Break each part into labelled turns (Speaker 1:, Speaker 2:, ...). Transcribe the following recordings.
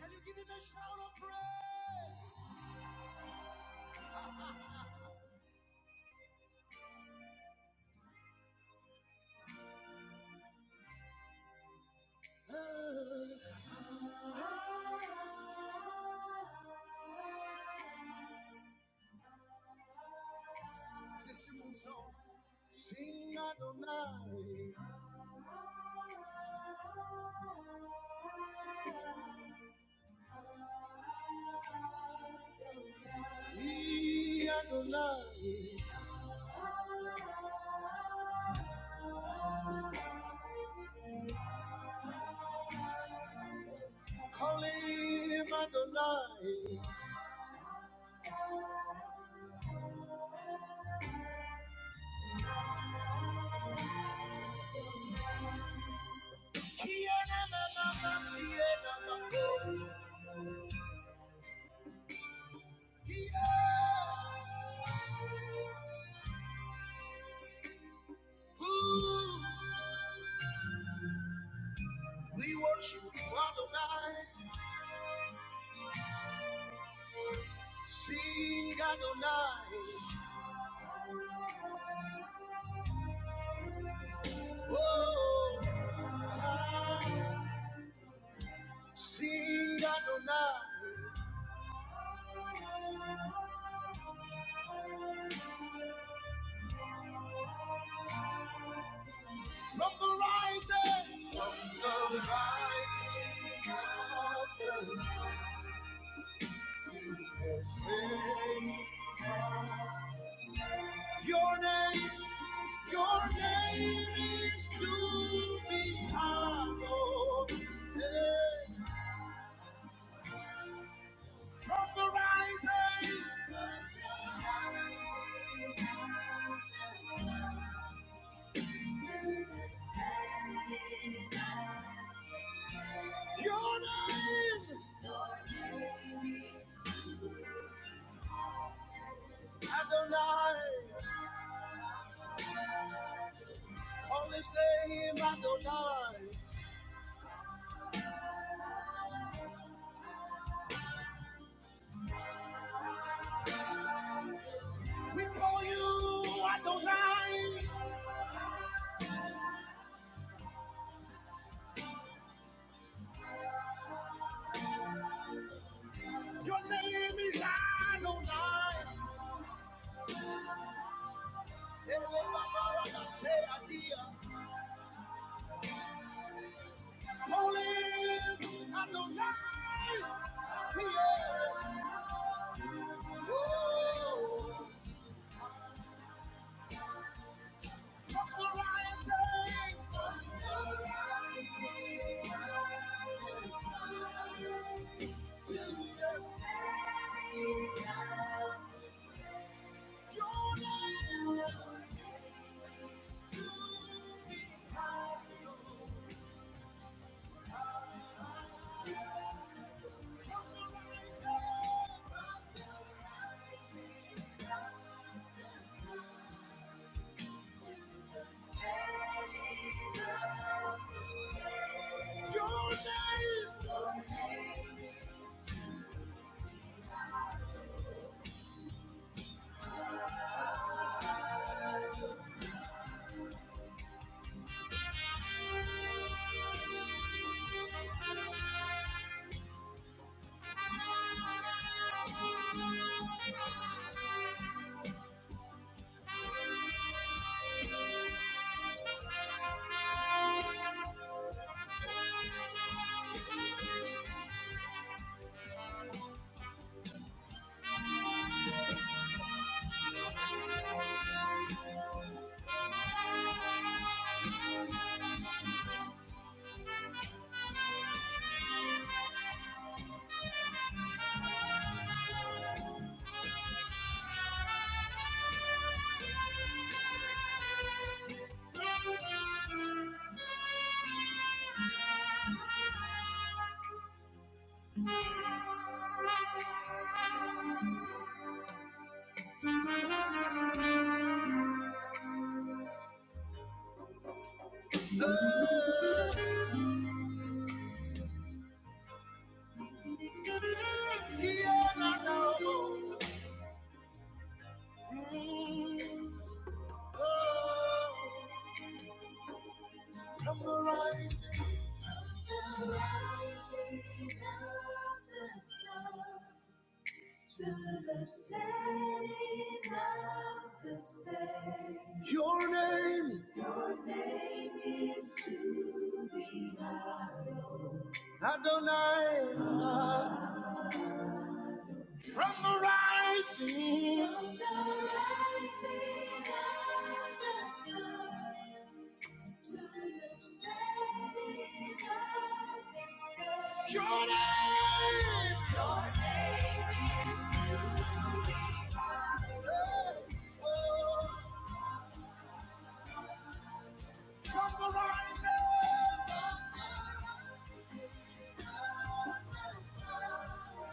Speaker 1: Can you give him a shout of praise? Uh, This is my song. Sing Adonai, He Adonai, call him Adonai. He Adonai, He Adonai, He Adonai. Ooh, We worship you, Adonai. Sing Adonai, oh, sing Adonai. From the rising, from the rising of the sun to the setting of the sun. Your name, your name is to be hallowed. Yeah. From the rising, to the setting of the sun. Your name, Adonai. Holy name, Adonai. We call you Adonai. Your name is Adonai. Elebabara say adia. Holy Adonai. Yeah. Oh. On the rising, on the rising, up the sun to the setting, your name will be next to me. I know, on the rising, on the rising, up the sun to the setting. Your name, oh, the the the rising, the rising of of sun to the setting of the same. Your name, your name is to be hallowed. Adonai, From the rising, of the sun to the setting of the sun. Your name, your name is to be honored. Oh, From the rising. of the sun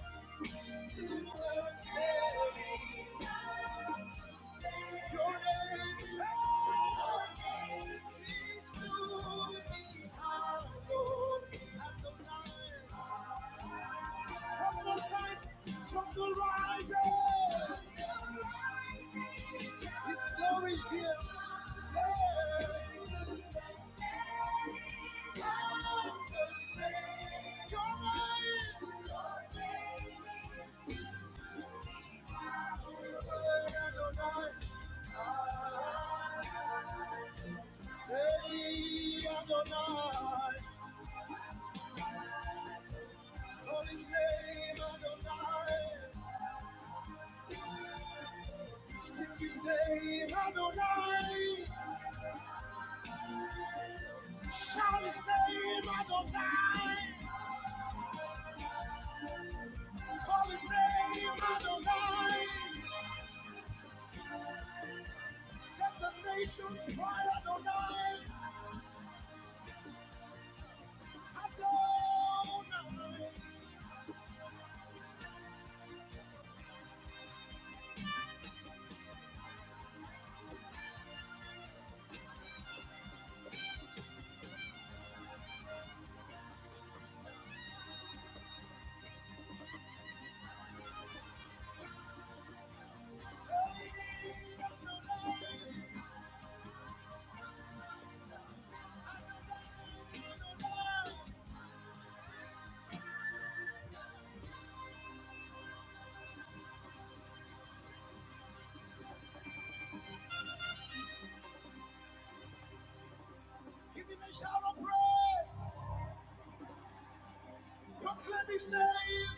Speaker 1: From the rising, His glory is here. Praise the same. Your name is Adonai. Hey, Adonai, call his name Adonai, sing his name Adonai, shout his name Adonai, call his name Adonai, let the nations cry Adonai, Adonai, give him a shout of praise, proclaim his name,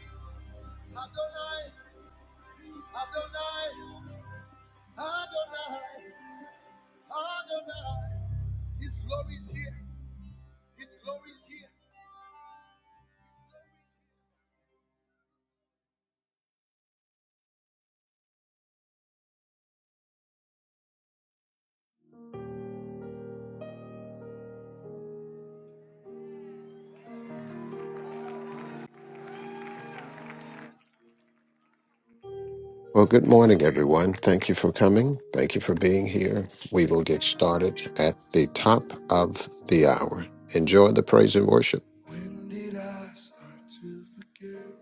Speaker 1: Adonai, Adonai, Adonai. Adonai. His glory is here. His glory is here.
Speaker 2: Well, good morning, everyone. Thank you for coming. Thank you for being here. We will get started at the top of the hour. Enjoy the praise and worship.
Speaker 1: When did I start to forget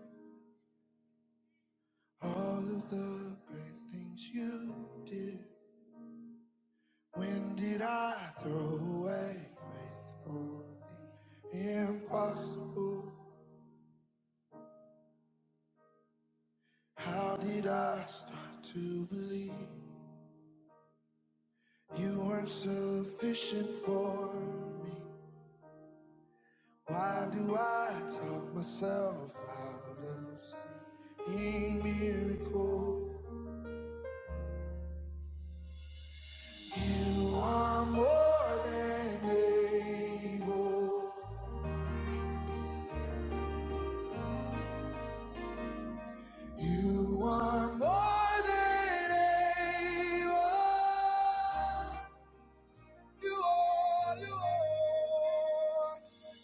Speaker 1: all of the great things you did? When did I throw away faith for the impossible? How did I start to believe you weren't sufficient for me? Why do I talk myself out of seeing miracles? You are more than able. You are more than able. You are, you are.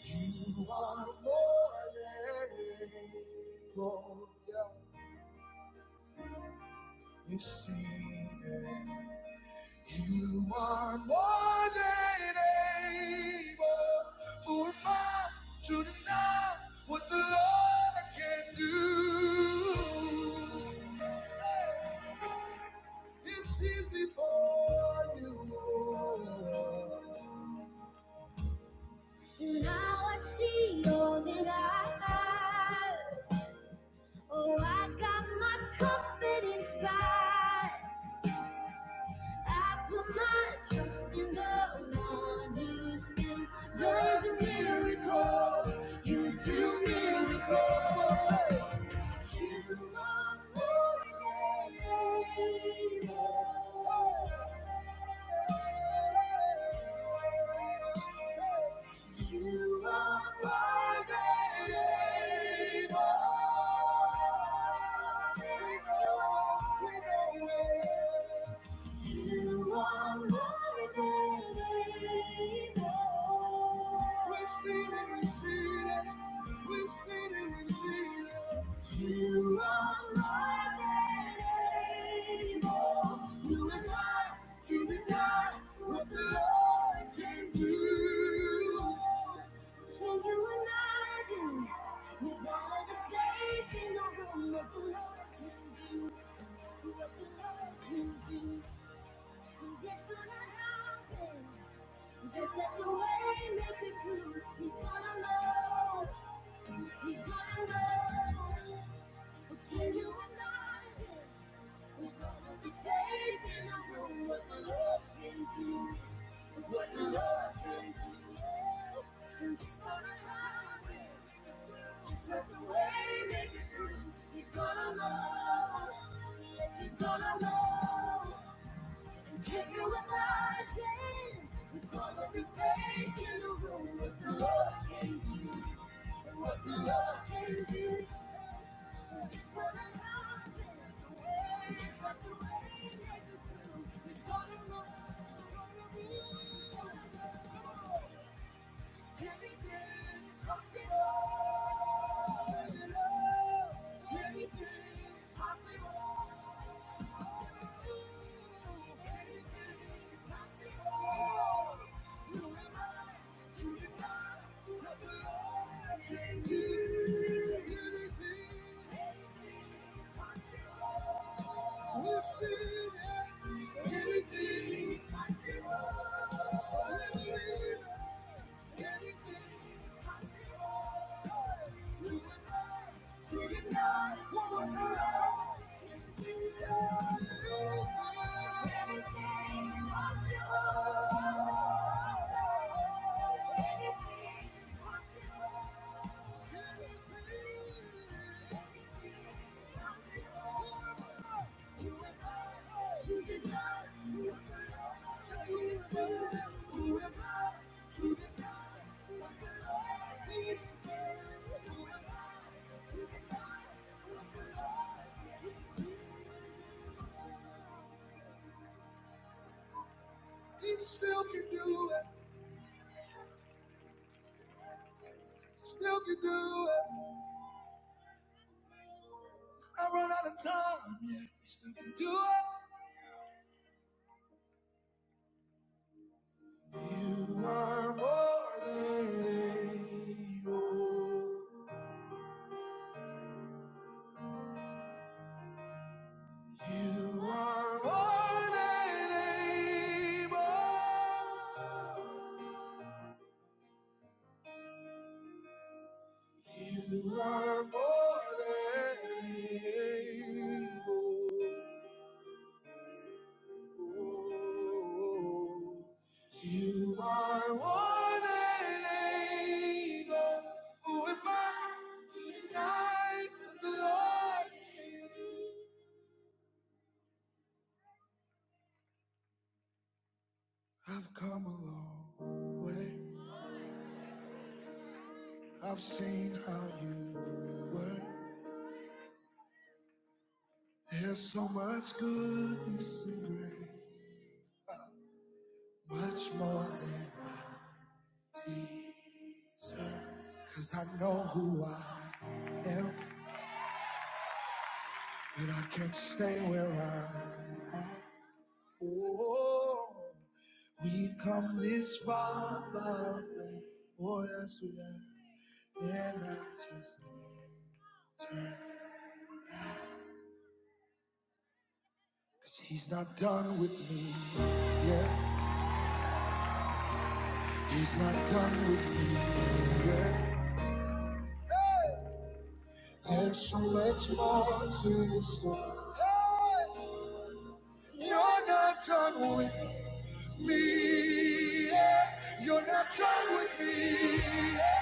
Speaker 1: You are more than able. Yeah, you've seen it. You are more than able. Who am I to deny what the Lord can do? It's easy for you. Lord. Now I see all that I have. Oh, I got my confidence back. I put my trust in the one who still does miracles. You do miracles. You are more than able. You are more than able. You are more than able. We've seen it, we've seen it. We've seen it, we've seen it. You are more than able. You and I to deny what the Lord can do. Can you imagine with all the faith in the room what the Lord can do? What the Lord can do? Just gonna happen, just let the way make it through. He's gonna love, he's gonna love. But Can you imagine? With all of the faith in the room, what the Lord can do, what the Lord can do. yeah. And he's gonna happen, just let the way make it through. He's gonna love, yes, he's gonna love. Genuine margin, the quality faith in a room, what the Lord can do, what the Lord can do. It's gonna launch, it's the way, Just what the way made the through. It's gonna launch, it's gonna be, it's gonna go. Anything is possible. Say it out. Anything is possible. Anything is possible. Who am I to deny what the Lord can do? Say anything. We'll see that anything is possible. So let's live. Anything is possible. We will go to the night one more time. Into the Anything is possible. Anything he still can do it, still can do it. I run out of time, yeah, he still can do it. You are more than able. You are more than able. You are more than able. Oh, You are more than able. Who am I to deny that the Lord? is? I've come a long way. I've seen how you work. There's so much goodness and grace, much more than I deserve. Cause I know who I am, and I can't stay where I'm at. Oh, we've come this far by faith. Oh, yes, we have. And I just can't turn. Cause he's not done with me yet. He's not done with me yet. There's so much more to the story. Hey! You're not done with me yet. You're not done with me yet.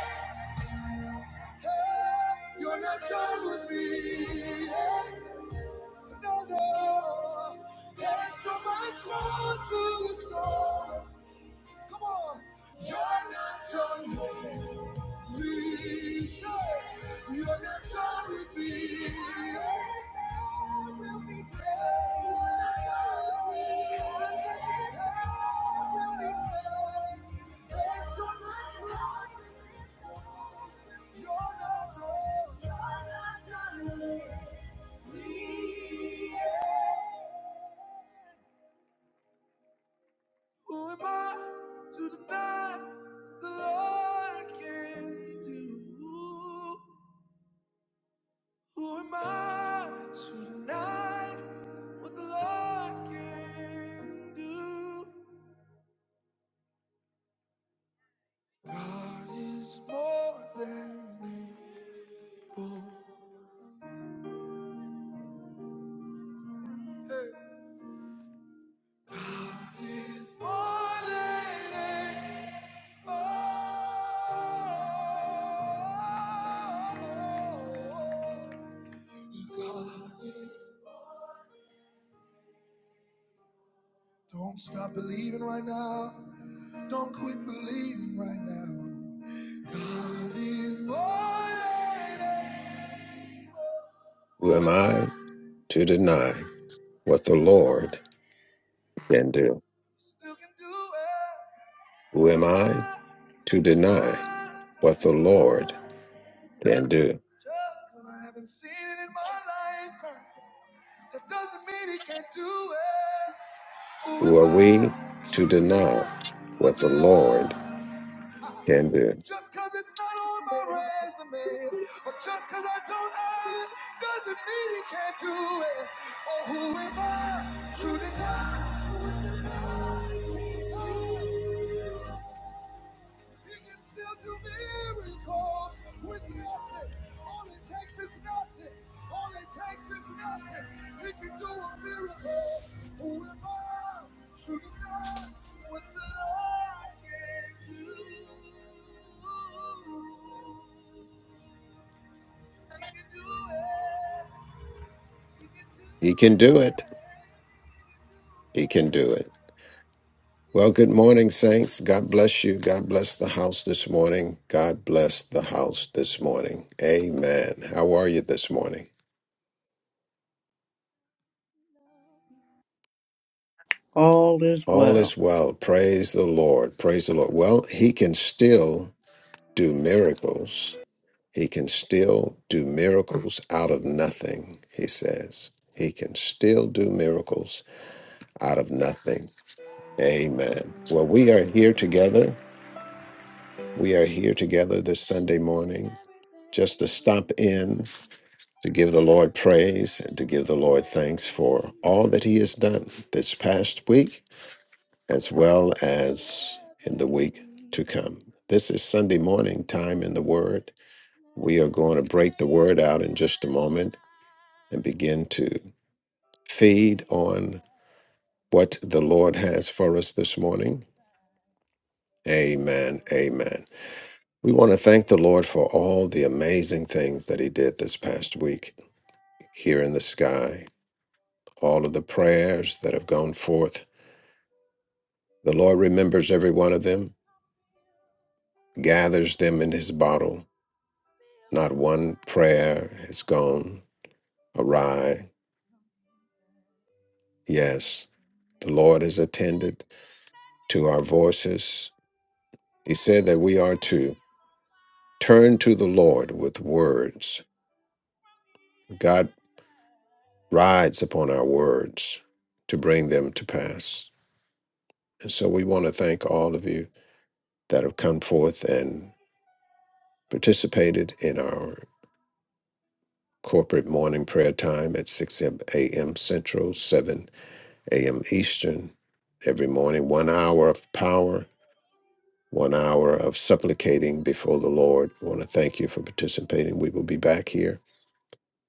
Speaker 1: Hey! You're not done with me yet. No, no. There's so much more to the story. Come on. You're not only me. Say, you're not only me. Darkest will be gone. Darkest hour will be gone. There's so much more You're not all. you me. Who am I to deny that the Lord can do? Who am I to deny what the Lord can do? God is more than able. Hey. God is more than able. God is Don't stop believing right now. Don't quit believing right now. God is more than
Speaker 2: Who
Speaker 1: Who
Speaker 2: am
Speaker 1: am I?
Speaker 2: I to deny what the Lord can do?
Speaker 1: Still can do it.
Speaker 2: Who
Speaker 1: Who
Speaker 2: am
Speaker 1: am
Speaker 2: I
Speaker 1: I?
Speaker 2: to deny
Speaker 1: Not
Speaker 2: what the Lord can do?
Speaker 1: just because I haven't seen it in my lifetime. That doesn't mean he can't do it. Who
Speaker 2: Who
Speaker 1: am
Speaker 2: are we
Speaker 1: I?
Speaker 2: to
Speaker 1: to
Speaker 2: deny
Speaker 1: deny
Speaker 2: what
Speaker 1: what the
Speaker 2: the
Speaker 1: Lord
Speaker 2: Lord can do?
Speaker 1: Just cause it's not on my resume, or just cause I don't have it, doesn't mean he can't do it. Or who am I to deny? He can still do miracles with nothing. All it takes is nothing. All it takes is nothing. He can do a miracle. Who am I to deny what the Lord can do? You can do it. You can do it. You can do it.
Speaker 2: He can do it. He can do it.
Speaker 1: It's
Speaker 2: Well, good morning, Saints.
Speaker 1: able.
Speaker 2: God bless you. God bless the house this morning. God bless the house this morning. Amen. How are you this morning?
Speaker 3: All is
Speaker 2: All is
Speaker 3: well.
Speaker 2: well. Praise the Lord. Praise the Lord. Well, He can still do miracles. He can still do miracles out of nothing, He says. He can still do miracles out of nothing. Amen. Well, we are here together. We are here together this Sunday morning just to stop in to give the Lord praise and to give the Lord thanks for all that He has done this past week as well as in the week to come. This is Sunday morning time in the Word. We are going to break the Word out in just a moment and begin to feed on what the Lord has for us this morning. Amen. Amen. We want to thank the Lord for all the amazing things that He did this past week here in the sky all of the prayers that have gone forth. The Lord remembers every one of them, gathers them in his bottle. Not one prayer has gone awry. Yes, the Lord has attended to our voices. He said that we are to turn to the Lord with words. God rides upon our words to bring them to pass. And so we want to thank all of you that have come forth and participated in our corporate morning prayer time at 6 a.m. Central, 7 a.m. Eastern. Every morning, one hour of power, one hour of supplicating before the Lord. We want to thank you for participating. We will be back here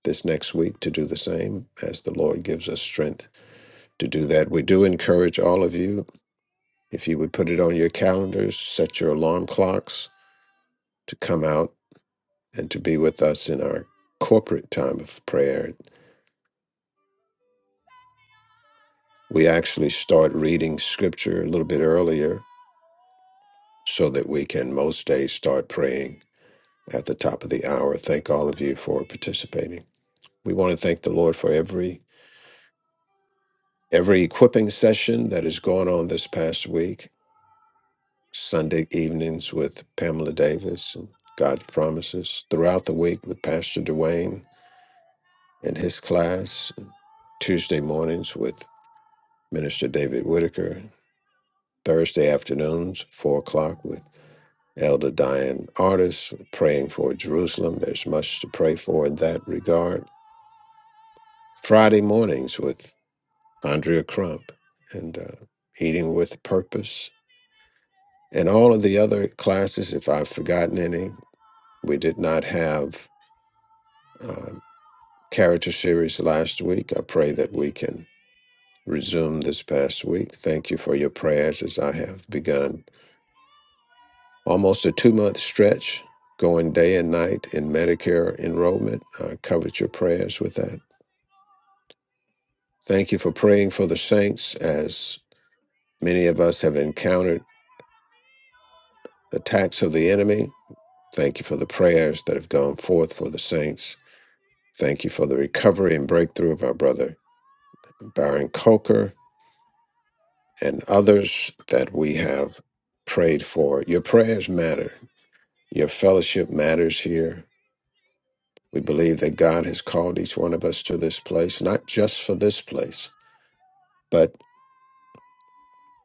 Speaker 2: this next week to do the same as the Lord gives us strength to do that. We do encourage all of you, if you would put it on your calendars, set your alarm clocks to come out and to be with us in our corporate time of prayer We actually start reading scripture a little bit earlier so that we can most days start praying at the top of the hour. Thank all of you for participating. We want to thank the Lord for every every equipping session that has gone on this past week. Sunday evenings with Pamela Davis and God's promises throughout the week with Pastor Dwayne and his class. Tuesday mornings with Minister David Whitaker. Thursday afternoons, four o'clock with Elder Diane Artis praying for Jerusalem. There's much to pray for in that regard. Friday mornings with Andrea Crump and uh, Eating with Purpose. And all of the other classes, if I've forgotten any, we did not have um, character series last week. I pray that we can
Speaker 1: For you
Speaker 2: resume this past week.
Speaker 1: to
Speaker 2: Thank you
Speaker 1: be
Speaker 2: for your prayers as I
Speaker 1: glorified.
Speaker 2: have
Speaker 1: Fill
Speaker 2: begun almost a two month stretch going day and night in Medicare enrollment. I covered your prayers with that. Thank you for praying for the saints as many of us have encountered attacks of the enemy. Thank you for the prayers that have gone forth for the
Speaker 1: my
Speaker 2: saints.
Speaker 1: life, fill
Speaker 2: Thank you for the recovery and breakthrough of our brother Baron Coker and others that we have prayed for. Your prayers matter. Your fellowship matters here.
Speaker 1: the place.
Speaker 2: We believe that God has called each one of us to this place, not just for this place, but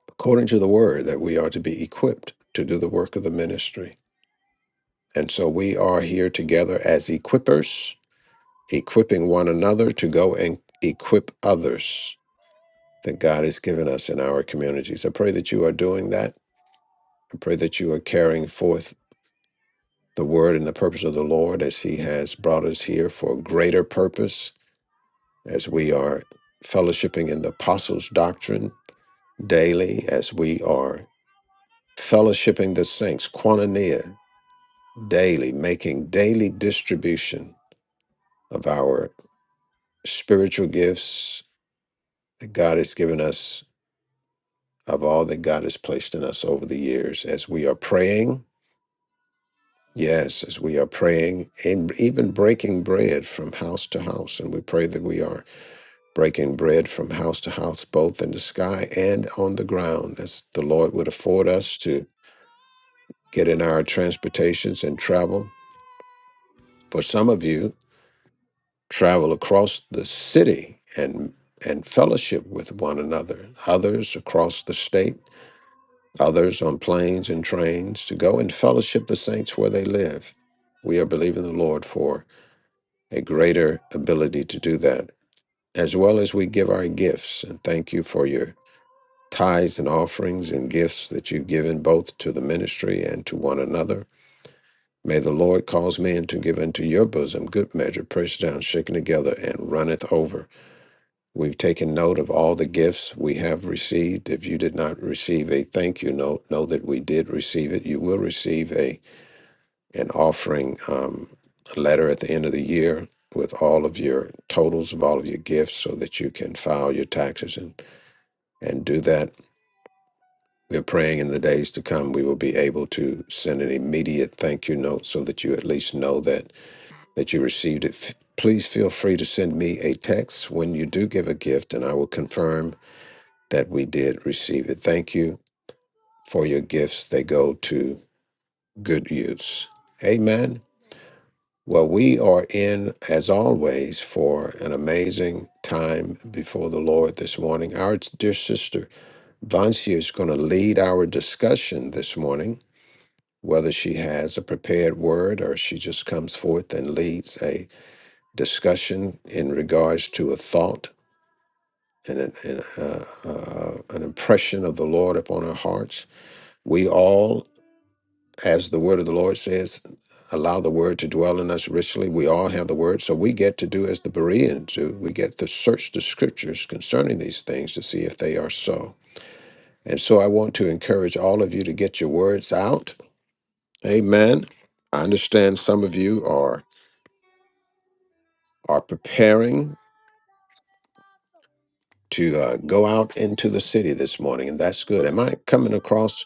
Speaker 2: according to the word, that we are to be equipped to do the work of the ministry. And so we are here together as equippers, equipping one another to go and equip others that God has given us in our communities. I pray that you are doing that. I pray that you are carrying forth the word and the purpose of the Lord as He has brought us here for a greater purpose, as we are fellowshipping in the apostles' doctrine daily as we are fellowshipping the saints, quanania, daily, making daily distribution of our spiritual gifts that God has given us, of all that God has placed in us over the years. As we are praying, yes, as we are praying, and even breaking bread from house to house, and we pray that we are breaking bread from house to house, both in the sky and on the ground, as the Lord would afford us to get in our transportations and travel For some of you, travel across the city and and fellowship with one another, others across the state, others on planes and trains to go and fellowship the saints where they live. We are believing the Lord for a greater ability to do that, as well as we give our gifts. And thank you for your tithes and offerings and gifts that you've given both to the ministry and to one another. May the Lord cause men to give into your bosom good measure, pressed down, shaken together, and runneth over. We've taken note of all the gifts we have received. If you did not receive a thank you note, know that we did receive it. You will receive a an offering um, letter at the end of the year with all of your totals of all of your gifts, so that you can file your taxes and and do that. We're praying in the days to come we will be able to send an immediate thank you note, so that you at least know that. that you received it. F- Please feel free to send me a text when you do give a gift, and I will confirm that we did receive it. Thank you for your gifts. They go to good use. Amen. Well, we are in, as always, for an amazing time before the Lord this morning. Our dear sister Vancia is going to lead our discussion this morning, whether she has a prepared word or she just comes forth and leads a discussion in regards to a thought and an, and, uh, uh, an impression of the Lord upon our hearts. We all, as the word of the Lord says, allow the word to dwell in us richly. We all have the word. So we get to do as the Bereans do. We get to search the scriptures concerning these things to see if they are so. And so I want to encourage all of you to get your words out. Amen. I understand some of you are are preparing to uh, go out into the city this morning, and that's good. Am I coming across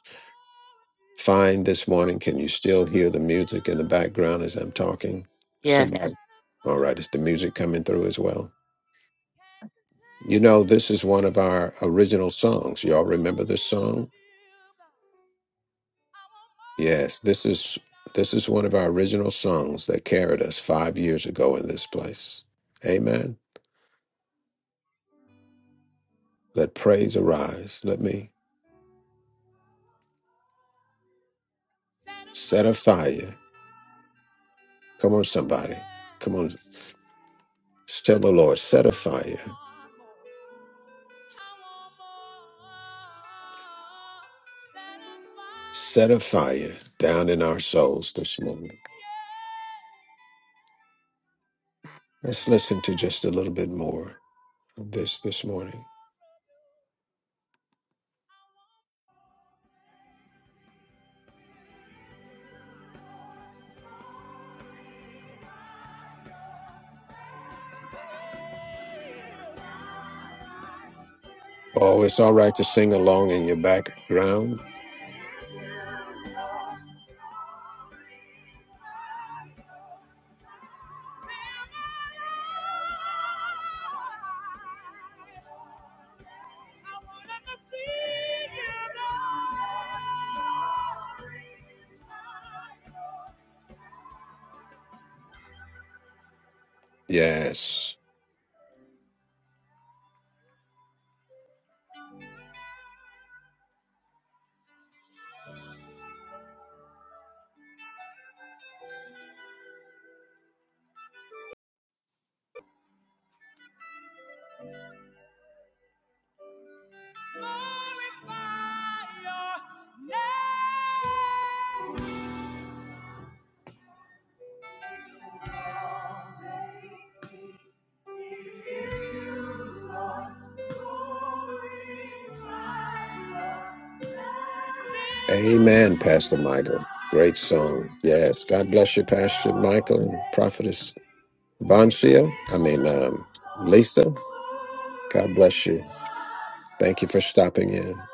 Speaker 2: fine this morning? Can you still hear the music in the background as I'm talking? Somebody,
Speaker 4: Yes.
Speaker 2: all right, is the music coming through as well? You know, this is one of our original songs. Y'all remember this song? Yes, this is this is one of our original songs that carried us five years ago in this place. Amen. Let praise arise. Let me set a fire. Come on, somebody. Come on. Still, O Lord, set a fire, set a fire down in our souls this morning. Let's listen to just a little bit more of this this morning. Oh, it's all right to sing along in your background.
Speaker 1: Glory, glory, glory.
Speaker 2: Yes.
Speaker 1: Everybody sing.
Speaker 2: Amen, Pastor Michael. Great song. Yes. God bless you, Pastor Michael and Prophetess Bonsia. I mean, um, Lisa. God bless you. Thank you for stopping in.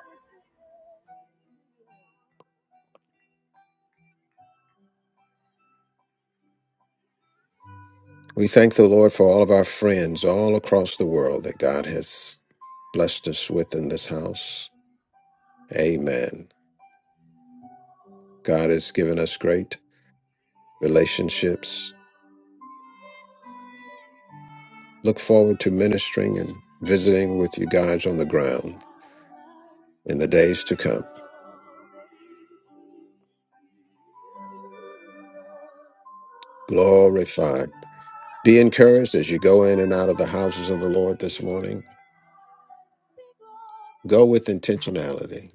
Speaker 2: We thank the Lord for all of our friends all across the world that God has blessed us with in this house. Amen. God has given us great relationships. Look forward to ministering and visiting with you guys on the ground in the days to come. Glorified. Be encouraged as you go in and out of the houses of the Lord this morning. Go with intentionality.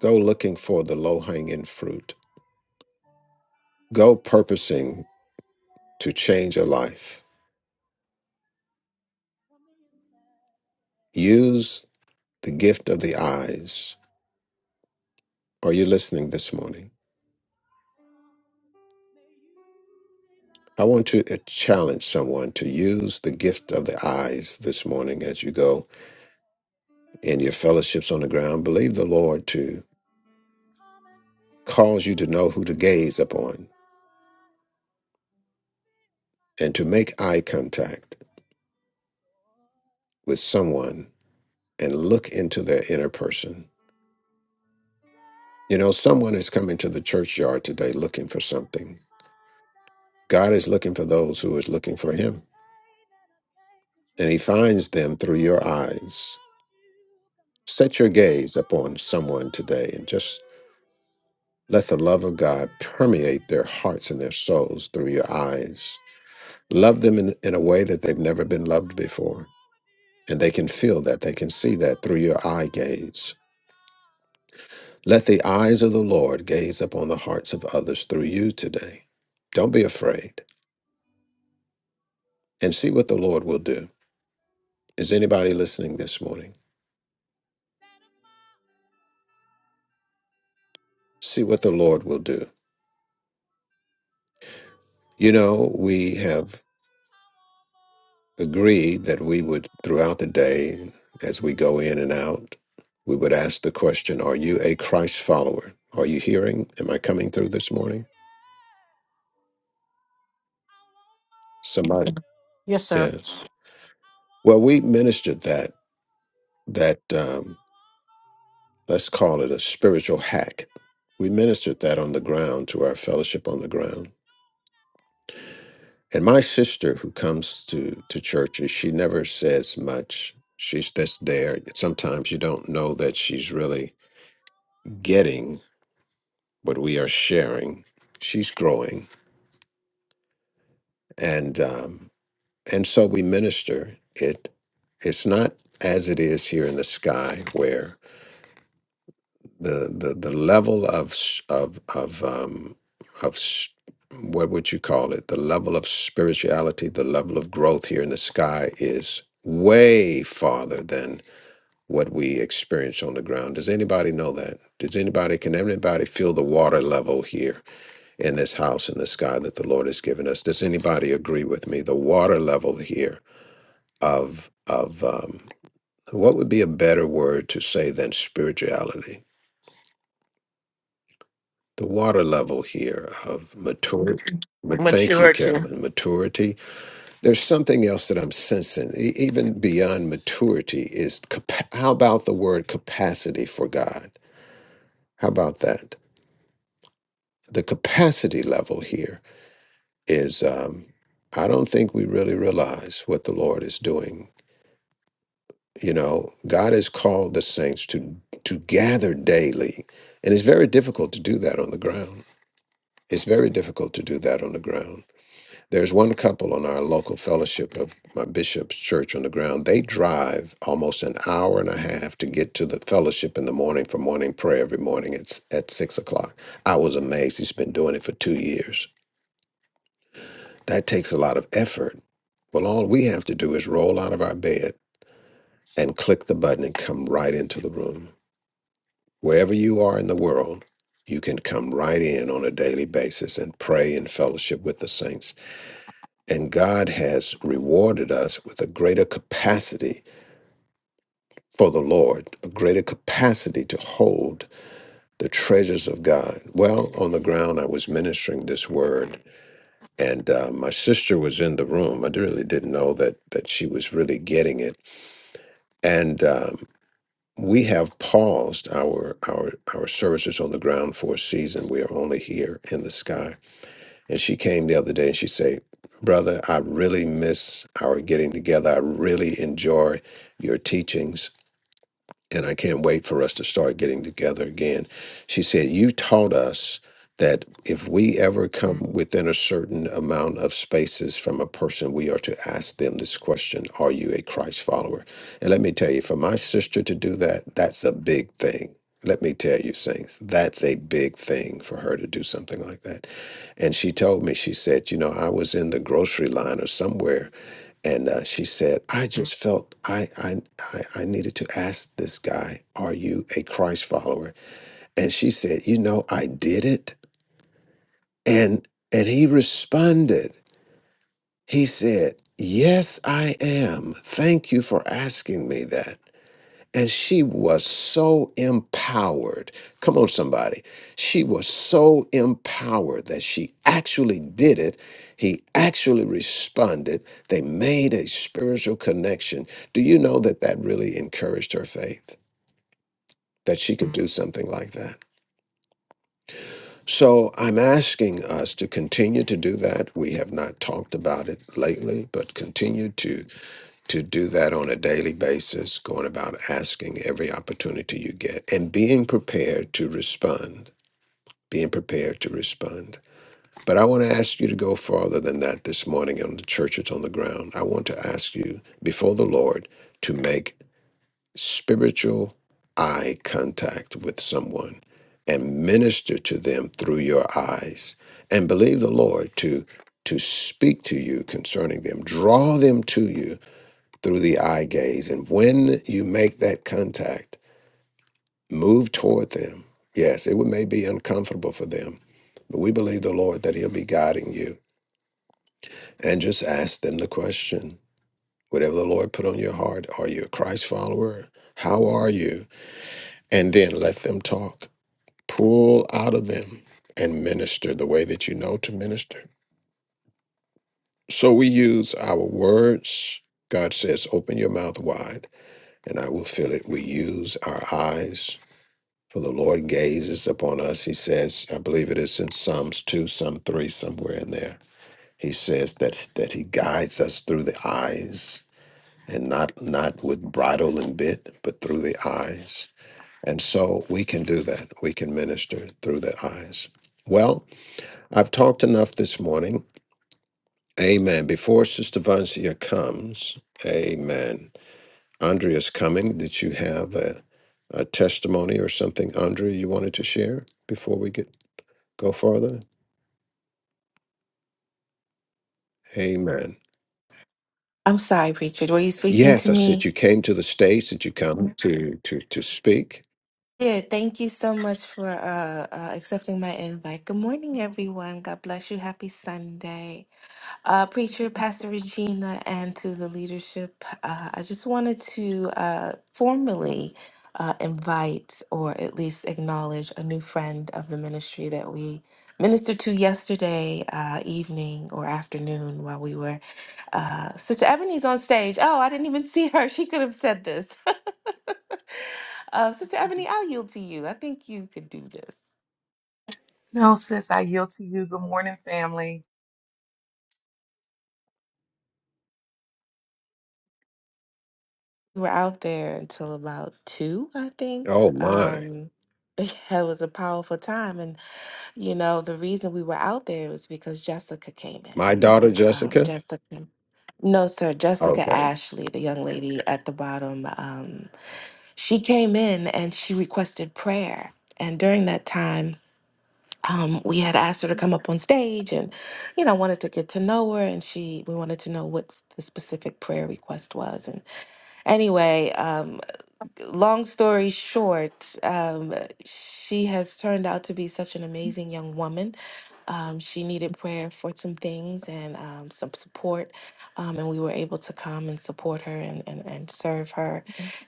Speaker 2: Go looking for the low hanging fruit. Go purposing to change a life. Use the gift of the eyes. Are you listening this morning? I want to uh, challenge someone to use the gift of the eyes this morning as you go in your fellowships on the ground. Believe the Lord to cause you to know who to gaze upon and to make eye contact with someone and look into their inner person. You know, someone is coming to the churchyard today looking for something. God is looking for those who is looking for him, and he finds them through your eyes. Set your gaze upon someone today and just let the love of God permeate their hearts and their souls through your eyes. Love them in, in a way that they've never been loved before. And they can feel that, they can see that through your eye gaze. Let the eyes of the Lord gaze upon the hearts of others through you today. Don't be afraid and see what the Lord will do. Is anybody listening this morning? See what the Lord will do. You know, we have agree that we would, throughout the day, as we go in and out, we would ask the question Are you a Christ follower? Are you hearing? Am I coming through this morning? Somebody,
Speaker 5: Yes, sir.
Speaker 2: yes. Well, we ministered that, that um, let's call it a spiritual hack. We ministered that on the ground to our fellowship on the ground. And my sister, who comes to, to churches, she never says much. She's just there. Sometimes you don't know that she's really getting what we are sharing. She's growing, and um, and so we minister it. It's not as it is here in the sky, where the the, the level of s- of of um, of s- what would you call it? The level of spirituality, the level of growth here in the sky is way farther than what we experience on the ground. Does anybody know that? Does anybody can anybody feel the water level here? in this house in the sky that the Lord has given us. Does anybody agree with me? The water level here of of um, what would be a better word to say than spirituality? The water level here of maturity. But thank you,
Speaker 4: Maturity.
Speaker 2: Carolyn. Maturity. There's something else that I'm sensing, e- even beyond maturity, is capa- how about the word capacity for God? How about that? The capacity level here. is um, I don't think we really realize what the Lord is doing. You know, God has called the saints to to gather daily, and it's very difficult to do that on the ground. It's very difficult to do that on the ground. There's one couple on our local fellowship of my bishop's church on the ground. They drive almost an hour and a half to get to the fellowship in the morning for morning prayer every morning. It's at six o'clock. I was amazed. He's been doing it for two years. That takes a lot of effort Well, all we have to do is roll out of our bed and click the button and come right into the room. Wherever you are in the world, you can come right in on a daily basis and pray and fellowship with the saints. And God has rewarded us with a greater capacity for the Lord, a greater capacity to hold the treasures of God. Well, on the ground, I was ministering this word, and uh, my sister was in the room. I really didn't know that that she was really getting it, and. Um, we have paused our our our services on the ground for a season. We are only here in the sky. And she came the other day and she said, "Brother, I really miss our getting together. I really enjoy your teachings." and I can't wait for us to start getting together again. She said, You taught us that if we ever come within a certain amount of spaces from a person, we are to ask them this question Are you a Christ follower? And let me tell you, for my sister to do that, that's a big thing. Let me tell you, Saints, that's a big thing for her to do something like that. And she told me, she said, You know, I was in the grocery line or somewhere and uh, she said, "I just felt I, I I I needed to ask this guy, are you a Christ follower?" And she said, "You know, I did it." And and he responded. He said, "Yes, I am. Thank you for asking me that." And she was so empowered. Come on, somebody. She was so empowered that she actually did it. He actually responded. They made a spiritual connection. Do you know that that really encouraged her faith? That she could do something like that. So I'm asking us to continue to do that. We have not talked about it lately, but continue to to do that on a daily basis, going about asking every opportunity you get and being prepared to respond, being prepared to respond. But I want to ask you to go farther than that this morning on the churches on the ground. I want to ask you before the Lord to make spiritual eye contact with someone and minister to them through your eyes and believe the Lord to to speak to you concerning them draw them to you through the eye gaze. And when you make that contact, move toward them. Yes, it may be uncomfortable for them, but we believe the Lord that He'll be guiding you. And just ask them the question whatever the Lord put on your heart, are you a Christ follower? How are you? And then let them talk. Pull out of them and minister the way that you know to minister. So we use our words. God says, open your mouth wide and I will fill it. We use our eyes For the Lord gazes upon us. He says, I believe it is in Psalms 2, Psalm 3, somewhere in there. He says that that he guides us through the eyes and not not with bridle and bit, but through the eyes. And so we can do that. We can minister through the eyes. Well, I've talked enough this morning. Amen. Before Sister Vanzia comes, amen. Andrea's coming. Did you have a, a testimony or something, Andrea, you wanted to share before we get? Go further. Amen.
Speaker 6: I'm sorry, Richard. Were you speaking
Speaker 2: Yes,
Speaker 6: to
Speaker 2: I said
Speaker 6: me?
Speaker 2: you came to the States. Did you come to, to speak?
Speaker 6: Yeah, thank you so much for uh, uh, accepting my invite. Good morning, everyone. God bless you. Happy Sunday. uh, Preacher, Pastor Regina, and to the leadership. Uh, I just wanted to uh, formally uh, invite or at least acknowledge a new friend of the ministry that we ministered to yesterday uh, evening or afternoon while we were. Uh, Sister Ebony's on stage. Oh, I didn't even see her. She could have said this. uh, Sister Ebony, I'll yield to you. I think you could do this.
Speaker 7: No, sis, I yield to you. Good morning, family.
Speaker 6: We were out there until about two, I think.
Speaker 2: Oh, my.
Speaker 6: Um, it was a powerful time, and you know the reason we were out there was because Jessica came in.
Speaker 2: My daughter,
Speaker 6: Um,
Speaker 2: Jessica?
Speaker 6: Jessica, no, sir, Jessica
Speaker 2: Okay.
Speaker 6: Ashley, the young lady at the bottom. Um, she came in and she requested prayer, and during that time. Um, we had asked her to come up on stage and you know wanted to get to know her and she we wanted to know what s- the specific prayer request was and anyway um, long story short, um, she has turned out to be such an amazing young woman. Um, she needed prayer for some things and um, some support, um, and we were able to come and support her and, and, and serve her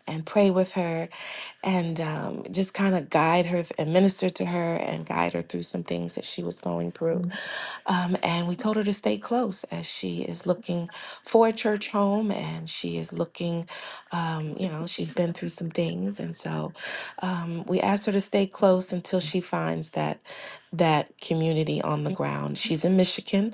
Speaker 6: and pray with her and um, just kind of guide her th- and minister to her and guide her through some things that she was going through. Um, and we told her to stay close as she is looking for a church home and she is looking, um, you know, she's been through some things. And so um, we asked her to stay close until she finds that that community on the ground. She's in Michigan.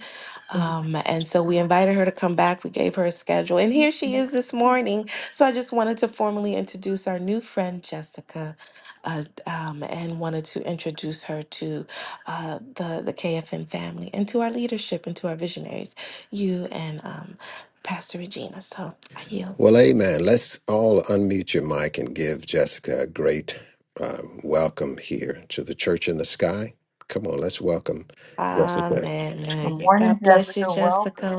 Speaker 6: Um, and so we invited her to come back. We gave her a schedule. And here she is this morning. So I just wanted to formally introduce our new friend, Jessica, uh, um, and wanted to introduce her to uh, the the KFM family and to our leadership and to our visionaries, you and um, Pastor Regina. So I yield.
Speaker 2: Well, amen. Let's all unmute your mic and give Jessica a great um, welcome here to the church in the sky. Come on, let's welcome.
Speaker 7: Good
Speaker 6: Hallelujah.
Speaker 7: morning,
Speaker 6: God bless you,
Speaker 7: Jessica. Welcome.
Speaker 6: Jessica.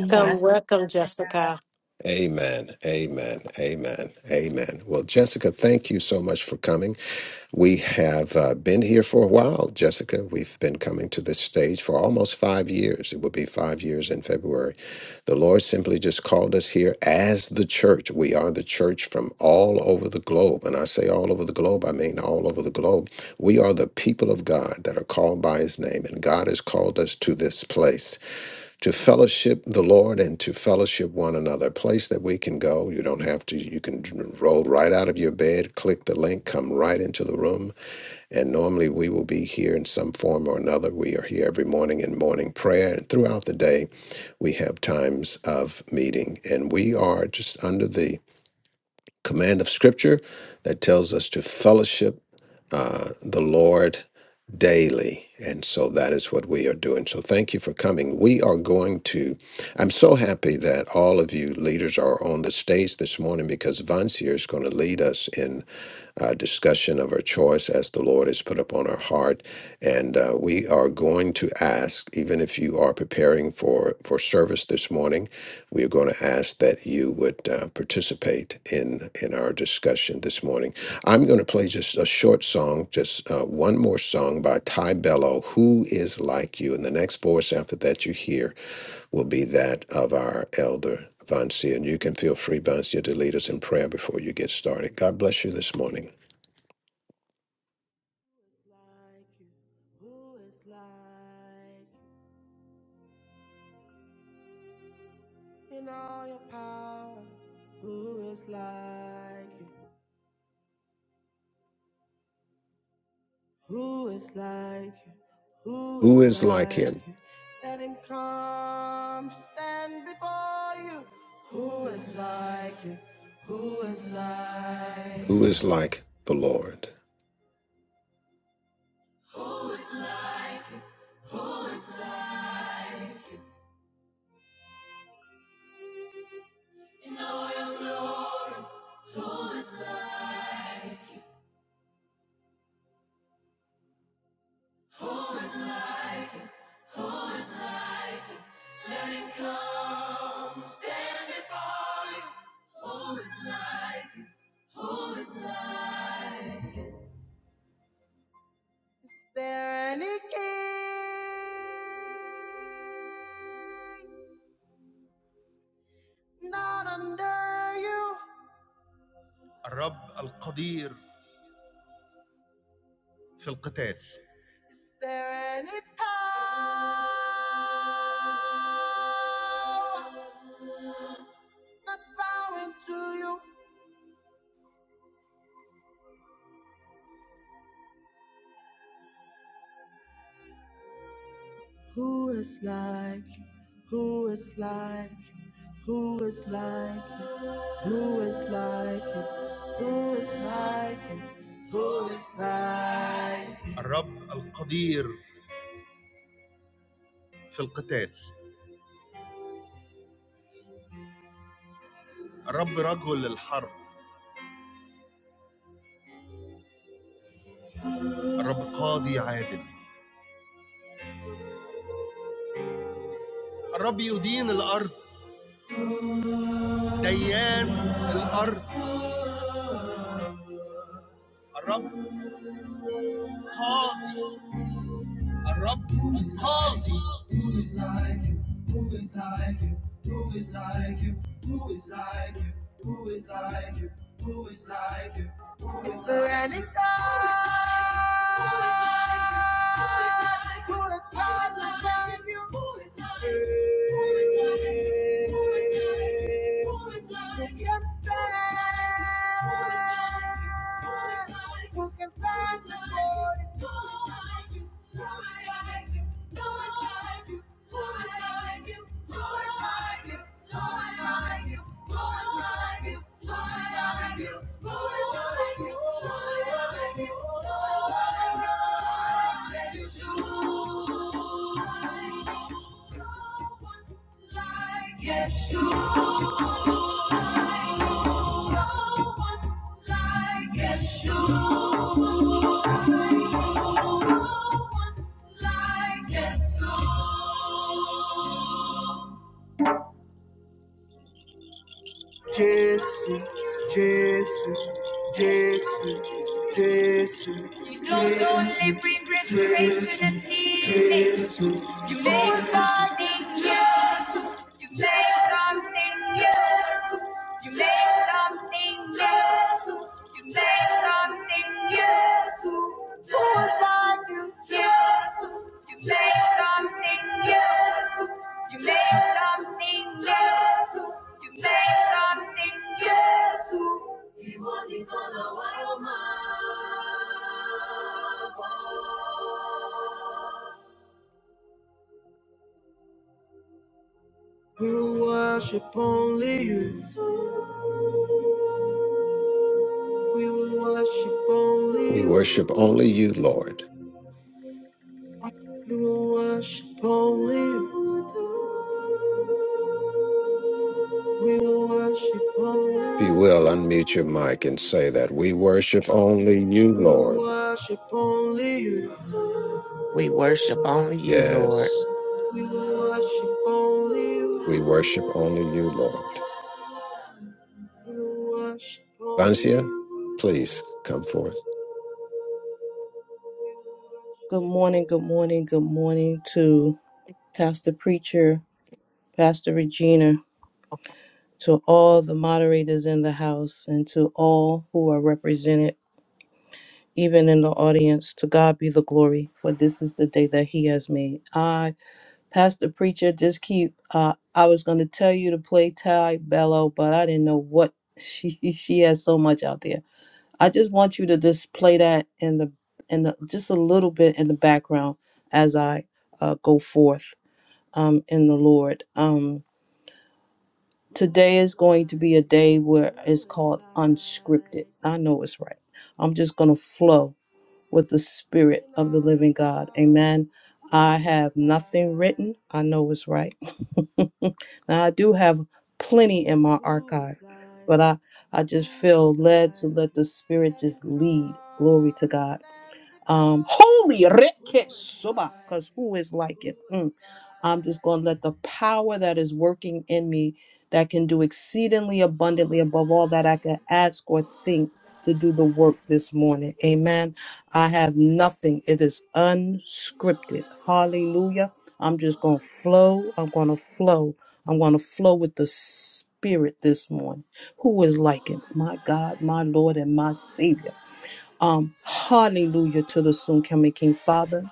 Speaker 7: God
Speaker 6: back.
Speaker 7: bless you,
Speaker 5: welcome,
Speaker 7: Jessica.
Speaker 5: Jessica.
Speaker 2: Amen. Amen. Amen. Amen. Well, Jessica, thank you so much for coming. We have uh, been here for a while, Jessica. We've been coming to this stage for almost five years. It will be five years in February. The Lord simply just called us here as the church. We are the church from all over the globe. And I say all over the globe, I mean all over the globe. We are the people of God that are called by his name. And God has called us to this place to fellowship the Lord and to fellowship one another. A place that we can go. You don't have to, you can roll right out of your bed, click the link, come right into the room and normally we will be here in some form or another. We are here every morning in morning prayer. And throughout the day, we have times of meeting. And we are just under the command of Scripture that tells us to fellowship uh, the Lord daily. And so that is what we are doing. So thank you for coming. We are going to, I'm so happy that all of you leaders are on the stage this morning because Vansir is going to lead us in uh, discussion of our choice as the Lord has put upon our heart. And uh, we are going to ask, even if you are preparing for, for service this morning, we are going to ask that you would uh, participate in, in our discussion this morning. I'm going to play just a short song, just uh, one more song by Ty Bello, Who is Like You? And the next voice after that you hear will be that of our elder. Vancia, and you can feel free, Vancia, to lead us in prayer before you get started. God bless you this morning.
Speaker 1: Who is like you? Who is like In all your power, who is like you? Who is like you? Who
Speaker 2: Who
Speaker 1: is
Speaker 2: is like
Speaker 1: like
Speaker 2: him?
Speaker 1: you? Let him come stand before you. Who is like you? Who is like
Speaker 2: Who
Speaker 1: you?
Speaker 2: is like the Lord?
Speaker 1: Is there any king not under you? الرب القدير في القتال Is there any power not bowing to you? Who is like you? Who is like you? Who is like you? Who is like you? Who is like you? Who is like you? الرب القدير في القتال الرب رجل الحرب الرب قاضي عادل الرب يدين الارض ديان الارض الرب called, a rock called. Veronica, who is God to you? Who can stand? Who can stand before you? Yes, you. No one like yes, No one like yes, you. Jesus, Jesus, Jesus, Jesus. You don't only bring restoration Jésù, and healing. you make something new. You make something new. You make something new. You make something new like you. Yes, you made something. new. you made something. new. you made something. new. We will worship only you. We will worship only
Speaker 2: We
Speaker 1: you.
Speaker 2: worship only you, Lord.
Speaker 1: We will worship only you. We will worship only
Speaker 2: If you will,
Speaker 1: you.
Speaker 2: unmute your mic and say that. We worship only you,
Speaker 1: We will
Speaker 2: Lord.
Speaker 1: worship only you.
Speaker 4: We worship only you, Lord.
Speaker 2: Yes,
Speaker 1: We will worship only
Speaker 2: we
Speaker 1: you.
Speaker 2: worship only you, Lord.
Speaker 1: We will worship only
Speaker 2: Vancia,
Speaker 1: you.
Speaker 2: please come forth.
Speaker 3: Good morning, good morning, good morning to Pastor Preacher, Pastor Regina, to all the moderators in the house, and to all who are represented, even in the audience. To God be the glory, for this is the day that He has made. I, Pastor Preacher, just keep. Uh, I was going to tell you to play Ty Bello, but I didn't know what she she has so much out there. I just want you to just play that in the in the, just a little bit in the background as I uh, go forth um, in the Lord. Um,
Speaker 1: Who
Speaker 3: today
Speaker 1: is
Speaker 3: is going to
Speaker 1: like
Speaker 3: be a day
Speaker 1: you?
Speaker 3: where
Speaker 1: Who
Speaker 3: it's
Speaker 1: is
Speaker 3: called unscripted.
Speaker 1: like
Speaker 3: I know it's right. I'm just gonna flow with the
Speaker 1: you?
Speaker 3: Spirit
Speaker 1: In
Speaker 3: of the
Speaker 1: all your
Speaker 3: Living God.
Speaker 1: power,
Speaker 3: Amen. I
Speaker 1: who is
Speaker 3: have nothing
Speaker 1: like?
Speaker 3: written. I know it's right. now I do have plenty in my
Speaker 1: Who is
Speaker 3: archive,
Speaker 1: like
Speaker 3: but I I
Speaker 1: you?
Speaker 3: just
Speaker 1: Who is
Speaker 3: feel led to
Speaker 1: like
Speaker 3: let
Speaker 1: you?
Speaker 3: the Spirit
Speaker 1: Let him
Speaker 3: just lead. Glory to
Speaker 1: come
Speaker 3: God
Speaker 1: stand
Speaker 3: um,
Speaker 1: before you.
Speaker 3: holy
Speaker 1: Who is
Speaker 3: rekesoba,
Speaker 1: like
Speaker 3: because
Speaker 1: you?
Speaker 3: who is
Speaker 1: Who
Speaker 3: like it?
Speaker 1: is
Speaker 3: Mm. I'm
Speaker 1: like?
Speaker 3: just going
Speaker 1: you?
Speaker 3: to let the power that is working in me that can do exceedingly abundantly above all that I can ask or think to do the work this morning. Amen. I have nothing. It is unscripted. Hallelujah. I'm just going to flow. I'm going to flow. I'm going to flow with the Spirit this morning. Who is like him? My God, my Lord, and my Savior. Um, hallelujah to the soon coming King. Father,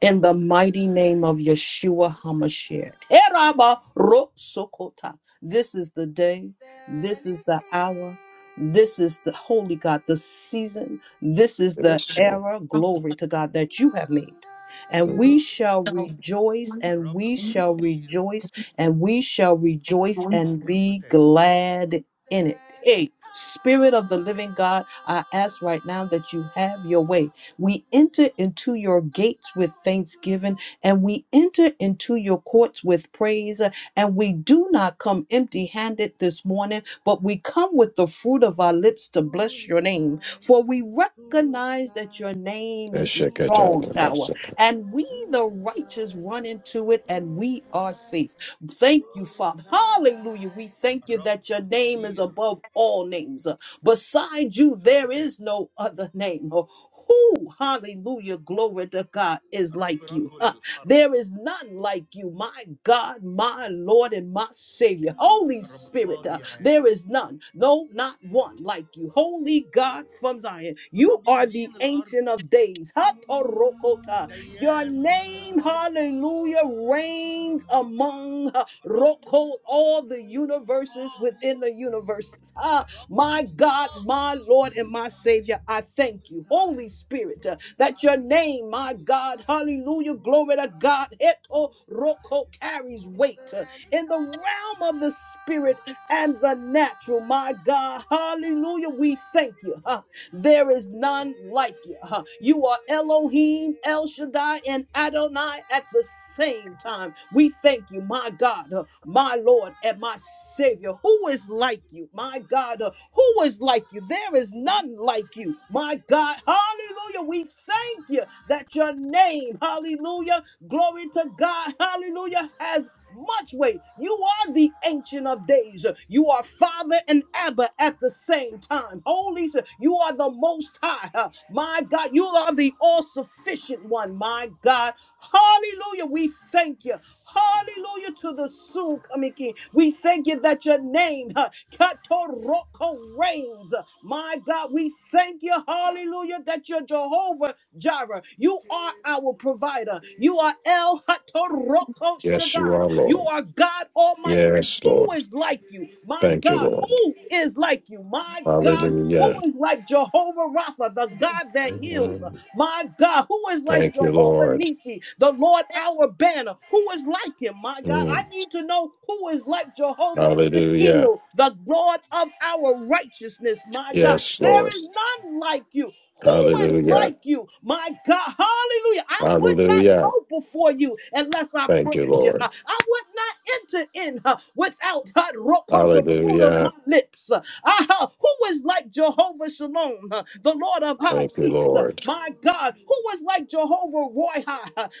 Speaker 3: in the mighty name of Yeshua HaMashiach. Heraba ro sokota. This is the day,
Speaker 1: there
Speaker 3: this
Speaker 1: any
Speaker 3: is the hour,
Speaker 1: king
Speaker 3: this is the holy God, the season, this is the
Speaker 2: Yes, Lord.
Speaker 3: era, glory to God, that you
Speaker 1: not
Speaker 3: have made.
Speaker 1: under
Speaker 3: And
Speaker 2: Mm.
Speaker 1: you?
Speaker 3: we shall rejoice, and
Speaker 1: الرب
Speaker 3: we shall
Speaker 1: القدير
Speaker 3: rejoice, and we shall rejoice and
Speaker 1: في
Speaker 3: be
Speaker 1: القتال.
Speaker 3: glad
Speaker 1: Is
Speaker 3: in
Speaker 1: there
Speaker 3: it.
Speaker 1: any
Speaker 3: Hey, Spirit of the living God, I ask right now that you have your
Speaker 1: power
Speaker 3: way we enter into your
Speaker 1: not
Speaker 3: gates with
Speaker 1: bowing to you?
Speaker 3: thanksgiving and we enter into your courts with praise. And we do not come empty handed this morning, but we come with the fruit of our lips to
Speaker 1: Who
Speaker 3: bless
Speaker 1: is
Speaker 3: your name.
Speaker 1: like?
Speaker 3: For we
Speaker 1: Who is
Speaker 3: recognize that your
Speaker 1: like?
Speaker 3: name is
Speaker 1: Who
Speaker 3: a
Speaker 1: is
Speaker 3: strong
Speaker 1: like?
Speaker 3: tower,
Speaker 2: Eshekatatabasaka.
Speaker 3: and we,
Speaker 1: Who
Speaker 3: the
Speaker 1: is
Speaker 3: righteous,
Speaker 1: like?
Speaker 3: run into it
Speaker 1: Who
Speaker 3: and
Speaker 1: is
Speaker 3: we are
Speaker 1: like?
Speaker 3: safe. Thank you, Father. Hallelujah. We thank you
Speaker 1: الرب
Speaker 3: that your name is
Speaker 1: القدير
Speaker 3: above all names. Beside you,
Speaker 1: في
Speaker 3: there
Speaker 1: القتال،
Speaker 3: is no other name. Oh, Who, hallelujah, glory to God, is
Speaker 1: الرب
Speaker 3: like you?
Speaker 1: رجل
Speaker 3: Ah,
Speaker 1: الحرب،
Speaker 3: There is none like you, my God, my Lord, and my Savior. Holy
Speaker 1: الرب
Speaker 3: Spirit, ah,
Speaker 1: قاضي
Speaker 3: there
Speaker 1: عادل،
Speaker 3: is none, no, not one like you. Holy God from Zion, you
Speaker 1: الرب
Speaker 3: are the
Speaker 1: يدين الأرض،
Speaker 3: Ancient of Days. Hatorokota. Your
Speaker 1: ديان
Speaker 3: name,
Speaker 1: الأرض،
Speaker 3: hallelujah, reigns among ah,
Speaker 1: الرب
Speaker 3: Roko, all the universes
Speaker 1: قاضي،
Speaker 3: within the universes.
Speaker 1: الرب
Speaker 3: My God,
Speaker 1: قاضي.
Speaker 3: my Lord, and my Savior, I thank you, Holy Spirit, uh, that your name, my
Speaker 1: Who is
Speaker 3: God,
Speaker 1: like
Speaker 3: hallelujah,
Speaker 1: You? The Lord, the Omnipotent in the battle. The Lord,
Speaker 3: glory to
Speaker 1: the
Speaker 3: God,
Speaker 1: man
Speaker 3: Heto
Speaker 1: of war. The Lord, just and just. The Lord, the God of the earth. The Lord, the Lord, the
Speaker 3: Roko
Speaker 1: Lord.
Speaker 3: carries
Speaker 1: Miss
Speaker 3: weight uh, in the
Speaker 1: Veronica,
Speaker 3: realm of the Spirit and the natural, my
Speaker 1: who
Speaker 3: God,
Speaker 1: is God
Speaker 3: hallelujah,
Speaker 1: my
Speaker 3: we thank
Speaker 1: Savior?
Speaker 3: you.
Speaker 1: Who is like you?
Speaker 3: There is none like you. huh? You are Elohim,
Speaker 1: Who
Speaker 3: El
Speaker 1: is
Speaker 3: Shaddai,
Speaker 1: like
Speaker 3: and
Speaker 1: you?
Speaker 3: Adonai at the same time. We thank you, my God, uh,
Speaker 1: Who can stand? Who
Speaker 3: my
Speaker 1: can
Speaker 3: Lord,
Speaker 1: stand
Speaker 3: and my
Speaker 1: before
Speaker 3: Savior. Who is like
Speaker 1: you?
Speaker 3: you,
Speaker 1: Who
Speaker 3: my
Speaker 1: is
Speaker 3: God? uh,
Speaker 1: like you?
Speaker 3: Who is like you? There is
Speaker 1: Who
Speaker 3: none like
Speaker 1: is
Speaker 3: you,
Speaker 1: like
Speaker 3: my
Speaker 1: you?
Speaker 3: God.
Speaker 1: Who is
Speaker 3: Hallelujah.
Speaker 1: like you?
Speaker 3: We thank you that your name, hallelujah, glory to God, hallelujah, has much weight. You are the ancient of days. You are father and Abba at the same time. Holy, S- you are the most high. huh? My God, you are the all sufficient one. My God, hallelujah, we thank you. Hallelujah to the soon coming King. We thank you that your name, huh, Katoroko, reigns. My God, we thank you, hallelujah, that you're Jehovah Jireh. You are our provider. You are El Hatoroko
Speaker 2: Yes, you
Speaker 3: Shaddai.
Speaker 2: are,
Speaker 3: You
Speaker 2: Lord.
Speaker 3: are God Almighty.
Speaker 2: Yes,
Speaker 3: Who
Speaker 2: Lord.
Speaker 3: is like you? My
Speaker 2: Thank you,
Speaker 3: God,
Speaker 2: Lord.
Speaker 3: who is like you? My God, who
Speaker 2: Hallelujah.
Speaker 3: is like Jehovah Rapha, the God that heals?
Speaker 2: Mm.
Speaker 3: My God, who is like
Speaker 2: Thank you,
Speaker 3: Jehovah
Speaker 2: Lord.
Speaker 3: Nisi, the Lord our banner? Who is like him? My God,
Speaker 2: Mm.
Speaker 3: I need to know who is like Jehovah
Speaker 2: Hallelujah.
Speaker 3: Sekino, the Lord of our righteousness. My God,
Speaker 2: Yes,
Speaker 3: there
Speaker 2: Lord.
Speaker 3: is none like you. Who is
Speaker 2: Hallelujah.
Speaker 3: like you? My God, hallelujah. I would not
Speaker 2: Hallelujah.
Speaker 3: go before you unless I
Speaker 2: Thank you,
Speaker 3: praise you.
Speaker 2: Lord.
Speaker 3: I would not enter in uh, without uh, the fruit of my
Speaker 2: Hallelujah.
Speaker 3: lips. Ah, who is like Jehovah Shalom, uh, the Lord of our
Speaker 2: Thank you,
Speaker 3: peace? Uh,
Speaker 2: Lord.
Speaker 3: My God, who is like Jehovah Roy?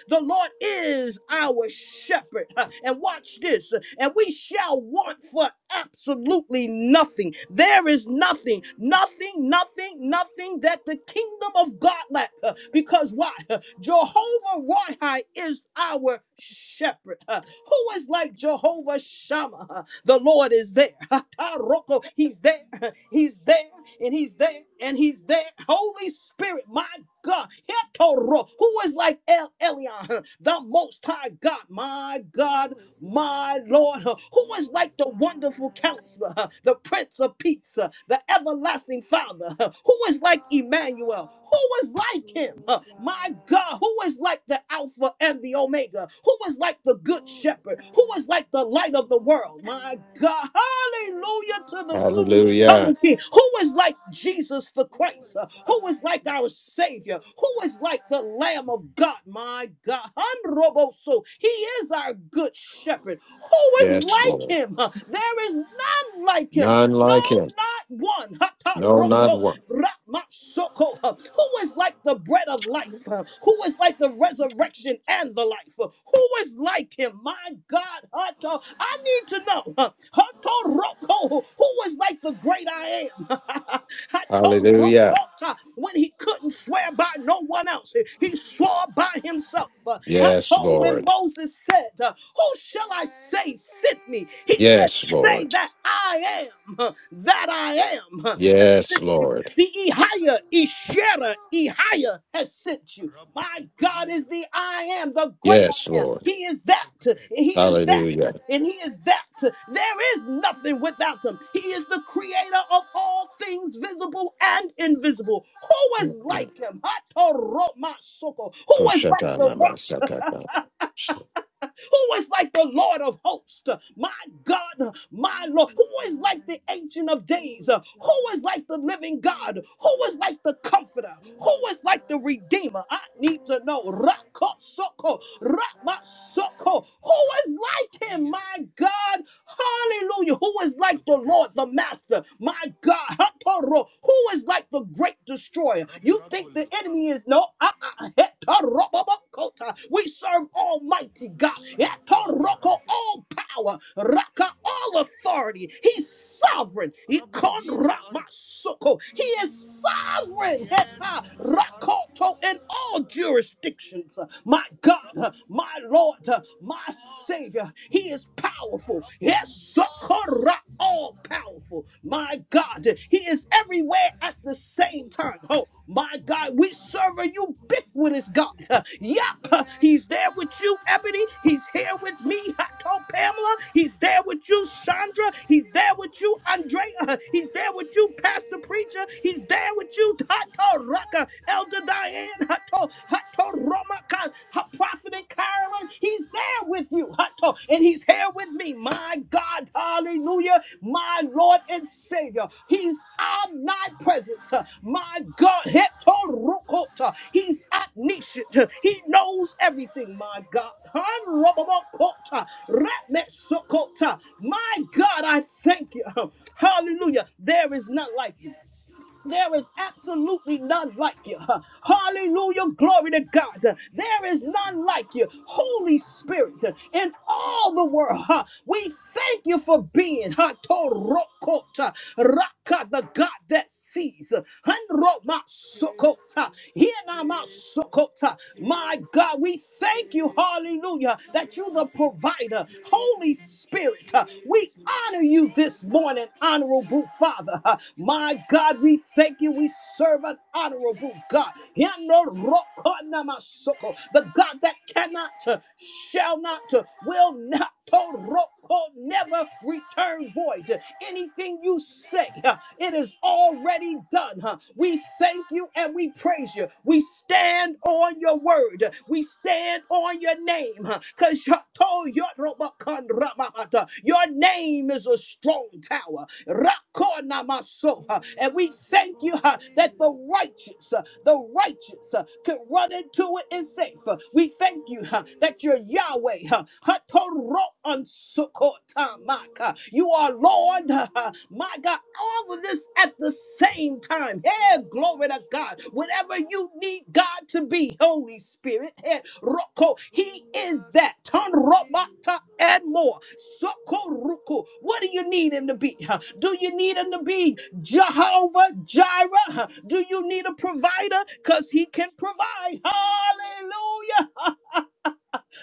Speaker 3: The Lord is our shepherd. Uh, And watch this, uh, and we shall want for absolutely nothing. There is nothing, nothing, nothing, nothing that the kingdom of God lack. Uh,
Speaker 1: Who is like you? Who is like you? Who is
Speaker 3: Because
Speaker 1: like
Speaker 3: why? Uh,
Speaker 1: you?
Speaker 3: Jehovah
Speaker 1: Worship,
Speaker 3: Roy is our shepherd. Uh, Who is like Jehovah Shammah? huh? The Lord is there. He's there.
Speaker 1: worship
Speaker 3: He's there
Speaker 1: worship,
Speaker 3: and he's there
Speaker 1: only,
Speaker 3: and he's there. Holy Spirit, my God. Who is
Speaker 1: worship.
Speaker 3: like El Elyon, the most high God, my God,
Speaker 1: Who is
Speaker 3: my
Speaker 1: like you?
Speaker 3: Lord, who is
Speaker 1: Who
Speaker 3: like
Speaker 1: is
Speaker 3: the
Speaker 1: like you?
Speaker 3: wonderful counselor, the Prince of Peace, the everlasting Father, who is
Speaker 1: in
Speaker 3: like
Speaker 1: all your
Speaker 3: Emmanuel,
Speaker 1: power?
Speaker 3: who is like
Speaker 1: Who
Speaker 3: him,
Speaker 1: is
Speaker 3: my God,
Speaker 1: like
Speaker 3: who is like the Alpha and the Omega, who is like the
Speaker 1: you?
Speaker 3: Good
Speaker 1: Who is
Speaker 3: Shepherd, who is
Speaker 1: like
Speaker 3: like
Speaker 1: you?
Speaker 3: the light of the world
Speaker 1: Who is
Speaker 3: world. My
Speaker 1: like you?
Speaker 3: God,
Speaker 1: Let him
Speaker 3: hallelujah to the soon
Speaker 1: come
Speaker 2: Hallelujah.
Speaker 3: coming King.
Speaker 1: stand
Speaker 3: Who is like
Speaker 1: before you.
Speaker 3: Jesus the
Speaker 1: Who
Speaker 3: Christ?
Speaker 1: is
Speaker 3: Uh, Who is
Speaker 1: like
Speaker 3: like
Speaker 1: you?
Speaker 3: our
Speaker 1: Who
Speaker 3: Savior?
Speaker 1: is
Speaker 3: Who is like the
Speaker 1: like?
Speaker 3: Lamb of God? My God, Hanroboso. He is our good shepherd. Who is
Speaker 2: Yes,
Speaker 3: like
Speaker 2: Lord.
Speaker 3: him? Uh, There is none like him.
Speaker 2: None like
Speaker 3: No,
Speaker 2: him.
Speaker 3: not one.
Speaker 2: No, not
Speaker 3: Hataroko.
Speaker 2: one.
Speaker 3: Ramasoko, uh, who is like the bread of life, uh, who is like the resurrection and the life, uh, who is like him, my God, Hato, I need to know, uh, Hato Roko, who is like the great I am, Hato
Speaker 2: Hallelujah.
Speaker 3: Rokota, when he couldn't swear by no one else, he swore by himself, uh,
Speaker 2: Yes,
Speaker 3: Hato, when
Speaker 2: Lord.
Speaker 3: Moses said, uh, who
Speaker 1: Is
Speaker 3: shall I
Speaker 1: there any
Speaker 3: say sent me, he
Speaker 1: king
Speaker 3: said,
Speaker 2: Yes,
Speaker 3: say
Speaker 2: Lord.
Speaker 3: that I am uh, that I am.
Speaker 2: Yes, Lord.
Speaker 3: The
Speaker 1: not
Speaker 3: Ehia,
Speaker 1: under
Speaker 3: Eshera,
Speaker 1: you?
Speaker 3: Ehia has sent you.
Speaker 1: الرب
Speaker 3: My God is
Speaker 1: القدير
Speaker 3: the I am, the great
Speaker 2: Yes,
Speaker 3: I am.
Speaker 2: Lord.
Speaker 3: He is
Speaker 1: في
Speaker 3: that, and
Speaker 1: القتال
Speaker 3: He is that,
Speaker 1: Is
Speaker 2: Hallelujah.
Speaker 3: and
Speaker 1: there
Speaker 3: He is
Speaker 1: any
Speaker 3: that. There is nothing without Him. He is the creator of all
Speaker 1: power
Speaker 3: things visible and
Speaker 1: not
Speaker 3: invisible. Who
Speaker 1: bowing
Speaker 3: is
Speaker 1: to
Speaker 3: like
Speaker 1: you?
Speaker 3: Him? Hatoromasoko. Who is like
Speaker 2: Koshata
Speaker 3: the rock?
Speaker 2: namasakata.
Speaker 3: Who is like the Lord of hosts? My God,
Speaker 1: Who
Speaker 3: my Lord.
Speaker 1: is
Speaker 3: Who is like the
Speaker 1: like,
Speaker 3: Ancient of
Speaker 1: who
Speaker 3: Days?
Speaker 1: is
Speaker 3: Who is
Speaker 1: like,
Speaker 3: like the Living
Speaker 1: who
Speaker 3: God?
Speaker 1: is
Speaker 3: Who is
Speaker 1: like,
Speaker 3: like the Comforter?
Speaker 1: who
Speaker 3: Who
Speaker 1: is
Speaker 3: is like the
Speaker 1: like, who is
Speaker 3: Redeemer? I
Speaker 1: like, who
Speaker 3: need to
Speaker 1: is
Speaker 3: know.
Speaker 1: like?
Speaker 3: Rakosoko, Ramasoko. Who is like him? My God, Hallelujah. Who is like the Lord, the Master? My God. Hatoro. Who is like the great destroyer? You think the
Speaker 1: الأرض.
Speaker 3: enemy is no. ah, ah, hetarobobokota. We serve Almighty God.
Speaker 1: الرب قاضي
Speaker 3: Hetaroko,
Speaker 1: عادل
Speaker 3: All power, Raka, all authority. He's sovereign.
Speaker 1: الرب يدين الأرض
Speaker 3: Ikonramasoko. He is sovereign. Heta,
Speaker 1: ديان الأرض
Speaker 3: Rakoto, in all jurisdictions. My
Speaker 1: الرب
Speaker 3: God, my Lord, my
Speaker 1: قاضي
Speaker 3: Savior. He is powerful.
Speaker 1: الرب
Speaker 3: Yes,
Speaker 1: قاضي
Speaker 3: Kora, all powerful. My God, He is everywhere at the same time. Oh, my God, we serve a ubiquitous God. Uh, Yep, He's there with you, Ebony. He's here with me, I told Pamela. He's there with you, Chandra. He's there with you, Andrea. Uh, He's there with you, Pastor Preacher. He's there with you, Tato Raka, Elder Diane, Hato, Hato Roma, God. Ha- Prophet Carolyn, he's there with you. Hato, And he's here with me. My God, hallelujah. My Lord and Savior. He's omnipresent. My God, Heto Rokota. he's omniscient. He knows everything, my God. Hanrobobokota. Ratmetsokota. My God, I thank you. Hallelujah. There is none like there is absolutely none like you. Hallelujah. Glory to God. There is none like you. Holy Spirit, in all the world, huh, we thank you for being huh, Torokota, Raka, the God that sees. Hanromasokota, Hienamasokota. My God, we thank you. Hallelujah. That you the provider. Holy Spirit, uh, we honor you this morning, honorable Father. Uh, My God, we thank you. We serve an honorable God. Yandorokonamasoko, The God that cannot, uh, shall not, uh, will not, toroko, never return void. Anything you say, uh, it is already done. huh? We thank you and we praise you. We stand on your word. We stand on your name. Because your name is a strong tower.
Speaker 1: We
Speaker 3: Rakonamaso.
Speaker 1: will
Speaker 3: And we
Speaker 1: worship
Speaker 3: thank you huh,
Speaker 1: only
Speaker 3: that
Speaker 1: you.
Speaker 3: the righteous, uh, the righteous uh, could run into it
Speaker 1: We
Speaker 3: and
Speaker 1: will
Speaker 3: safe. Uh,
Speaker 1: worship
Speaker 3: We thank you
Speaker 1: only
Speaker 3: huh,
Speaker 1: you.
Speaker 3: that you're Yahweh. huh,
Speaker 1: We
Speaker 3: Hatoroansukotamaka.
Speaker 1: worship
Speaker 3: You are Lord.
Speaker 1: only
Speaker 3: Lord.
Speaker 1: you.
Speaker 3: My God, all of this at the same time.
Speaker 1: We
Speaker 3: Hey, glory to
Speaker 1: worship
Speaker 3: God.
Speaker 1: only
Speaker 3: Whatever you
Speaker 1: you.
Speaker 3: need God to be, Holy Spirit, hey, Roko,
Speaker 1: We
Speaker 3: He is
Speaker 1: worship
Speaker 3: that. Turn
Speaker 1: only you.
Speaker 3: Romata and more. Soko Ruku. What do you need Him to
Speaker 1: We
Speaker 3: be? huh? Do you
Speaker 1: worship
Speaker 3: need Him to
Speaker 1: only
Speaker 3: be Jehovah Jireh? huh? Do you need a provider? Because He can
Speaker 1: you.
Speaker 3: provide. Hallelujah.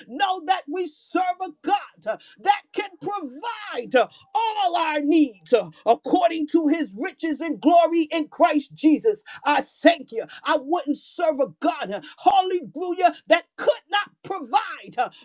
Speaker 3: Know that we serve a God uh, that can provide uh, all our needs uh, according to his riches and glory in Christ Jesus. I thank you. I wouldn't serve a God, uh, hallelujah, that could not provide.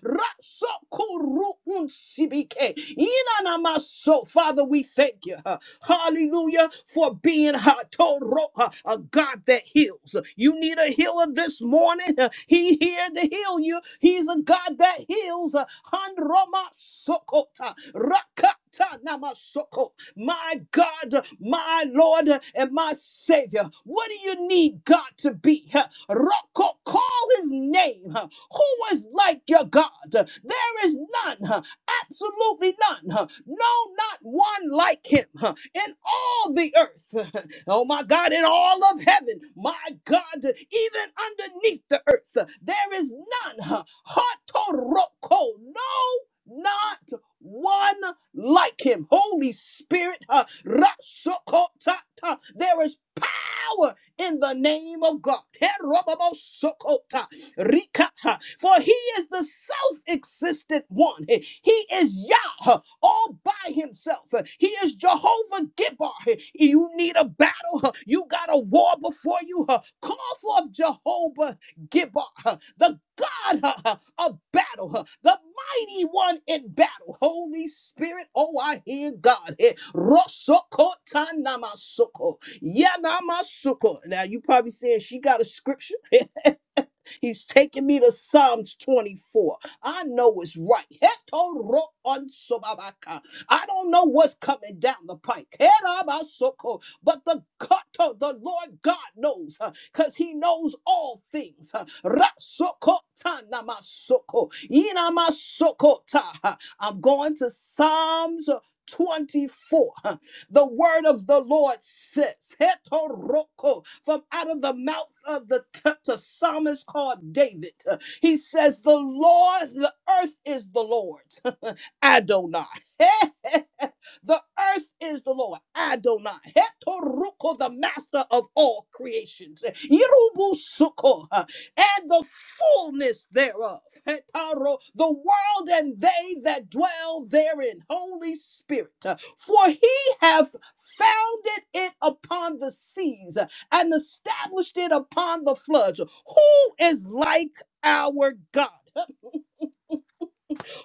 Speaker 3: Ratsokuruunsibike. Inanamaso. Father, we thank you. uh, Hallelujah. For being ha- Toro, uh, a God that heals. You need a healer this morning. Uh, He here to heal you. He's a God that heals. Uh, Handroma Sokota. Rakata Namasoko. My God, my my Lord and my Savior. What do you need God to be? Roko, call his name. Who is like your God? There is none, absolutely none. No, not one like him in all the earth. Oh my God, in all of heaven, my God, even underneath the earth, there is none. Hatoroko, no, not one like him. Holy Spirit, uh, Rasokotata, there is power in the name of God. Herobabosokota, Rika, uh, For he is the self existent one. He he is Yah uh, all by himself. Uh, He is Jehovah Gibbar. Uh, You need a battle, uh, you got a war before you. uh, Call forth Jehovah Gibbar, uh, the God uh, uh, of battle, uh, the mighty one in battle. Holy Spirit, oh, I hear God. Eh, Rosokotanamasuko, Yanamasoko. Now, you probably saying she got a scripture. He's taking me to Psalms 24. I know it's right. Heto ro on sobabaka. I don't know what's coming down the pike. Herabasoko. But the God, the Lord God knows because he knows all things. huh. Rasokota namasoko, inamasokota, huh. I'm going to Psalms 24. huh. The word of the Lord says, Hetoroko, from out of the mouth of the, the psalmist called David, he says, The Lord, the earth is the Lord's Adonai. the earth is the Lord, Adonai. Hetoruko, the master of all creations. Yerubusuko, uh, and the fullness thereof. Hetaro, the world and they that dwell therein. Holy Spirit. uh, For he hath founded it upon the seas uh, and established it upon the floods. Who is like our God?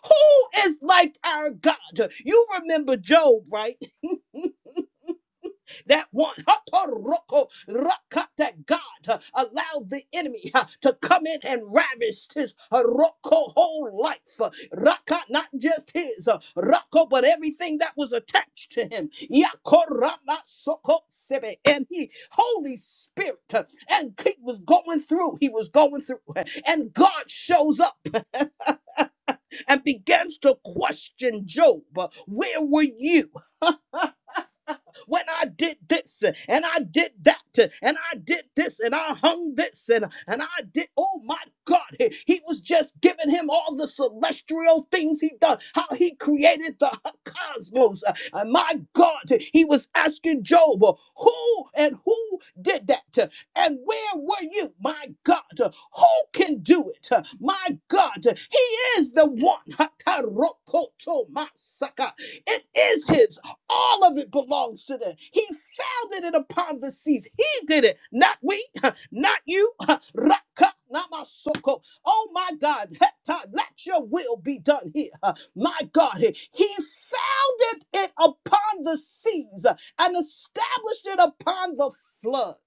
Speaker 3: Who is like our God? You remember Job, right? That one, Hatoroko, Raka, that God uh, allowed the enemy uh, to come in and ravish his uh, Roko whole life. Uh, Raka, not just his, uh, Roko, but everything that was attached to him. Yakorama Soko Sebe. And he, Holy Spirit, uh, and he was going through, he was going through, uh, and God shows up. and begins to question Job. Where were you? when I did this and I did that and I did this and I hung this and, and I did, oh my God, he, he was just giving him all the celestial things he done, how he created the cosmos. And my God, he was asking Job, who and who did that? And where were you? My God, who can do it? My God, he is the one. It is his. All of it belongs to them. He founded it upon the seas. He did it, not we, not you. Raka, not my soko. Oh my God, Heta, let your will be done here. My God, He founded it upon the seas and established it upon the floods.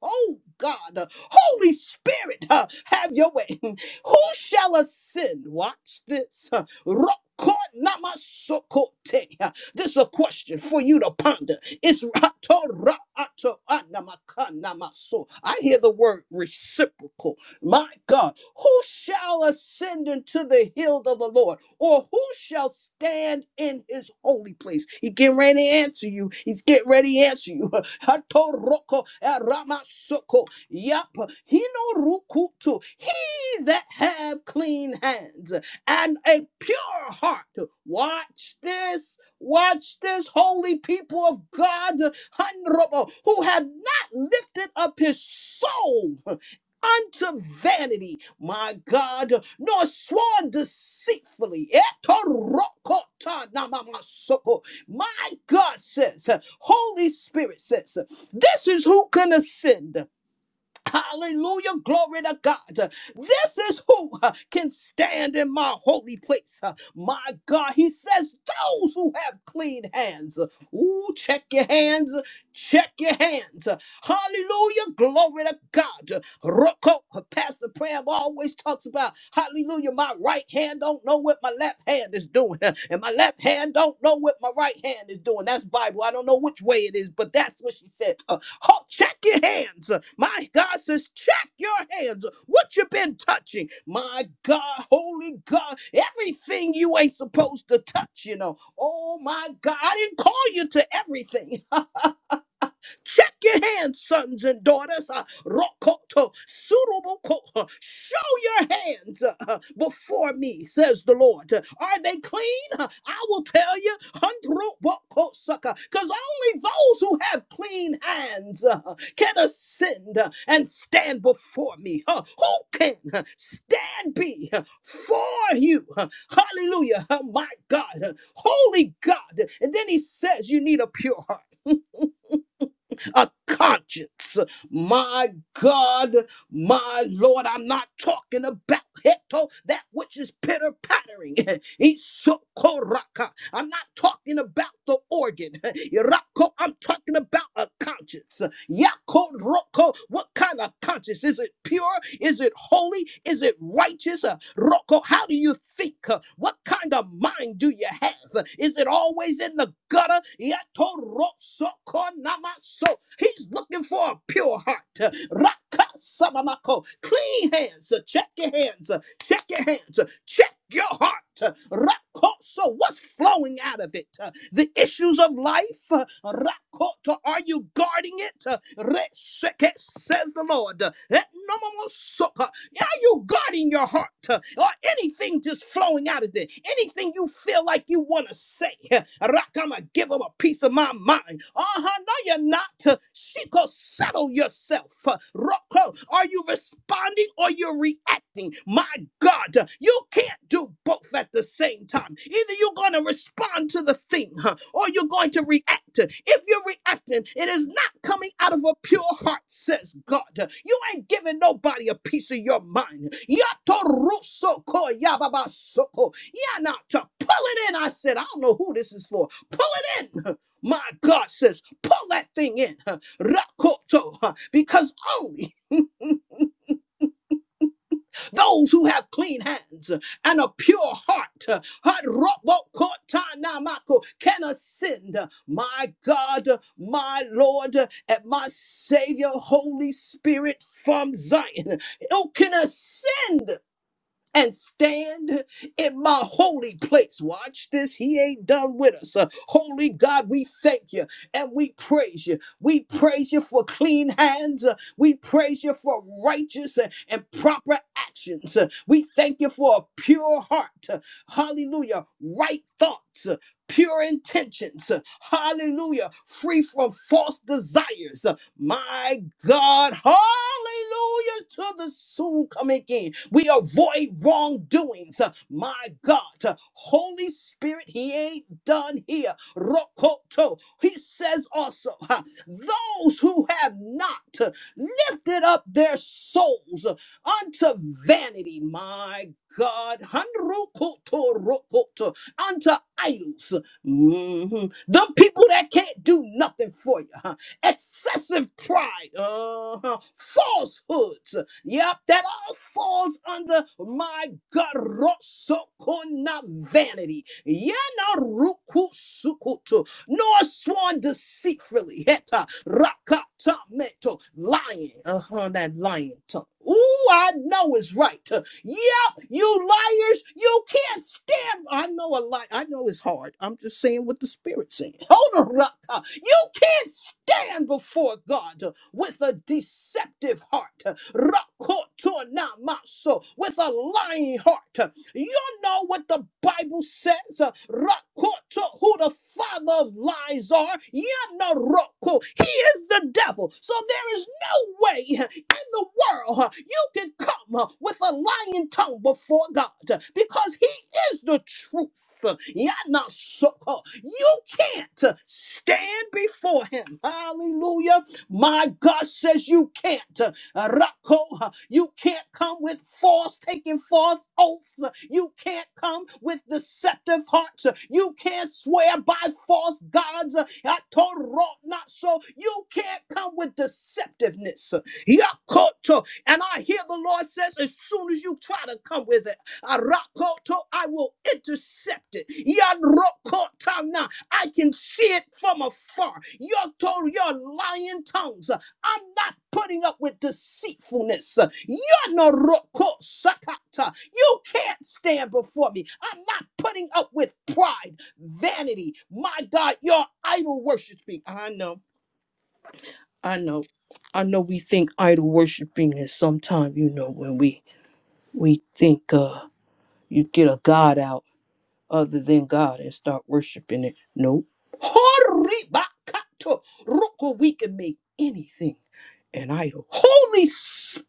Speaker 3: Oh God, Holy Spirit, have your way. Who shall ascend? Watch this. Rokonamasokoteh. This is a question for you to ponder. It's I hear the word reciprocal. My God, who shall ascend into the hill of the Lord, or who shall stand in his holy place? He's getting ready to answer you. He's getting ready to answer you. Hatoroko eramasoko. Yep. Hinorukutu. He that have clean hands and a pure heart. Watch this Watch this holy people of God, who have not lifted up his soul unto vanity, my God, nor sworn deceitfully. My God says, Holy Spirit says, this is who can ascend. Hallelujah. Glory to God. This is who uh, can stand in my holy place. Uh, My God, he says, those who have clean hands. Ooh, check your hands. Check your hands. Hallelujah. Glory to God. Roko, Pastor Pram always talks about, hallelujah, my right hand don't know what my left hand is doing. And my left hand don't know what my right hand is doing. That's Bible. I don't know which way it is, but that's what she said. Ho- Check your hands. My God says, check your hands. What you been touching? My God, holy God, everything you ain't supposed to touch, you know. Oh my God, I didn't call you to everything. Check your hands, sons and daughters. Uh, Rokoto, suroboko. Uh, Show your hands uh, uh, before me, says the Lord. Uh, Are they clean? Uh, I will tell you, hundroboko sucker, because only those who have clean hands uh, can ascend uh, and stand before me. Uh, Who can uh, stand be uh, for you? Uh, Hallelujah. Oh, my God. Uh, Holy God. And then he says, You need a pure heart a conscience. My God, my Lord, I'm not talking about heto, that which is pitter pattering. Isokoraka. I'm not talking about the organ. Irako, I'm talking about a conscience. Yakoroko. What kind of conscience? Is it pure? Is it holy? Is it righteous? Uh, Roko, how do you think? Uh, What kind of mind do you have? Uh, Is it always in the gutter? Yatorosoko namaso. He's looking for a pure heart. Kasamamako. Clean hands. uh, Check your hands. uh, Check your hands. uh, Check your heart. uh, Rakoso, what's flowing out of it? Uh, The issues of life. uh, Rakoto, are you guarding it? Uh, Reseke, says the Lord. Uh, Etnomomoso. Are you guarding your heart? Uh, Or anything just flowing out of there? Anything you feel like you want to say? Uh, Rock, I'm going to give them a piece of my mind. Uh-huh, no, you're not. Uh, She could settle yourself. Uh, Rock, uh, are you responding or you're reacting? My God, uh, you can't do both at the same time. Either you're going to respond to the thing huh, or you're going to react. If you're reacting, it is not coming out of a pure heart, says God. You ain't giving nobody a piece of your mind. Yatorusoko yababasoko. Yanata. Pull it in, I said. I don't know who this is for. Pull it in. My God says, pull that thing in. Rakoto. huh, Because only those who have clean hands and a pure heart uh, heart robokotanamako, can ascend, uh, my God, uh, my Lord, uh, and my Savior, Holy Spirit from Zion. Who can ascend? and stand in my holy place. Watch this. He ain't done with us. Uh, holy God, we thank you and we praise you. We praise you for clean hands. Uh, we praise you for righteous and, and proper actions. Uh, we thank you for a pure heart. Uh, hallelujah. Right thoughts. Uh, Pure intentions, Uh, hallelujah, free from false desires, uh, my God, hallelujah to the soon coming King. We avoid wrongdoings. My God, Holy Spirit, He ain't done here. Rokoto. He says also, huh, those who have not lifted up their souls unto vanity, my God, Hanrukoto rokoto, unto idols. Mhm. Them people that can't do nothing for you. huh? excessive pride, uh, falsehoods. Yep, that all falls under my God, rosokona vanity. Yana ruku sukutu, nor sworn deceitfully. Heta rakata meto, lying. Uh huh, that lying tongue. Ooh, I know it's right. Yep, you liars. You can't stand. I know a lie. I know it's hard. I'm just saying what the Spirit's saying. Hold on, Raka. You can't stand before God uh, with a deceptive heart. uh, Rakotonamaso, With a lying heart. Uh, You know what the Bible says. uh, Rakoto, Who the father of lies are. You know Roko. He is the devil. So there is no way in the world you can come with a lying tongue before God because He is the truth. Yanasoko. You can't stand before Him. Hallelujah. My God says you can't. Uh, Rako, uh, you can't come with false, taking false oaths. Uh, You can't come with deceptive hearts. Uh, You can't swear by false gods. Uh, Atoro, Not so. You can't come with deceptiveness. Uh, Yakoto. And I hear the Lord says, as soon as you try to come with it, Arakoto, I will intercept it. Yadrokotana, I can see it from afar. Yoto, your lying tongues. I'm not putting up with deceitfulness. Yanoroko sakata. You can't stand before me. I'm not putting up with pride, vanity. My God, your idol worshiping. I know, I know, I know. We think idol worshiping is sometimes, you know, when we we think uh you get a god out other than God and start worshiping it. Nope. Horibakato. Roko, we can make anything. An idol, Holy Spirit,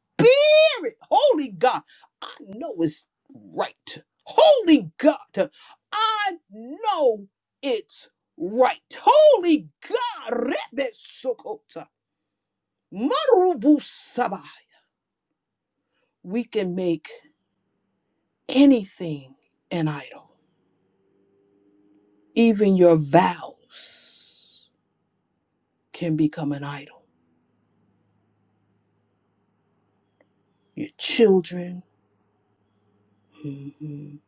Speaker 3: Holy God, I know it's right. Holy God, I know it's right. Holy God, Rebesokota, Marubusabai. We can make anything an idol. Even your vows can become an idol. Your children, mhm.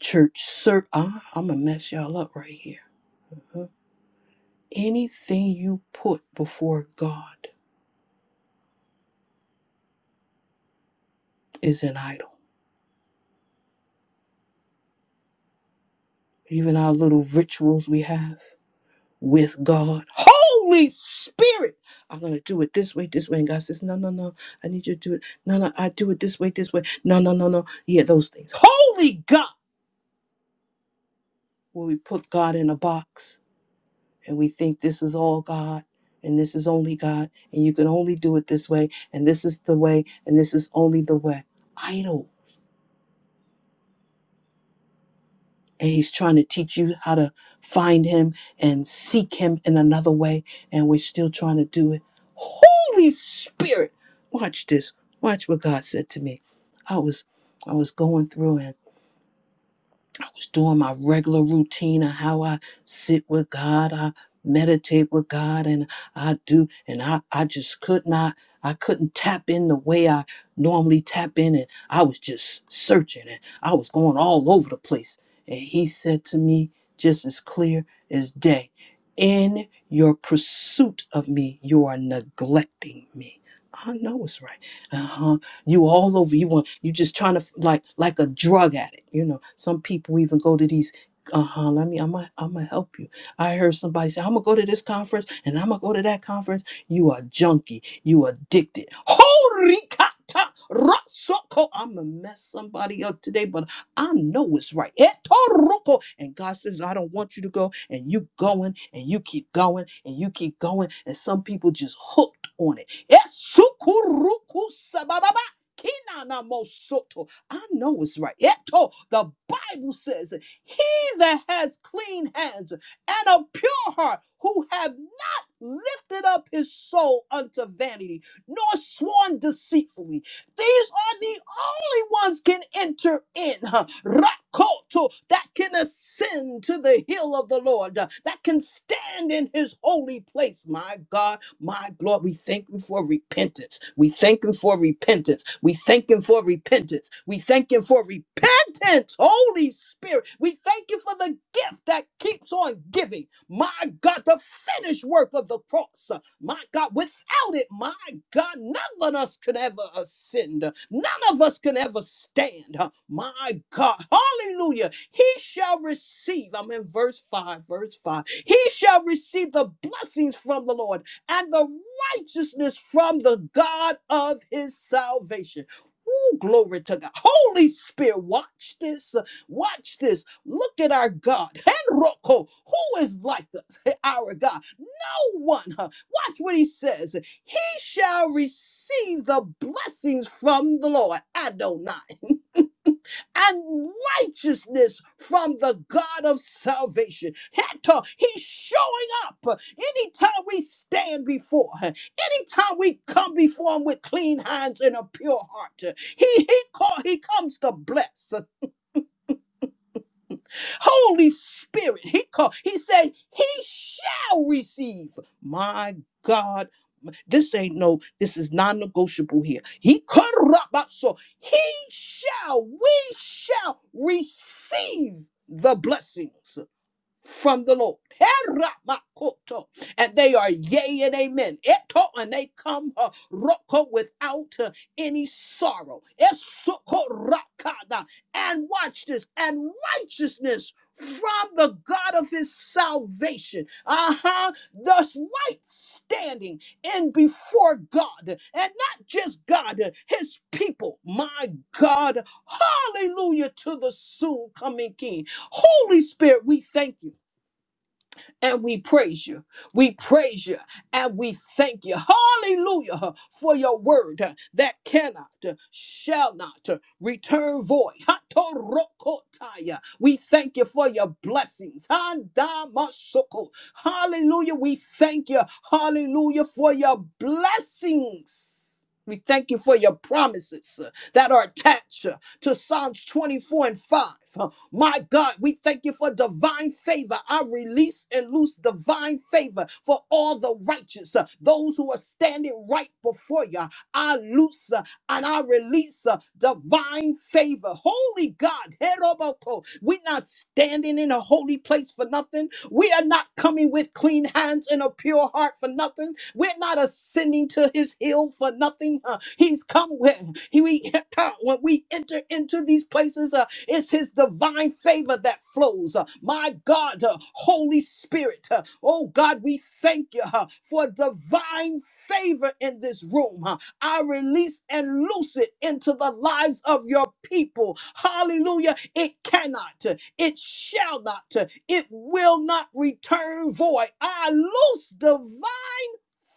Speaker 3: church, sir. I'm gonna mess y'all up right here. Anything you put before God is an idol. Even our little rituals we have with God. Holy Spirit! I'm going to do it this way, this way. And God says, No, no, no. I need you to do it. No, no. I do it this way, this way. No, no, no, no. Yeah, those things. Holy God! Where we put God in a box and we think this is all God and this is only God and you can only do it this way and this is the way and this is only the way. Idol and he's trying to teach you how to find him and seek him in another way and we're still trying to do it holy spirit watch this watch what god said to me i was i was going through and I was doing my regular routine of how I sit with God, I meditate with God, and I do, and I, I just could not, I couldn't tap in the way I normally tap in, and I was just searching, and I was going all over the place. And he said to me, just as clear as day, in your pursuit of me, you are neglecting me. I know it's right. Uh-huh you all over you want you just trying to like like a drug addict you know some people even go to these uh-huh let me i'm gonna I'm gonna help you i heard somebody say i'm gonna go to this conference and i'm gonna go to that conference you are junkie you addicted holy kata rasoko i'm gonna mess somebody up today but i know it's right Etoroko. and god says i don't want you to go and you going and you keep going and you keep going and some people just hooked on it Kinanamosoto. I know it's right. Eto, the Bible says, He that has clean hands and a pure heart, who have not lifted up his soul unto vanity, nor sworn deceitfully. These are the only ones can enter in. huh, Rakoto, that can ascend to the hill of the Lord, uh, that can stand in his holy place. My God, my Lord, we thank him for repentance. We thank him for repentance. We thank him for repentance. We thank him for repentance repentance. Holy Spirit, we thank you for the gift that keeps on giving. My God, the finished work of the cross. My God, without it, my God, none of us can ever ascend. None of us can ever stand. My God, hallelujah. He shall receive, I'm in verse 5, verse 5. He shall receive the blessings from the Lord and the righteousness from the God of his salvation. Ooh, glory to God. Holy Spirit, watch this. uh, Watch this. Look at our God. Henroko, who is like us? Our God. No one. huh? Watch what he says. He shall receive the blessings from the Lord. Adonai and righteousness from the God of salvation. Heta, He's showing up anytime we stand before Him, anytime we come before Him with clean hands and a pure heart. He he call, He comes to bless. Holy Spirit, he called. He said, He shall receive. My God, this ain't no, this is non negotiable here. He corrupt, so he shall, we shall receive the blessings from the Lord. Heramakoto. And they are yea and amen. Eto, and they come uh, roko without uh, any sorrow. Esokorakada. And watch this, and righteousness from the God of his salvation. Uh-huh. Thus right standing in before God, and not just God, uh, his people. My God. Hallelujah to the soon coming King. Holy Spirit, we thank you and we praise you. We praise you and we thank you. Hallelujah huh, for your word huh, that cannot, uh, shall not uh, return void. Hatorokotaya. We thank you for your blessings. Handamasoko. Hallelujah. We thank you. Hallelujah for your blessings. We thank you for your promises uh, that are attached uh, to Psalms 24 and 5. huh. My God, we thank you for divine favor. I release and loose divine favor for all the righteous, uh, those who are standing right before you. I loose uh, and I release uh, divine favor. Holy God, Heroboko, we're not standing in a holy place for nothing. We are not coming with clean hands and a pure heart for nothing. We're not ascending to his hill for nothing. Uh, he's come with he, we, when we enter into these places. uh, it's his divine favor that flows. Uh, My God, uh, Holy Spirit, uh, oh God, we thank you uh, for divine favor in this room. uh. I release and loose it into the lives of your people. Hallelujah. It cannot, uh, it shall not, uh, it will not return void. I loose divine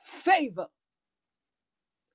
Speaker 3: favor.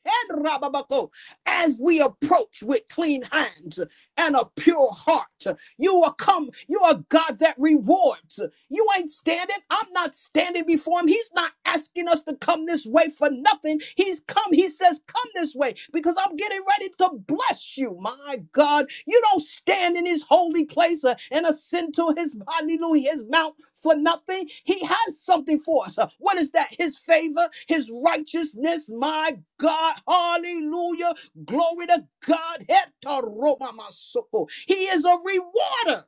Speaker 3: Hedrababako, As we approach with clean hands and a pure heart, you will come. You are God that rewards. You ain't standing. I'm not standing before him. He's not asking us to come this way for nothing. He's come. He says, Come this way because I'm getting ready to bless you. My God, you don't stand in his holy place uh, and ascend to his hallelujah, his mount for nothing. He has something for us. Uh, What is that? His favor, his righteousness. My God, hallelujah. Glory to God. He is a rewarder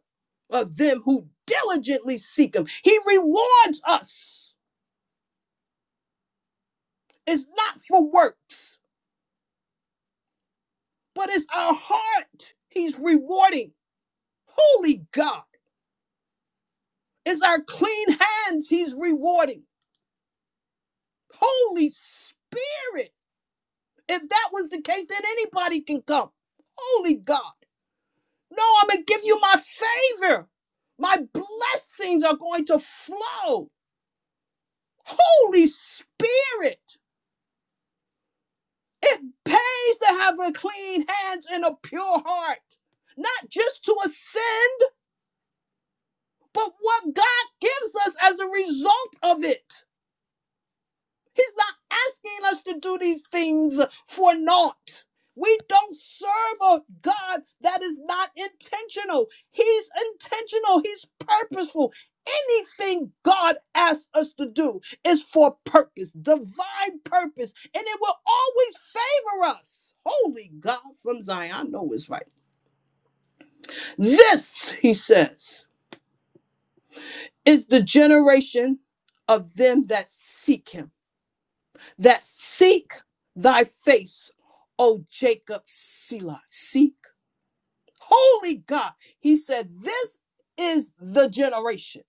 Speaker 3: of them who diligently seek him. He rewards us. It's not for works, but it's our heart he's rewarding. Holy God. It's our clean hands he's rewarding. Holy Spirit. If that was the case, then anybody can come. Holy God. No, I'm going to give you my favor. My blessings are going to flow. Holy Spirit. It pays to have a clean hands and a pure heart, not just to ascend, but what God gives us as a result of it. He's not asking us to do these things for naught. We don't serve a God that is not intentional. He's intentional, He's purposeful. Anything God asks us to do is for purpose, divine purpose, and it will always favor us. Holy God from Zion, I know it's right. This, he says, is the generation of them that seek Him. that seek thy face, O Jacob Selah. Seek. Holy God. He said, This is the generation,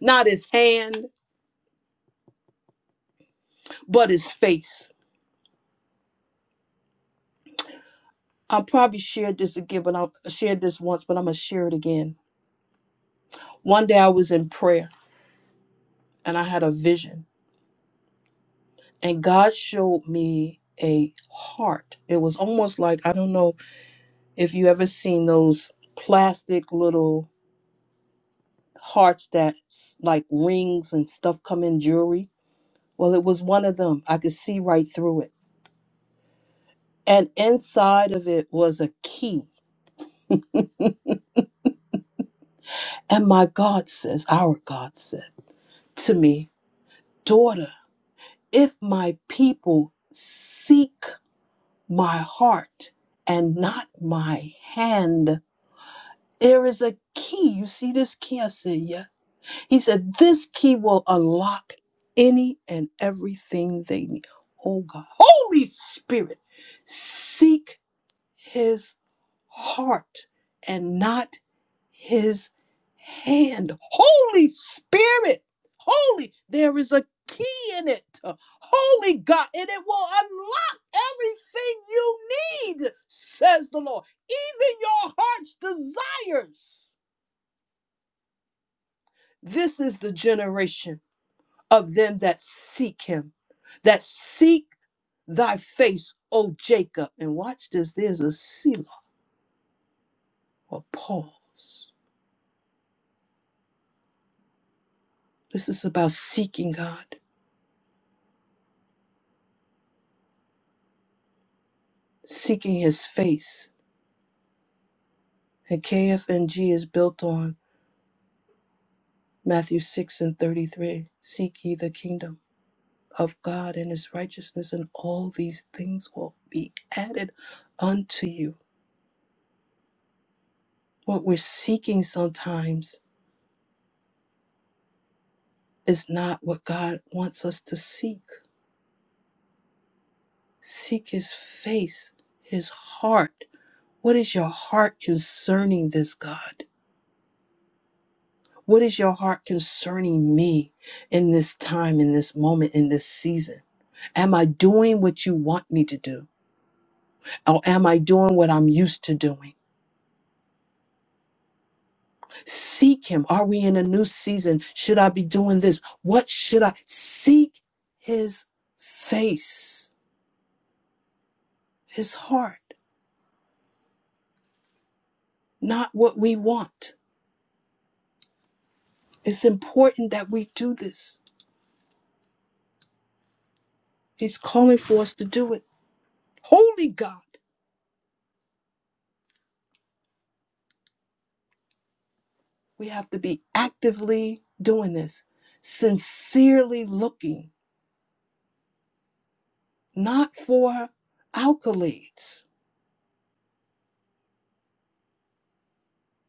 Speaker 3: not his hand, but his face. I probably shared this again, but I shared this once, but I'm going to share it again. One day I was in prayer and I had a vision, and God showed me a heart. It was almost like, I don't know if you ever seen those plastic little hearts that s- like rings and stuff come in jewelry. Well, it was one of them. I could see right through it. And inside of it was a key. And my God says, our God said to me, Daughter, if my people seek my heart and not my hand, there is a key. You see this key? I said, Yes. He said, This key will unlock any and everything they need. Oh God. Holy Spirit, seek his heart and not his hand. Holy Spirit, holy, there is a key in it. Holy God, and it will unlock everything you need, says the Lord, even your heart's desires. This is the generation. of them that seek him, that seek thy face, O Jacob. And watch this, there's a Selah, a pause. This is about seeking God, seeking his face. And KFNG is built on Matthew 6 and 33. Seek ye the kingdom of God and his righteousness, and all these things will be added unto you. What we're seeking sometimes is not what God wants us to seek. Seek his face, his heart. What is your heart concerning this, God? What is your heart concerning me in this time, in this moment, in this season? Am I doing what you want me to do? Or am I doing what I'm used to doing? Seek him. Are we in a new season? Should I be doing this? What should I seek his face, his heart, not what we want? It's important that we do this. He's calling for us to do it. Holy God, we have to be actively doing this, sincerely looking, not for accolades.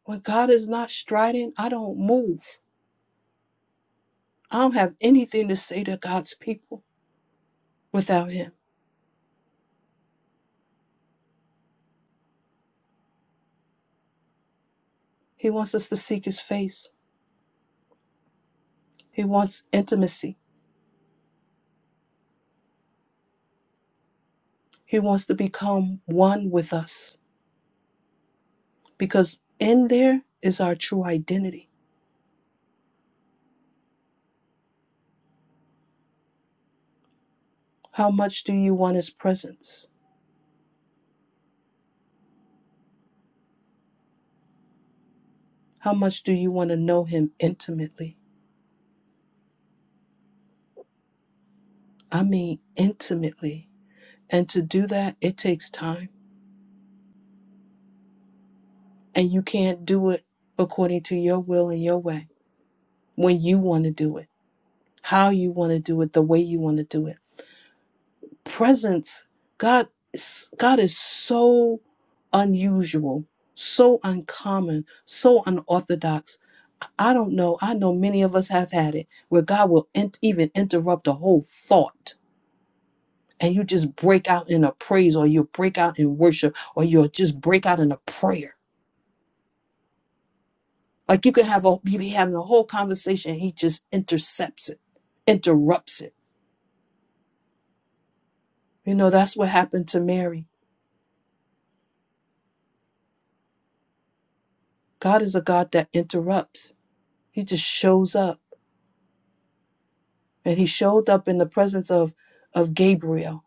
Speaker 3: When God is not striding, I don't move. I don't have anything to say to God's people without Him. He wants us to seek His face, He wants intimacy, He wants to become one with us because in there is our true identity. How much do you want His presence? How much do you want to know Him intimately? I mean, intimately. And to do that, it takes time. And you can't do it according to your will and your way when you want to do it, how you want to do it, the way you want to do it. Presence, God, God is so unusual, so uncommon, so unorthodox. I don't know. I know many of us have had it where God will in- even interrupt a whole thought and you just break out in a praise or you break out in worship or you'll just break out in a prayer. Like you could have a you be having a whole conversation and he just intercepts it, interrupts it. You know, that's what happened to Mary. God is a God that interrupts. He just shows up. And he showed up in the presence of of Gabriel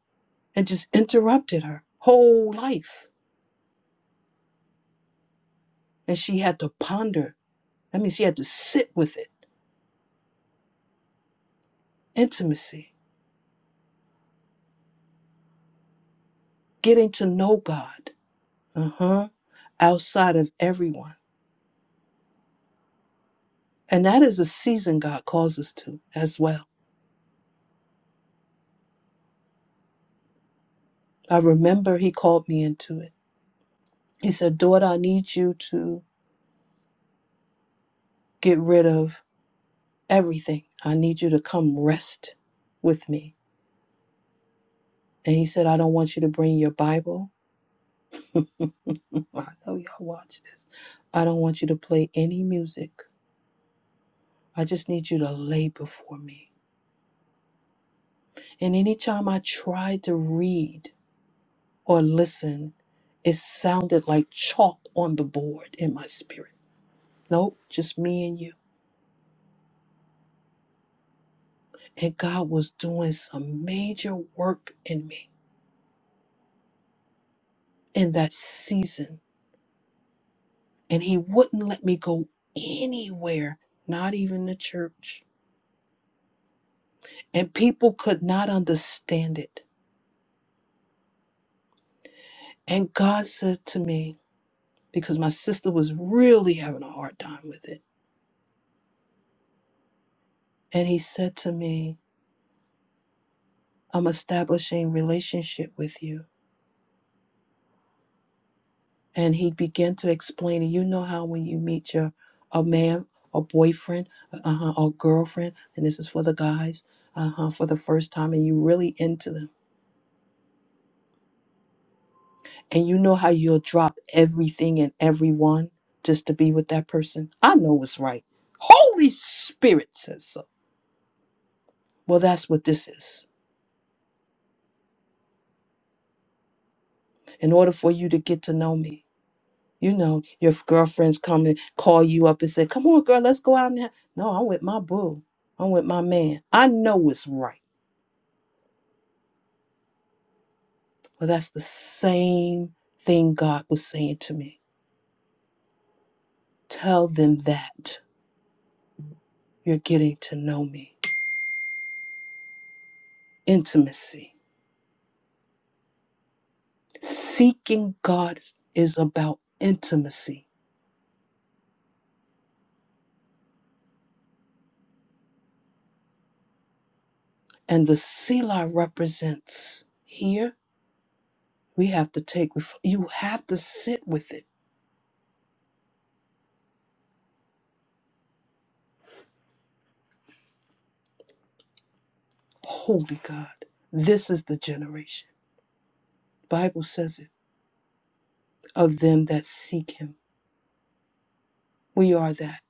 Speaker 3: and just interrupted her whole life. And she had to ponder. I mean, she had to sit with it. Intimacy, getting to know God. Uh-huh outside of everyone. And that is a season God calls us to as well. I remember He called me into it. He said, Daughter, I need you to get rid of everything. I need you to come rest with me. And He said, I don't want you to bring your Bible. I know y'all watch this. I don't want you to play any music. I just need you to lay before me. And anytime I tried to read or listen, it sounded like chalk on the board in my spirit Nope, just me and you. And God was doing some major work in me in that season. And He wouldn't let me go anywhere, not even the church. And people could not understand it. And God said to me, because my sister was really having a hard time with it, and He said to me, I'm establishing relationship with you and he began to explain it. You know how when you meet your a man, a boyfriend, uh-huh, or girlfriend, and this is for the guys, uh-huh, for the first time, and you really into them, and you know how you'll drop everything and everyone just to be with that person. I know it's right. Holy Spirit says so. Well, that's what this is. In order for you to get to know me, you know, your girlfriends come and call you up and say, "Come on, girl, let's go out now." No, I'm with my boo. I'm with my man. I know it's right. Well, that's the same thing God was saying to me. Tell them that you're getting to know me. Intimacy. Seeking God is about intimacy. And the Selah represents here, we have to take, ref- you have to sit with it. Holy God, this is the generation. Bible says it of them that seek him. We are that.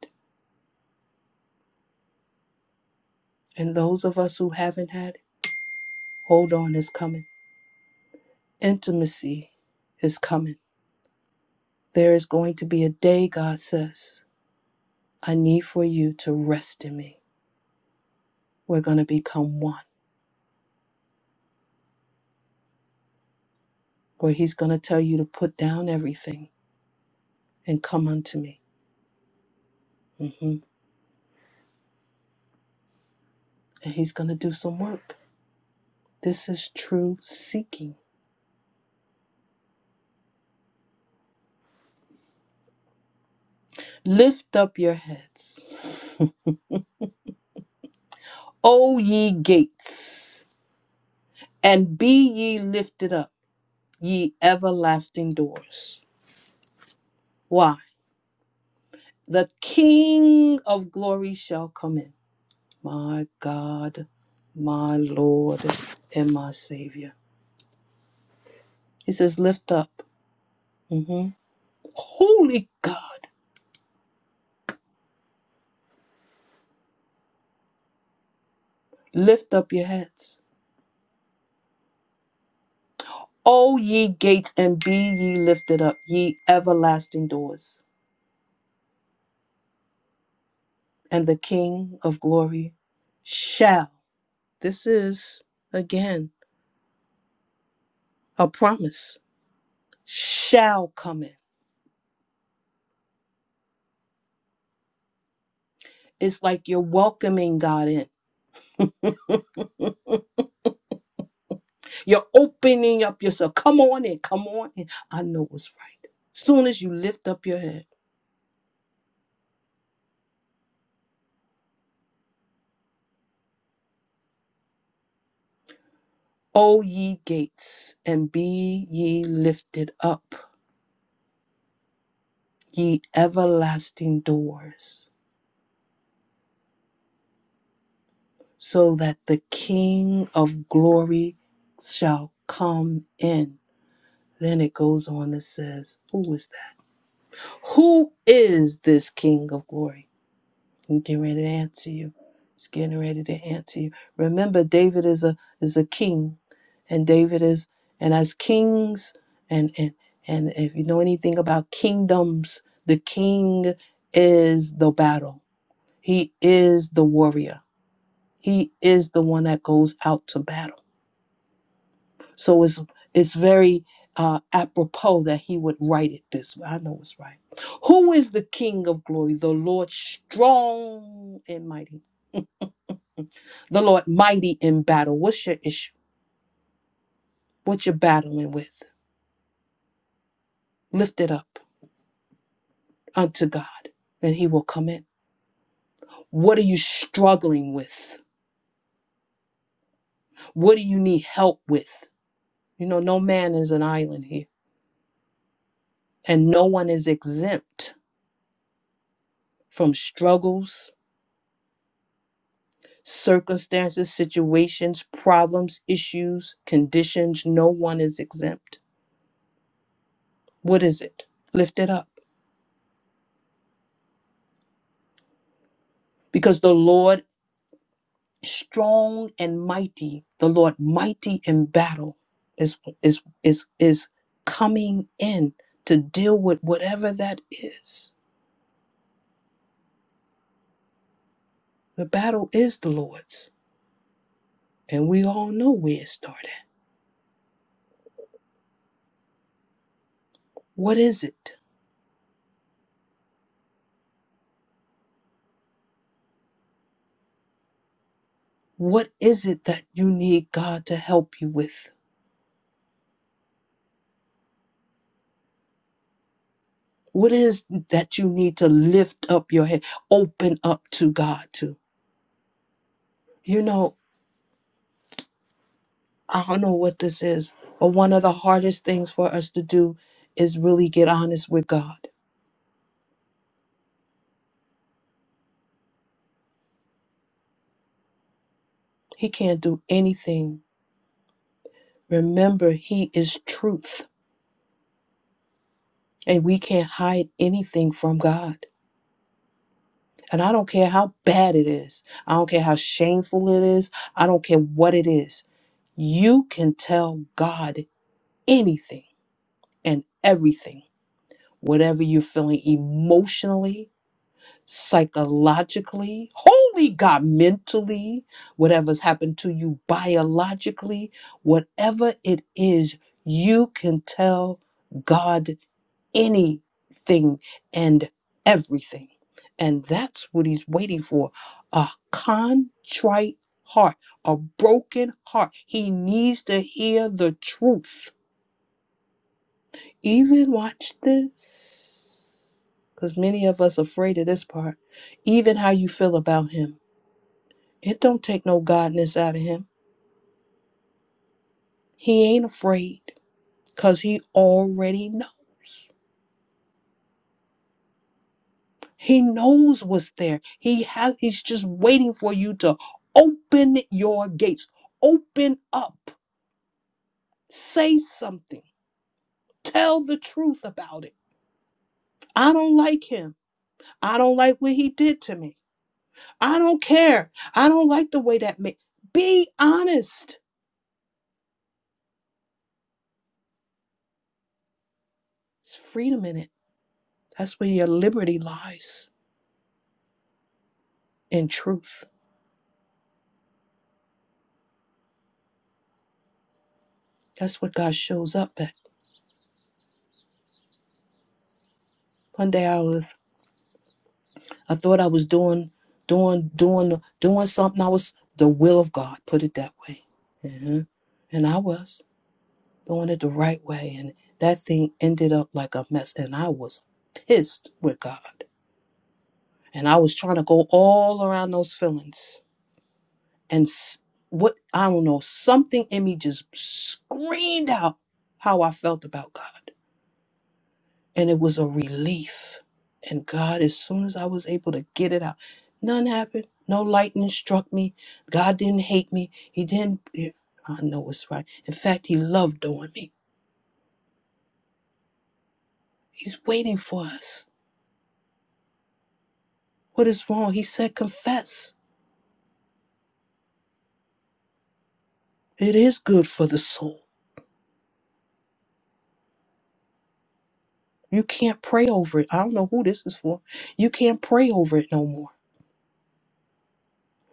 Speaker 3: And those of us who haven't had it, hold on, it's coming Intimacy is coming. There is going to be a day, God says, I need for you to rest in me. We're going to become one, where He's going to tell you to put down everything and come unto me. hmm And He's going to do some work. This is true seeking. Lift up your heads, O ye gates, and be ye lifted up, ye everlasting doors. Why? The King of glory shall come in. my God, my Lord, and my Savior. He says, Lift up. Mhm. Holy God, lift up your heads. O ye gates, and be ye lifted up, ye everlasting doors, and the King of glory shall. This is, again, a promise. Shall come in. It's like you're welcoming God in. You're opening up yourself. Come on in, come on in. I know what's right. Soon as you lift up your head, O ye gates, and be ye lifted up, ye everlasting doors, so that the King of glory shall come in. Then it goes on and says, Who is that? Who is this King of glory? i getting ready to answer you. It's getting ready to answer you. Remember, David is a is a king, and David is and as kings and and and if you know anything about kingdoms, the king is the battle. He is the warrior. He is the one that goes out to battle. So it's it's very uh, apropos that he would write it this way. I know it's right. Who is the King of glory? The Lord strong and mighty The Lord mighty in battle. What's your issue? What you're battling with? Lift it up unto God, and He will come in. What are you struggling with? What do you need help with? You know, no man is an island here, and no one is exempt from struggles, circumstances, situations, problems, issues, conditions. No one is exempt. What is it? Lift it up because the Lord strong and mighty the lord mighty in battle is is is is coming in to deal with whatever that is the battle is the lord's and we all know where it started what is it what is it that you need god to help you with what is that you need to lift up your head open up to god to you know i don't know what this is but one of the hardest things for us to do is really get honest with god He can't do anything. Remember, He is truth, and we can't hide anything from God. And I don't care how bad it is, I don't care how shameful it is, I don't care what it is. You can tell God anything and everything, whatever you're feeling emotionally, psychologically, holy God, mentally, whatever's happened to you biologically, whatever it is, you can tell God anything and everything. And that's what he's waiting for a contrite heart, a broken heart. He needs to hear the truth. Even watch this, because many of us afraid of this part. Even how you feel about him. It don't take no godness out of him. He ain't afraid, because he already knows. He knows what's there. He has he's just waiting for you to open your gates. Open up. Say something. Tell the truth about it. I don't like him. I don't like what he did to me. I don't care. I don't like the way that made. Be honest. It's freedom in it. That's where your liberty lies in truth. That's what God shows up at. One day I was I thought I was doing, doing, doing, doing something. I was the will of God. Put it that way. hmm And I was doing it the right way, and that thing ended up like a mess. And I was pissed with God, and I was trying to go all around those feelings. And s- what I don't know, something in me just screamed out how I felt about God. and it was a relief. And God, as soon as I was able to get it out, none happened. No lightning struck me. God didn't hate me. He didn't. yeah, I know it's right. In fact, He loved on me. He's waiting for us. What is wrong? He said, confess. It is good for the soul. You can't pray over it. I don't know who this is for. You can't pray over it no more.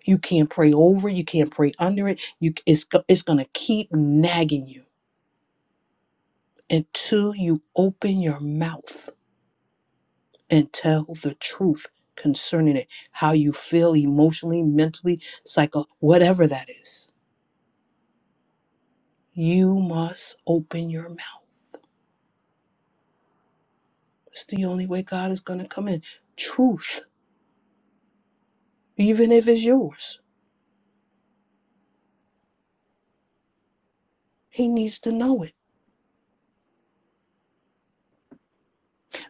Speaker 3: You can't pray over it. You can't pray under it. You, it's, go- it's going to keep nagging you until you open your mouth and tell the truth concerning it how you feel emotionally mentally psycho whatever that is you must open your mouth it's the only way god is going to come in truth even if it's yours he needs to know it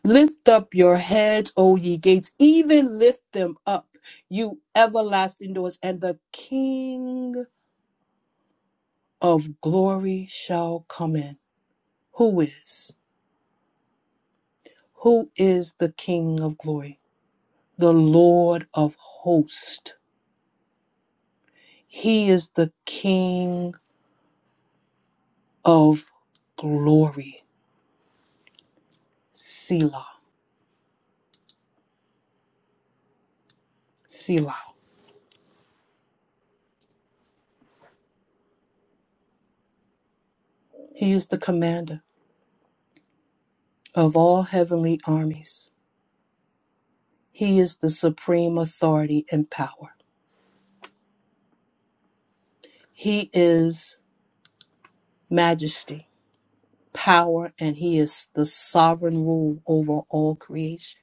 Speaker 3: lift up your heads o ye gates even lift them up you everlasting doors and the king of glory shall come in who is who is the king of glory the Lord of hosts. He is the King of glory. Selah, Selah. He is the commander of all heavenly armies. He is the supreme authority and power. He is majesty, power, and he is the sovereign rule over all creation.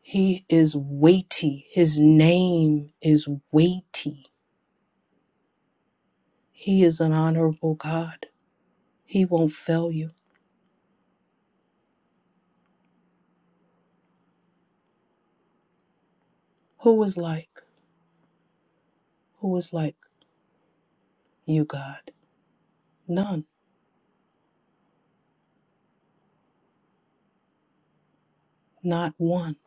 Speaker 3: He is weighty. His name is weighty. He is an honorable God. He won't fail you. Who was like, who was like you, God? None, not one.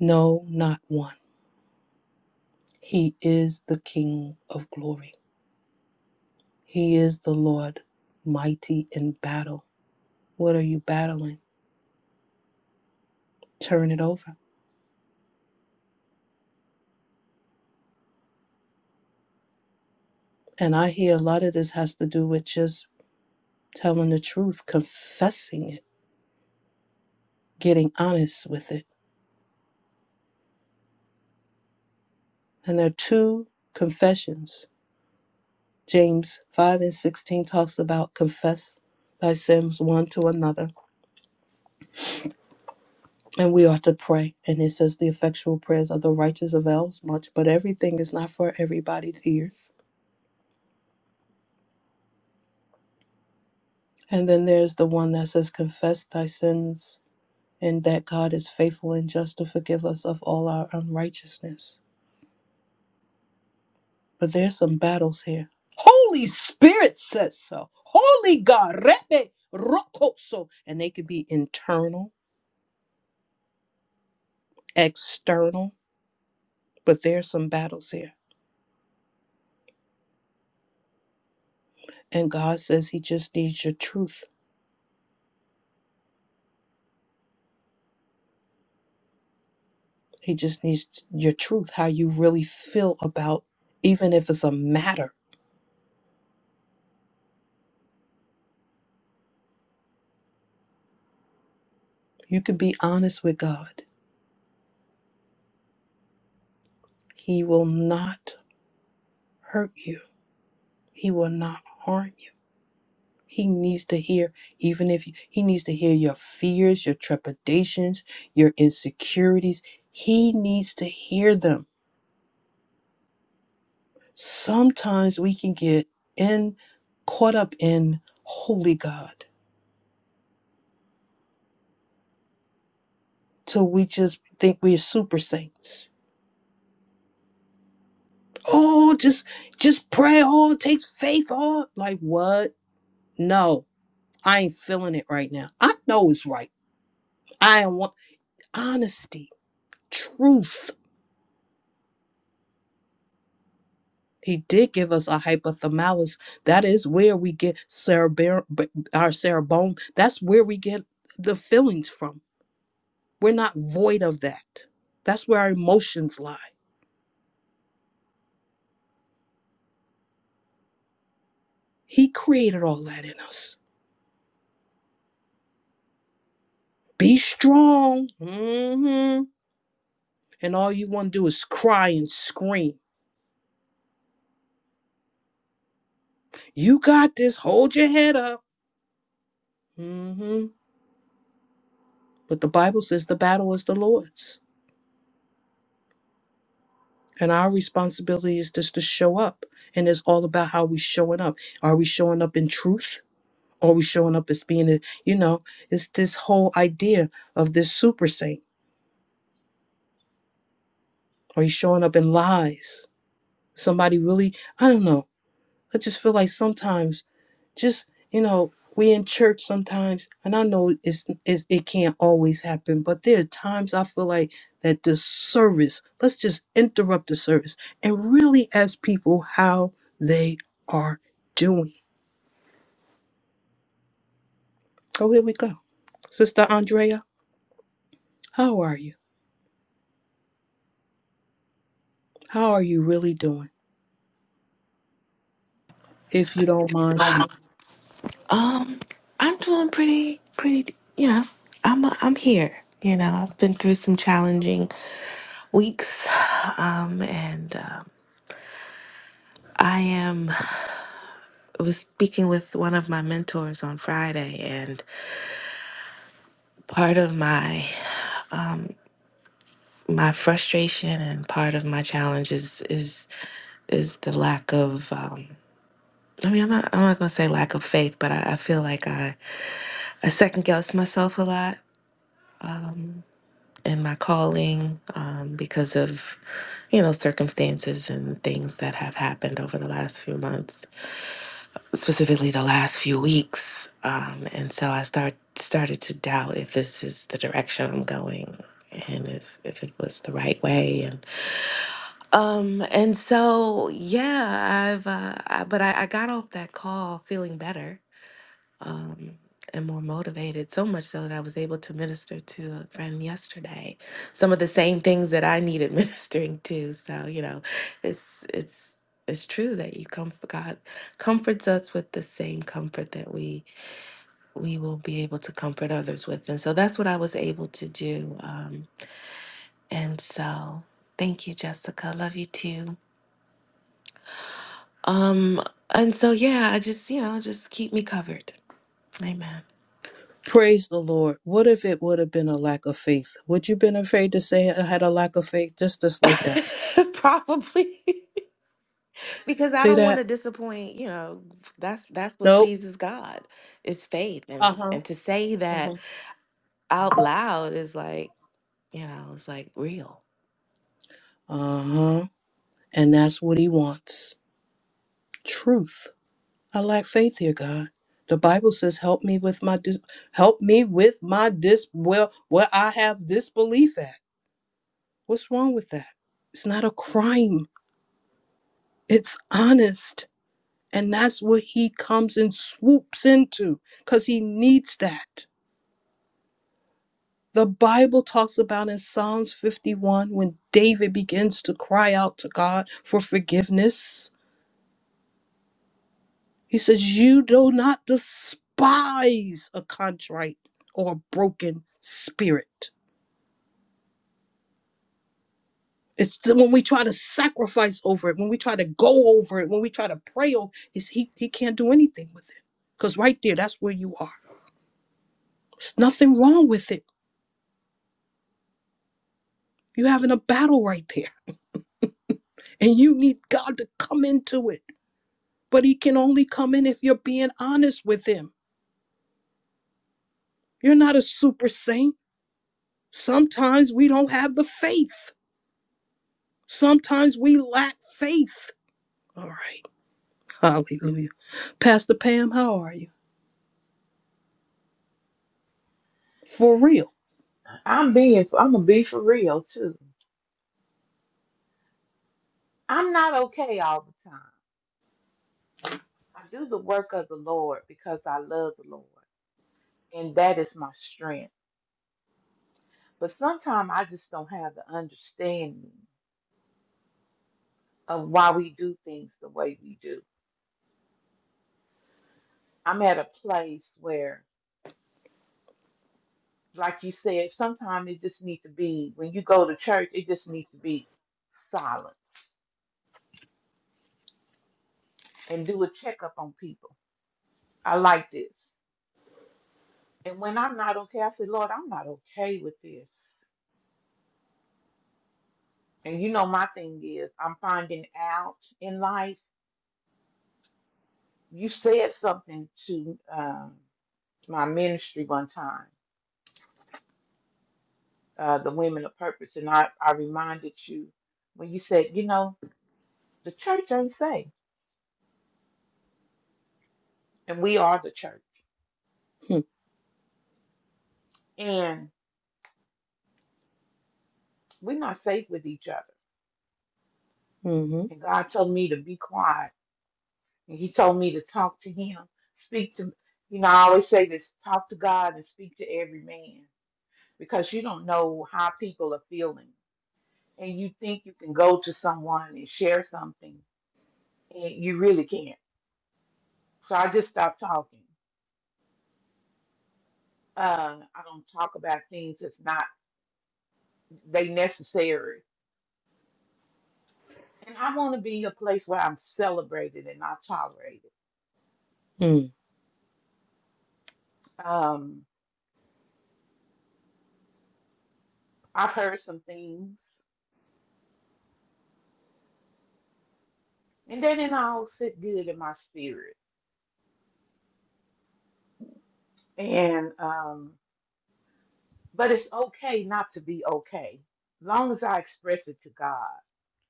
Speaker 3: No, not one. He is the King of glory. He is the Lord, mighty in battle. What are you battling? Turn it over. And I hear a lot of this has to do with just telling the truth, confessing it, getting honest with it. And there are two confessions. James 5 and 16 talks about confess thy sins one to another And we ought to pray. And it says the effectual prayers of the righteous avails much, but everything is not for everybody's ears. And then there's the one that says, Confess thy sins, and that God is faithful and just to forgive us of all our unrighteousness. But there's some battles here. Holy Spirit says so. Holy God, Rebbe Rokoso. And they could be internal, external, but there's some battles here. And God says He just needs your truth. He just needs t- your truth, how you really feel about, even if it's a matter. You can be honest with God. He will not hurt you, He will not harm you. He needs to hear, even if you, He needs to hear your fears, your trepidations, your insecurities. He needs to hear them. Sometimes we can get in caught up in holy God till we just think we're super saints oh just just pray oh it takes faith oh like what no i ain't feeling it right now i know it's right i want honesty truth he did give us a hypothalamus that is where we get cerebrum our cerebrum that's where we get the feelings from we're not void of that that's where our emotions lie he created all that in us be strong hmm and all you want to do is cry and scream You got this. Hold your head up. hmm But the Bible says the battle is the Lord's. And our responsibility is just to show up. And it's all about how we showing up. Are we showing up in truth? Are we showing up as being, a, you know, it's this whole idea of this super saint. Are you showing up in lies? Somebody really, I don't know. I just feel like sometimes just you know we in church sometimes and i know it's, it's it can't always happen but there are times i feel like that the service let's just interrupt the service and really ask people how they are doing oh here we go sister andrea how are you how are you really doing if you don't mind sharing
Speaker 6: Um, I'm doing pretty, pretty. You know, I'm I'm here. You know, I've been through some challenging weeks, um, and um I am. I was speaking with one of my mentors on Friday, and part of my my frustration and part of my challenge is is is the lack of um I mean, I'm not. I'm not gonna say lack of faith, but I, I feel like I, I second guess myself a lot um, in my calling um, because of you know circumstances and things that have happened over the last few months, specifically the last few weeks. Um, and so I start started to doubt if this is the direction I'm going and if if it was the right way. Um, and so yeah, I've uh, I, but I, I got off that call feeling better, um, and more motivated, so much so that I was able to minister to a friend yesterday, some of the same things that I needed ministering to. So, you know, it's it's it's true that you comfort God comforts us with the same comfort that we we will be able to comfort others with. And so that's what I was able to do. Um, and so thank you, Jessica. Love you too. Um, and so yeah, I just, you know, just keep me covered. Amen.
Speaker 3: praise the lord what if it would have been a lack of faith would you been afraid to say i had a lack of faith just just like that
Speaker 6: Probably because I
Speaker 3: see
Speaker 6: don't want
Speaker 3: that
Speaker 6: to disappoint, you know, that's that's what
Speaker 3: nope
Speaker 6: pleases God is faith and
Speaker 3: uh-huh
Speaker 6: and to say that
Speaker 3: uh-huh
Speaker 6: out loud is like, you know, it's like real.
Speaker 3: uh-huh And that's what he wants. Truth. I lack faith here, God. The Bible says, "Help me with my dis- help me with my dis well where I have disbelief at." What's wrong with that? It's not a crime. It's honest. And that's what he comes and swoops into cuz he needs that. The Bible talks about in Psalms 51 when David begins to cry out to God for forgiveness He says, You do not despise a contrite or a broken spirit. It's the, when we try to sacrifice over it, when we try to go over it, when we try to pray over it, he, he can't do anything with it. Because right there, that's where you are. There's nothing wrong with it. You're having a battle right there, and you need God to come into it. But he can only come in if you're being honest with him. You're not a super saint. Sometimes we don't have the faith. Sometimes we lack faith. All right. Hallelujah. Pastor Pam, how are you? For real.
Speaker 8: I'm being, I'm gonna be for real too. I'm not okay all the time. I do the work of the Lord because I love the Lord, and that is my strength. But sometimes I just don't have the understanding of why we do things the way we do. I'm at a place where, like you said, sometimes it just needs to be when you go to church, it just needs to be silence and do a checkup on people. I like this. And when I'm not okay, I say, Lord, I'm not okay with this. And you know, my thing is, I'm finding out in life. You said something to um, my ministry one time, uh, the Women of Purpose, and I, I reminded you when you said, you know, the church ain't safe, and we are the church,
Speaker 3: Hmm,
Speaker 8: and we're not safe with each other.
Speaker 3: Mm-hmm.
Speaker 8: And God told me to be quiet, and He told me to talk to Him, speak to, you know, I always say this: talk to God and speak to every man, because you don't know how people are feeling and you think you can go to someone and share something, and you really can't. So I just stopped talking. Uh, I don't talk about things that's not they necessary, and I want to be a place where I'm celebrated and not tolerated.
Speaker 3: Mm.
Speaker 8: Um, I've heard some things, and they didn't all sit good in my spirit. And um, but it's okay not to be okay, long as I express it to God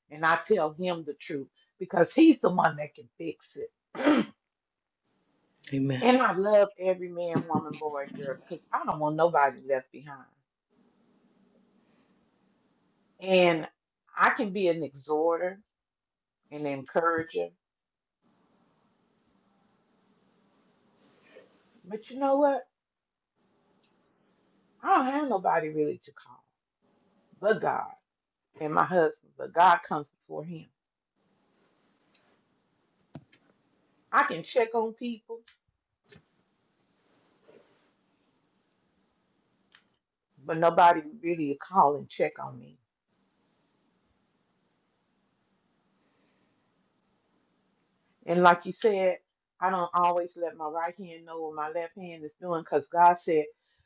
Speaker 8: and I tell Him the truth because He's the one that can fix it.
Speaker 3: Amen.
Speaker 8: And I love every man, woman, boy, and girl because I don't want nobody left behind. And I can be an exhorter and encourager, but you know what? I don't have nobody really to call but God and my husband, but God comes before him. I can check on people, but nobody really to call and check on me. And like you said, I don't always let my right hand know what my left hand is doing because God said,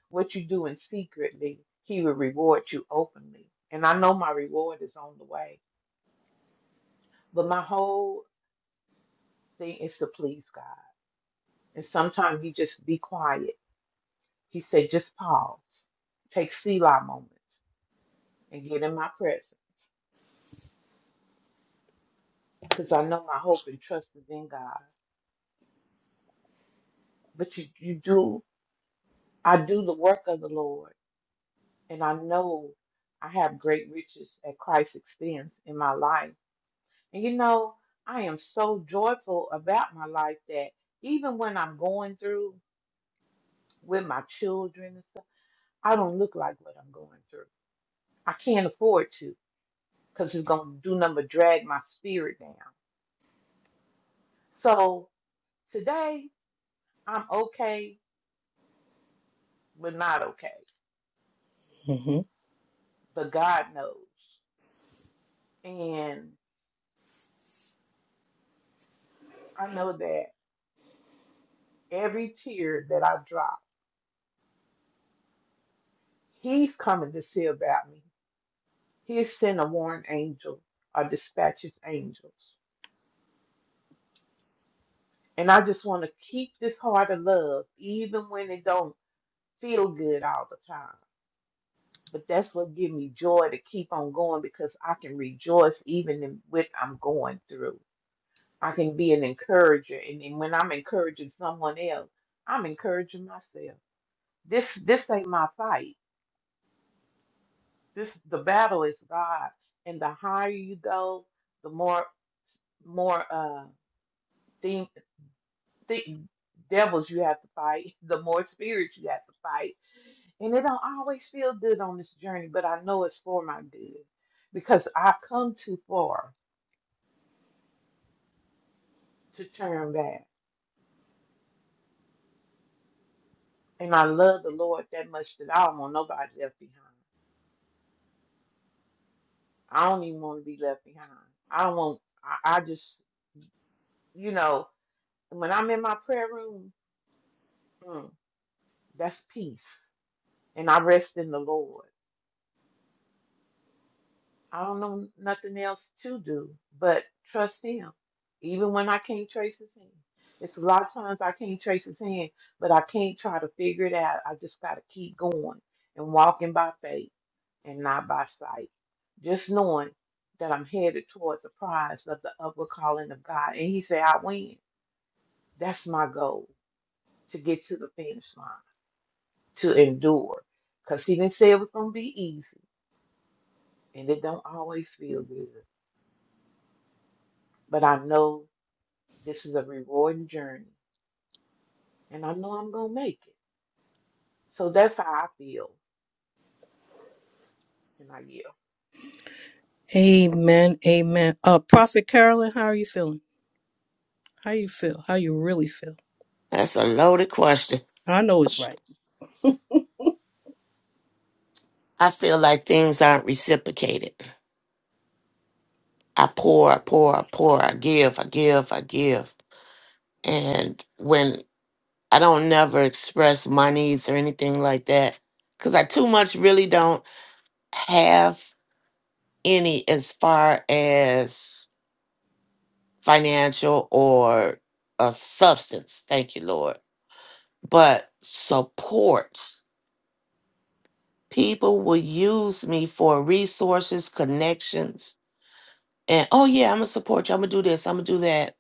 Speaker 8: What you do in secretly, He will reward you openly. And I know my reward is on the way. But my whole thing is to please God. And sometimes He just be quiet. He said, Just pause, take Selah moments, and get in my presence because I know my hope and trust is in God. But you, you do, I do the work of the Lord and I know I have great riches at Christ's expense in my life. And you know, I am so joyful about my life that even when I'm going through with my children and stuff, I don't look like what I'm going through. I can't afford to because it's going to do nothing but drag my spirit down. So today, I'm okay, but not okay.
Speaker 3: hmm
Speaker 8: But God knows. And I know that every tear that I drop, He's coming to see about me. He'll send a warring angel or dispatch his angels. And I just want to keep this heart of love, even when it don't feel good all the time. But that's what gives me joy to keep on going because I can rejoice even in what I'm going through. I can be an encourager, and, and when I'm encouraging someone else, I'm encouraging myself. This this ain't my fight. This the battle is God, and the higher you go, the more more uh thi- devils you have to fight, the more spirits you have to fight. And it don't always feel good on this journey, but I know it's for my good because I've come too far to turn back. And I love the Lord that much that I don't want nobody left behind. I don't even want to be left behind. I don't want, I, I just, you know, when I'm in my prayer room, mm, that's peace. And I rest in the Lord. I don't know nothing else to do but trust him, even when I can't trace his hand. It's a lot of times I can't trace his hand, but I can't try to figure it out. I just got to keep going and walking by faith and not by sight. Just knowing that I'm headed towards the prize of the upward calling of God. And he said, I win. That's my goal to get to the finish line, to endure. Because he didn't say it was going to be easy, and it don't always feel good. But I know This is a rewarding journey, and I know I'm gonna make it. So that's how I feel, and I yield.
Speaker 3: Amen. Amen. Uh, Prophet Carolyn, how are you feeling? How you feel? How you really feel?
Speaker 4: That's a loaded question.
Speaker 3: I know it's right.
Speaker 4: I feel like things aren't reciprocated. I pour, I pour, I pour, I give, I give, I give. And when I don't never express my needs or anything like that, because I too much really don't have any as far as financial or a substance. Thank you, Lord. But support. People will use me for resources, connections, and oh yeah, I'm gonna support you. I'm gonna do this. I'm gonna do that,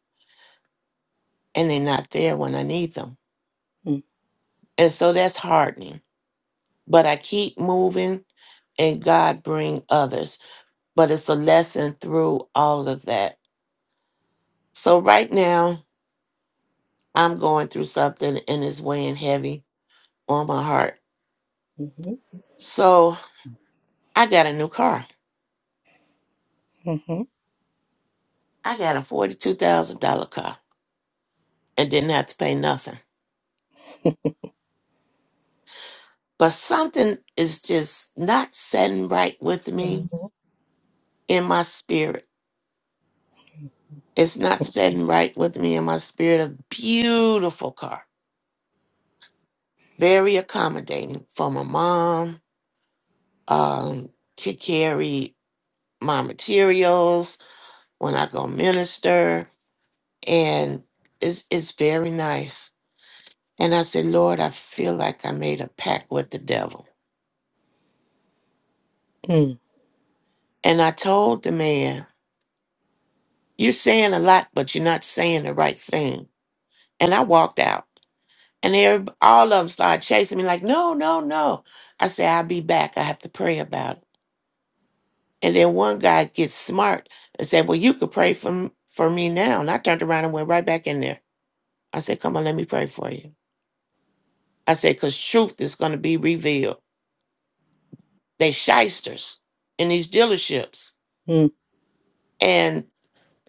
Speaker 4: and they're not there when I need them.
Speaker 3: Mm-hmm.
Speaker 4: And so that's hardening. But I keep moving, and God bring others. But it's a lesson through all of that. So right now, I'm going through something, and it's weighing heavy on my heart. So I got a new car.
Speaker 3: Mm-hmm.
Speaker 4: I got a forty-two thousand dollar car, and didn't have to pay nothing. but something is just not setting right with me
Speaker 3: Mm-hmm.
Speaker 4: in my spirit. It's not setting right with me in my spirit. A beautiful car, very accommodating for my mom. Um, to carry my materials when I go minister, and it's it's very nice. And I said, Lord, I feel like I made a pact with the devil.
Speaker 3: Yep.
Speaker 4: And I told the man, You're saying a lot, but you're not saying the right thing. And I walked out. And every, all of them started chasing me, like, no, no, no. I said, I'll be back. I have to pray about it. And then one guy gets smart and said, Well, you could pray for, m- for me now. And I turned around and went right back in there. I said, Come on, let me pray for you. I said, Because truth is going to be revealed. They shysters in these dealerships.
Speaker 3: Mm.
Speaker 4: And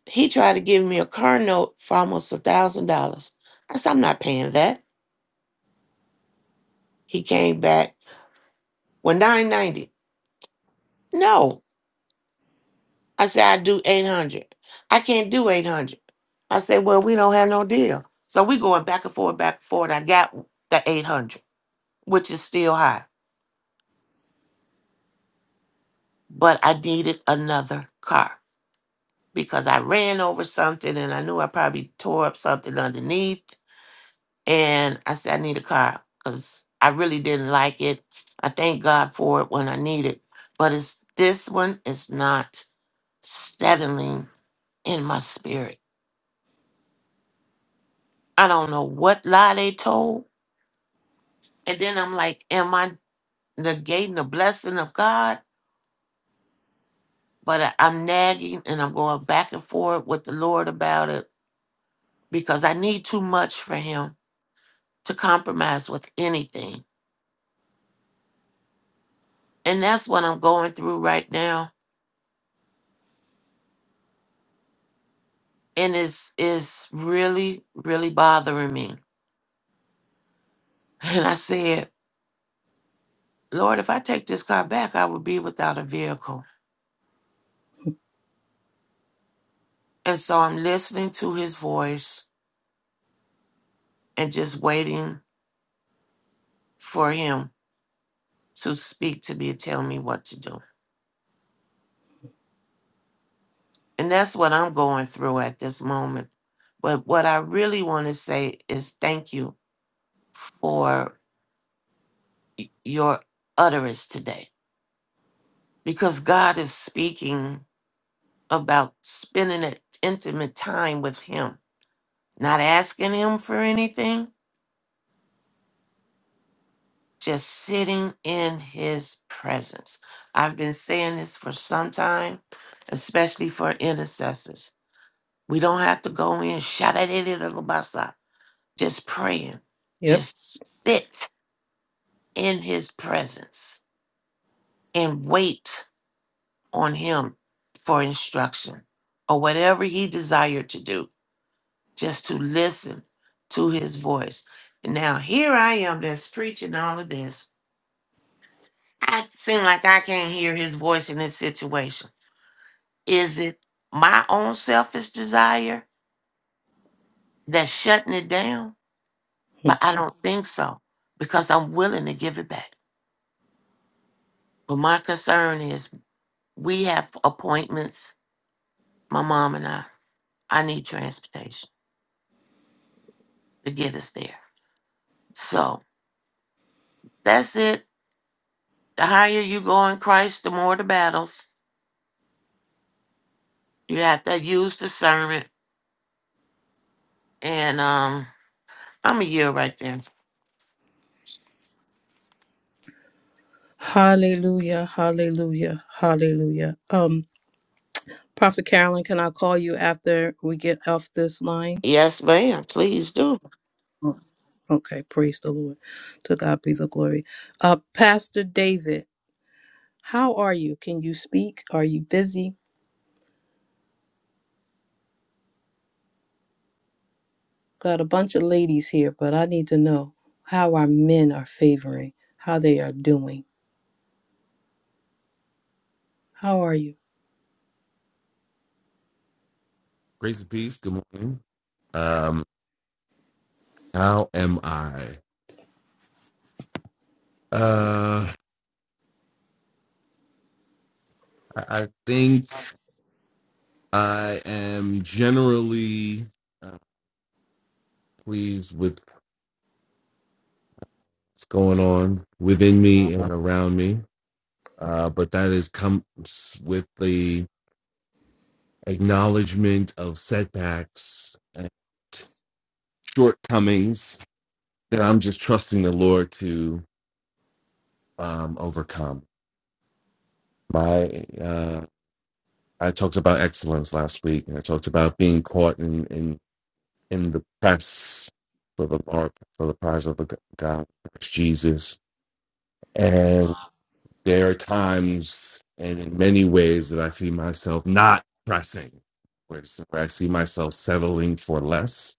Speaker 4: he tried to give me a car note for almost a thousand dollars. I said, I'm not paying that. He came back, well, nine ninety. No. I said, I do 800. I can't do 800. I said, well, we don't have no deal. So we going back and forth, back and forth. I got the 800, which is still high, but I needed another car because I ran over something and I knew I probably tore up something underneath. And I said, I need a car because I really didn't like it. I thank God for it when I need it, but it's this one is not settling in my spirit. I don't know what lie they told, And then I'm like, am I negating the blessing of God? But I- I'm nagging and I'm going back and forth with the Lord about it because I need too much for Him to compromise with anything. And that's what I'm going through right now. And it's, it's really, really bothering me. And I said, Lord, if I take this car back, I would be without a vehicle. And so I'm listening to His voice and just waiting for Him to speak to me and tell me what to do. And that's what I'm going through at this moment. But what I really want to say is thank you for y- your utterance today because God is speaking about spending an intimate time with Him, not asking Him for anything, just sitting in His presence. I've been saying this for some time, especially for intercessors. We don't have to go in, shout at it, just praying,
Speaker 3: Yep.
Speaker 4: just sit in his presence and wait on him for instruction or whatever he desired to do, just to listen to his voice. And now here I am that's preaching all of this. I seem like I can't hear his voice in this situation. Is it my own selfish desire that's shutting it down?
Speaker 3: Hmm.
Speaker 4: But I don't think so because I'm willing to give it back. But my concern is We have appointments, my mom and I. I need transportation to get us there. So that's it. The higher you go in Christ, the more the battles. You have to use discernment. And um, I'm a year right there.
Speaker 3: Hallelujah. Hallelujah. Hallelujah. Um, Prophet Carolyn, can I call you after we get off this line?
Speaker 4: Yes, ma'am. Please do.
Speaker 3: Oh, Okay. Praise the Lord. To God be the glory. Uh, Pastor David. How are you? Can you speak? Are you busy? Got a bunch of ladies here, but I need to know how our men are favoring, how they are doing. How are you?
Speaker 9: Grace and peace. Good morning. Um, how am I? Uh, I, I think I am generally uh, pleased with what's going on within me and around me. Uh, but that is comes with the acknowledgement of setbacks and shortcomings that I'm just trusting the Lord to um, overcome. My uh, I talked about excellence last week, and I talked about being caught in in, in the press for the mark for the prize of the g- God, Christ Jesus. And there are times, and in many ways, that I see myself not pressing, where it's- where I see myself settling for less,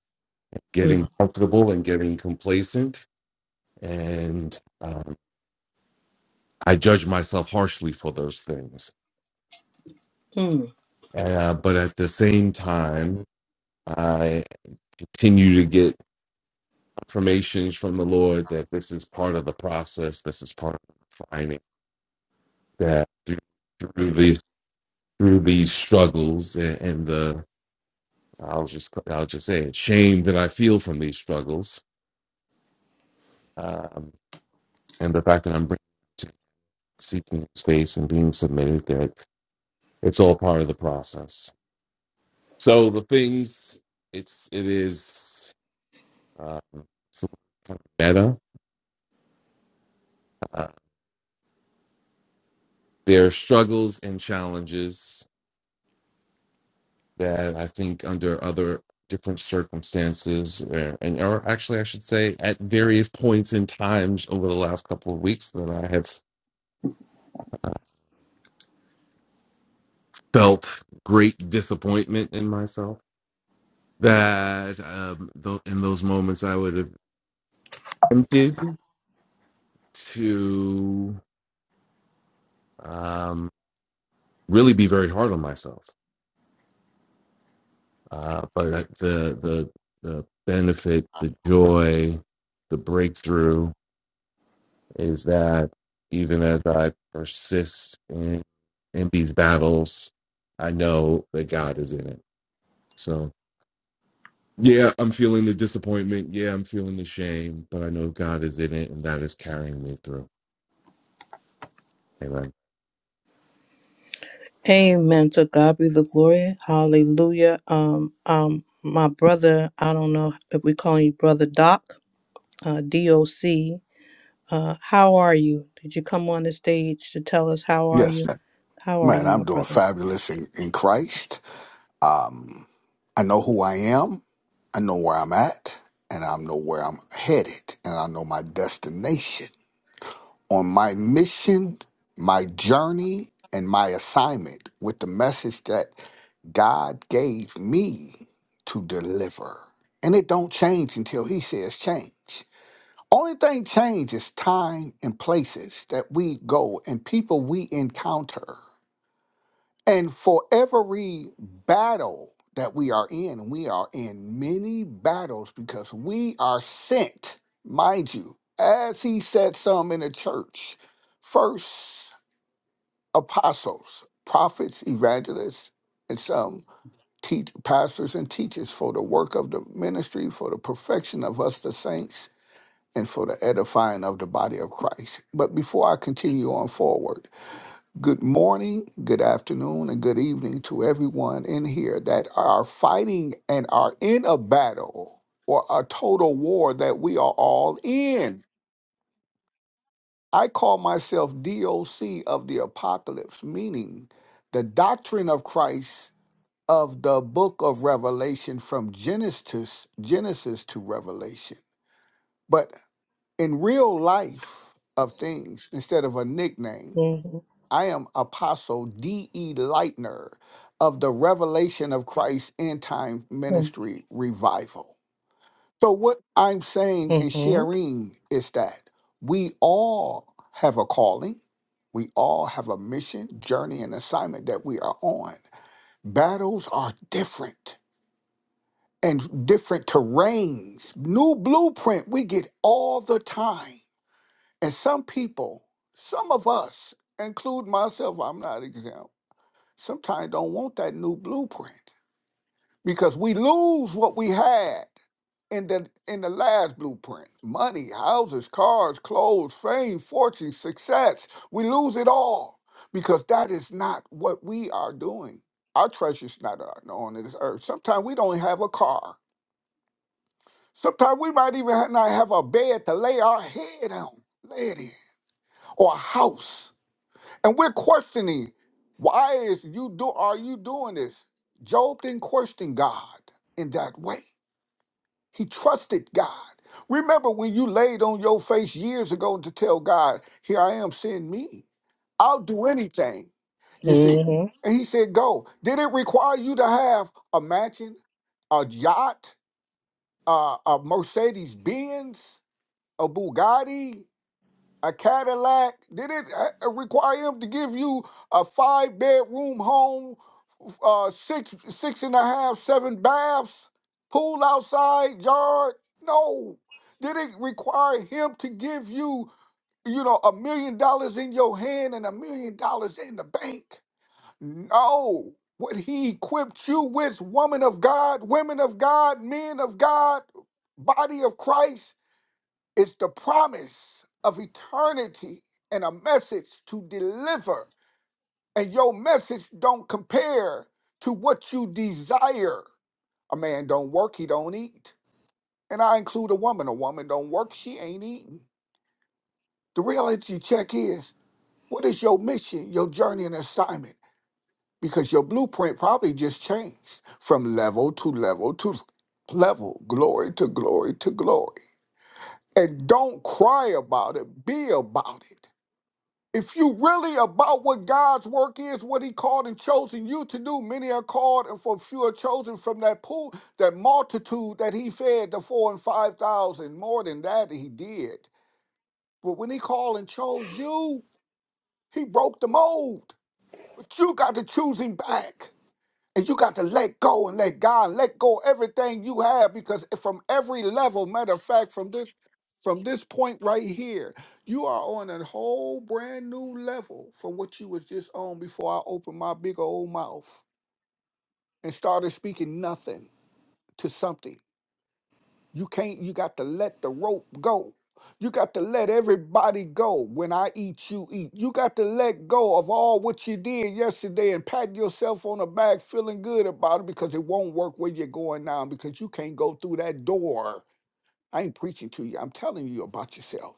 Speaker 9: getting
Speaker 3: Mm,
Speaker 9: comfortable, and getting complacent, and um, I judge myself harshly for those things.
Speaker 3: mm.
Speaker 9: Uh, but at the same time, I continue to get affirmations from the Lord that this is part of the process, this is part of the finding that through, through these through these struggles and, and the I'll just I'll just say it, shame that I feel from these struggles, um, and the fact that I'm bringing to seeking space and being submitted that it's all part of the process. So the things it's it is um, it's a little kind of meta. Uh, there are struggles and challenges that I think under other different circumstances, uh, and or actually, I should say, at various points in times over the last couple of weeks, that I have uh, felt great disappointment in myself. That um, tho- in those moments, I would have tempted to um, really be very hard on myself, uh, but the the the benefit, the joy, the breakthrough is that even as I persist in, in these battles, I know that God is in it. So, yeah, I'm feeling the disappointment. Yeah, I'm feeling the shame, but I know God is in it and that is carrying me through. Amen.
Speaker 3: Amen. To God be the glory. Hallelujah. Um, um, my brother, I don't know if we call you brother Doc, uh, DOC. Uh, how are you? Did you come on the stage to tell us how are
Speaker 10: Yes,
Speaker 3: you? How are
Speaker 10: man,
Speaker 3: you, my
Speaker 10: I'm doing
Speaker 3: brother?
Speaker 10: fabulous in, in Christ. Um, I know who I am, I know where I'm at, and I know where I'm headed, and I know my destination. On my mission, my journey, and my assignment with the message that God gave me to deliver. And it don't change until he says change. Only thing change is time and places that we go and people we encounter. And for every battle that we are in, we are in many battles because we are sent, mind you, as he said some in the church, first apostles, prophets, evangelists, and some teach pastors and teachers for the work of the ministry, for the perfection of us the saints, and for the edifying of the body of Christ. But before I continue on forward, Good morning, good afternoon, and good evening to everyone in here that are fighting and are in a battle or a total war that we are all in. I call myself DOC of the apocalypse, meaning the doctrine of Christ of the book of Revelation from Genesis Genesis to Revelation. But in real life of things, instead of a nickname,
Speaker 3: Mm-hmm.
Speaker 10: I am Apostle D.E. Lightner of the Revelation of Christ End Time Ministry Revival. So, what I'm saying and
Speaker 3: Mm-hmm.
Speaker 10: sharing is that we all have a calling, we all have a mission, journey, and assignment that we are on. Battles are different and different terrains. New blueprint we get all the time. And some people, some of us, include myself, I'm not exempt sometimes don't want that new blueprint because we lose what we had in the in the last blueprint money houses cars clothes fame fortune success we lose it all because that is not what we are doing our treasure's not on on this earth sometimes we don't have a car sometimes we might even ha- not have a bed to lay our head on lay it in or a house And we're questioning why is you do are you doing this? Job didn't question God in that way. He trusted God. Remember when you laid on your face years ago to tell God, here I am, send me. I'll do anything. You see.
Speaker 3: Mm-hmm.
Speaker 10: And he said, go. Did it require you to have a mansion, a yacht, uh, a Mercedes Benz, a Bugatti? a Cadillac? Did it uh, uh, require him to give you a five bedroom home, uh, six six and a half, seven baths, pool outside, yard? No. Did it require him to give you, you know, a million dollars in your hand and a million dollars in the bank? No. What he equipped you with, woman of God, women of God, men of God, body of Christ, it's the promise of eternity and a message to deliver. And your message don't compare to what you desire. A man don't work, he don't eat. And I include a woman. A woman don't work, she ain't eating. The reality check is, what is your mission, your journey and assignment? Because your blueprint probably just changed from level to level to level, glory to glory to glory. And don't cry about it, be about it If you really about what God's work is, what He called and chosen you to do, many are called and for few are chosen from that pool, that multitude that He fed, the four and five thousand, more than that He did. But when He called and chose you, He broke the mold. But you got to choose Him back. And you got to let go and let God let go everything you have because from every level, matter of fact, from this from this point right here, you are on a whole brand new level from what you was just on before I opened my big old mouth and started speaking nothing to something. You can't, you got to let the rope go. You got to let everybody go. When I eat, you eat. You got to let go of all what you did yesterday and pat yourself on the back feeling good about it because it won't work where you're going now because you can't go through that door. I ain't preaching to you. I'm telling you about yourself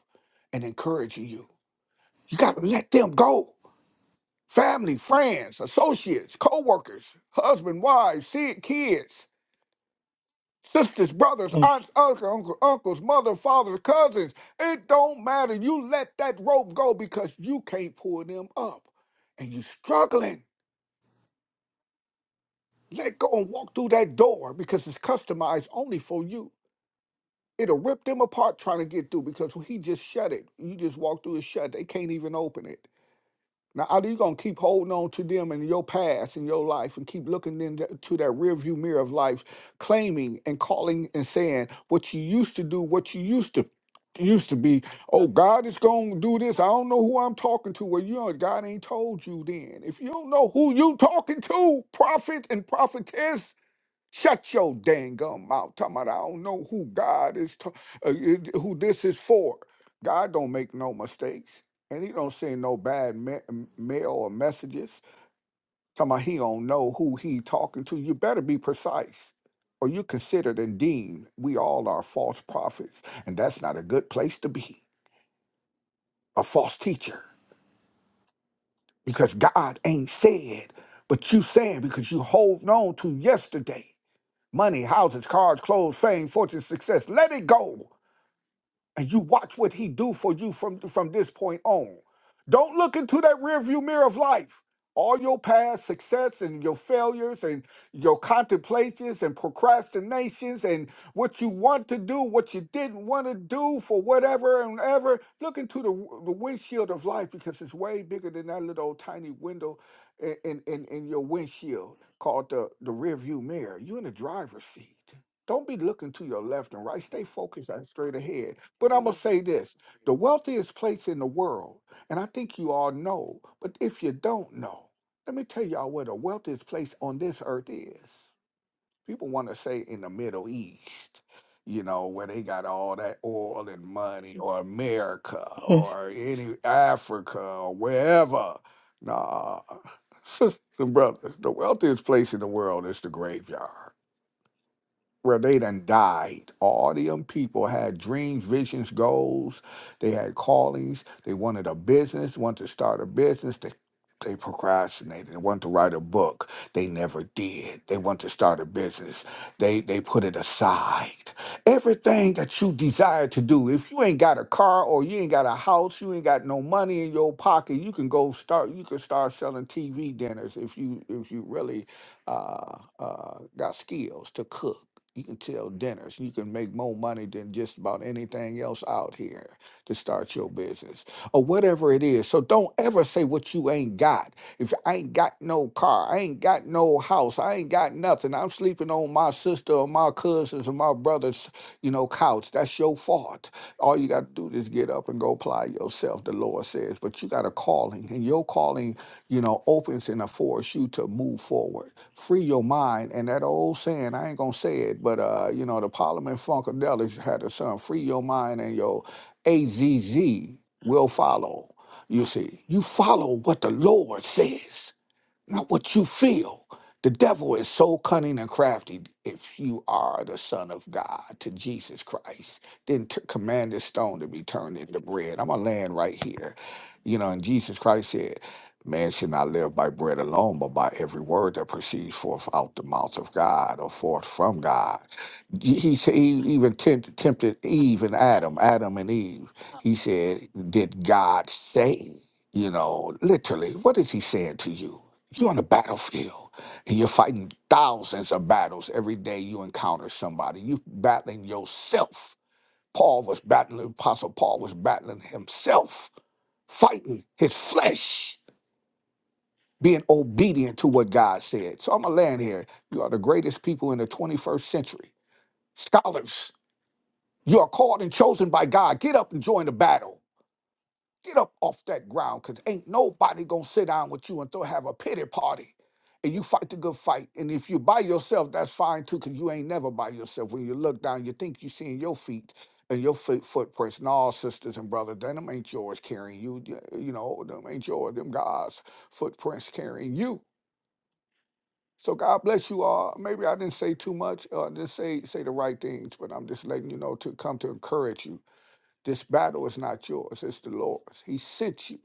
Speaker 10: and encouraging you. You got to let them go. Family, friends, associates, co workers, husband, wife, kids sisters, brothers, aunts, uncles, uncle, uncles, mother, father, cousins. It don't matter. You let that rope go because you can't pull them up. And you struggling. Let go and walk through that door because it's customized only for you. It'll rip them apart trying to get through because he just shut it. You just walk through it shut. They can't even open it. Now, either you're going to keep holding on to them in your past, in your life, and keep looking into that rearview mirror of life, claiming and calling and saying what you used to do, what you used to used to be oh god is gonna do this i don't know who i'm talking to well you know god ain't told you then if you don't know who you talking to prophet and prophetess Shut your dang gum mouth. Talking about I don't know who God is, ta- uh, it- who this is for. God don't make no mistakes, and He don't send no bad ma- m- mail or messages. Talking about He don't know who He talking to. You better be precise, or you considered and deemed we all are false prophets, and that's not a good place to be. A false teacher, because God ain't said, but you saying because you holding on to yesterday. money, houses, cars, clothes, fame, fortune, success. Let it go, and you watch what he do for you from from this point on. Don't look into that rearview mirror of life. All your past success and your failures and your contemplations and procrastinations and what you want to do, what you didn't want to do for whatever and ever. Look into the, w- the windshield of life because it's way bigger than that little old tiny window in, in, in, in your windshield called the, the rearview mirror. You're in the driver's seat. Don't be looking to your left and right. Stay focused and straight ahead. But I'm going to say this the wealthiest place in the world, and I think you all know, but if you don't know, let me tell y'all where the wealthiest place on this earth is. People want to say in the Middle East, you know, where they got all that oil and money, or America,
Speaker 3: Mm-hmm.
Speaker 10: or any Africa, or wherever. Nah, sisters and brothers, the wealthiest place in the world is the graveyard where they done died. All them people had dreams, visions, goals. They had callings. They wanted a business, wanted to start a business. They they procrastinated. They wanted to write a book. They never did. They wanted to start a business. They they put it aside. Everything that you desire to do, if you ain't got a car or you ain't got a house, you ain't got no money in your pocket, you can go start you can start selling TV dinners if you if you really uh, uh, got skills to cook. You can tell dinners. You can make more money than just about anything else out here to start your business or whatever it is. So don't ever say what you ain't got. If I ain't got no car, I ain't got no house, I ain't got nothing. I'm sleeping on my sister or my cousins or my brother's, you know, couch. That's your fault. All you got to do is get up and go apply yourself, the Lord says. But you got a calling, and your calling you know, opens and affords you to move forward. Free your mind. And that old saying, I ain't gonna say it, but uh, you know, the Parliament Funkadelics had a song, free your mind and your AZZ will follow. You see, you follow what the Lord says not what you feel. The devil is so cunning and crafty. If you are the Son of God to Jesus Christ, then t- command this stone to be turned into bread. I'm going to land right here. You know, and Jesus Christ said, Man should not live by bread alone, but by every word that proceeds forth out the mouth of God or forth from God. He, he said- he even tempt, tempted Eve and Adam, Adam and Eve. He said, Did God say? You know, literally, what is he saying to you? You're on a battlefield and you're fighting thousands of battles every day you encounter somebody. You're battling yourself. Paul was battling, Apostle Paul was battling himself, fighting his flesh, being obedient to what God said. So I'm going to land here. You are the greatest people in the 21st century. Scholars, you are called and chosen by God. Get up and join the battle. Get up off that ground, cause ain't nobody gonna sit down with you and throw have a pity party. And you fight the good fight. And if you by yourself, that's fine too, cause you ain't never by yourself. When you look down, you think you seeing your feet and your foot footprints. And all sisters and brothers, then them ain't yours carrying you. You you know, them ain't yours. Them God's footprints carrying you. So God bless you all. Maybe I didn't say too much, uh, didn't say say the right things, but I'm just letting you know to come to encourage you. This battle is not yours; it's the Lord's. He sent you.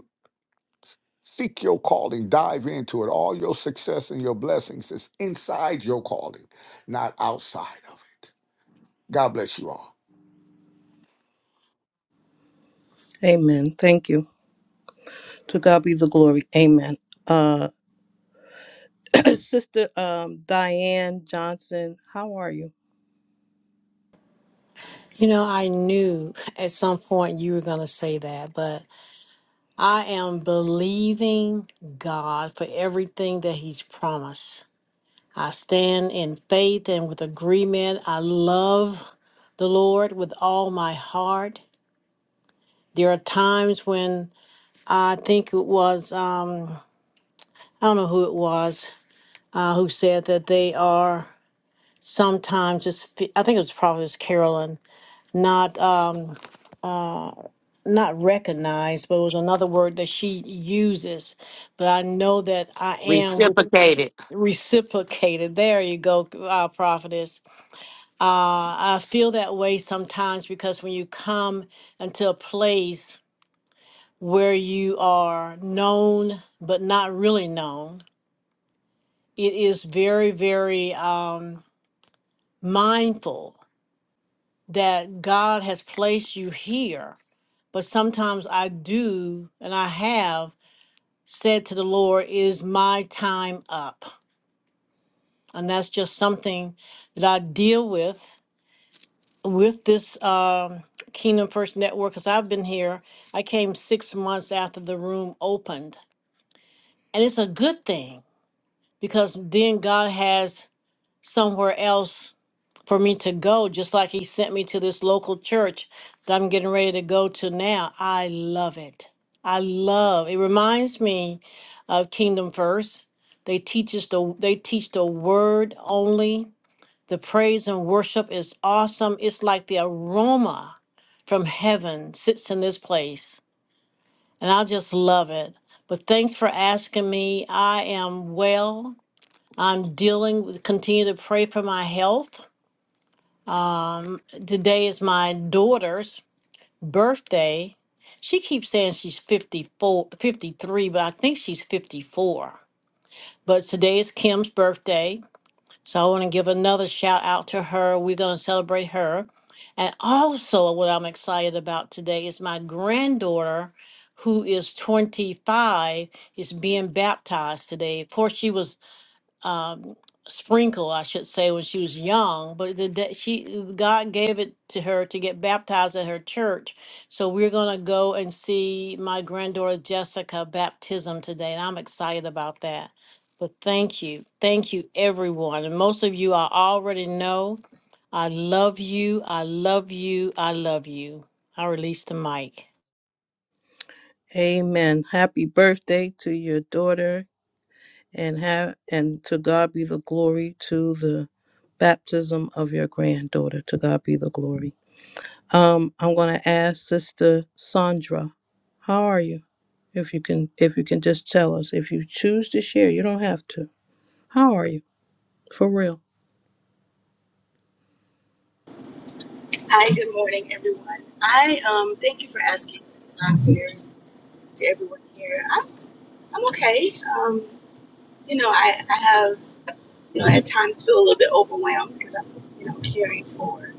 Speaker 10: Seek your calling, dive into it. All your success and your blessings is inside your calling, not outside of it. God bless you all.
Speaker 3: Amen. Thank you. To God be the glory. Amen. Uh, Sister um, Diane Johnson, how are you?
Speaker 5: You know, I knew at some point you were going to say that, but I am believing God for everything that He's promised. I stand in faith and with agreement. I love the Lord with all my heart. There are times when I think it was, um, I don't know who it was, uh, who said that they are sometimes just, fe- I think it was probably Carolyn not um uh not recognized but it was another word that she uses but i know that i am with-
Speaker 4: Reciprocate it.
Speaker 5: reciprocated there you go uh, prophetess uh i feel that way sometimes because when you come into a place where you are known but not really known it is very very um mindful that god has placed you here But sometimes I do, and I have said to the Lord, Is my time up? And that's just something that I deal with with this um, Kingdom First Network because I've been here. I came six months after the room opened. And it's a good thing because then God has somewhere else for me to go, just like he sent me to this local church that I'm getting ready to go to now. I love it. I love it. Reminds me of Kingdom First. They teach us the they teach the word only. The praise and worship is awesome. It's like the aroma from heaven sits in this place. And I just love it. But thanks for asking me. I am well. I'm dealing with continue to pray for my health Today is my daughter's birthday. She keeps saying she's 54, 53, but I think she's 54. But today is Kim's birthday. So I want to give another shout out to her. We're going to celebrate her. And also, what I'm excited about today is my granddaughter, who is 25, is being baptized today. Of course, she was um, sprinkle, I should say, when she was young. But the, that she God gave it to her to get baptized at her church. So we're gonna go and see my granddaughter Jessica baptism today, and I'm excited about that. But thank you, thank you, everyone, and most of you I already know. I love you. I love you. I love you. I release the mic.
Speaker 3: Amen. Happy birthday to your daughter, and have and to God be the glory to the baptism of your granddaughter. To God be the glory. Um, I'm going to ask Sister Sandra, how are you? If you can, if you can just tell us, if you choose to share, you don't have to. How are you? For real.
Speaker 11: Hi, good morning, everyone. I um thank you for asking Sister Nancy to to everyone here. I'm I'm okay. Um, you know, I, I have you know at times feel a little bit overwhelmed because I'm you know caring for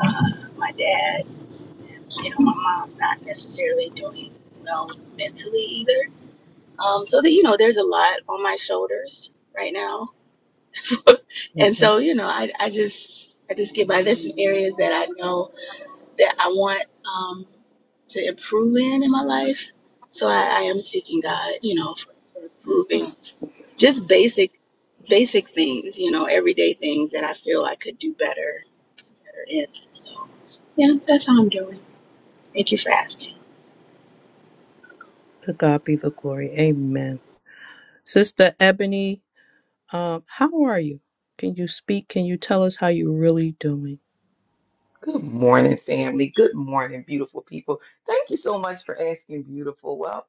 Speaker 11: uh, my dad. You know, my mom's not necessarily doing well mentally either. Um, so that you know, there's a lot on my shoulders right now, and
Speaker 3: Mm-hmm.
Speaker 11: so you know, I I just I just get by. There's some areas that I know. that I want um, to improve in in my life. So I, I am seeking God, you know, for, for improving just basic, basic things, you know, everyday things that I feel I could do better, better in. So yeah, that's how I'm doing. Thank you for asking.
Speaker 3: To God be the glory. Amen. Sister Ebony, um, how are you? Can you speak? Can you tell us how you're really doing?
Speaker 7: Good morning, family. Good morning, beautiful people. Thank you so much for asking, beautiful. Well,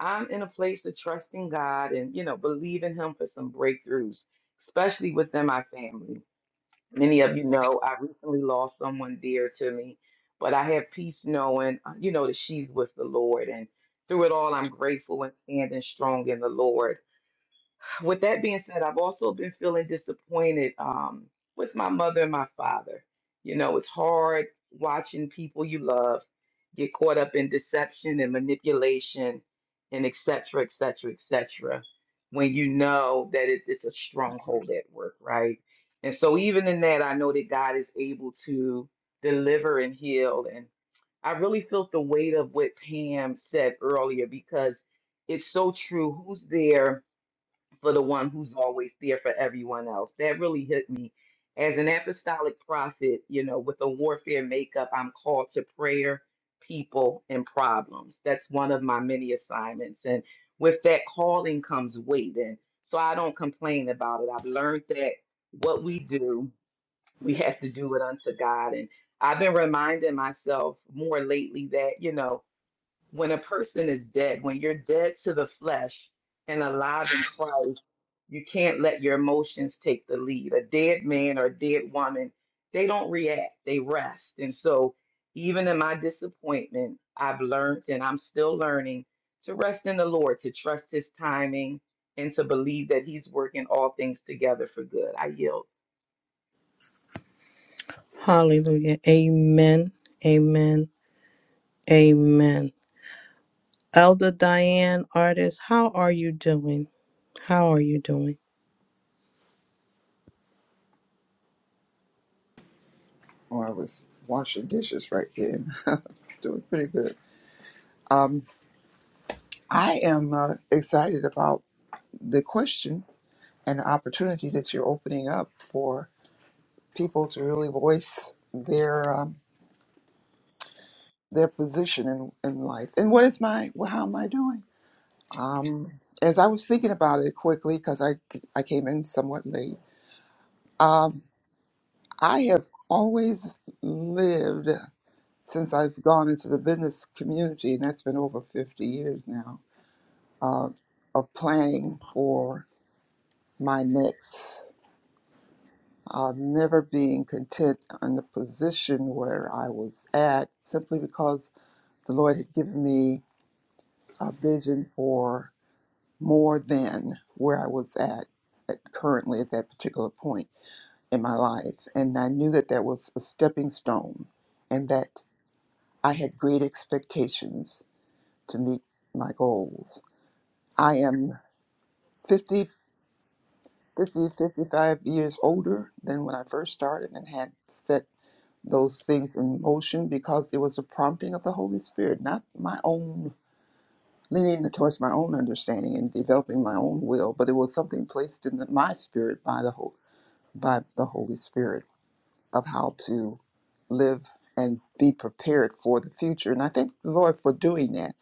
Speaker 7: I'm in a place of trusting God and, you know, believing Him for some breakthroughs, especially within my family. Many of you know I recently lost someone dear to me, but I have peace knowing, uh, you know, that she's with the Lord. And through it all, I'm grateful and standing strong in the Lord. With that being said, I've also been feeling disappointed um, with my mother and my father. You know, it's hard watching people you love get caught up in deception and manipulation and et cetera, et cetera, et cetera, when you know that it, it's a stronghold at work, right? And so, even in that, I know that God is able to deliver and heal. And I really felt the weight of what Pam said earlier because it's so true. Who's there? for the one who's always there for everyone else. That really hit me. As an apostolic prophet, you know, with a warfare makeup, I'm called to prayer, people, and problems. That's one of my many assignments. And with that calling comes waiting. So I don't complain about it. I've learned that what we do, we have to do it unto God. And I've been reminding myself more lately that, you know, when a person is dead, when you're dead to the flesh and alive in Christ, you can't let your emotions take the lead. A dead man or a dead woman, they don't react, they rest. And so, even in my disappointment, I've learned and I'm still learning to rest in the Lord, to trust his timing, and to believe that he's working all things together for good. I yield.
Speaker 3: Hallelujah. Amen. Amen. Amen. Elder Diane, artist, how are you doing? How are you doing?
Speaker 12: Well, I was washing dishes right then. Doing pretty good. Um, I am uh, excited about the question and the opportunity that you're opening up for people to really voice their um, their position in, in life. And what is my, well, how am I doing? Um, as I was thinking about it quickly, because I, I came in somewhat late, um, I have always lived since I've gone into the business community, and that's been over 50 years now uh, of planning for my next, uh, never being content in the position where I was at simply because the Lord had given me a vision for more than where I was at, at currently at that particular point in my life. And I knew that that was a stepping stone and that I had great expectations to meet my goals. I am 50. 50, 55 years older than when I first started and had set those things in motion because it was a prompting of the Holy Spirit, not my own leaning towards my own understanding and developing my own will, but it was something placed in the, my spirit by the whole by the Holy Spirit of how to live and be prepared for the future. And I thank the Lord for doing that.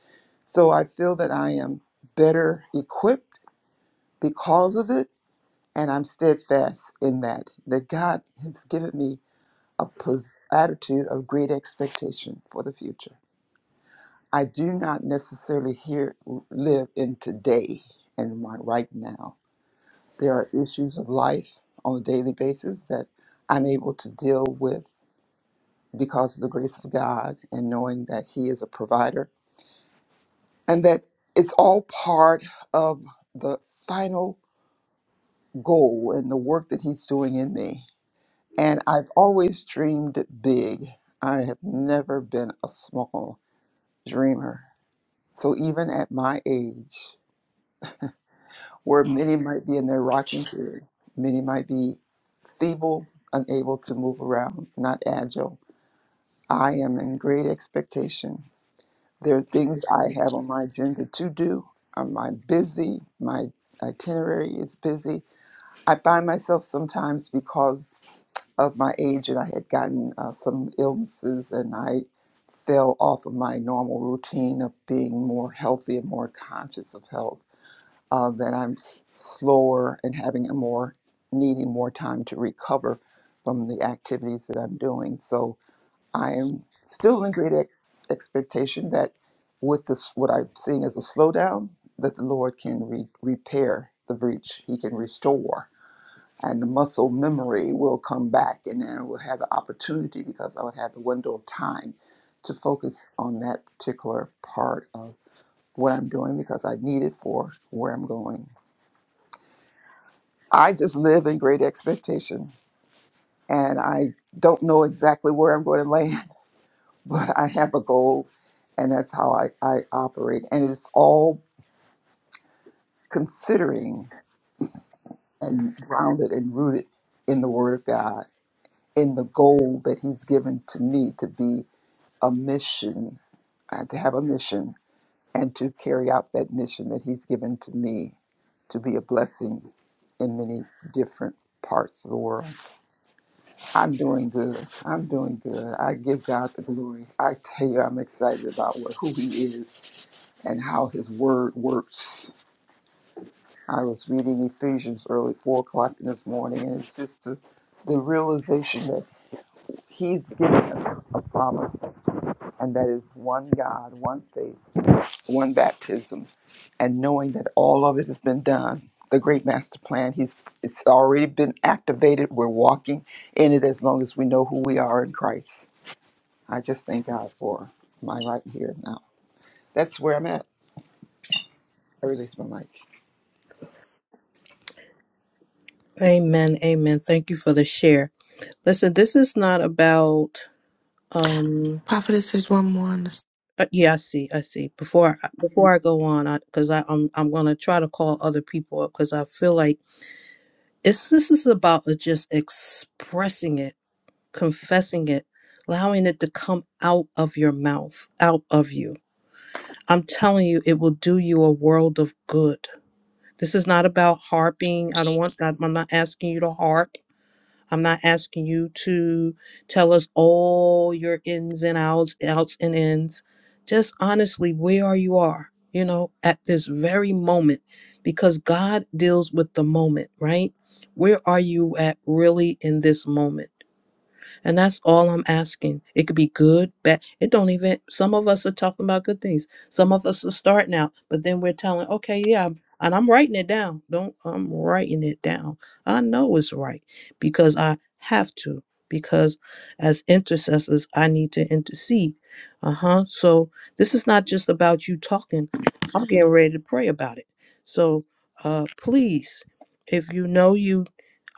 Speaker 12: So I feel that I am better equipped because of it and I'm steadfast in that. That God has given me a pos- attitude of great expectation for the future. I do not necessarily here live in today and my right now. There are issues of life on a daily basis that I'm able to deal with because of the grace of God and knowing that He is a provider and that it's all part of the final goal and the work that He's doing in me And I've always dreamed big. I have never been a small dreamer. So even at my age, where many might be in their rocking chair, many might be feeble, unable to move around, not agile, I am in great expectation. There are things I have on my agenda to do. Um, I'm busy. My itinerary is busy. I find myself sometimes because of my age and I had gotten uh, some illnesses and I fell off of my normal routine of being more healthy and more conscious of health, uh, that I'm s- slower and having a more needing more time to recover from the activities that I'm doing. So I am still in great ex- expectation that with this, what I'm seeing as a slowdown, that the Lord can re- repair the breach. He can restore and the muscle memory will come back and then we'll have the opportunity because I would have the window of time to focus on that particular part of what I'm doing because I need it for where I'm going. I just live in great expectation and I don't know exactly where I'm going to land, but I have a goal and that's how I, I operate. And it's all considering and grounded and rooted in the Word of God, in the goal that He's given to me to be a mission, I had to have a mission and to carry out that mission that He's given to me to be a blessing in many different parts of the world. I'm doing good. I'm doing good. I give God the glory. I tell you, I'm excited about what, who He is and how His Word works. I was reading Ephesians early, 4 o'clock this morning, and it's just the, the realization that He's given us a promise, and that is one God, one faith one baptism and knowing that all of it has been done the great master plan he's it's already been activated we're walking in it as long as we know who we are in christ i just thank god for my right here and now that's where i'm at i release my mic
Speaker 3: Amen. Amen. Thank you for the share. Listen, this is not about um
Speaker 6: Prophetess, there's one more on this.
Speaker 3: uh, yeah, I see. I see. Before I, before I go on, I cuz I I'm I'm going to try to call other people up cuz I feel like it's this is about uh, just expressing it confessing it allowing it to come out of your mouth out of you i'm telling you it will do you a world of good this is not about harping i don't want that i'm not asking you to harp I'm not asking you to tell us all your ins and outs, outs and ins. Just honestly, where you are, you know, at this very moment, because God deals with the moment, right? Where are you at really in this moment? And that's all I'm asking. It could be good, bad. It don't even, some of us are talking about good things. Some of us are starting out, but then we're telling, okay, yeah, I'm- and I'm writing it down. Don't, I'm writing it down. I know it's right because I have to, because as intercessors, I need to intercede. Uh huh. So this is not just about you talking. I'm getting ready to pray about it. So uh, please, if you know you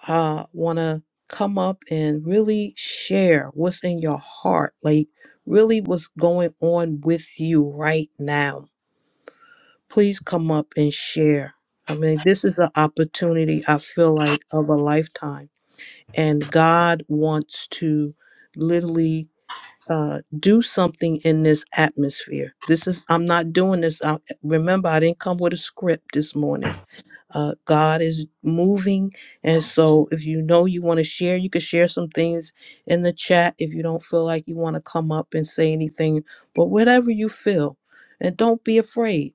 Speaker 3: uh, want to come up and really share what's in your heart, like really what's going on with you right now, please come up and share. I mean, this is an opportunity I feel like of a lifetime, and God wants to literally uh, do something in this atmosphere. This is I'm not doing this. I, remember, I didn't come with a script this morning. Uh, God is moving. And so if you know you want to share, you can share some things in the chat if you don't feel like you want to come up and say anything, but whatever you feel. And don't be afraid.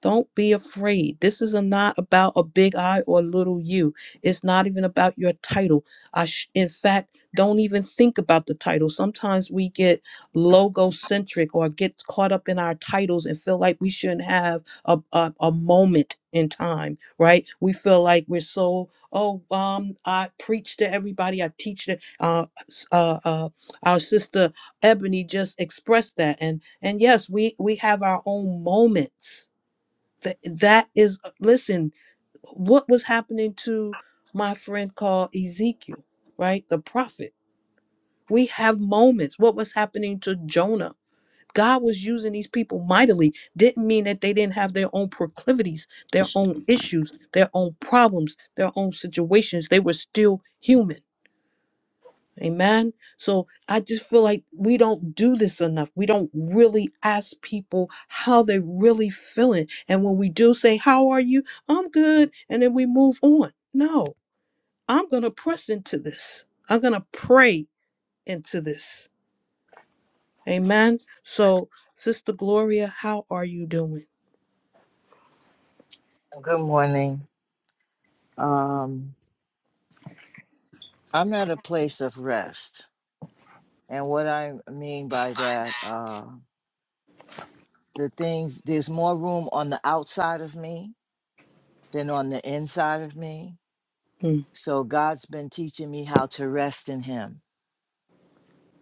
Speaker 3: Don't be afraid. This is a, not about a big I or a little you. It's not even about your title. I sh- in fact, don't even think about the title. Sometimes we get logo centric or get caught up in our titles and feel like we shouldn't have a, a, a moment in time right? We feel like we're so oh um I preach to everybody, I teach to uh s- uh, uh our sister Ebony just expressed that, and and yes, we we have our own moments. That that is uh, listen, what was happening to my friend called Ezekiel, right? The prophet. We have moments. What was happening to Jonah? God was using these people mightily didn't mean that they didn't have their own proclivities, their own issues, their own problems, their own situations. They were still human. Amen. So I just feel like we don't do this enough. We don't really ask people how they really feeling. And when we do say, How are you? I'm good. And then we move on. No, I'm going to press into this. I'm going to pray into this. Amen. So, Sister Gloria, how are you doing?
Speaker 13: Good morning. Um, I'm at a place of rest. And what I mean by that, uh, the things, there's more room on the outside of me than on the inside of me.
Speaker 3: Mm-hmm.
Speaker 13: So God's been teaching me how to rest in Him,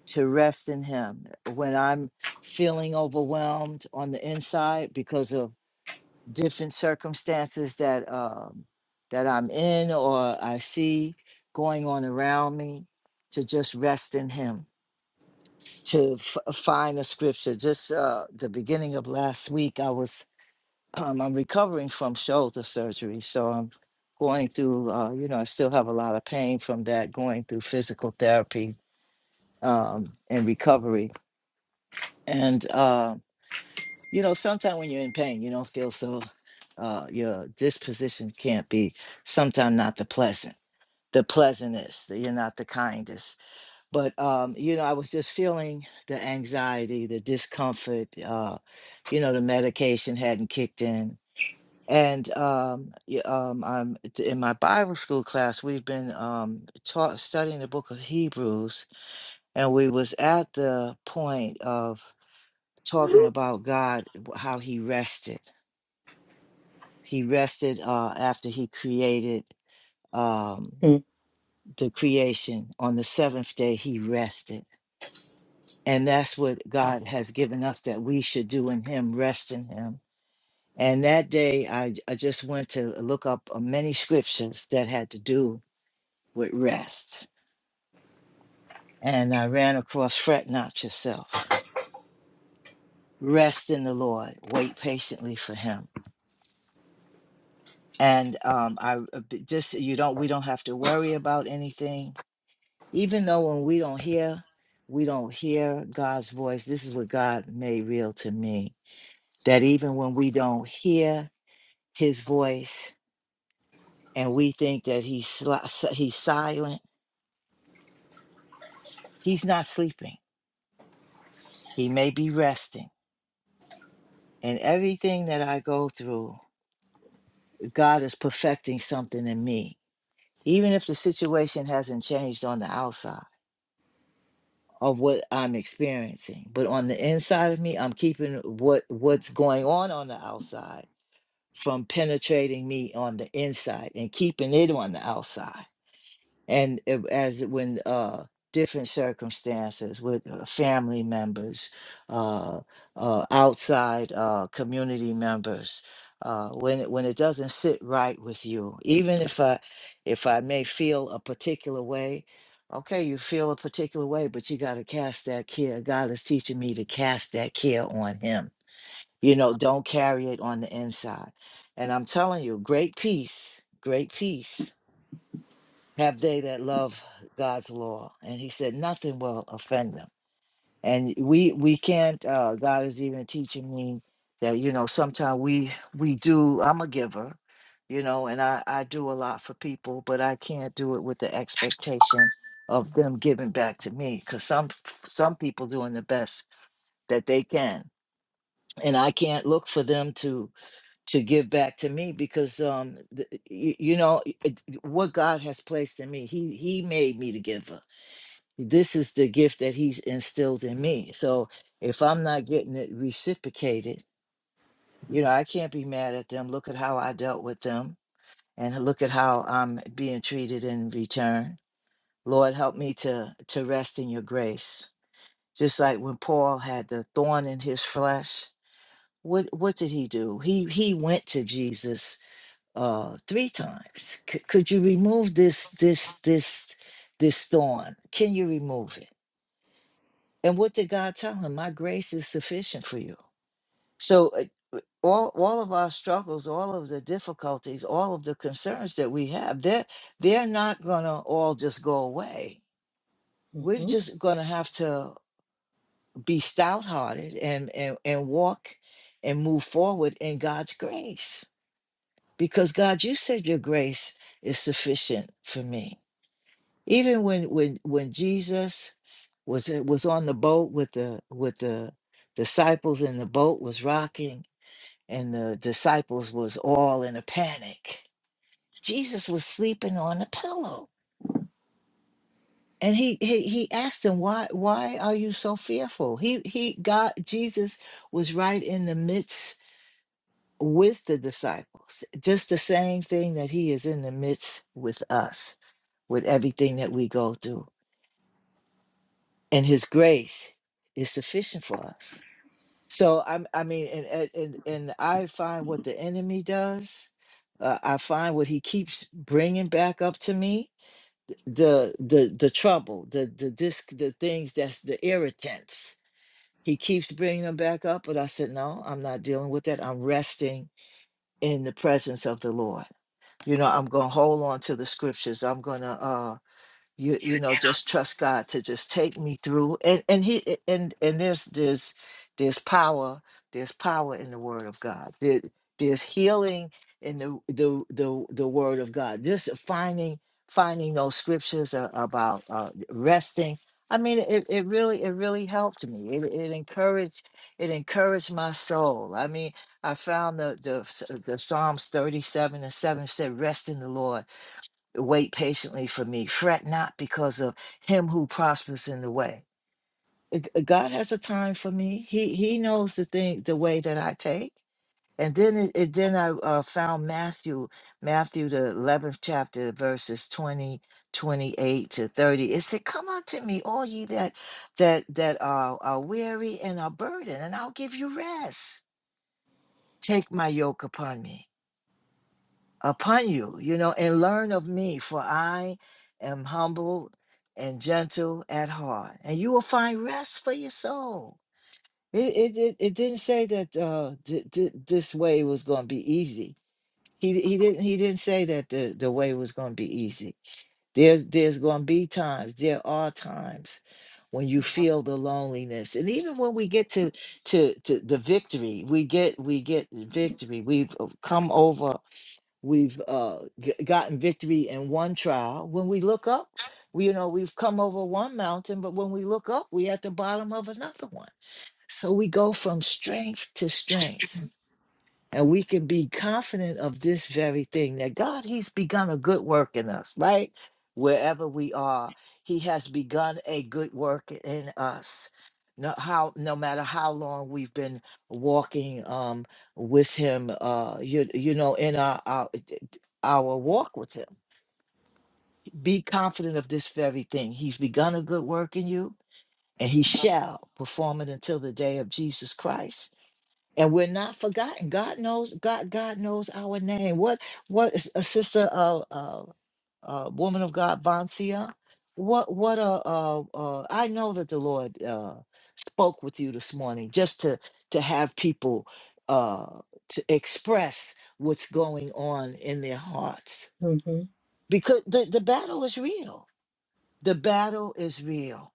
Speaker 13: to rest in Him. When I'm feeling overwhelmed on the inside because of different circumstances that, um, that I'm in or I see going on around me, to just rest in Him to f- uh, find a scripture. Just uh, the beginning of last week, I was um, I'm recovering from shoulder surgery, so I'm going through. Uh, you know, I still have a lot of pain from that, going through physical therapy um, and recovery. And uh, you know, sometimes when you're in pain, you don't feel so. Uh, your disposition can't be sometimes not the pleasant. The pleasantest. You're not the kindest but um you know i was just feeling the anxiety the discomfort uh you know the medication hadn't kicked in and um, y- um i'm in my bible school class we've been um taught studying the book of hebrews and we was at the point of talking about god w- how he rested he rested uh after he created um the creation on the seventh day he rested And that's what God has given us that we should do in Him, rest in Him. And that day, I, j- I just went to look up uh, many scriptures that had to do with rest. And I ran across fret not yourself, rest in the Lord, wait patiently for Him. And um, I uh, b- just, you don't, we don't have to worry about anything. Even though when we don't hear, we don't hear God's voice. This is what God made real to me that even when we don't hear, his voice and we think that he's sli- si- he's silent he's not sleeping he may be resting and everything that i go through god is perfecting something in me even if the situation hasn't changed on the outside of what i'm experiencing but on the inside of me i'm keeping what what's going on on the outside from penetrating me on the inside and keeping it on the outside and it- as it- when uh different circumstances with uh, family members uh, uh outside uh community members uh when it, when it doesn't sit right with you even if i if i may feel a particular way okay you feel a particular way but you got to cast that care god is teaching me to cast that care on him you know don't carry it on the inside and i'm telling you great peace great peace have they that love God's law. And he said, nothing will offend them. And we we can't. Uh, God is even teaching me that you know sometimes we we do. I'm a giver, you know, and I I do a lot for people, but I can't do it with the expectation of them giving back to me because some some people doing the best that they can, and I can't look for them to to give back to me because um the, you, you know it, what god has placed in me he he made me the giver this is the gift that he's instilled in me so if i'm not getting it reciprocated you know i can't be mad at them look at how i dealt with them and look at how i'm being treated in return lord help me to to rest in your grace just like when paul had the thorn in his flesh what what did he do he he went to jesus uh three times C- could you remove this this this this thorn can you remove it and what did god tell him my grace is sufficient for you so uh, w- all all of our struggles all of the difficulties all of the concerns that we have they're they're not gonna all just go away we're
Speaker 3: Mm-hmm.
Speaker 13: just gonna have to be stout hearted and and, and walk and move forward in god's grace because god you said your grace is sufficient for me Even when when when Jesus was in- was on the boat with the with the disciples and the boat was rocking and the disciples was all in a panic. Jesus was sleeping on a pillow. And he, he he asked them why why are you so fearful? He he God Jesus was right in the midst with the disciples. Just the same thing that he is in the midst with us with everything that we go through and his grace is sufficient for us so i i mean and and and and i find what the enemy does uh, i find what he keeps bringing back up to me the the the trouble the the disc the things that's the irritants he keeps bringing them back up but i said no i'm not dealing with that i'm resting in the presence of the lord you know i'm going to hold on to the scriptures i'm going to uh, you you know just trust god to just take me through and and he a- and and there's there's there's power there's power in the word of god there, there's healing in the, the the the word of god just finding finding those scriptures a- about uh, resting i mean it, it really it really helped me it, it encouraged it encouraged my soul i mean i found the the, the psalms 37 and 7 said rest in the lord wait patiently for me. Fret not because of him who prospers in the way. It- uh, God has a time for me. He He knows the thing, the way that I take. And then it, it then I uh, found Matthew, Matthew the eleventh chapter, verses 20 28 to thirty. It said, "Come unto me, all ye that that that are, are weary and are burdened, and I'll give you rest. Take my yoke upon me." upon you, you know, and learn of me, for I am humble and gentle at heart, and you will find rest for your soul. It it it, it didn't say that uh th- th- this way was going to be easy. He he didn't he didn't say that the the way was going to be easy. There's there's going to be times. There are times when you feel the loneliness, and even when we get to to to the victory, we get we get victory. We've uh, come over We've uh, g- gotten victory in one trial. When we look up, we, you know, we've come over one mountain, but when we look up, we're at the bottom of another one. So we go from strength to strength. And we can be confident of this very thing that God, He's begun a good work in us, right? Wherever we are, He has begun a good work in us. No, how no matter how long we've been walking um, with him, uh, you you know, in our, our our walk with him, be confident of this very thing. He's begun a good work in you, and he shall perform it until the day of Jesus Christ and we're not forgotten. God knows God. God knows our name. What what is a sister, uh, uh, uh, woman of God, Vancia? What what uh, uh, uh, I know that the Lord uh, spoke with you this morning, just to to have people uh, to express what's going on in their hearts,
Speaker 3: Mm-hmm.
Speaker 13: because the the battle is real. The battle is real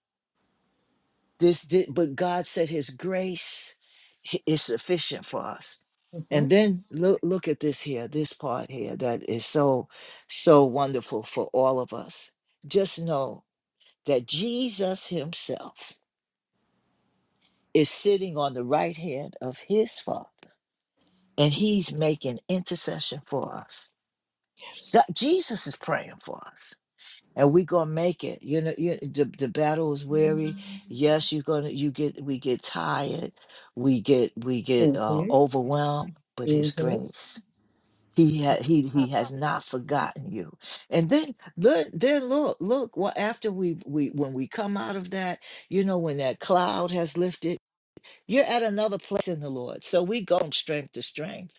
Speaker 13: this did, but God said His grace hi- is sufficient for us.
Speaker 3: Mm-hmm.
Speaker 13: And then look, look at this here, this part here that is so, so wonderful for all of us. Just know that Jesus Himself is sitting on the right hand of His Father, and He's making intercession for us.
Speaker 3: Yes.
Speaker 13: God, Jesus is praying for us. and we gonna make it. You know, you, the the battle is weary. Yes, you're gonna you get we get tired, we get we get uh,
Speaker 3: Mm-hmm.
Speaker 13: overwhelmed. But His
Speaker 3: Mm-hmm.
Speaker 13: grace, He ha- He He has not forgotten you. And then look, then look, look. Well, after we we when we come out of that, you know, when that cloud has lifted, you're at another place in the Lord. So we go from strength to strength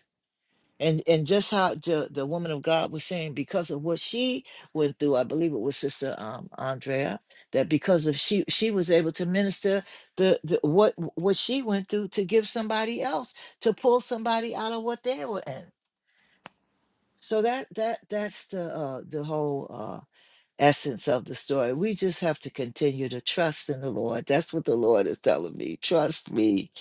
Speaker 13: and and just how the, the woman of God was saying, because of what she went through, I believe it was Sister um, Andrea, that because of she she was able to minister the, the what what she went through to give somebody else to pull somebody out of what they were in. So that that that's the uh, the whole uh, essence of the story. We just have to continue to trust in the Lord. That's what the Lord is telling me. Trust me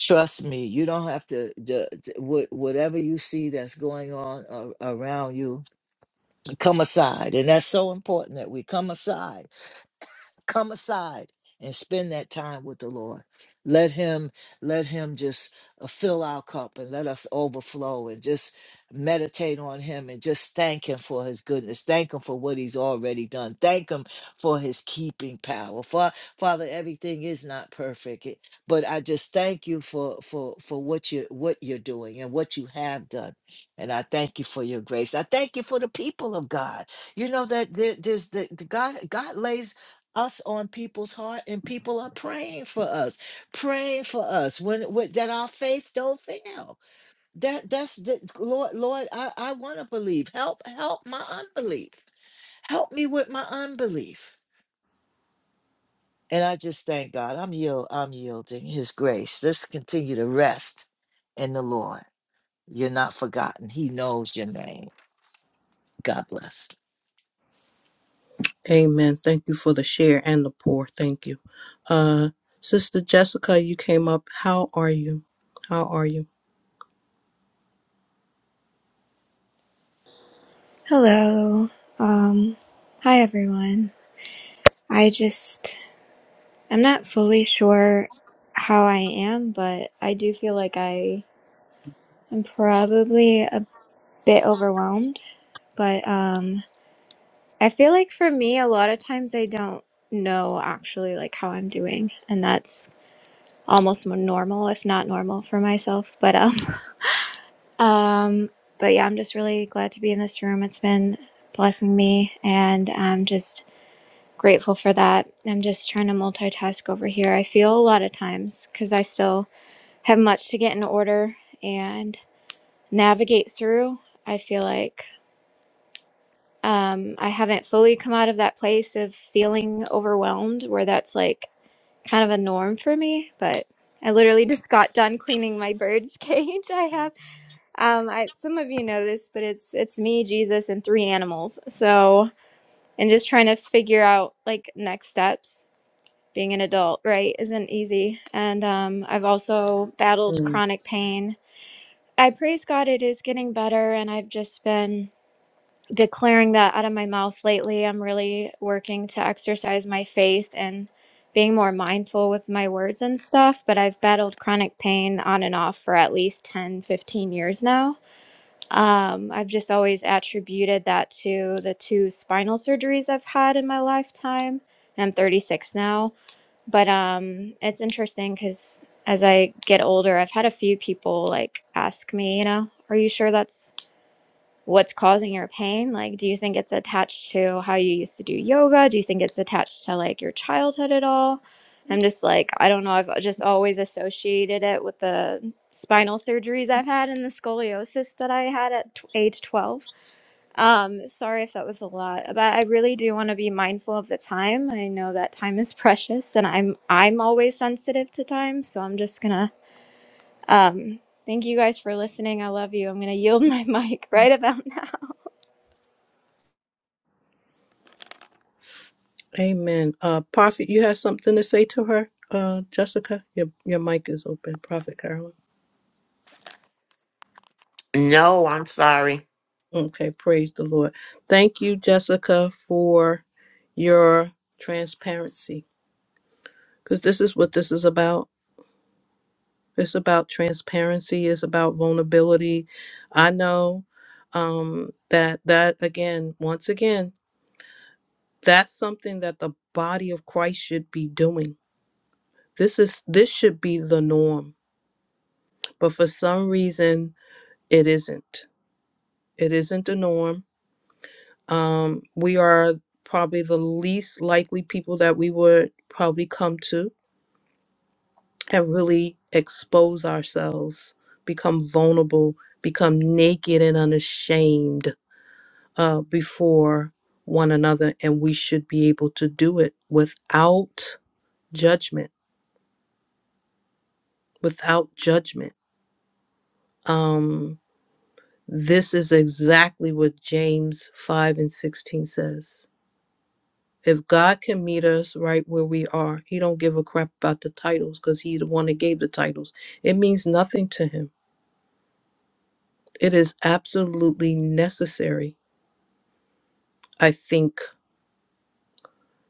Speaker 13: Trust me, you don't have to, the, the- wha- whatever you see that's going on a- around you, come aside. And that's so important that we come aside come aside and spend that time with the lord let him let him just uh, fill our cup and let us overflow and just meditate on him and just thank him for his goodness thank him for what he's already done thank him for his keeping power Fa- father everything is not perfect it- but i just thank you for for for what you what you're doing and what you have done and i thank you for your grace i thank you for the people of god you know that there- there's the, the god god lays us on people's heart and people are praying for us praying for us when, when that our faith don't fail that that's the lord lord i, I want to believe help help my unbelief help me with my unbelief and i just thank god i'm yield i'm yielding his grace let's continue to rest in the lord you're not forgotten he knows your name god bless
Speaker 3: Amen. Thank you for the share and the pour. Thank you. Uh Sister Jessica, you came up. How are you? How are you?
Speaker 14: Hello. Um, hi everyone. I just, I'm not fully sure how I am, but I do feel like I am probably a bit overwhelmed. But um, I feel like for me, a lot of times I don't know actually like how I'm doing, and that's almost more normal, if not normal, for myself. But um, um, but yeah, I'm just really glad to be in this room. It's been blessing me, and I'm just grateful for that. I'm just trying to multitask over here. I feel a lot of times because I still have much to get in order and navigate through. I feel like um, I haven't fully come out of that place of feeling overwhelmed, where that's like kind of a norm for me. But I literally just got done cleaning my bird's cage. I have um, I, some of you know this, but it's it's me, Jesus, and three animals. So and just trying to figure out like next steps being an adult, right, isn't easy. And um, I've also battled
Speaker 3: Mm.
Speaker 14: chronic pain. I praise God it is getting better, and I've just been declaring that out of my mouth lately. I'm really working to exercise my faith and being more mindful with my words and stuff, but I've battled chronic pain on and off for at least 10, 15 years now. Um, I've just always attributed that to the two spinal surgeries I've had in my lifetime. I'm 36 now but um, it's interesting because as I get older, I've had a few people like ask me, you know, are you sure that's what's causing your pain? Like, do you think it's attached to how you used to do yoga? Do you think it's attached to like your childhood at all? I'm just like, I don't know. I've uh, just always associated it with the spinal surgeries I've had and the scoliosis that I had at t- age 12. Um, sorry if that was a lot, but I really do want to be mindful of the time. I know that time is precious and I'm I'm always sensitive to time, so I'm just gonna um thank you guys for listening. I love you. I'm gonna yield my mic right about now.
Speaker 3: Amen. Uh Prophet, you have something to say to her? Uh Jessica? Your your mic is open, Prophet Carolyn.
Speaker 4: No, I'm sorry.
Speaker 3: Okay, praise the Lord. Thank you, Jessica, for your transparency. Because this is what this is about It's about transparency. It's about vulnerability. I know um, that that again, once again, that's something that the body of Christ should be doing. This is this should be the norm, but for some reason, it isn't. It isn't the norm. Um, we are probably the least likely people that we would probably come to and really expose ourselves, become vulnerable, become naked and unashamed uh, before one another, and we should be able to do it without judgment. Without judgment. Um, this is exactly what James 5 and 16 says. If God can meet us right where we are, he don't give a crap about the titles because he the one that gave the titles. It means nothing to him. It is absolutely necessary, I think,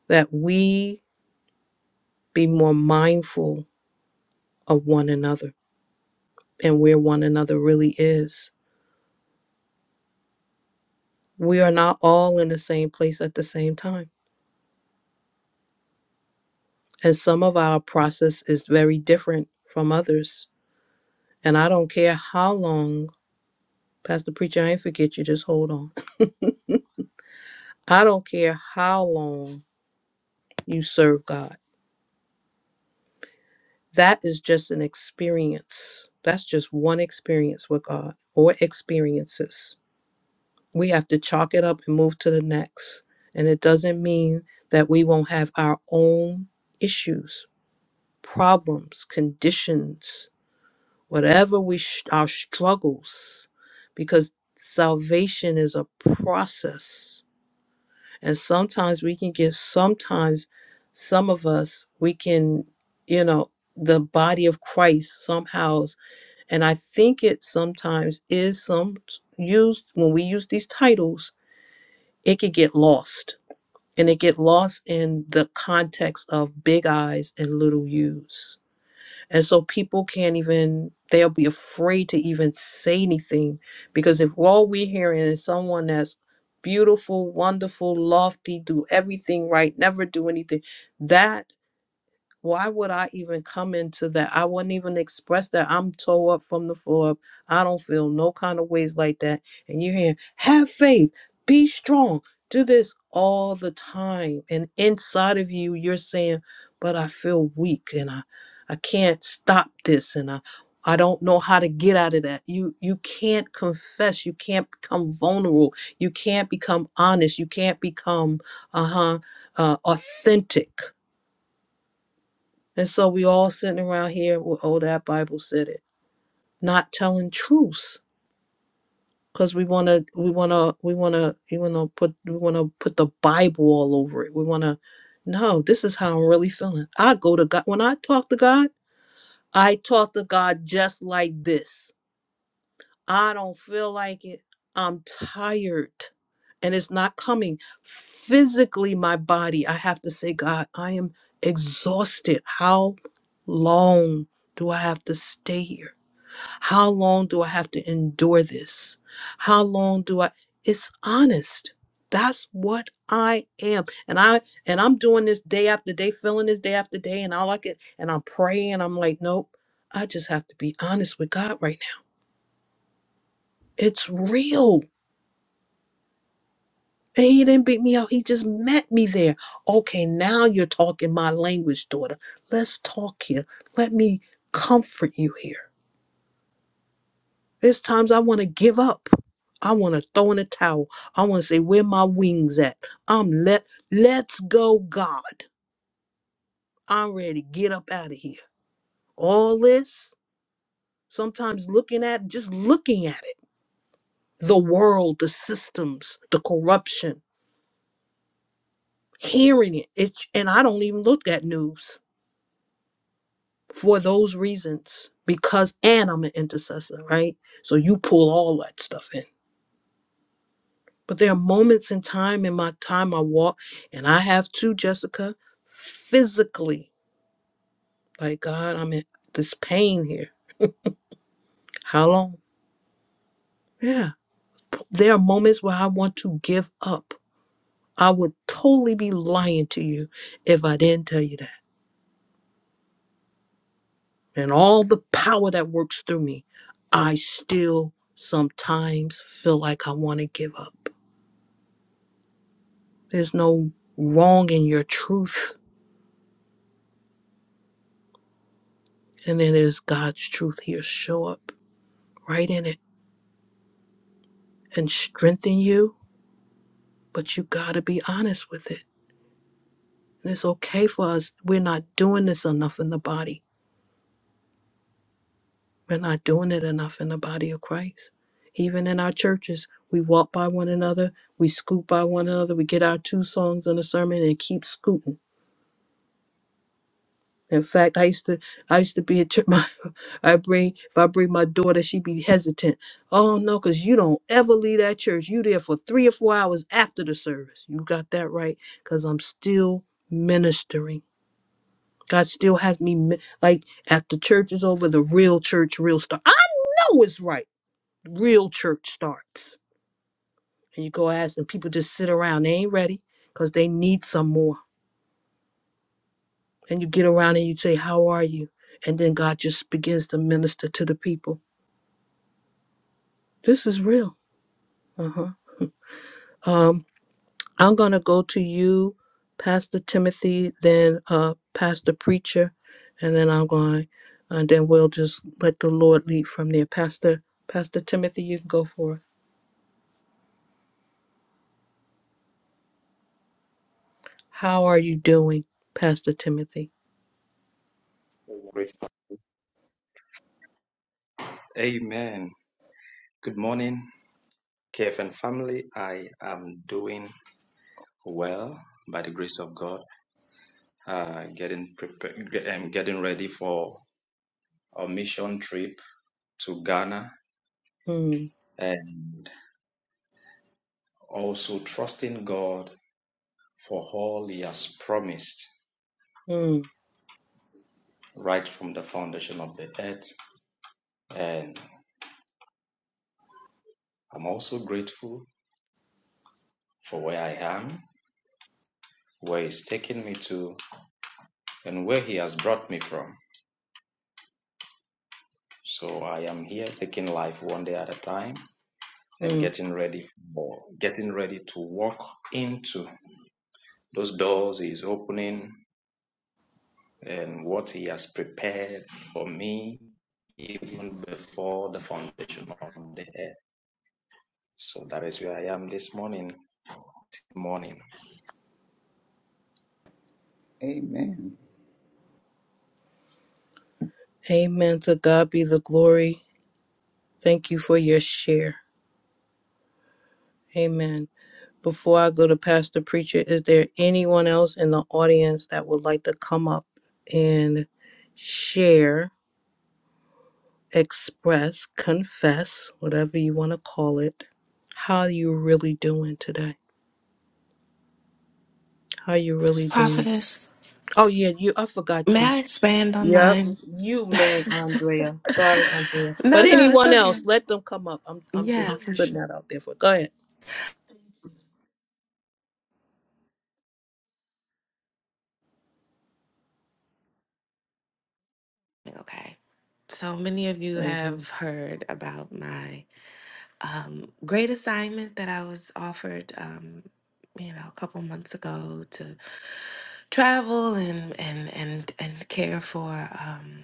Speaker 3: that we be more mindful of one another and where one another really is. We are not all in the same place at the same time. And some of our process is very different from others. And I don't care how long, Pastor Preacher, I ain't forget you, just hold on. I don't care how long you serve God. That is just an experience. That's just one experience with God or experiences. We have to chalk it up and move to the next. And it doesn't mean that we won't have our own issues problems, conditions, whatever we sh- our struggles, because salvation is a process, and sometimes we can get sometimes some of us we can you know the body of Christ somehow, and I think it sometimes is some used when we use these titles, it could get lost. And it get lost in the context of big eyes and little U's And so people can't even, they'll be afraid to even say anything because if all we're hearing is someone that's beautiful, wonderful, lofty, do everything right, never do anything, that why would I even come into that? I wouldn't even express that. I'm toe up from the floor up. I don't feel no kind of ways like that. And you're hearing, have faith, be strong, do this all the time. And inside of you, you're saying, but I feel weak and I, I can't stop this and I, I don't know how to get out of that. You you can't confess. You can't become vulnerable. You can't become honest. You can't become uh-huh uh, authentic and so we all sitting around here with oh that Bible said it, not telling truths because we want to we want to we want to we want to put we want to put the Bible all over it. We want to no, this is how I'm really feeling. I go to God when I talk to God. I talk to God just like this. I don't feel like it. I'm tired and it's not coming. Physically, my body, I have to say, God, I am exhausted. How long do I have to stay here? How long do I have to endure this? How long do I? It's honest. That's what I am. And I and I'm doing this day after day, feeling this day after day, and all I can and I'm praying. I'm like, nope. I just have to be honest with God right now. It's real. And he didn't beat me up. He just met me there. Okay, now you're talking my language, daughter. Let's talk here. Let me comfort you here. There's times I want to give up. I want to throw in a towel. I want to say, where my wings at? I'm let let's go, God. I'm ready. to Get up out of here. All this, sometimes looking at just looking at it. The world, the systems, the corruption, hearing it. It's and I don't even look at news. for those reasons because and I'm an intercessor, right? So you pull all that stuff in. But there are moments in time in my time I walk and I have to, Jessica, physically, like God, I'm in this pain here. How long? Yeah. There are moments where I want to give up. I would totally be lying to you if I didn't tell you that. And all the power that works through me, I still sometimes feel like I want to give up There's no wrong in your truth. And it is God's truth. He'll show up right in it and strengthen you. But you got to be honest with it. And it's okay for us. We're not doing this enough in the body. We're not doing it enough in the body of Christ. Even in our churches, we walk by one another, we scoot by one another, we get our two songs in a sermon and keep scooting In fact, I used to I used to be a trip. My I bring if I bring my daughter, she'd be hesitant. Oh no, because you don't ever leave that church. You there for three or four hours after the service. You got that right, because I'm still ministering. God still has me mi- like after the church is over, the real church real start. I know it's right. Real church starts, and you go ask, and people just sit around. They ain't ready because they need some more. and you get around and you say, How are you? And then God just begins to minister to the people. This is real. Uh-huh. Um, I'm going to go to you, Pastor Timothy, then uh, Pastor Preacher, and then I'm going, and then we'll just let the Lord lead from there. Pastor, Pastor Timothy, you can go forth. How are you doing, Pastor Timothy?
Speaker 15: Great. Amen. Good morning, KFN family. I am doing well by the grace of God. Uh, getting prepared, um, getting ready for a mission trip to Ghana,
Speaker 3: Mm,
Speaker 15: and also trusting God for all He has promised
Speaker 3: mm,
Speaker 15: right from the foundation of the earth. And I'm also grateful for where I am, where He's taken me to, and where He has brought me from. So I am here taking life one day at a time and
Speaker 3: mm.
Speaker 15: getting ready for getting ready to walk into those doors he is opening and what he has prepared for me even before the foundation of the earth. So that is where I am this morning. Morning.
Speaker 12: amen
Speaker 3: Amen. To God be the glory. Thank you for your share. Amen. Before I go to Pastor Preacher, is there anyone else in the audience that would like to come up and share, express, confess, whatever you want to call it? How you really doing today? How you really doing?
Speaker 6: Prophetess,
Speaker 3: Oh yeah, you. I forgot
Speaker 6: may
Speaker 3: you.
Speaker 6: I expand on
Speaker 3: Yep,
Speaker 6: mine?
Speaker 3: you man, Andrea. Sorry, Andrea.
Speaker 6: no,
Speaker 3: But
Speaker 6: no, it's
Speaker 3: anyone
Speaker 6: okay.
Speaker 3: else, let them come up. I'm I'm just
Speaker 6: Yeah, for
Speaker 3: putting
Speaker 6: sure.
Speaker 3: that out there for. Go ahead.
Speaker 6: Okay. So many of you
Speaker 3: hmm
Speaker 6: have heard about my um, great assignment that I was offered, um, you know, a couple months ago to travel and and and and care for, um,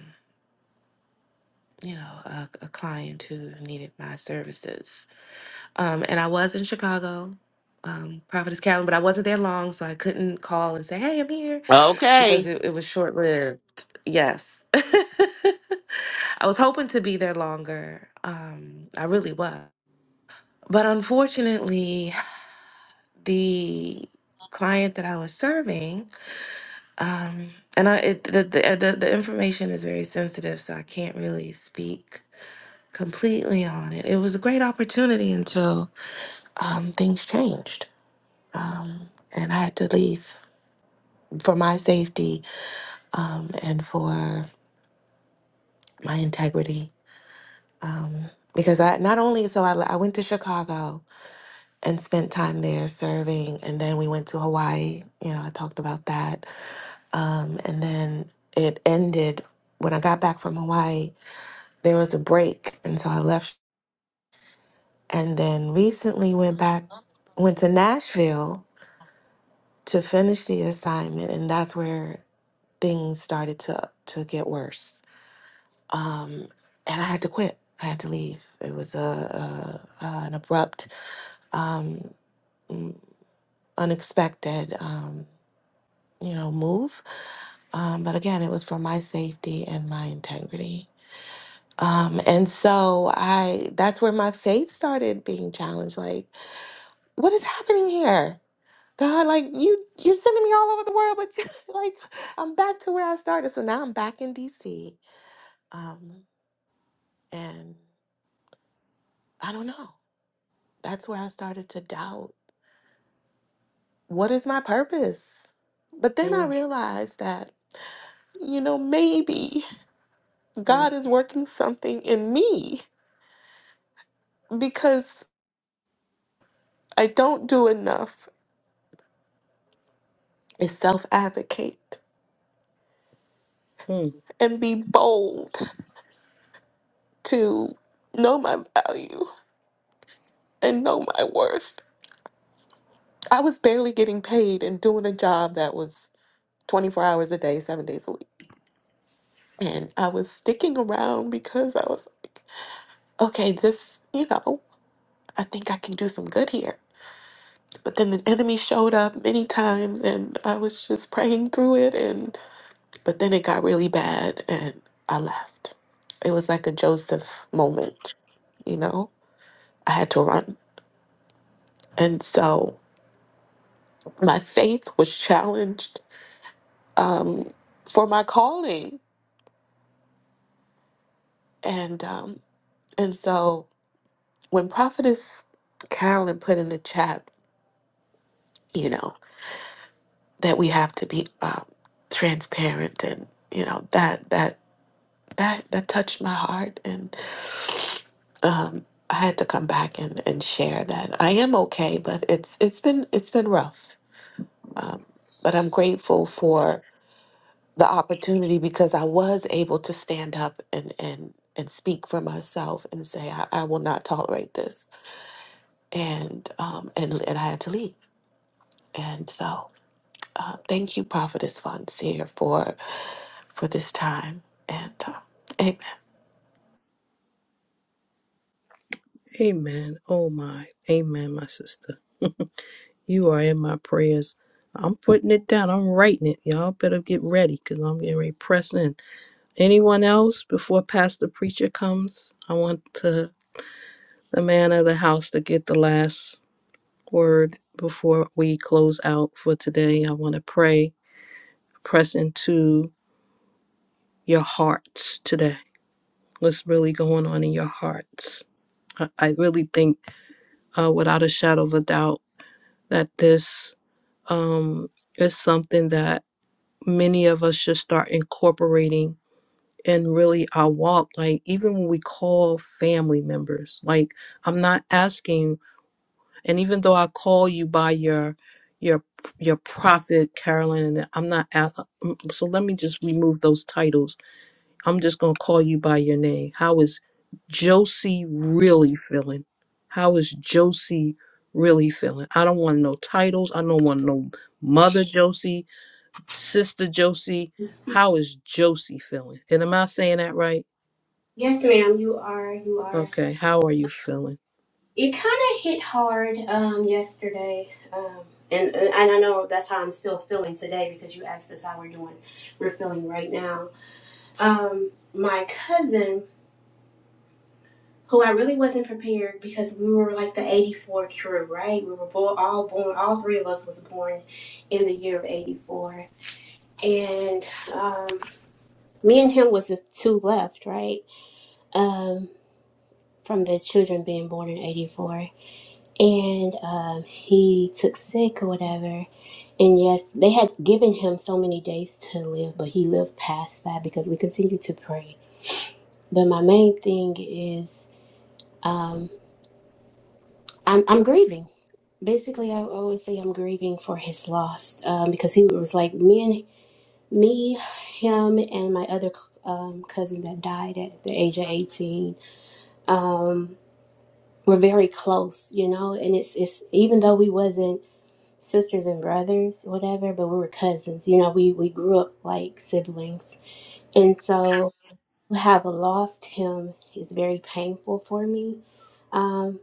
Speaker 6: you know, a, a client who needed my services. Um, and I was in Chicago. Um, Prophetess Callan, but I wasn't there long, so I couldn't call and say, "Hey, I'm here," because
Speaker 4: Okay.
Speaker 6: it, it was short lived. Yes, I was hoping to be there longer. Um, I really was, but unfortunately, the client that I was serving, um, and I it, the, the uh, the the information is very sensitive, so I can't really speak completely on it. It was a great opportunity until um, things changed, um, and I had to leave for my safety um, and for my integrity. Um, because I not only so I, I went to Chicago and spent time there serving, and then we went to Hawaii. You know, I talked about that Um, and then it ended when I got back from Hawaii. There was a break, and so I left. And then recently went back, went to Nashville to finish the assignment, and that's where things started to to get worse. Um, and I had to quit. I had to leave. It was a, a, a an abrupt, um, unexpected, um, you know, move. Um, but again, it was for my safety and my integrity. Um, and so I that's where my faith started being challenged. Like, what is happening here? God, like you you're sending me all over the world, but you, like I'm back to where I started. So now I'm back in DC. Um, and I don't know. That's where I started to doubt what is my purpose? But then I
Speaker 3: mm
Speaker 6: realized that, you know, maybe God
Speaker 3: mm
Speaker 6: is working something in me because I don't do enough. Is self advocate.
Speaker 3: mm.
Speaker 6: and be bold to know my value and know my worth. I was barely getting paid and doing a job that was 24 hours a day, seven days a week. And I was sticking around because I was like, okay, this, you know, I think I can do some good here. But then the enemy showed up many times and I was just praying through it. And, but then it got really bad and I left. It was like a Joseph moment, you know? I had to run. And so my faith was challenged um, for my calling, and um, and so when Prophetess Carolyn put in the chat, you know that we have to be um, transparent, and you know that that that that touched my heart, and um, I had to come back and, and share that I am okay, but it's it's been it's been rough, um, but I'm grateful the opportunity because I was able to stand up and and and speak for myself and say I, I will not tolerate this and um and and I had to leave and so uh, thank you prophetess Fonseer for for this time and uh, amen
Speaker 3: Amen. Oh my. Amen, my sister. You are in my prayers. I'm putting it down. I'm writing it. Y'all better get ready because I'm getting ready to press in. Anyone else before Pastor Preacher comes? I want to, the man of the house to get the last word before we close out for today. I want to pray, press into your hearts today. What's really going on in your hearts? I, I really think, uh, without a shadow of a doubt, that this um, is something that many of us should start incorporating in really our walk like even when we call family members like i'm not asking and even though i call you by your your your prophet carolyn and i'm not a- mm, so let me just remove those titles i'm just going to call you by your name how is josie really feeling how is josie really feeling i don't want no titles i don't want no mother josie Sister Josie, how is Josie feeling? And am I saying that right?
Speaker 16: Yes, ma'am, you are. You are.
Speaker 3: Okay, how are you feeling?
Speaker 16: It kind of hit hard um, yesterday. Um, and, uh, and I know that's how I'm still feeling today because you asked us how we're doing. We're feeling right now. Um, my cousin, who I really wasn't prepared because we were like the 84 crew, right? We were born, all born, all three of us was born in the year of 84. And um, me and him was the two left, right? Um, from the children being born in 84 and um, he took sick or whatever. And yes, they had given him so many days to live, but he lived past that because we continue to pray. But my main thing is um, I'm, I'm grieving. Basically, I always say I'm grieving for his loss um, because he was like me and me, him, and my other um, cousin that died at the age of 18. Um, we're very close, you know, and it's it's even though we wasn't sisters and brothers, whatever, but we were cousins. You know, we, we grew up like siblings. And so to have lost him is very painful for me um,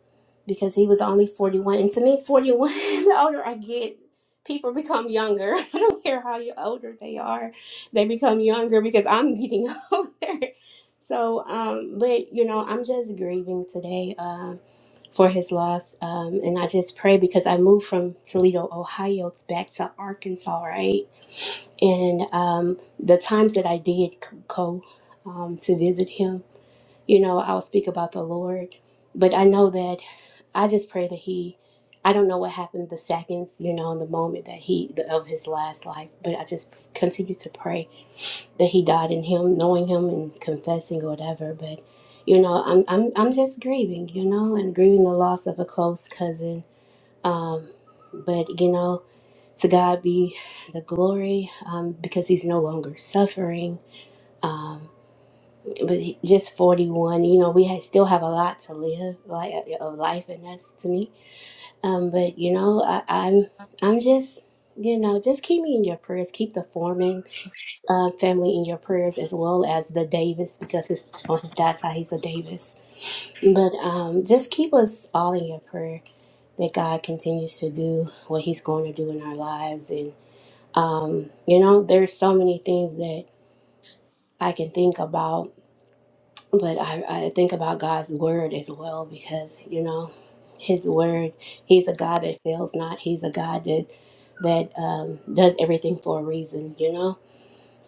Speaker 16: because he was only 41. And to me, 41, the older I get, people become younger. I don't care how you older they are, they become younger because I'm getting older. So, um, but you know, I'm just grieving today Um, for his loss. Um, and I just pray because I moved from Toledo, Ohio, back to Arkansas, right? And um, the times that I did c- go um, to visit him, you know, I'll speak about the Lord. But I know that I just pray that he, I don't know what happened the seconds, you know, in the moment that he, the, of his last life, but I just continue to pray that he died in him, knowing him and confessing or whatever. But you know, I'm I'm I'm just grieving, you know, and grieving the loss of a close cousin. Um, but you know, to God be the glory, um, because he's no longer suffering. Um, but he, just 41, you know, we ha still have a lot to live, like a a life, and that's to me. Um, but you know, I, I'm I'm just, you know, just keep me in your prayers. Keep the foreman uh, family in your prayers as well as the Davis because his on his dad's side he's a Davis. But um, just keep us all in your prayer that God continues to do what He's going to do in our lives, and um, you know there's so many things that I can think about, but I, I think about God's word as well because you know His word He's a God that fails not. He's a God that that um, does everything for a reason, you know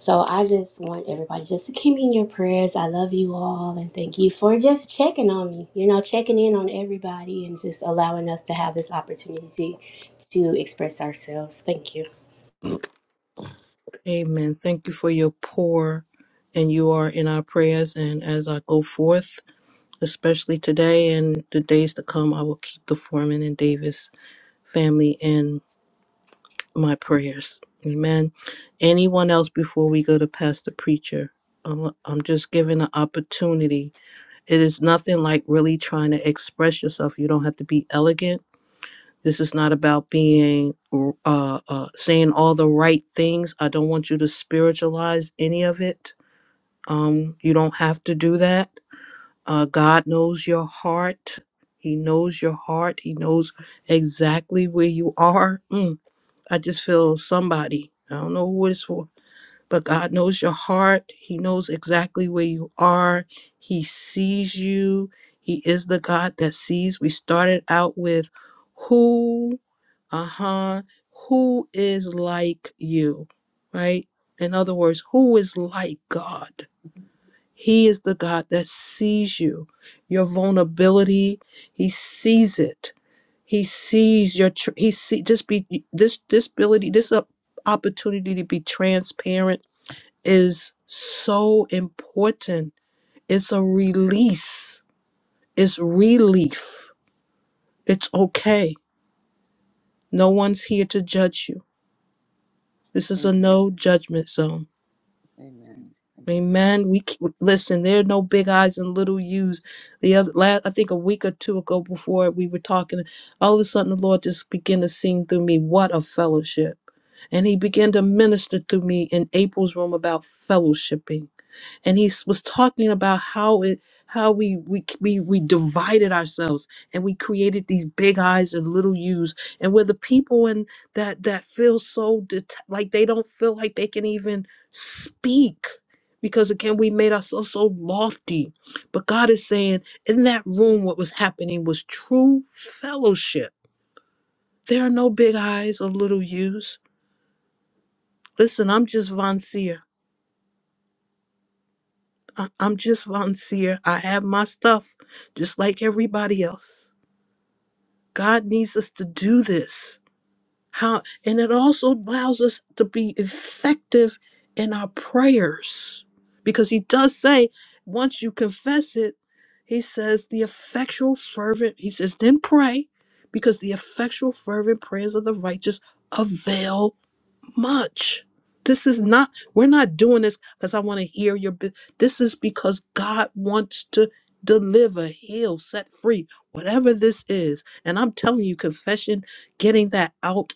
Speaker 16: So I just want everybody just to keep me in your prayers. I love you all and thank you for just checking on me, you know, checking in on everybody and just allowing us to have this opportunity to express ourselves. Thank you.
Speaker 3: Amen. Thank you for your pour, and you are in our prayers. And as I go forth, especially today and the days to come, I will keep the Foreman and Davis family in my prayers. Amen. Anyone else before we go to Pastor Preacher? I'm, I'm just giving an opportunity. It is nothing like really trying to express yourself. You don't have to be elegant This is not about being uh, uh, saying all the right things. I don't want you to spiritualize any of it. Um, you don't have to do that. Uh, God knows your heart. He knows your heart. He knows exactly where you are. Mm, I just feel somebody. I don't know who it's for, but God knows your heart. He knows exactly where you are. He sees you. He is the God that sees. We started out with who uh-huh who is like you right in other words who is like god he is the god that sees you your vulnerability he sees it he sees your tr- he see just be this this ability this op- opportunity to be transparent is so important it's a release it's relief it's okay no one's here to judge you this is a
Speaker 12: amen
Speaker 3: no judgment zone
Speaker 12: amen, amen.
Speaker 3: Amen. We c- listen. There are no big eyes and little U's. The other, last, I think a week or two ago, before we were talking, all of a sudden the Lord just began to sing through me. What a fellowship! And He began to minister through me in April's room about fellowshipping and he s- was talking about how it how we we we, we divided ourselves and we created these big eyes and little u's and we're the people and that that feel so det- like they don't feel like they can even speak because again we made ourselves so lofty but god is saying in that room what was happening was true fellowship there are no big eyes or little u's listen i'm just von Seer. I- I'm just volunteer. I have my stuff, just like everybody else. God needs us to do this. How and it also allows us to be effective in our prayers. Because he does say, once you confess it, he says the effectual fervent, he says, then pray, because the effectual fervent prayers of the righteous avail much. This is not, we're not doing this because I want to hear your, bu- this is because God wants to deliver, heal, set free, whatever this is. And I'm telling you, confession, getting that out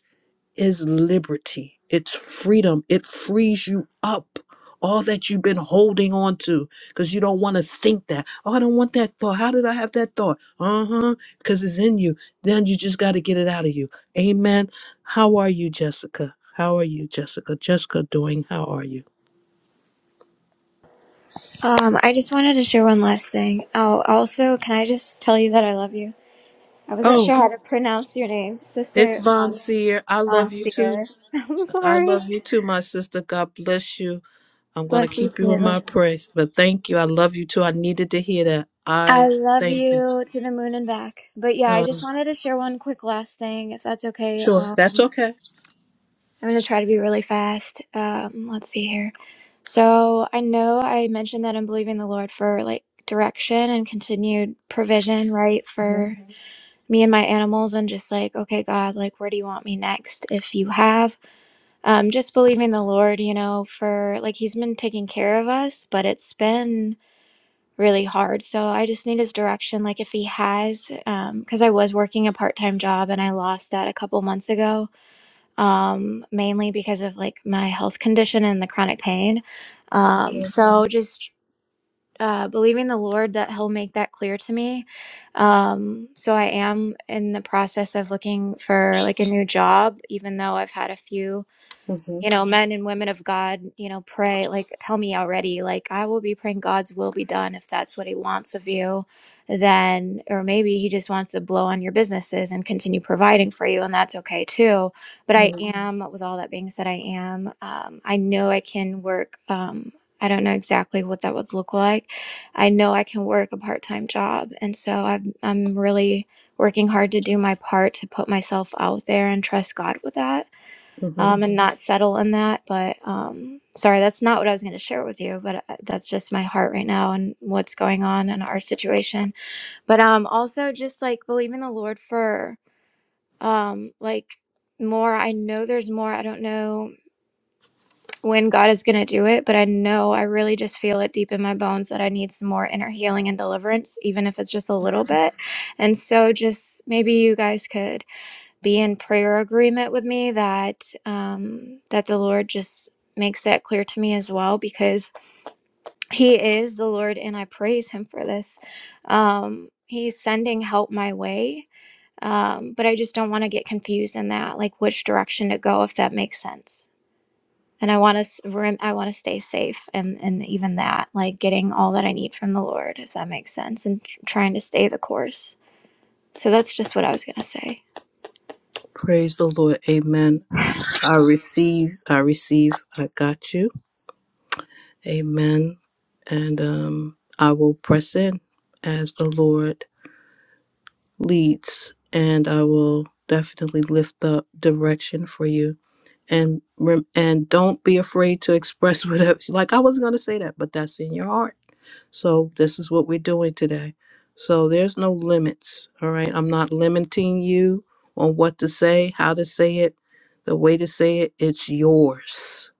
Speaker 3: is liberty. It's freedom. It frees you up. All that you've been holding on to because you don't want to think that. Oh, I don't want that thought. How did I have that thought? Uh huh. Because it's in you. Then you just got to get it out of you. Amen. How are you, Jessica? How are you, Jessica? Jessica doing, how are you?
Speaker 14: Um, I just wanted to share one last thing. Oh, also, can I just tell you that I love you? I wasn't
Speaker 3: Oh,
Speaker 14: sure how to pronounce your name,
Speaker 3: it's
Speaker 14: Sister
Speaker 3: Von
Speaker 14: Mon-
Speaker 3: Seer. I love you too.
Speaker 14: Monsieur. I'm
Speaker 3: I
Speaker 14: sorry.
Speaker 3: love you too, my sister. God bless you. I'm going to
Speaker 14: Bless you
Speaker 3: keep you in
Speaker 14: too.
Speaker 3: my prayers. But thank you. I love you too. I needed to hear that.
Speaker 14: I
Speaker 3: I
Speaker 14: love
Speaker 3: thank you.
Speaker 14: you to the moon and back. But yeah, I just
Speaker 3: Um,
Speaker 14: wanted to share one quick last thing, if that's okay.
Speaker 3: sure.
Speaker 14: Um,
Speaker 3: That's
Speaker 14: I'm
Speaker 3: okay.
Speaker 14: going to try to be really fast. Um, let's see here. So I know I mentioned that I'm believing the Lord for like direction and continued provision, right,
Speaker 3: Mhm,
Speaker 14: for me and my animals, and just like, okay, God, like, where do you want me next? If you have, um, just believing the Lord, you know, for like He's been taking care of us, but it's been really hard. So I just need his direction, like if he has, because I was working a part time job and I lost that a couple months ago, um, mainly because of like my health condition and the chronic pain. Um, so just uh, believing the Lord that He'll make that clear to me. Um, so I am in the process of looking for like a new job, even though I've had a few
Speaker 3: mhm,
Speaker 14: you know, men and women of God, you know, pray, like, tell me already, like, I will be praying God's will be done if that's what He wants of you. Then, or maybe He just wants to blow on your businesses and continue providing for you, and that's okay too. But I
Speaker 3: mhm,
Speaker 14: am, with all that being said, I am, um, I know I can work. Um, I don't know exactly what that would look like. I know I can work a part time job. And so I've, I'm really working hard to do my part to put myself out there and trust God with that
Speaker 3: mhm.
Speaker 14: um, and not settle in that. But um, sorry, that's not what I was going to share with you. But uh, that's just my heart right now and what's going on in our situation. But um, also just like believe in the Lord for um, like more. I know there's more. I don't know when God is going to do it, but I know I really just feel it deep in my bones that I need some more inner healing and deliverance, even if it's just a little bit. And so, just maybe you guys could be in prayer agreement with me that um, that the Lord just makes that clear to me as well because He is the Lord and I praise Him for this. Um, he's sending help my way, um, but I just don't want to get confused in that, like which direction to go, if that makes sense. And I want to, I want to stay safe, and and even that, like getting all that I need from the Lord, if that makes sense, and trying to stay the course. So that's just what I was gonna say.
Speaker 3: Praise the Lord. Amen. I receive. I receive. I got you. Amen. And um, I will press in as the Lord leads, and I will definitely lift up direction for you. And rem- and don't be afraid to express whatever. Like I wasn't gonna say that, but that's in your heart. So this is what we're doing today. So there's no limits, all right? I'm not limiting you on what to say, how to say it, the way to say it. It's yours.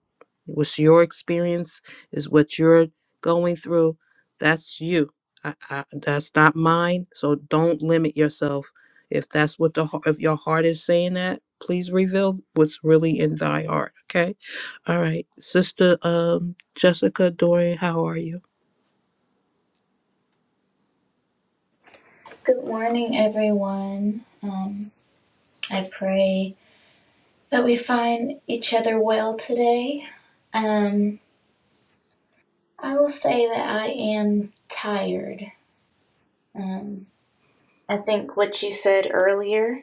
Speaker 3: What's your experience is what you're going through. That's you. I, I, that's not mine. So don't limit yourself. If that's what the heart, if your heart is saying that, please reveal what's really in thy heart. Okay. All right, Sister um, Jessica Dorian, how are you?
Speaker 17: Good morning, everyone. Um, I pray that we find each other well today. Um, I will say that I am tired. Um, I think what you said earlier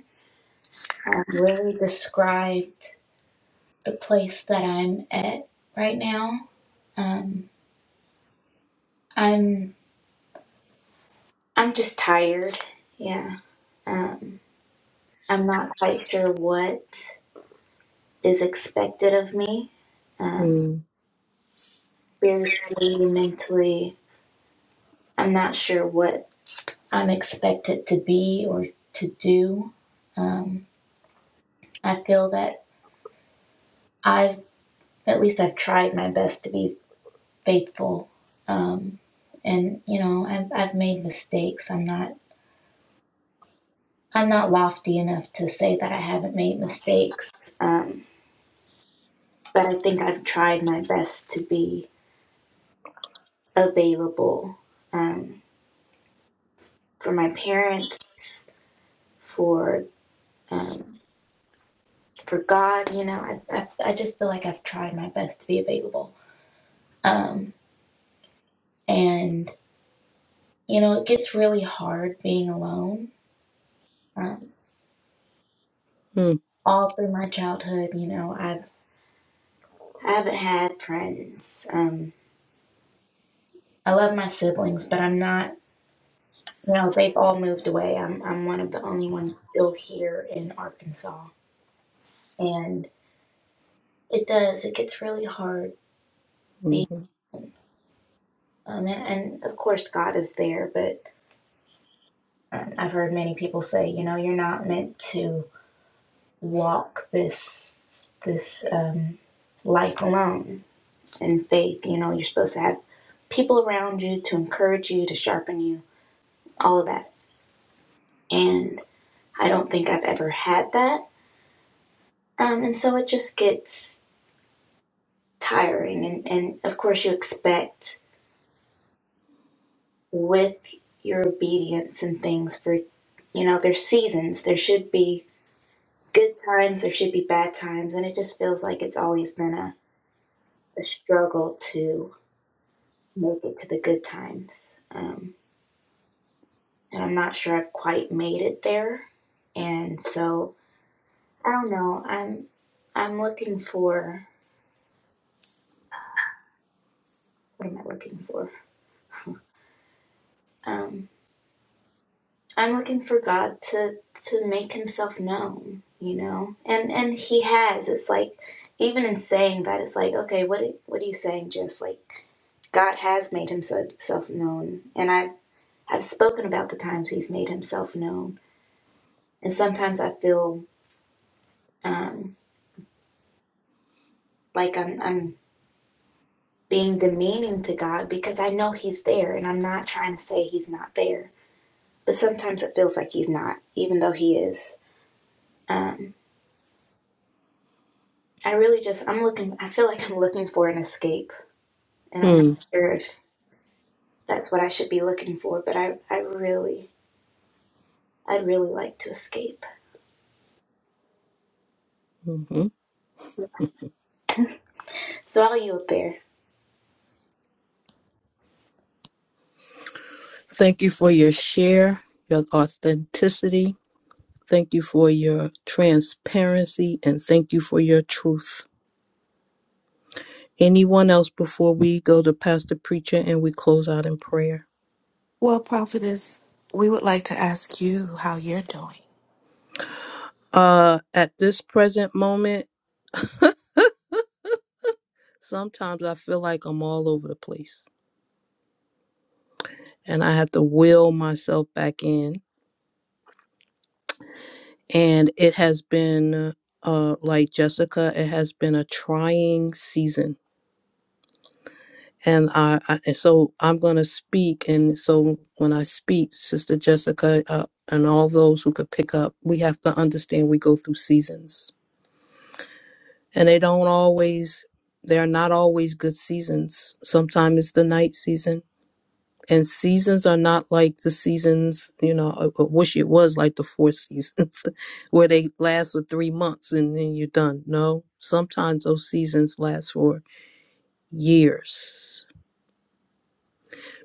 Speaker 17: um, really described the place that I'm at right now. Um, I'm I'm just tired. Yeah. Um, I'm not quite sure what is expected of me um,
Speaker 3: hmm
Speaker 17: spiritually, mentally I'm not sure what I'm expected to be or to do. Um, I feel that I've, at least I've tried my best to be faithful. Um, and you know, I've, I've made mistakes. I'm not, I'm not lofty enough to say that I haven't made mistakes. Um, but I think I've tried my best to be available, um, for my parents, for, um, for God, you know, I, I, I just feel like I've tried my best to be available. Um, and, you know, it gets really hard being alone. Um, all through my childhood, you know, I've, I haven't had friends. Um, I love my siblings, but I'm not, you know, they've all moved away. I'm, I'm one of the only ones still here in Arkansas. And it does, it gets really hard being,
Speaker 3: Mhm.
Speaker 17: um, and, and of course, God is there, but um, I've heard many people say, you know, you're not meant to walk this, this, um, life alone and faith. You know, you're supposed to have people around you to encourage you, to sharpen you, all of that. And I don't think I've ever had that. Um, and so it just gets tiring. And, and of course, you expect with your obedience and things for, you know, there's seasons. There should be good times, there should be bad times. And it just feels like it's always been a, a struggle to make it to the good times. Um, and I'm not sure I've quite made it there. And so I don't know. I'm I'm looking for what am I looking for? Um, I'm looking for God to to make Himself known, you know, and and He has. It's like even in saying that, it's like okay, what what are you saying? Just like God has made Himself known, and I've I've spoken about the times He's made Himself known, and sometimes I feel um, like I'm I'm being demeaning to God because I know He's there, and I'm not trying to say He's not there but sometimes it feels like he's not, even though he is. Um, I really just I'm looking. I feel like I'm looking for an escape, and I'm not sure if that's what I should be looking for. But I I really I'd really like to escape.
Speaker 3: Mhm.
Speaker 17: So I'll yield there.
Speaker 3: Thank you for your share, your authenticity. Thank you for your transparency, and thank you for your truth. Anyone else before we go to Pastor Preacher and we close out in prayer?
Speaker 6: well prophetess we would like to ask you how you're doing
Speaker 3: Uh, at this present moment, sometimes I feel like I'm all over the place and I have to will myself back in. And it has been, uh, like Jessica, it has been a trying season and I, I and so I'm going to speak. And so when I speak, Sister Jessica uh, and all those who could pick up, we have to understand we go through seasons, and they don't always. They are not always good seasons. Sometimes it's the night season, and seasons are not like the seasons. You know, I, I wish it was like the four seasons, where they last for three months and then you're done. No, sometimes those seasons last for years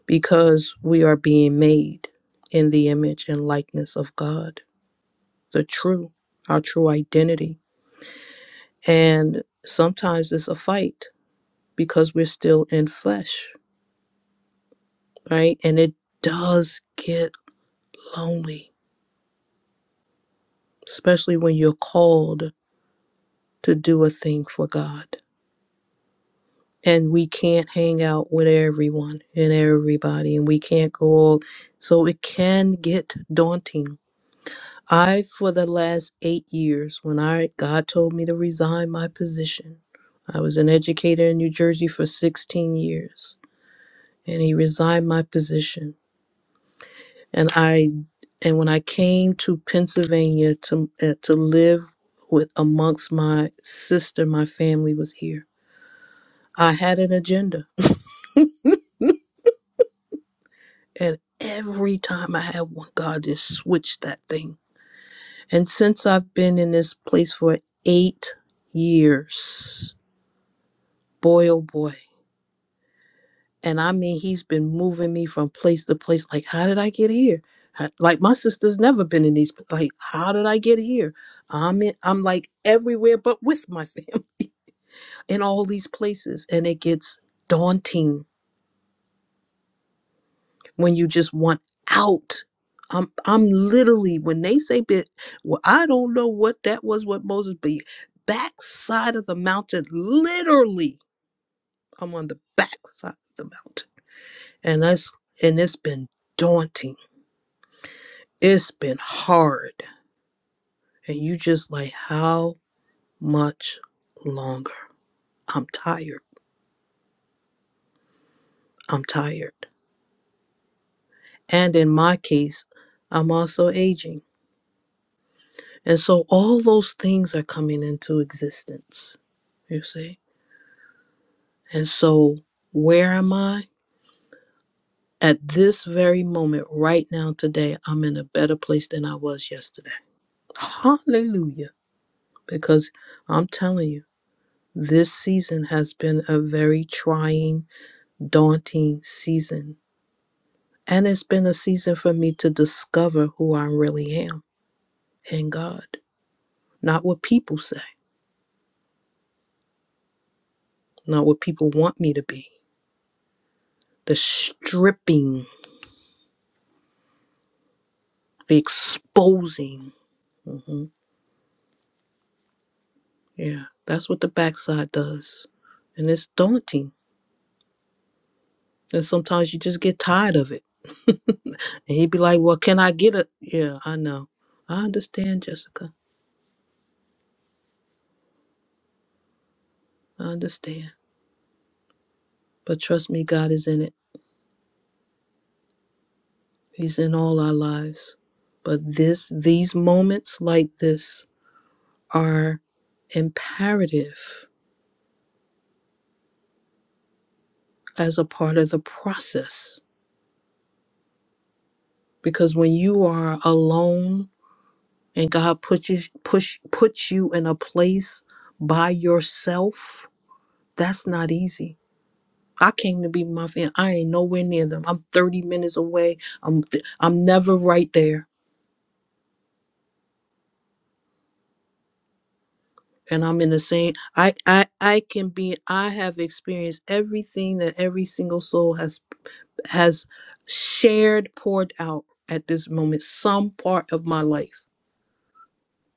Speaker 3: because we are being made in the image and likeness of God, the true, our true identity. And sometimes it's a fight because we're still in flesh, right? And it does get lonely, especially when you're called to do a thing for God. And we can't hang out with everyone and everybody, and we can't go all, so it can get daunting I, for the last eight years, when I God told me to resign my position, I was an educator in New Jersey for 16 years, and He resigned my position. And I, and when I came to Pennsylvania to uh, to live with amongst my sister, my family was here. I had an agenda, and every time I had one, God just switched that thing. And since I've been in this place for eight years, boy oh boy And I mean, he's been moving me from place to place. Like, how did I get here? How- Like, my sister's never been in these. Like, how did I get here? I'm in, I'm like everywhere, but with my family in all these places, and it gets daunting when you just want out. I'm I'm literally when they say bit. Well, I don't know what that was. What Moses be backside of the mountain. Literally, I'm on the backside of the mountain, and that's and it's been daunting It's been hard. And you just like, how much longer? I'm tired. I'm tired. And in my case, I'm also aging. And so all those things are coming into existence, you see? And so where am I? At this very moment, right now, today, I'm in a better place than I was yesterday. Hallelujah. Because I'm telling you, this season has been a very trying daunting season. And it's been a season for me to discover who I really am in God, not what people say, not what people want me to be. The stripping, the exposing. hmm Yeah, that's what the backside does. And it's daunting. And sometimes you just get tired of it. and he'd be like, Well, can I get it? Yeah, I know. I understand, Jessica. I understand. But trust me, God is in it. He's in all our lives. But this these moments like this are imperative as a part of the process because when you are alone and God puts you push puts you in a place by yourself, that's not easy. I came to be my family. I ain't nowhere near them. I'm 30 minutes away. I'm th- I'm never right there and I'm in the same I I I can be I have experienced everything that every single soul has has shared poured out at this moment some part of my life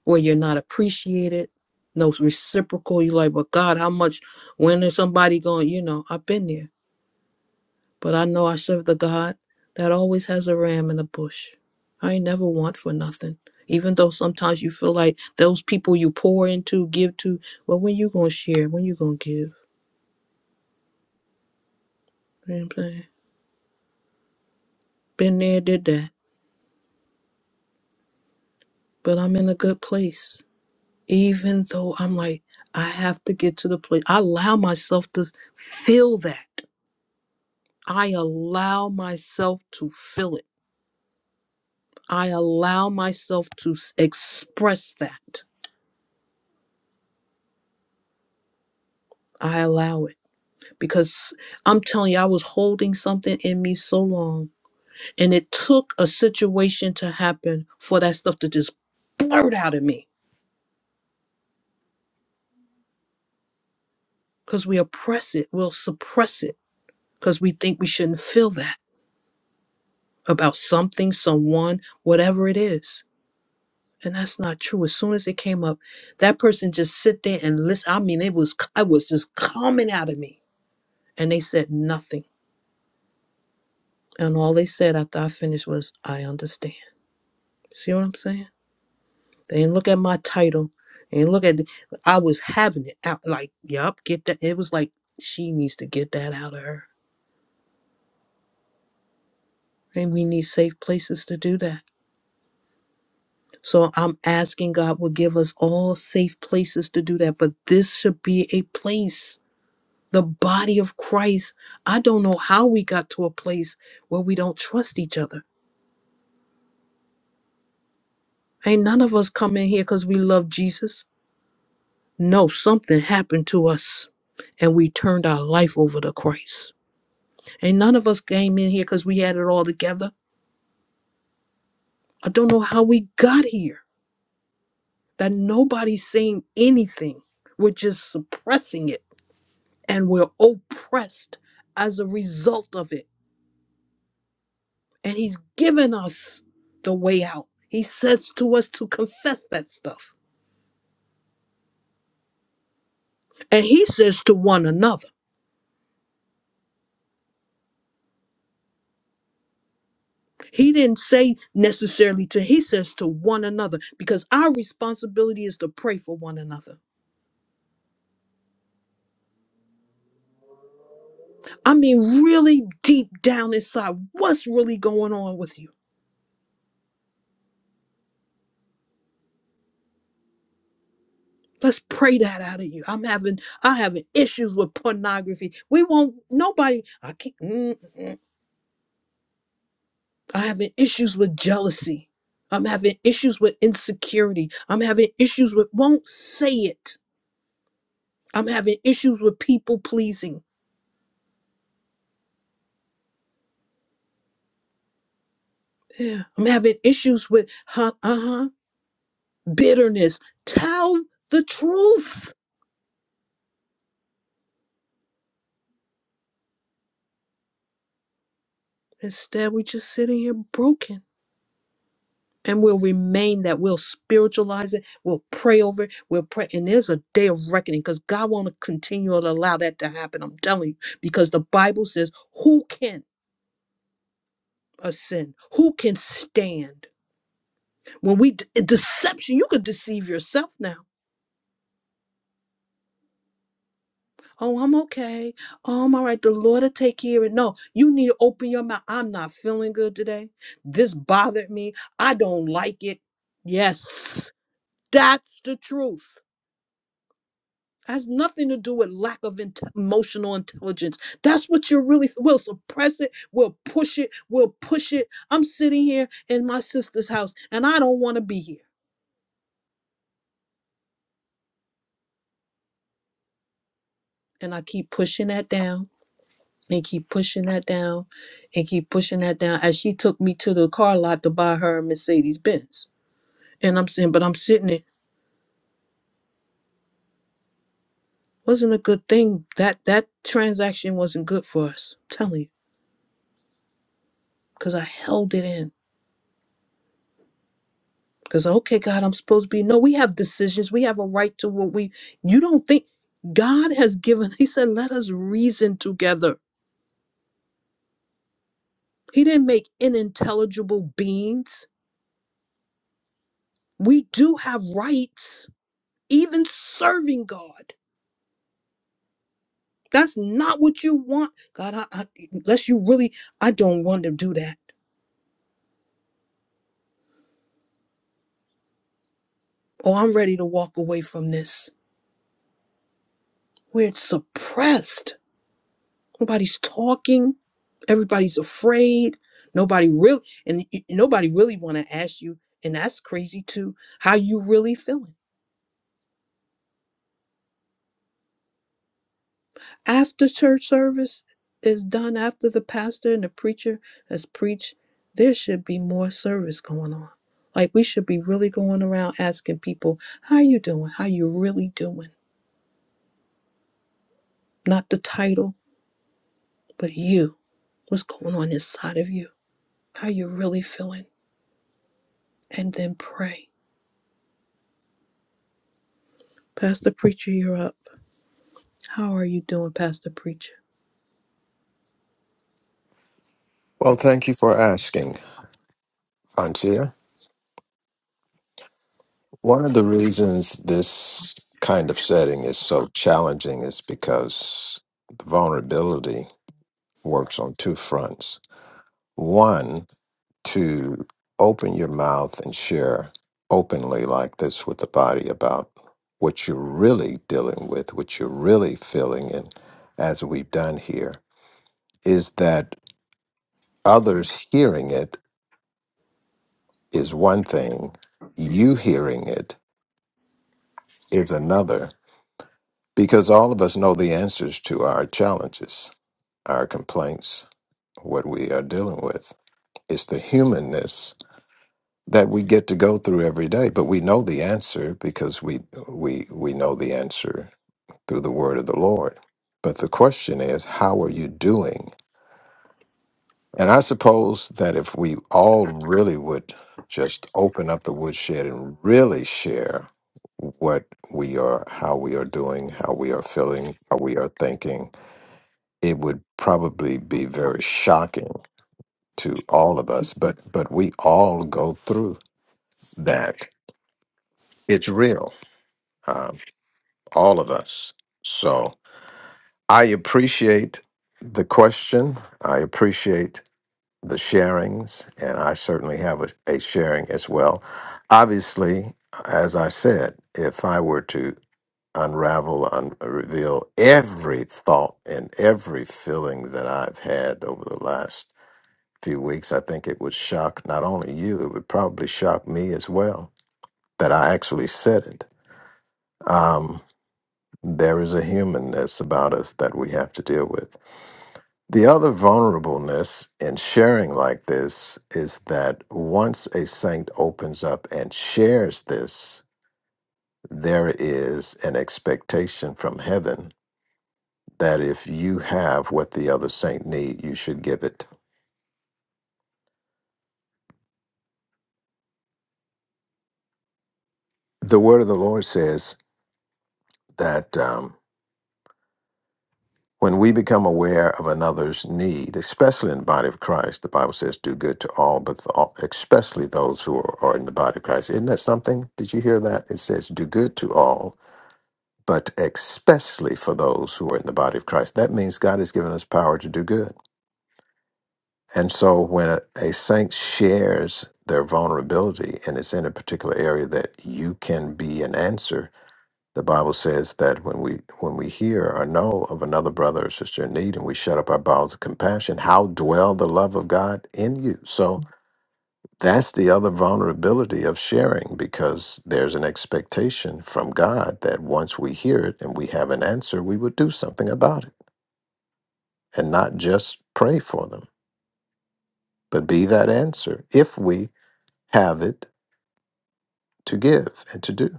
Speaker 3: where you're not appreciated no reciprocal you like but God how much when is somebody going you know I've been there but I know I serve the God that always has a ram in the bush I ain't never want for nothing even though sometimes you feel like those people you pour into give to well when you gonna share when you gonna give Been playing. Been there, did that. But I'm in a good place. Even though I'm like, I have to get to the place. I allow myself to feel that. I allow myself to feel it. I allow myself to s- express that. I allow it because I'm telling you, I was holding something in me so long, and it took a situation to happen for that stuff to just blurt out of me because we oppress it, we'll suppress it because we think we shouldn't feel that about something, someone, whatever it is. And that's not true. As soon as it came up, that person just sit there and listen. I mean, it was it was just coming out of me, and they said nothing. And all they said after I finished was, "I understand." See what I'm saying? They didn't look at my title. They didn't look at. The, I was having it out. Like, yup, get that. It was like she needs to get that out of her, and we need safe places to do that So I'm asking God will give us all safe places to do that, but this should be a place. The body of Christ. I don't know how we got to a place where we don't trust each other. Ain't none of us come in here because we love Jesus. No, something happened to us and we turned our life over to Christ. Ain't none of us came in here because we had it all together. I don't know how we got here. That nobody's saying anything. We're just suppressing it and we're oppressed as a result of it. And He's given us the way out. He says to us to confess that stuff. And He says to one another. He didn't say necessarily to, He says to one another, because our responsibility is to pray for one another. I mean, really deep down inside, what's really going on with you? Let's pray that out of you. I'm having, I having issues with pornography. We won't. Nobody. I can't. mm, mm. I'm having issues with jealousy. I'm having issues with insecurity. I'm having issues with won't say it. I'm having issues with people pleasing. Yeah. I'm having issues with huh, uh-huh, bitterness. Tell the truth. Instead, we're just sitting here broken. And we'll remain that. We'll spiritualize it. We'll pray over it. We'll pray. And there's a day of reckoning because God won't continue to allow that to happen. I'm telling you. Because the Bible says, who can? a sin. Who can stand when we de- deception? You could deceive yourself now. Oh, I'm okay. Oh, I'm all right. The Lord will take care of it. No, you need to open your mouth. I'm not feeling good today. This bothered me. I don't like it. Yes, that's the truth. Has nothing to do with lack of int- emotional intelligence. That's what you're really. We'll suppress it. We'll push it. We'll push it. I'm sitting here in my sister's house, and I don't want to be here. And I keep pushing that down and keep pushing that down and keep pushing that down as she took me to the car lot to buy her a mercedes benz and i'm saying but i'm sitting there wasn't a good thing that that transaction wasn't good for us I'm telling you because i held it in because okay god i'm supposed to be no we have decisions we have a right to what we you don't think god has given he said let us reason together he didn't make unintelligible beings we do have rights even serving god That's not what you want. God, I, I, unless you really, I don't want to do that. Oh, I'm ready to walk away from this. Where it's suppressed. Nobody's talking. Everybody's afraid. Nobody really, and y- nobody really want to ask you, and that's crazy too, how you really feeling. After church service is done, after the pastor and the preacher has preached, there should be more service going on. Like we should be really going around asking people, "How you doing? How you really doing?" Not the title, but you. What's going on inside of you? How you really feeling? And then pray. Pastor preacher, you're up. How are you doing, Pastor preacher?
Speaker 2: Well, thank you for asking, Auntie. One of the reasons this kind of setting is so challenging is because the vulnerability works on two fronts. One, to open your mouth and share openly like this with the body about what you're really dealing with, what you're really feeling, and as we've done here, is that others hearing it is one thing, you hearing it is another. Because all of us know the answers to our challenges, our complaints, what we are dealing with. It's the humanness that we get to go through every day, but we know the answer because we we we know the answer through the word of the Lord. But the question is, how are you doing? And I suppose that if we all really would just open up the woodshed and really share what we are, how we are doing, how we are feeling, how we are thinking, it would probably be very shocking to all of us but but we all go through that it's real um, all of us so i appreciate the question i appreciate the sharings and i certainly have a, a sharing as well obviously as i said if i were to unravel un- reveal every thought and every feeling that i've had over the last few weeks, I think it would shock not only you, it would probably shock me as well that I actually said it. Um, there is a humanness about us that we have to deal with. The other vulnerableness in sharing like this is that once a saint opens up and shares this, there is an expectation from heaven that if you have what the other saint need, you should give it. The word of the Lord says that. Um, When we become aware of another's need, especially in the body of Christ, the Bible says, do good to all, but the, all- especially those who are, are in the body of Christ. Isn't that something? Did you hear that? It says, do good to all, but especially for those who are in the body of Christ. That means God has given us power to do good. And so when a, a saint shares their vulnerability and it's in a particular area that you can be an answer, the Bible says that when we when we hear or know of another brother or sister in need and we shut up our bowels of compassion, how dwell the love of God in you? So that's the other vulnerability of sharing because there's an expectation from God that once we hear it and we have an answer, we would do something about it and not just pray for them, but be that answer if we have it to give and to do.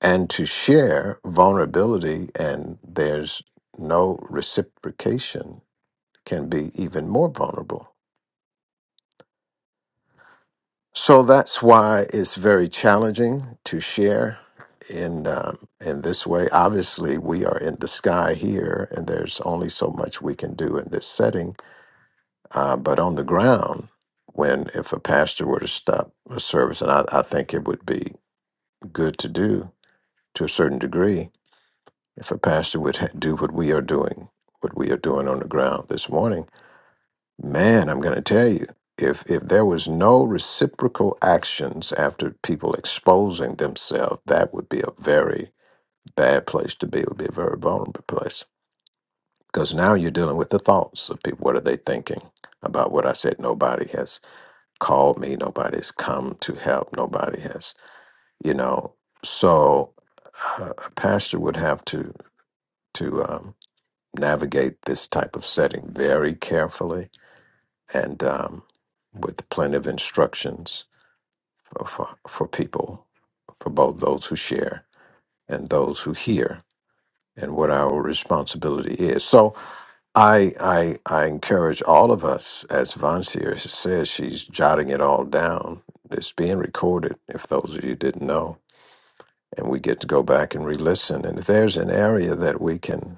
Speaker 2: and to share vulnerability and there's no reciprocation can be even more vulnerable so that's why it's very challenging to share in um, in this way obviously we are in the sky here and there's only so much we can do in this setting uh, but on the ground when if a pastor were to stop a service and I, I think it would be good to do to a certain degree If a pastor would ha- do what we are doing, what we are doing on the ground this morning, man, I'm going to tell you, if if there was no reciprocal actions after people exposing themselves, that would be a very bad place to be. It would be a very vulnerable place because now you're dealing with the thoughts of people. What are they thinking about what I said? Nobody has called me. Nobody's come to help. Nobody has, you know. So uh, a pastor would have to to. Um, navigate this type of setting very carefully and um, with plenty of instructions for, for, for people, for both those who share and those who hear, and what our responsibility is. So I, I, I encourage all of us, as Vansir says, she's jotting it all down. It's being recorded, if those of you didn't know, and we get to go back and re-listen. And if there's an area that we can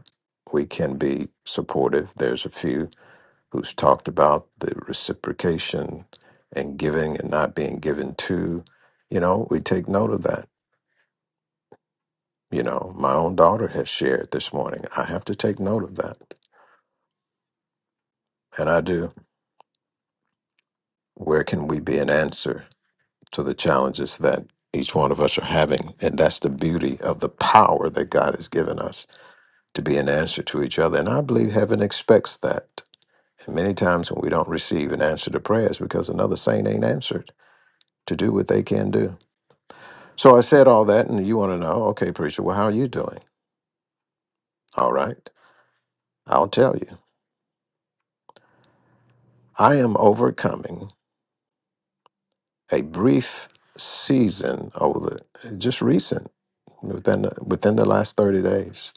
Speaker 2: we can be supportive, there's a few who's talked about the reciprocation and giving and not being given to. You know, we take note of that. You know, my own daughter has shared this morning. I have to take note of that. And I do. Where can we be an answer to the challenges that each one of us are having? And that's the beauty of the power that God has given us to be an answer to each other. And I believe heaven expects that. And many times when we don't receive an answer to prayers because another saint ain't answered to do what they can do. So I said all that, and you want to know, okay, preacher, well, how are you doing? All right, I'll tell you. I am overcoming a brief season over the, just recent, within the, within the last 30 days.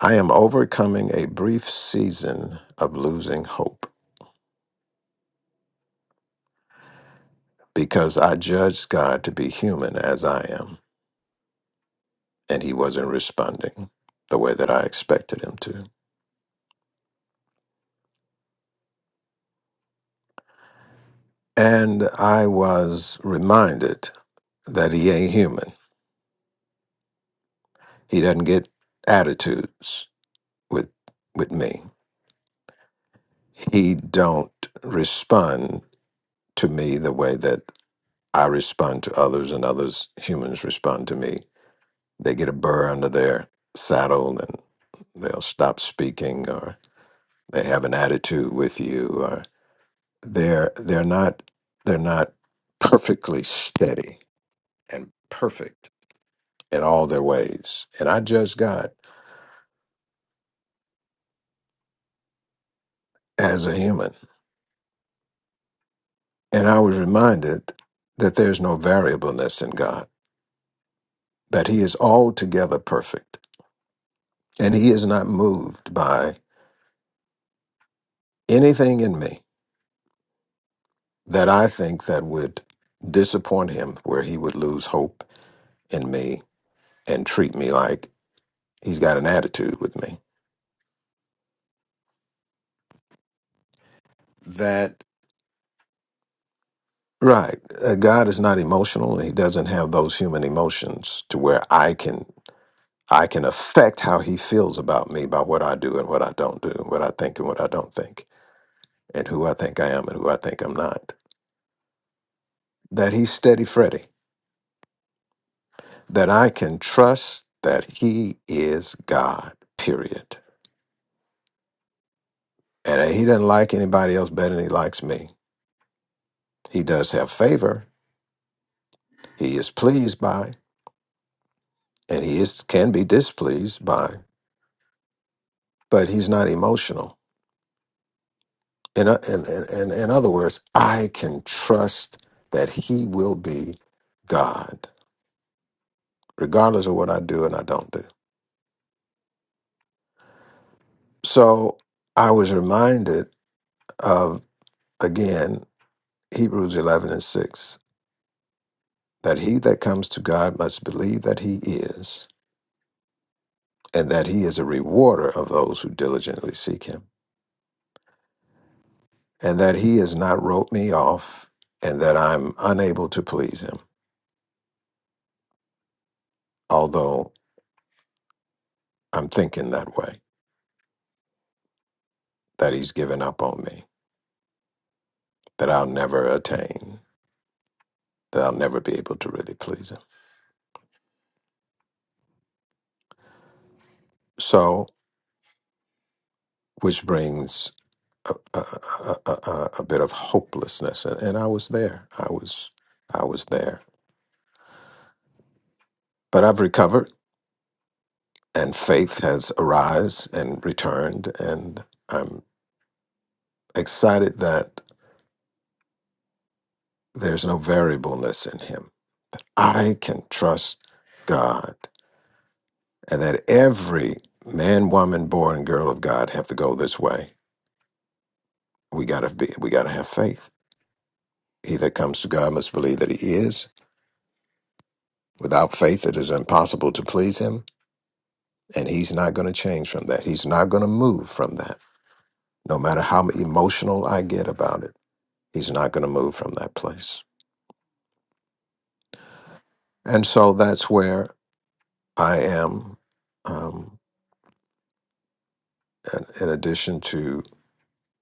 Speaker 2: I am overcoming a brief season of losing hope because I judged God to be human as I am, and He wasn't responding the way that I expected Him to. And I was reminded that He ain't human He doesn't get attitudes with with me. He don't respond to me the way that I respond to others and others humans respond to me. They get a burr under their saddle and they'll stop speaking or they have an attitude with you or they're they're not they're not perfectly steady and perfect in all their ways. And I judge God as a human And I was reminded that there's no variableness in God, that He is altogether perfect, and He is not moved by anything in me that I think that would disappoint Him, where He would lose hope in me and treat me like He's got an attitude with me. That right, uh, God is not emotional; He doesn't have those human emotions to where I can. I can affect how he feels about me by what I do and what I don't do, and what I think and what I don't think and who I think I am and who I think I'm not. That he's steady Freddy. That I can trust that he is God, period. And that he doesn't like anybody else better than he likes me. He does have favor, he is pleased by, and he is can be displeased by, but he's not emotional. In, o- in, in, in in other words, I can trust that he will be God, regardless of what I do and I don't do. So I was reminded of, again, Hebrews 11 and 6 that he that comes to God must believe that he is, and that he is a rewarder of those who diligently seek him, and that he has not wrote me off, and that I'm unable to please him, although I'm thinking that way, that he's given up on me, that I'll never attain, that I'll never be able to really please him. So, which brings a, a, a, a, a a bit of hopelessness. And and I was there. I was, I was there. But I've recovered. and faith has arise and returned and i'm excited that there's no variableness in him i can trust god and that every man woman boy and girl of god have to go this way we got to be we got to have faith he that comes to god must believe that he is without faith it is impossible to please him and he's not going to change from that he's not going to move from that no matter how emotional i get about it he's not going to move from that place And so that's where I am. Um, and in addition to,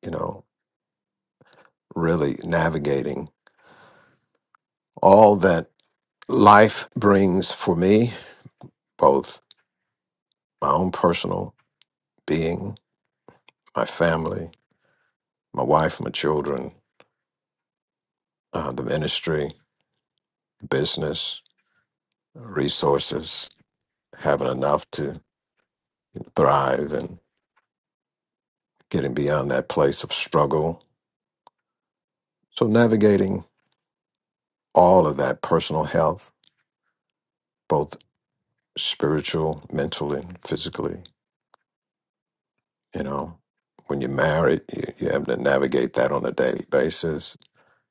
Speaker 2: you know, really navigating all that life brings for me, both my own personal being, my family, my wife, my children, uh, the ministry, business, resources, having enough to thrive and getting beyond that place of struggle. So navigating all of that personal health, both. spiritual, mentally, physically. You know, when you're married, you, you have to navigate that on a daily basis.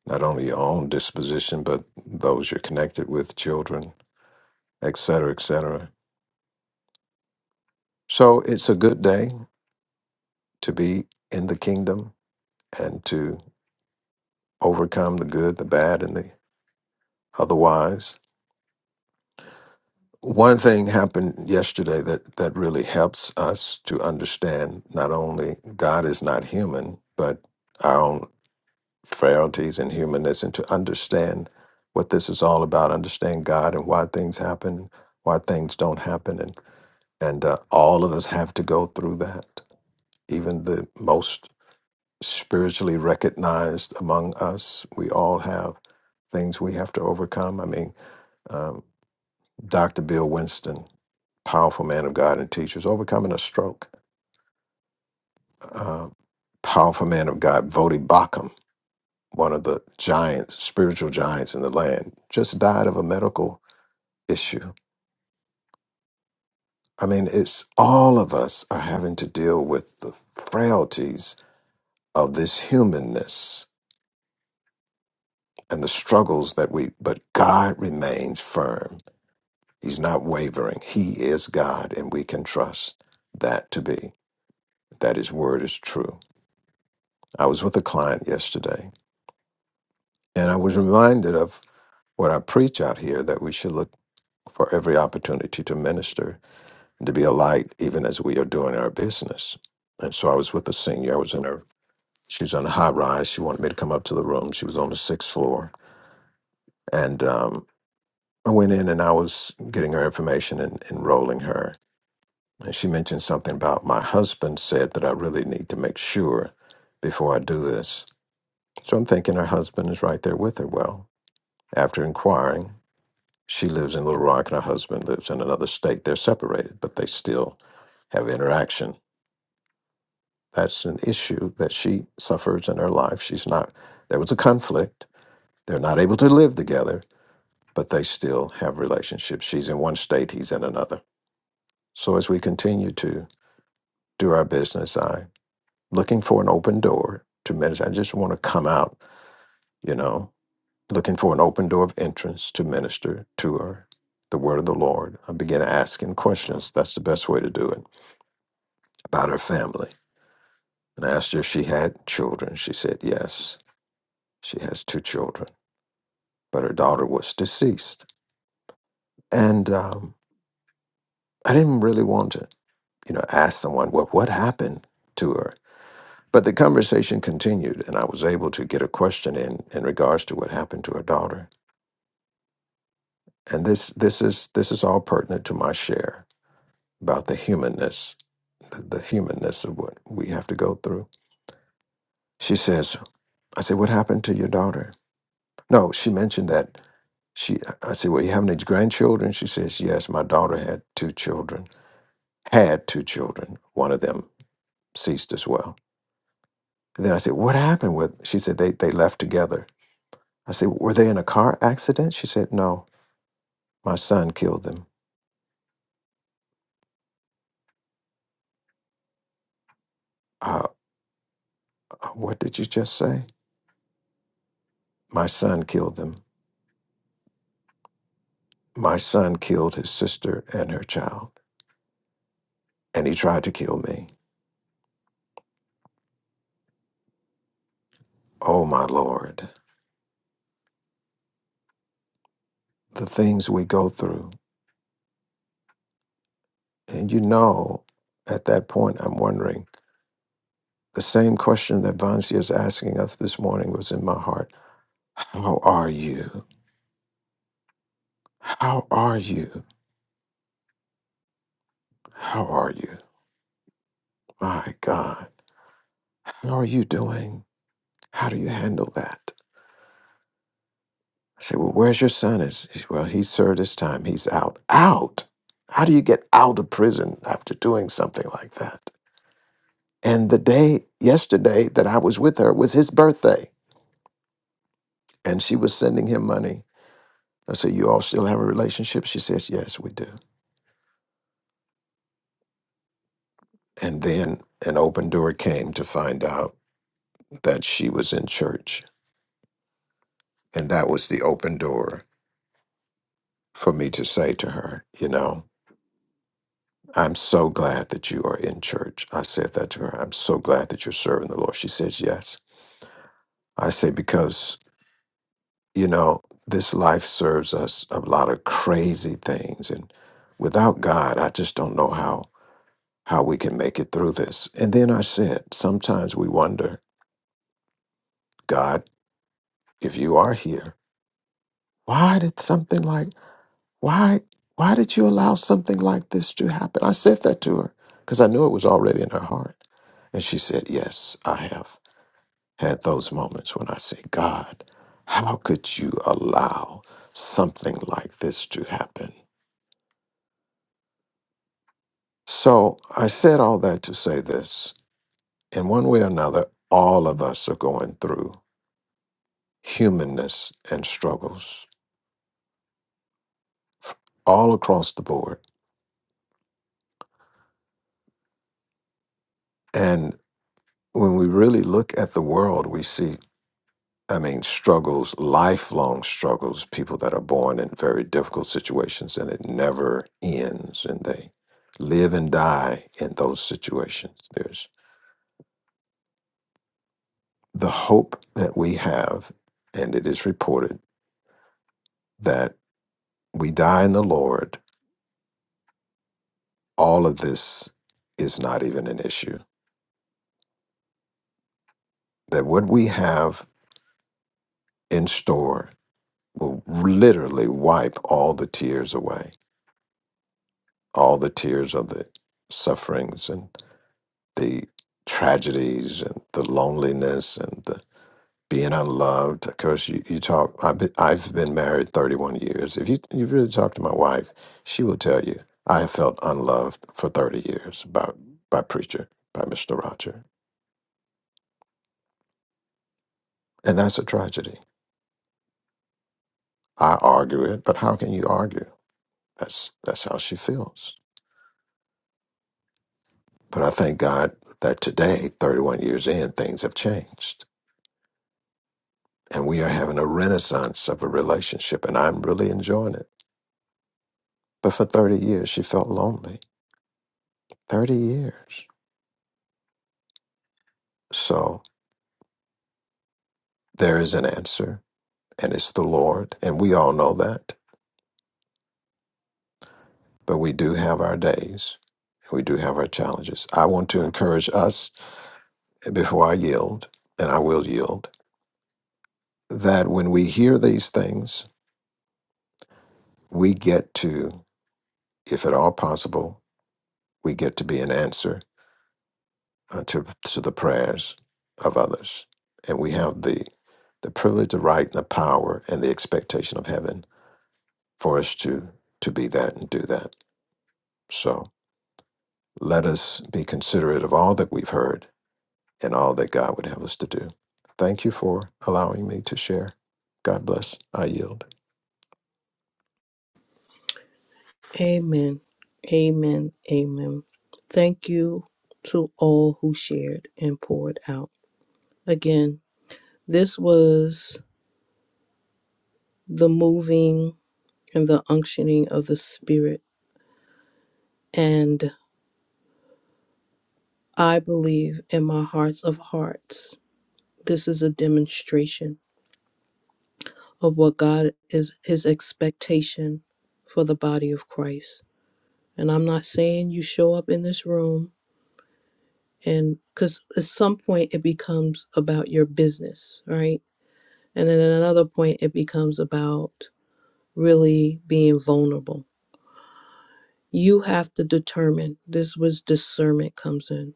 Speaker 2: Not only your own disposition, but those you're connected with, children, et cetera, et cetera. So it's a good day to be in the kingdom and to overcome the good, the bad, and the otherwise. One thing happened yesterday that, that really helps us to understand not only God is not human, but our own frailties and humanness and to understand what this is all about, understand God and why things happen, why things don't happen. And, and uh, all of us have to go through that. Even the most spiritually recognized among us, we all have things we have to overcome. I mean, um, Dr. Bill Winston, powerful man of God and teachers, overcoming a stroke. Uh, powerful man of God, Vodi Bakum one of the giants, spiritual giants in the land, just died of a medical issue. I mean, it's all of us are having to deal with the frailties of this humanness and the struggles that we, but God remains firm. He's not wavering. He is God, and we can trust that to be, that His word is true. I was with a client yesterday, and I was reminded of what I preach out here that we should look for every opportunity to minister and to be a light even as we are doing our business. And so I was with a senior. I was in her, she was on a high rise. She wanted me to come up to the room. She was on the sixth floor. And um, I went in and I was getting her information and enrolling her. And she mentioned something about my husband said that I really need to make sure before I do this. So I'm thinking her husband is right there with her. Well, after inquiring, she lives in Little Rock and her husband lives in another state. They're separated, but they still have interaction. That's an issue that she suffers in her life. She's not, there was a conflict. They're not able to live together, but they still have relationships. She's in one state, he's in another. So as we continue to do our business, I'm looking for an open door to minister. I just want to come out, you know, looking for an open door of entrance to minister to her. The word of the Lord. I began asking questions. That's the best way to do it about her family. And I asked her if she had children. She said yes. She has two children. but her daughter was deceased. And um, I didn't really want to, you know, ask someone, well, what happened to her? But the conversation continued, and I was able to get a question in in regards to what happened to her daughter. And this this is this is all pertinent to my share about the humanness, the, the humanness of what we have to go through. She says, I said, what happened to your daughter? No, she mentioned that she. I said, well, you have any grandchildren? She says, yes, my daughter had two children. had two children. One of them ceased as well. And then I said, What happened with? She said, they, they left together. I said, Were they in a car accident? She said, No, my son killed them. Uh, uh, what did you just say? My son killed them. My son killed his sister and her child, and he tried to kill me. Oh, my Lord, the things we go through. And you know, at that point, I'm wondering the same question that Vansi is asking us this morning was in my heart How are you? How are you? How are you? My God. How are you doing? How do you handle that? I say, Well, where's your son? Is he's well, he served his time. He's out. Out. How do you get out of prison after doing something like that? And the day yesterday that I was with her was his birthday. And she was sending him money. I said, You all still have a relationship? She says, Yes, we do. And then an open door came to find out that she was in church. And that was the open door for me to say to her, you know, I'm so glad that you are in church. I said that to her. I'm so glad that you're serving the Lord. She says, yes. I say, because, you know, this life serves us a lot of crazy things. And without God, I just don't know how, how we can make it through this. And then I said, sometimes we wonder, God, if you are here, why did something like Why why did you allow something like this to happen? I said that to her because I knew it was already in her heart. And she said, Yes, I have had those moments when I say, God, how could you allow something like this to happen? So I said all that to say this in one way or another, all of us are going through humanness and struggles all across the board. And when we really look at the world, we see I mean, struggles, lifelong struggles, people that are born in very difficult situations and it never ends and they live and die in those situations. There's the hope that we have, and it is reported that we die in the Lord. All of this is not even an issue. That what we have in store will literally wipe all the tears away, all the tears of the sufferings and. the tragedies and the loneliness and the being unloved. Of course, you, you talk, I've been, I've been married 31 years. If you, you really talk to my wife, she will tell you, I have felt unloved for 30 years by, by preacher, by Mr. Roger. And that's a tragedy. I argue it, but how can you argue? That's, that's how she feels. But I thank God that today, 31 years in, things have changed. And we are having a renaissance of a relationship, and I'm really enjoying it. But for 30 years, she felt lonely. 30 years. So there is an answer, and it's the Lord. And we all know that. But we do have our days, and we do have our challenges. I want to encourage us before I yield, and I will yield, that when we hear these things, we get to, if at all possible, we get to be an answer uh, to, to the prayers of others. And we have the, the privilege, the right, and the power, and the expectation of heaven for us to to be that and do that. So let us be considerate of all that we've heard and all that God would have us to do. Thank you for allowing me to share. God bless. I yield.
Speaker 3: Amen. Amen. Amen. Thank you to all who shared and poured out. Again, this was the moving and the unctioning of the Spirit. And I believe in my hearts of hearts, this is a demonstration of what God is, his expectation for the body of Christ. And I'm not saying you show up in this room and because at some point it becomes about your business, right? And then at another point it becomes about really being vulnerable You have to determine. This was discernment comes in.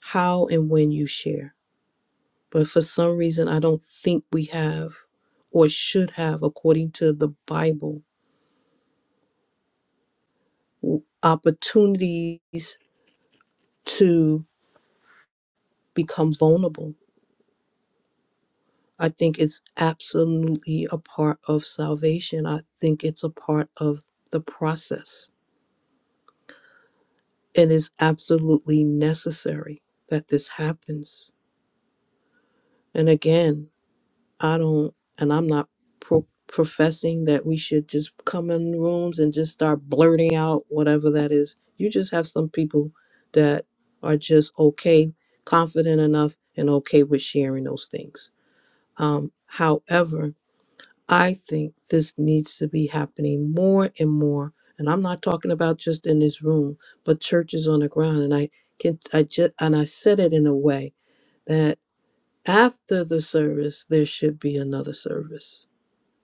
Speaker 3: How and when you share. But for some reason I don't think we have or should have according to the Bible w- opportunities to become vulnerable. I think it's absolutely a part of salvation. I think it's a part of the process. It is absolutely necessary that this happens. And again, I don't, and I'm not pro- professing that we should just come in rooms and just start blurting out whatever that is. You just have some people that are just okay, confident enough, and okay with sharing those things. Um, however, I think this needs to be happening more and more. And I'm not talking about just in this room, but churches on the ground. And I can, I just, and I said it in a way that after the service, there should be another service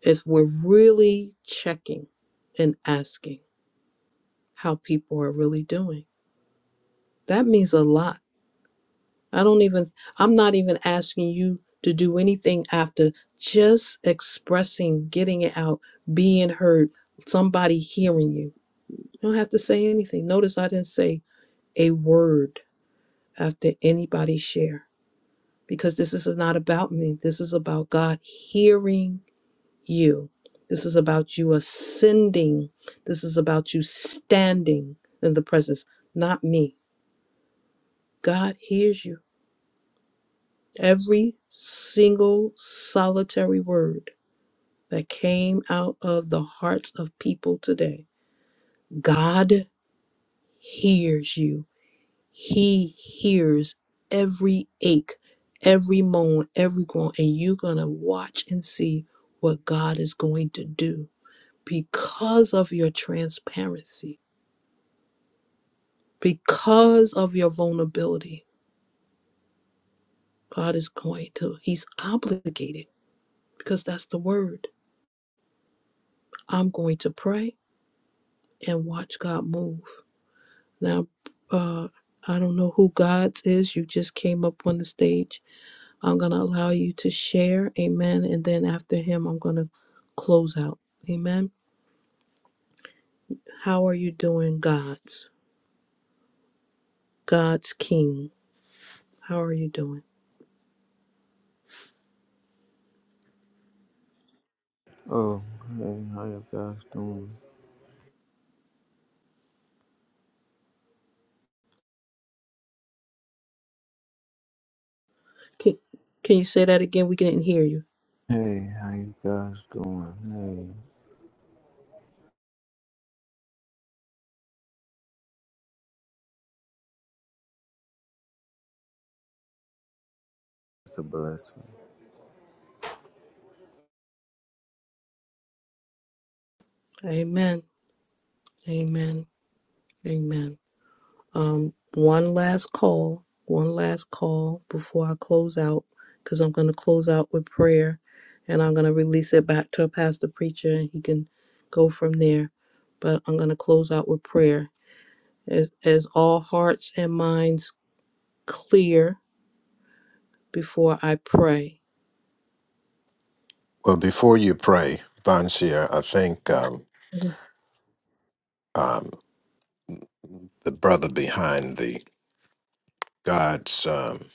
Speaker 3: is we're really checking and asking how people are really doing. That means a lot. I don't even, I'm not even asking you to do anything after just expressing, getting it out, being heard, somebody hearing you. You don't have to say anything. Notice I didn't say a word after anybody share because this is not about me. This is about God hearing you. This is about you ascending. This is about you standing in the presence, not me. God hears you. Every single solitary word that came out of the hearts of people today, God hears you. He hears every ache, every moan, every groan, and you're going to watch and see what God is going to do because of your transparency because of your vulnerability, God is going to, He's obligated because that's the word. I'm going to pray and watch God move. Now, uh, I don't know who God's is. You just came up on the stage. I'm going to allow you to share. Amen. And then after Him, I'm going to close out. Amen. How are you doing, God's? God's King. How are you doing?
Speaker 18: Oh, hey, how you guys doing?
Speaker 3: Can, can you say that again? We didn't hear you.
Speaker 18: Hey, how you guys doing? Hey, it's a blessing.
Speaker 3: Amen. Amen. Amen. Um, one last call, one last call before I close out, because I'm going to close out with prayer and I'm going to release it back to a pastor preacher and he can go from there. But I'm going to close out with prayer. As, as all hearts and minds clear before I pray.
Speaker 2: Well, before you pray, Bonsier, I think um,
Speaker 3: Mhm.
Speaker 2: um, the brother behind the God's um,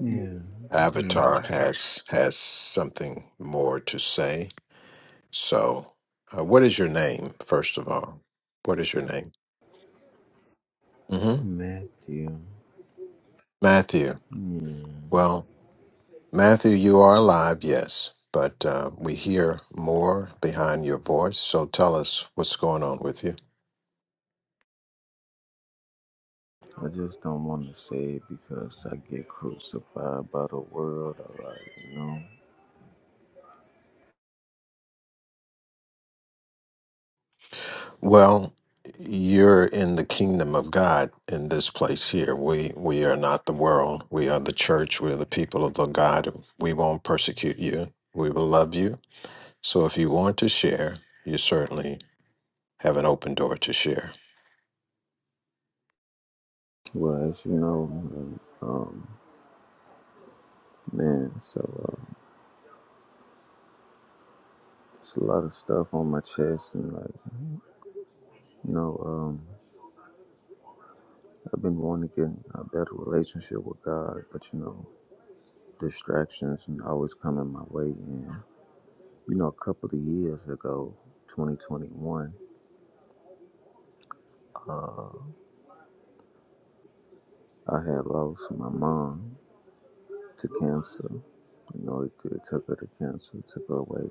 Speaker 18: Yeah, yeah.
Speaker 2: avatar has has something more to say. So, uh, what is your name, first of all? What is your name? hmm
Speaker 18: Matthew.
Speaker 2: Matthew.
Speaker 18: Yeah,
Speaker 2: Well, Matthew, you are alive, yes, but uh, we hear more behind your voice. So tell us what's going on with you.
Speaker 18: I just don't want to say it because I get crucified by the world. All right, you know.
Speaker 2: Well, you're in the kingdom of God in this place here. We we are not the world. We are the church. We are the people of the God. We won't persecute you. We will love you. So if you want to share, you certainly have an open door to share.
Speaker 18: Well, as you know, man, um, man, so uh, it's a lot of stuff on my chest, and like, you know, um, I've been wanting to get in a better relationship with God, but you know. distractions always coming my way. And you know, a couple of years ago, 2021, uh, I had lost my mom to cancer. You know, it, it took her to cancer, it took her away.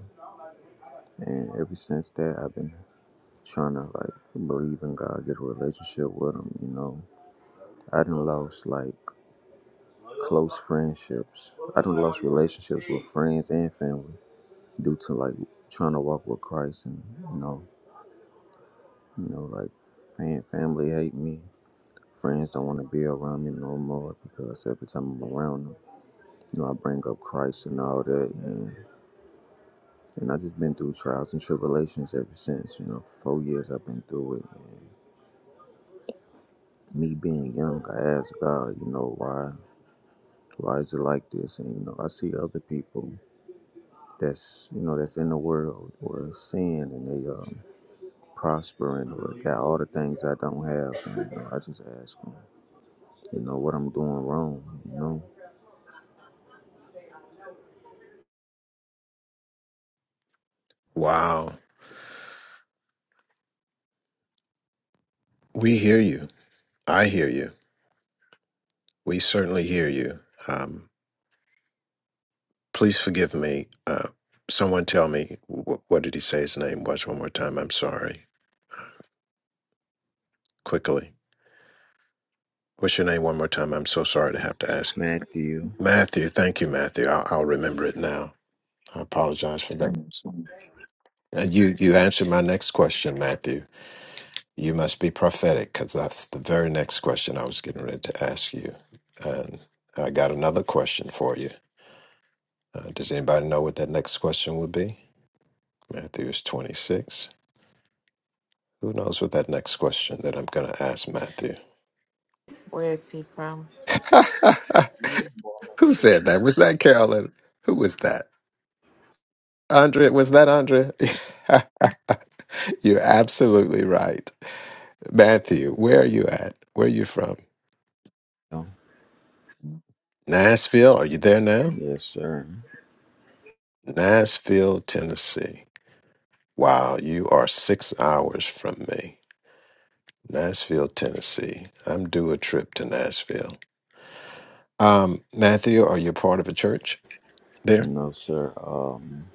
Speaker 18: And ever since that, I've been trying to like believe in God, get a relationship with Him. You know, I done lost like close friendships. I done lost relationships with friends and family due to like trying to walk with Christ and you know. You know, like fam- family hate me. Friends don't want to be around me no more because every time I'm around them, you know, I bring up Christ and all that. And, and i just been through trials and tribulations ever since. You know, four years I've been through it. And me being young, I asked God, you know, why, why is it like this? And you know, I see other people that's, you know, that's in the world or sin and they um, prospering or got all the things I don't have. And, you know, I just ask them, you know, what I'm doing wrong. You know.
Speaker 2: Wow, we hear you. I hear you. We certainly hear you. Um, Please forgive me. Uh, someone tell me wh- what did he say his name was one more time? I'm sorry. Quickly. What's your name one more time? I'm so sorry to have to ask.
Speaker 18: Matthew.
Speaker 2: Matthew. Thank you, Matthew. I'll, I'll remember it now. I apologize for that. Uh, You you answered my next question, Matthew. You must be prophetic because that's the very next question I was getting ready to ask you, and I got another question for you. Uh, does anybody know what that next question would be? Matthew is twenty six. Who knows what that next question that I'm going to ask Matthew?
Speaker 6: where is he from
Speaker 2: Who said that? Was that Carolyn? Who was that? Andrea, was that Andrea? You're absolutely right. Matthew, where are you at? Where are you from?
Speaker 18: Oh,
Speaker 2: Nashville. Are you there now?
Speaker 18: yes, sir.
Speaker 2: Nashville, Tennessee. Wow, you are six hours from me. Nashville, Tennessee. I'm due a trip to Nashville. Um, Matthew, are you part of a church there?
Speaker 18: No, sir. Um,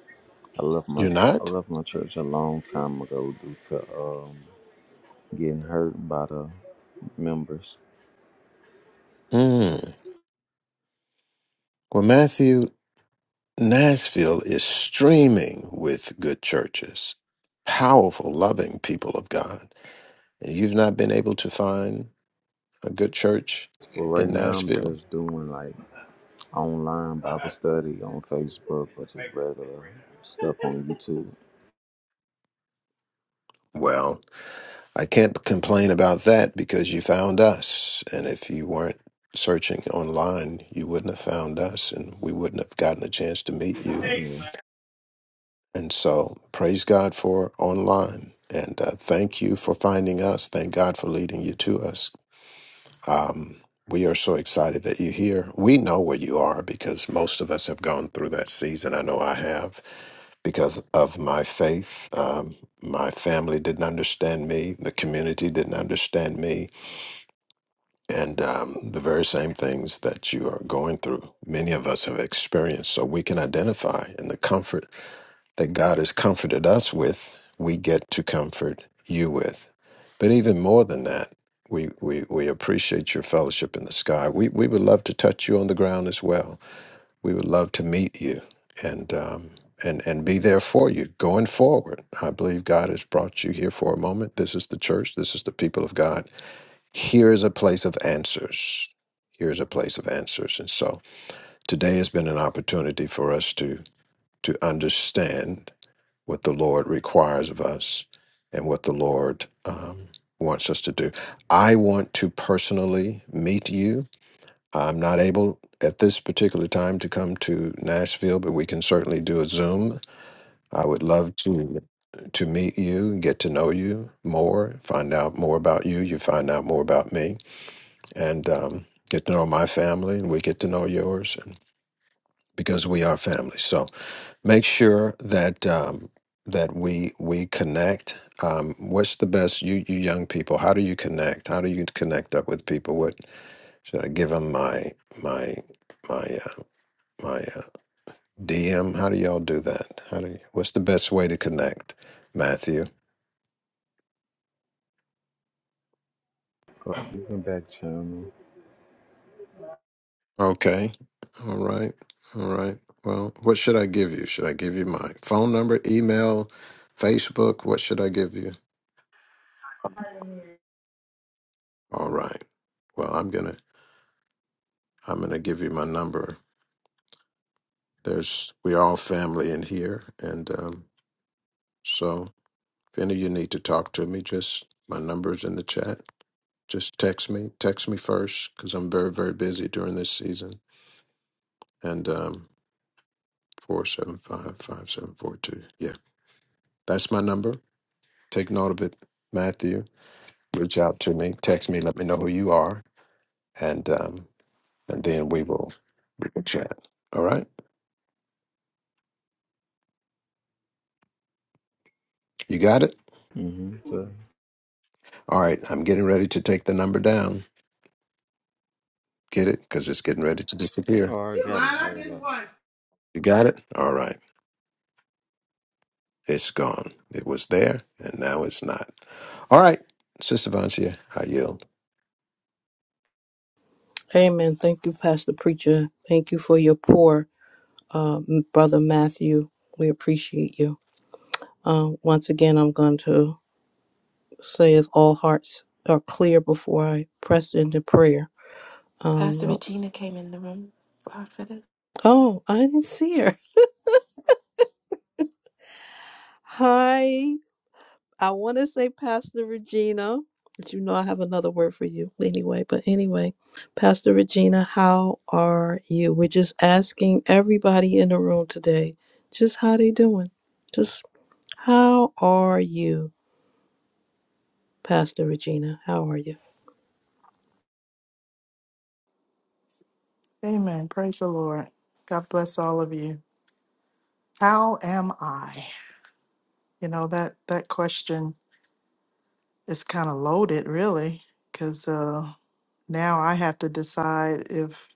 Speaker 18: I left my
Speaker 2: You're
Speaker 18: I
Speaker 2: not?
Speaker 18: left my church a long time ago due to um getting hurt by the members.
Speaker 2: Hmm. Well, Matthew Nashville is streaming with good churches, powerful, loving people of God. And you've not been able to find a good church
Speaker 18: But right
Speaker 2: in
Speaker 18: now, I'm
Speaker 2: Nashville?
Speaker 18: just doing like online Bible study on Facebook, but just regular stuff on YouTube.
Speaker 2: Well, I can't complain about that because you found us. And if you weren't searching online, you wouldn't have found us and we wouldn't have gotten a chance to meet you.
Speaker 18: Yeah.
Speaker 2: And so praise God for online. And uh, thank you for finding us. Thank God for leading you to us Um, we are so excited that you're here. We know where you are because most of us have gone through that season. I know I have because of my faith. Um, my family didn't understand me, the community didn't understand me, and um, the very same things that you are going through, many of us have experienced. So we can identify in the comfort that God has comforted us with, we get to comfort you with. But even more than that, we, we, we appreciate your fellowship in the sky. We, we would love to touch you on the ground as well. We would love to meet you and, um, and, and be there for you going forward. I believe God has brought you here for a moment. This is the church, this is the people of God. Here is a place of answers. Here's a place of answers. And so today has been an opportunity for us to to understand what the Lord requires of us and what the Lord um, wants us to do. I want to personally meet you. I'm not able at this particular time to come to Nashville, but we can certainly do a Zoom. I would love to to meet you, get to know you more, find out more about you. You find out more about me, and um, get to know my family, and we get to know yours, and because we are family. So make sure that um, that we we connect. Um, what's the best you you young people? How do you connect? How do you connect up with people? What should I give them my my my uh, my uh, DM? How do y'all do that? How do you, what's the best way to connect, Matthew?
Speaker 18: Oh, you can back channel.
Speaker 2: Okay, all right, all right. Well, what should I give you? Should I give you my phone number, email, Facebook? What should I give you? All right. Well, I'm gonna I'm gonna give you my number There's we're all family in here, and um, so if any of you need to talk to me, just my number's in the chat. Just text me. Text me first because I'm very very busy during this season. And um, four seven five five seven four two. Yeah, that's my number. Take note of it, Matthew. Reach out to me. Text me. Let me know who you are, and um, and then we will we will chat. All right. You got it.
Speaker 18: Mm-hmm. So,
Speaker 2: All right. I'm getting ready to take the number down. Get it? Because it's getting ready to disappear.
Speaker 18: or I got it.
Speaker 2: You got it? All right. It's gone. It was there and now it's not. All right. Sister Vancia, I yield.
Speaker 3: Amen. Thank you, Pastor Preacher. Thank you for your pour, uh, Brother Matthew. We appreciate you. Uh, once again, I'm going to says all hearts are clear before I press into prayer.
Speaker 6: pastor
Speaker 3: Um,
Speaker 6: Regina came in the room prophetess
Speaker 3: oh, I didn't see her. Hi, I want to say Pastor Regina, but you know I have another word for you anyway. But anyway, Pastor Regina, how are you? We're just asking everybody in the room today, just how they doing? Just how are you, Pastor Regina? How are you?
Speaker 19: Amen. Praise the Lord. God bless all of you. How am I? You know that that question is kind of loaded, really, because uh, now I have to decide if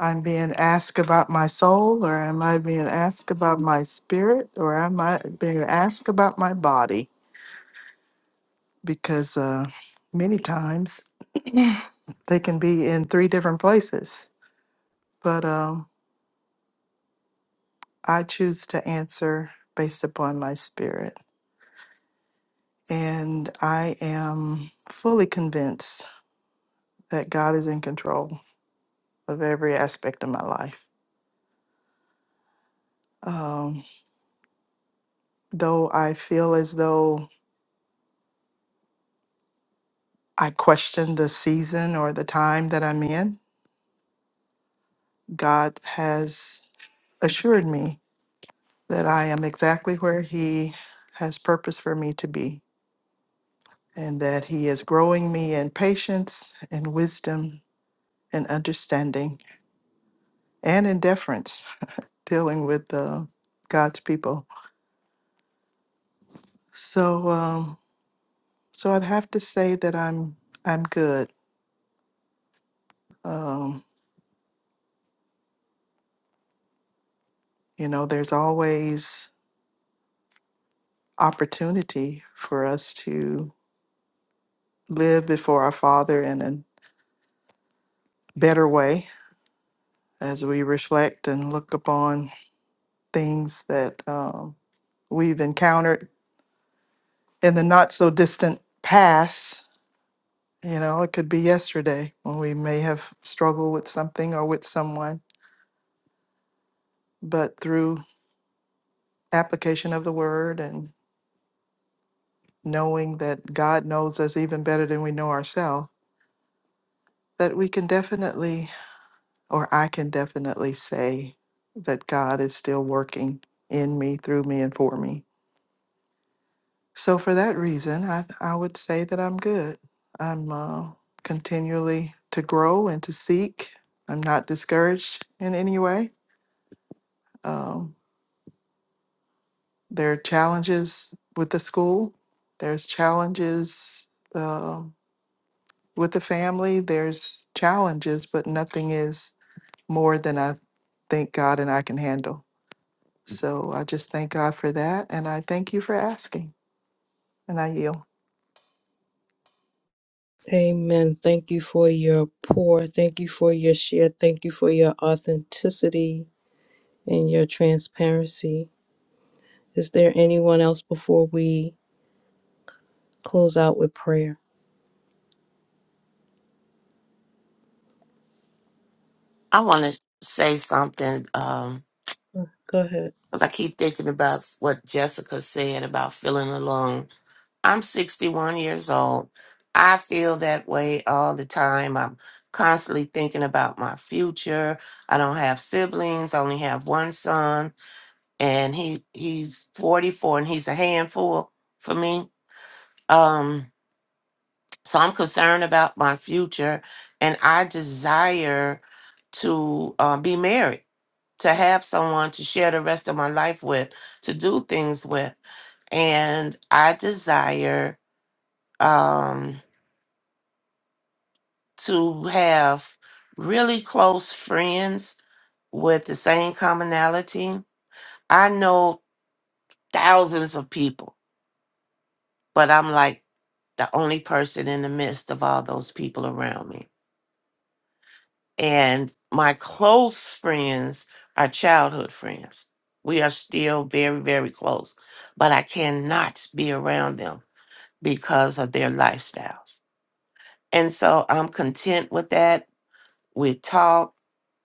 Speaker 19: I'm being asked about my soul, or am I being asked about my spirit, or am I being asked about my body? Because uh, many times they can be in three different places, but um, I choose to answer based upon my spirit. And I am fully convinced that God is in control of every aspect of my life. Um, though I feel as though I question the season or the time that I'm in, God has assured me that I am exactly where He has purpose for me to be, and that He is growing me in patience and wisdom and understanding and in deference, dealing with uh, God's people So, um, so I'd have to say that I'm I'm good. Um, you know, there's always opportunity for us to live before our Father in a better way as we reflect and look upon things that um, we've encountered in the not so distant past. You know, it could be yesterday when we may have struggled with something or with someone, but through application of the word and knowing that God knows us even better than we know ourselves, that we can definitely, or I can definitely say that God is still working in me, through me, and for me. So for that reason, I, I would say that I'm good. I'm uh, continually to grow and to seek. I'm not discouraged in any way. Um, there are challenges with the school. There's challenges uh, with the family. There's challenges, but nothing is more than I thank God and I can handle. So I just thank God for that. And I thank you for asking. And I yield.
Speaker 3: Amen. Thank you for your pour. Thank you for your share. Thank you for your authenticity and your transparency. Is there anyone else before we close out with prayer?
Speaker 4: I want to say something um,
Speaker 3: Go ahead.
Speaker 4: because I keep thinking about what Jessica said about feeling alone I'm 61 years old. I feel that way all the time. I'm constantly thinking about my future. I don't have siblings. I only have one son, and he he's 44, and he's a handful for me. Um, so I'm concerned about my future, and I desire to uh, be married, to have someone to share the rest of my life with, to do things with, and I desire. Um, to have really close friends with the same commonality. I know thousands of people, but I'm like the only person in the midst of all those people around me. And my close friends are childhood friends. We are still very, very close, but I cannot be around them because of their lifestyles. And so I'm content with that. we talk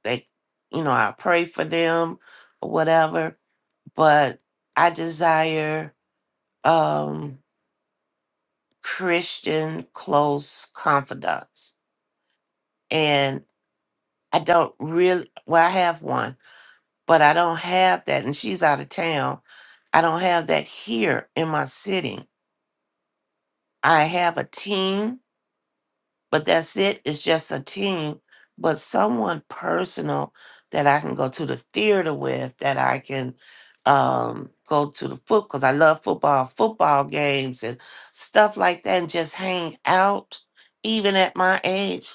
Speaker 4: they you know i pray for them or whatever but i desire um christian close confidants and i don't really well i have one but i don't have that and she's out of town i don't have that here in my city i have a team but that's it. It's just a team, but someone personal that I can go to the theater with, that I can um, go to the foot because I love football, football games and stuff like that, and just hang out. Even at my age,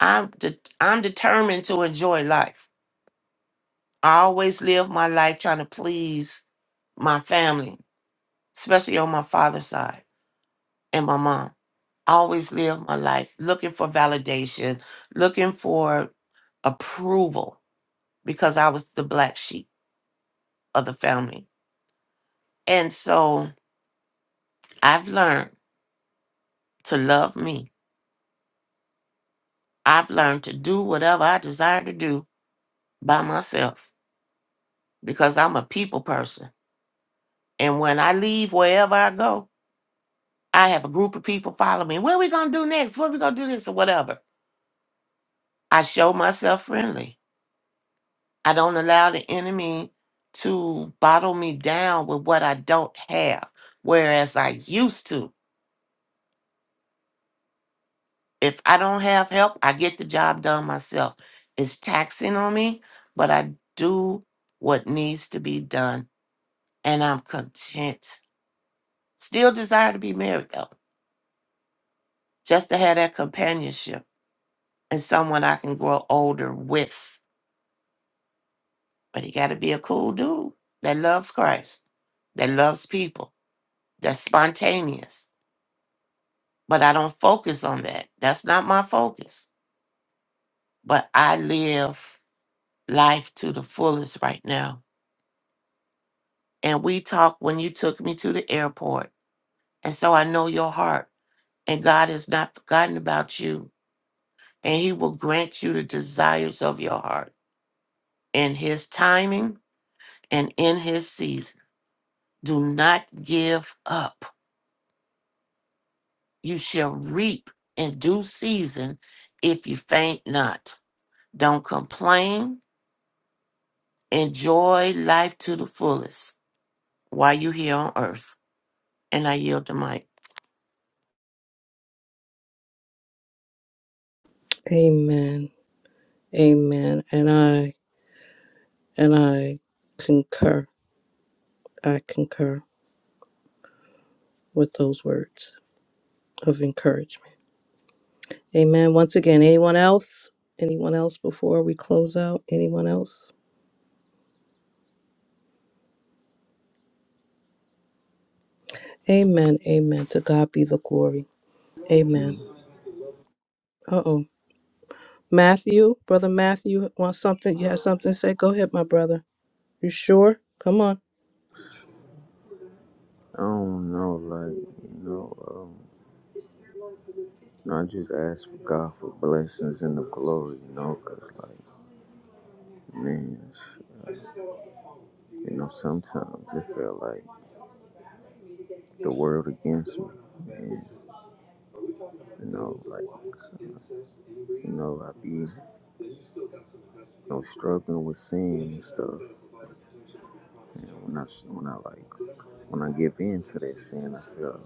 Speaker 4: I'm de- I'm determined to enjoy life. I always live my life trying to please my family, especially on my father's side and my mom. I always live my life looking for validation, looking for approval because I was the black sheep of the family. And so I've learned to love me. I've learned to do whatever I desire to do by myself because I'm a people person. And when I leave wherever I go, I have a group of people follow me. What are we going to do next? What are we going to do next? Or whatever. I show myself friendly. I don't allow the enemy to bottle me down with what I don't have, whereas I used to. If I don't have help, I get the job done myself. It's taxing on me, but I do what needs to be done and I'm content. Still desire to be married though, just to have that companionship and someone I can grow older with. But he got to be a cool dude that loves Christ, that loves people, that's spontaneous but I don't focus on that. That's not my focus. But I live life to the fullest right now. And we talked when you took me to the airport. And so I know your heart. And God has not forgotten about you. And He will grant you the desires of your heart in His timing and in His season. Do not give up. You shall reap in due season if you faint not. Don't complain Enjoy life to the fullest while you're here on earth. And I yield the mic.
Speaker 3: Amen. Amen. And I and I concur. I concur with those words of encouragement. Amen. Once again, anyone else? Anyone else before we close out? Anyone else? Amen. Amen. To God be the glory. Amen.
Speaker 18: I
Speaker 3: Uh oh. Matthew, brother Matthew, want something? You have something to say? Go ahead, my brother. You sure? Come on.
Speaker 18: don't know, like, you know, um. No, I just ask for God for blessings and the glory, you know, 'cause like, man, you know, sometimes it felt like the world against me. And, you know, like, you know, I be, you know, struggling with sin and stuff. And when I when I like, when I give in to that sin, I feel,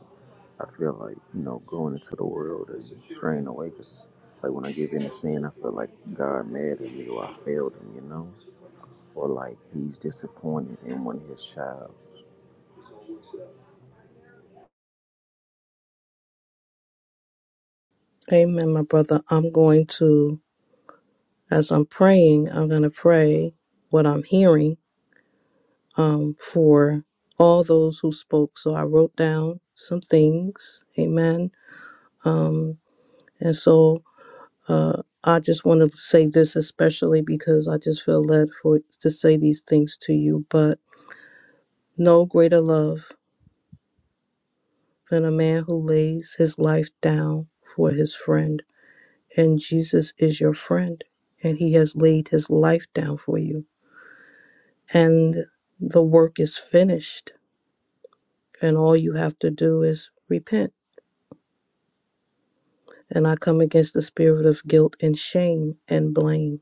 Speaker 18: I feel like, you know, going into the world is straying away, 'cause like when I give in to sin, I feel like God mad at me or I failed him, you know? or like he's disappointed in one of his child.
Speaker 3: Amen, my brother. I'm going to, as I'm praying, I'm going to pray what I'm hearing um, for all those who spoke. So I wrote down some things. Amen. Um, and so uh, I just want to say this especially because I just feel led for to say these things to you. But no greater love than a man who lays his life down for his friend. And Jesus is your friend, and he has laid his life down for you. And the work is finished, and all you have to do is repent. And I come against the spirit of guilt and shame and blame.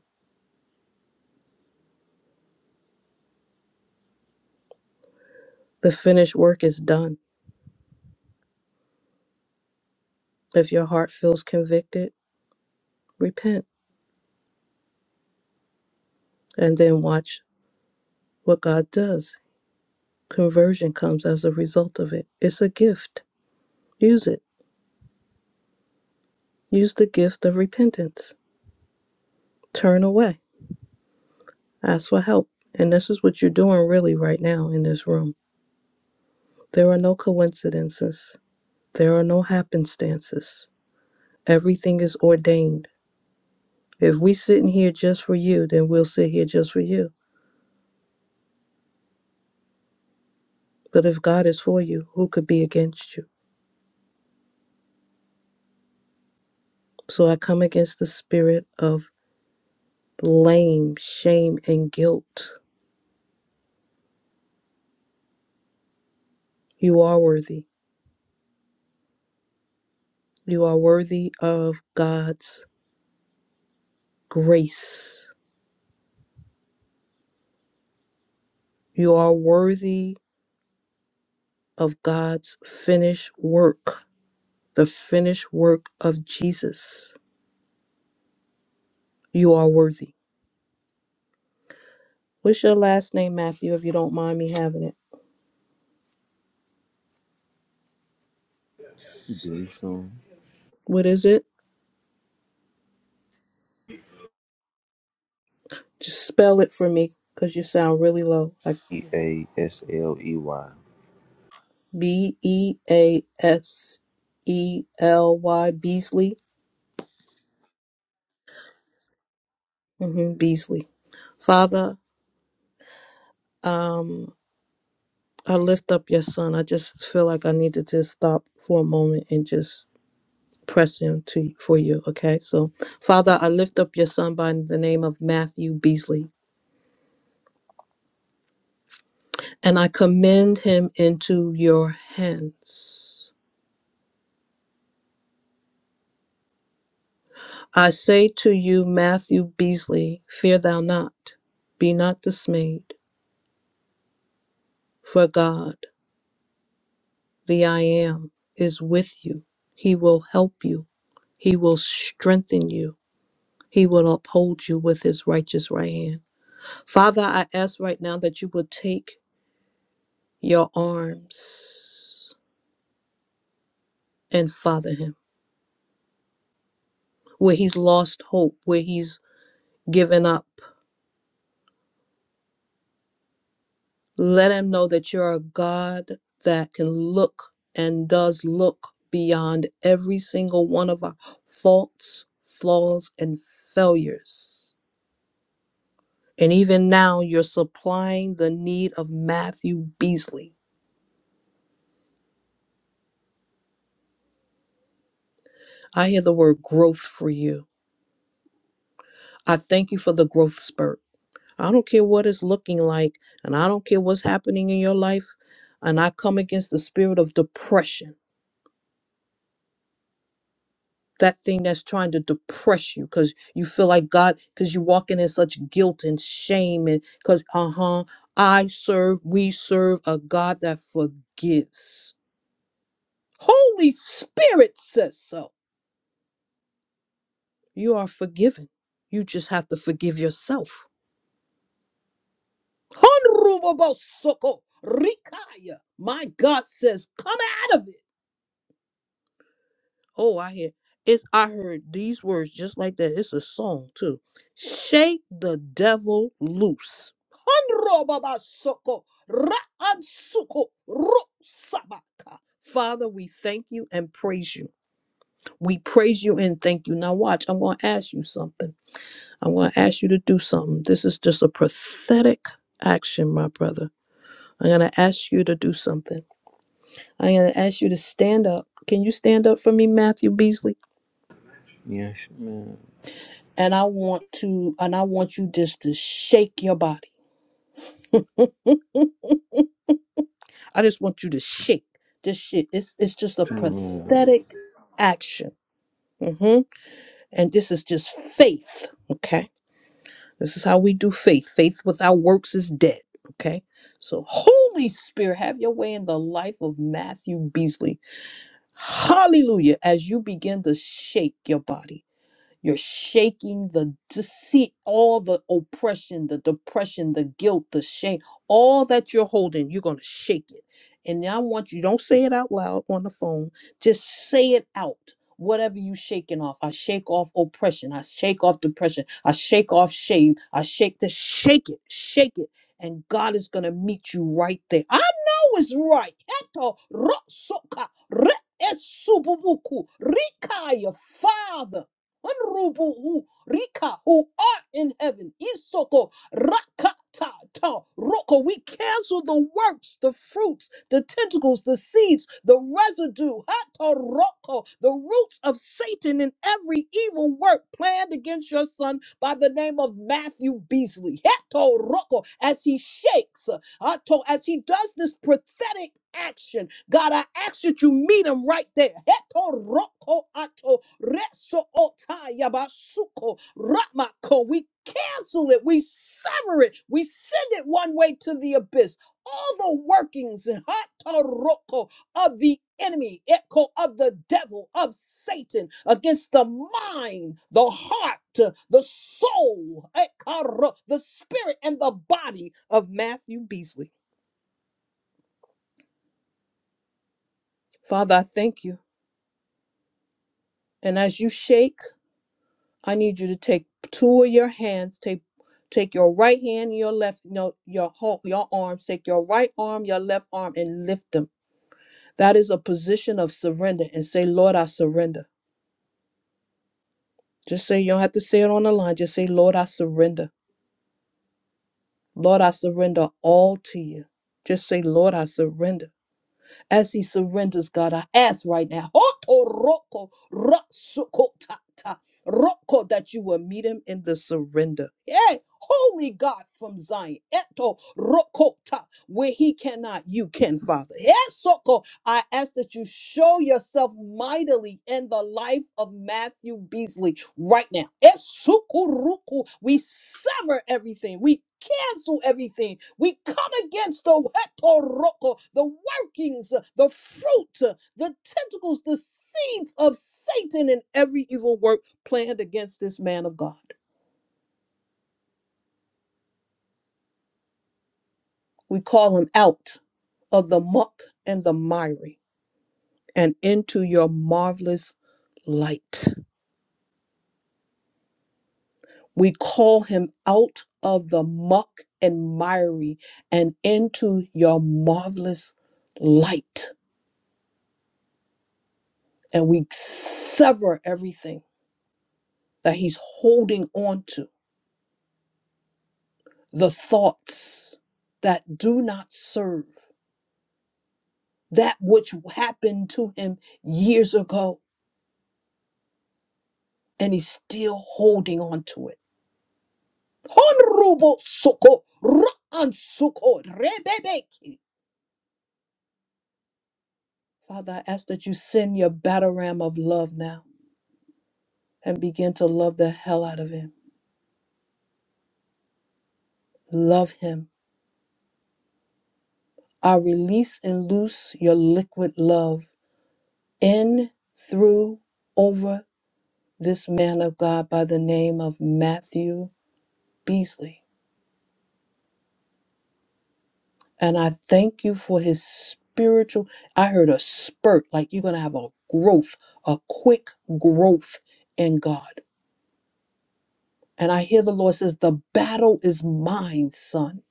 Speaker 3: The finished work is done. If your heart feels convicted, repent and then watch what God does. Conversion comes as a result of it. It's a gift. Use it. Use the gift of repentance Turn away. Ask for help. And this is what you're doing really right now in this room. There are no coincidences, there are no happenstances. Everything is ordained. If we sit in here just for you, then we'll sit here just for you. But if God is for you, who could be against you? So I come against the spirit of blame, shame, and guilt. You are worthy. You are worthy of God's grace. You are worthy of God's finished work, the finished work of Jesus. You are worthy. What's your last name, Matthew, if you don't mind me having it?
Speaker 18: Gleason,
Speaker 3: What is it? Just spell it for me because you sound really low. Like
Speaker 18: E A S L E Y.
Speaker 3: B E A S E L Y Beasley. hmm Beasley. Father, um, I lift up your son. I just feel like I need to just stop for a moment and just pressing to for you okay so father i lift up your son by the name of matthew beasley and i commend him into your hands i say to you matthew beasley fear thou not be not dismayed for god the i am is with you he will help you he will strengthen you he will uphold you with his righteous right hand father i ask right now that you will take your arms and father him. Where he's lost hope, where he's given up, let him know that you're a God that can look and does look beyond every single one of our faults, flaws, and failures. And even now, you're supplying the need of Matthew Beasley. I hear the word growth for you. I thank you for the growth spurt. I don't care what it's looking like, and I don't care what's happening in your life. And I come against the spirit of depression that thing that's trying to depress you because you feel like God, because you're walking in such guilt and shame, and because, uh huh, I serve, we serve a God that forgives. Holy Spirit says so. You are forgiven. You just have to forgive yourself. Honorable Rikaya, my God says, come out of it. Oh, I hear it. I heard these words just like that. It's a song too. Shake the devil loose. Hanrobabasoko, ra'ansuko, rusabaka. Father, we thank you and praise you. We praise you and thank you. Now, watch, I'm going to ask you something. I'm going to ask you to do something. This is just a prophetic action, my brother. I'm going to ask you to do something. I'm going to ask you to stand up. Can you stand up for me, Matthew Beasley?
Speaker 18: Yes, ma'am.
Speaker 3: and I want to and I want you just to shake your body. I just want you to shake this shit. It's it's just a
Speaker 18: Ma'am.
Speaker 3: pathetic action. hmm And this is just faith. Okay. This is how we do faith. Faith without works is dead. Okay. So Holy Spirit, have your way in the life of Matthew Beasley. Hallelujah. As you begin to shake your body. You're shaking the deceit, all the oppression, the depression, the guilt, the shame, all that you're holding, you're going to shake it. And now I want you, don't say it out loud on the phone, just say it out. Whatever you shaking off, I shake off oppression, I shake off depression, I shake off shame, I shake the shake it, shake it, and God is gonna meet you right there. I know it's right. Eto ro soka re etsububuku rikaya, Father. Unrubu hu Rika who art in heaven. Isoko Rakata ta Roko. We cancel the works, the fruits, the tentacles, the seeds, the residue, Hata Roko, the roots of Satan in every evil work planned against your son by the name of Matthew Beasley. Hata Roko as he shakes, Hato, as he does this prophetic action. God, I ask that you meet them right there. Heto roko ato reso otaya basuko ramako. We cancel it. We sever it. We send it one way to the abyss. All the workings hato roko, of the enemy, echo of the devil, of Satan, against the mind, the heart, the soul, ekaro, the spirit, and the body of Matthew Beasley. Father, I thank you. And as you shake, I need you to take two of your hands, take take your right hand, your left, no, your whole your arms, take your right arm, your left arm, and lift them. That is a position of surrender. And say, Lord, I surrender. Just say you don't have to say it on the line. Just say, Lord, I surrender. Lord, I surrender all to you. Just say, Lord, I surrender. as he surrenders, God. I ask right now, Hotoroko Ratsukotata, Roko, that you will meet him in the surrender. Hey, holy God from Zion, Eto Rokota, where he cannot, you can, Father. Yes, I ask that you show yourself mightily in the life of Matthew Beasley right now. Esukuruku. We sever everything. We cancel everything. We come against the wetoroko, the workings, the fruit, the tentacles, the seeds of Satan and every evil work planned against this man of God. We call him out of the muck and the miry and into your marvelous light. We call him out of the muck and miry and into your marvelous light. And we sever everything that he's holding on to, the thoughts that do not serve, that which happened to him years ago, and he's still holding on to it. Honorable Soko, Ra'an Soko, Rebebeki. Father, I ask that you send your battle ram of love now and begin to love the hell out of him. Love him. I release and loose your liquid love in, through, over this man of God by the name of Matthew Beasley. And I thank you for his spiritual. I heard a spurt, like you're going to have a growth, a quick growth in God. And I hear the Lord says, The battle is mine, son.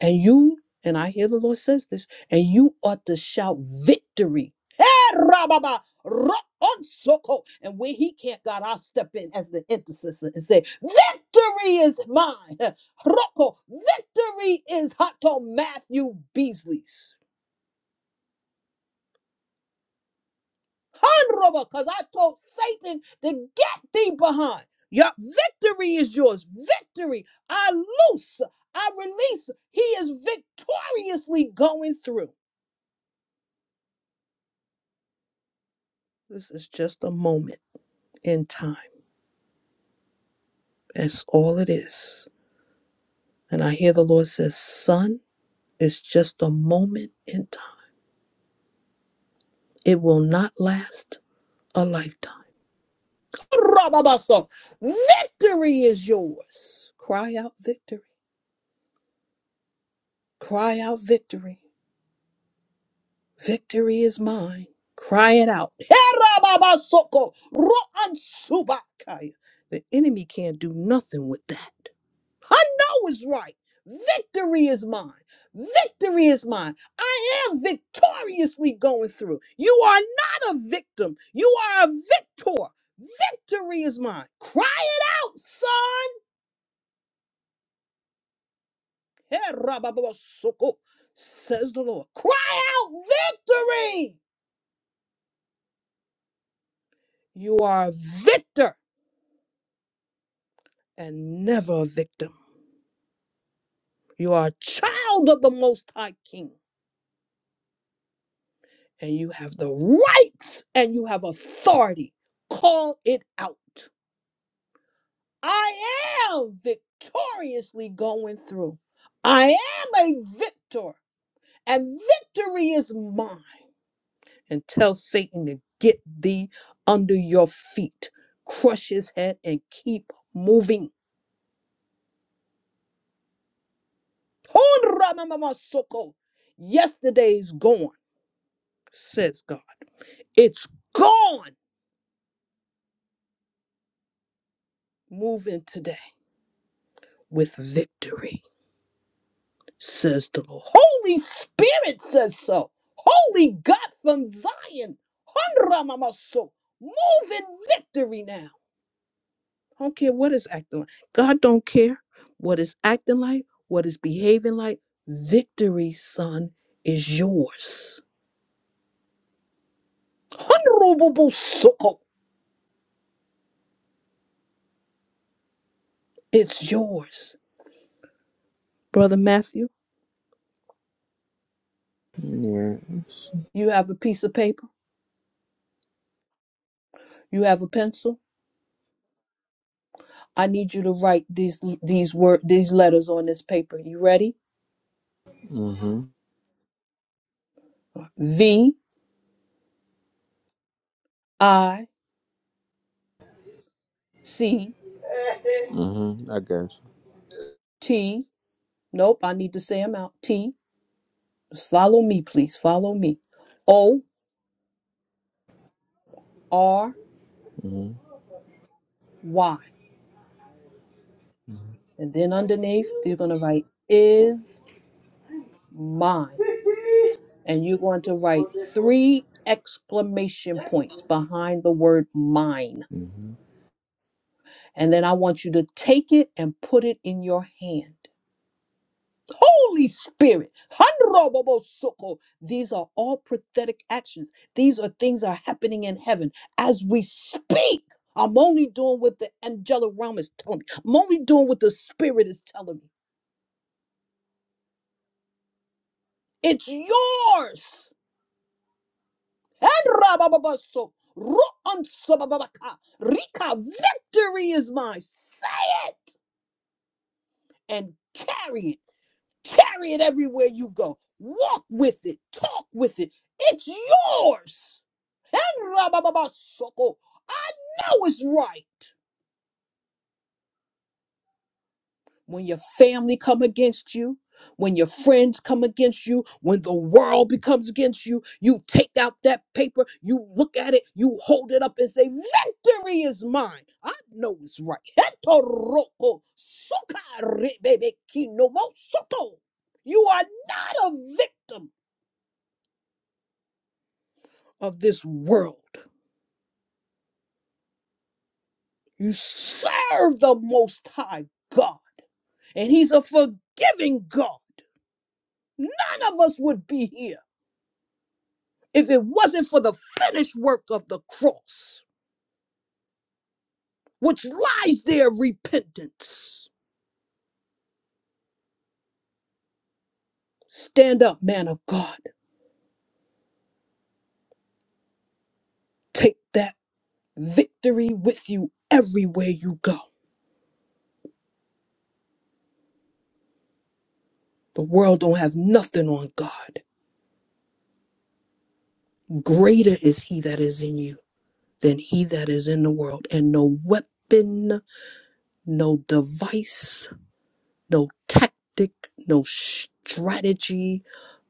Speaker 3: And you, and I hear the Lord says this, and you ought to shout victory Rababa, ro- on soko. And where he can't, God, I'll step in as the intercessor and say, Victory is mine. Roko, victory is Hato Matthew Beasley's. Hanroba, because I told Satan to get thee behind. Your victory is yours. Victory. I loose. I release. He is victoriously going through. This is just a moment in time. That's all it is. And I hear the Lord says, Son. It's just a moment in time. It will not last a lifetime. Victory is yours. Cry out victory. Cry out victory. Victory is mine. Cry it out. The enemy can't do nothing with that. I know it's right. Victory is mine. Victory is mine. I am victoriously going through. You are not a victim. You are a victor. Victory is mine. Cry it out, son. Hey, rabababasoko, Says the Lord. Cry out victory. You are a victor and never a victim. You are a child of the Most High King. and you have the rights and you have authority. Call it out. I am victoriously going through. I am a victor, and victory is mine. And tell Satan to get thee under your feet, crush his head, and keep moving. Honramamamasoko. Yesterday's gone, says God. It's gone. Move in today with victory. says the Lord. Holy Spirit says so. Holy God from Zion. Hanramamaso. Move in victory now. I don't care what it's acting like. God don't care what it's acting like, what it's behaving like. Victory, son, is yours. Hanrobobosoko. It's yours. Brother Matthew,
Speaker 18: Yes.
Speaker 3: you have a piece of paper. You have a pencil. I need you to write these these word these letters on this paper. You ready?
Speaker 18: Mm-hmm.
Speaker 3: V I C
Speaker 18: Mm-hmm. I got
Speaker 3: T. Nope, I need to say them out. T. Follow me, please. Follow me. O R
Speaker 18: you. Mm-hmm.
Speaker 3: Y. And then underneath, you're going to write is mine. And you're going to write three exclamation points behind the word mine.
Speaker 18: Mm-hmm.
Speaker 3: And then I want you to take it and put it in your hand. Holy Spirit. Hanrobobosoko. These are all prophetic actions. These are things that are happening in heaven as we speak. I'm only doing what the angelic realm is telling me. I'm only doing what the spirit is telling me. It's yours. Hanroboboboso. Ro'onsobababaka. Rika, victory is mine. Say it and carry it. Carry it everywhere you go. Walk with it. Talk with it. It's yours. And Rabababasoko. I know it's right. When your family come against you, when your friends come against you, when the world becomes against you, you take out that paper, you look at it, you hold it up and say, Victory is mine. I know it's right. Hetoroko sokarebebekinomosoto. You are not a victim of this world. You serve the Most High God. And he's a forgiving God. None of us would be here if it wasn't for the finished work of the cross, which lies there repentance. Stand up, man of God. Take that victory with you everywhere you go. The world don't have nothing on God. Greater is he that is in you than he that is in the world. And no weapon, no device no tactic, no strategy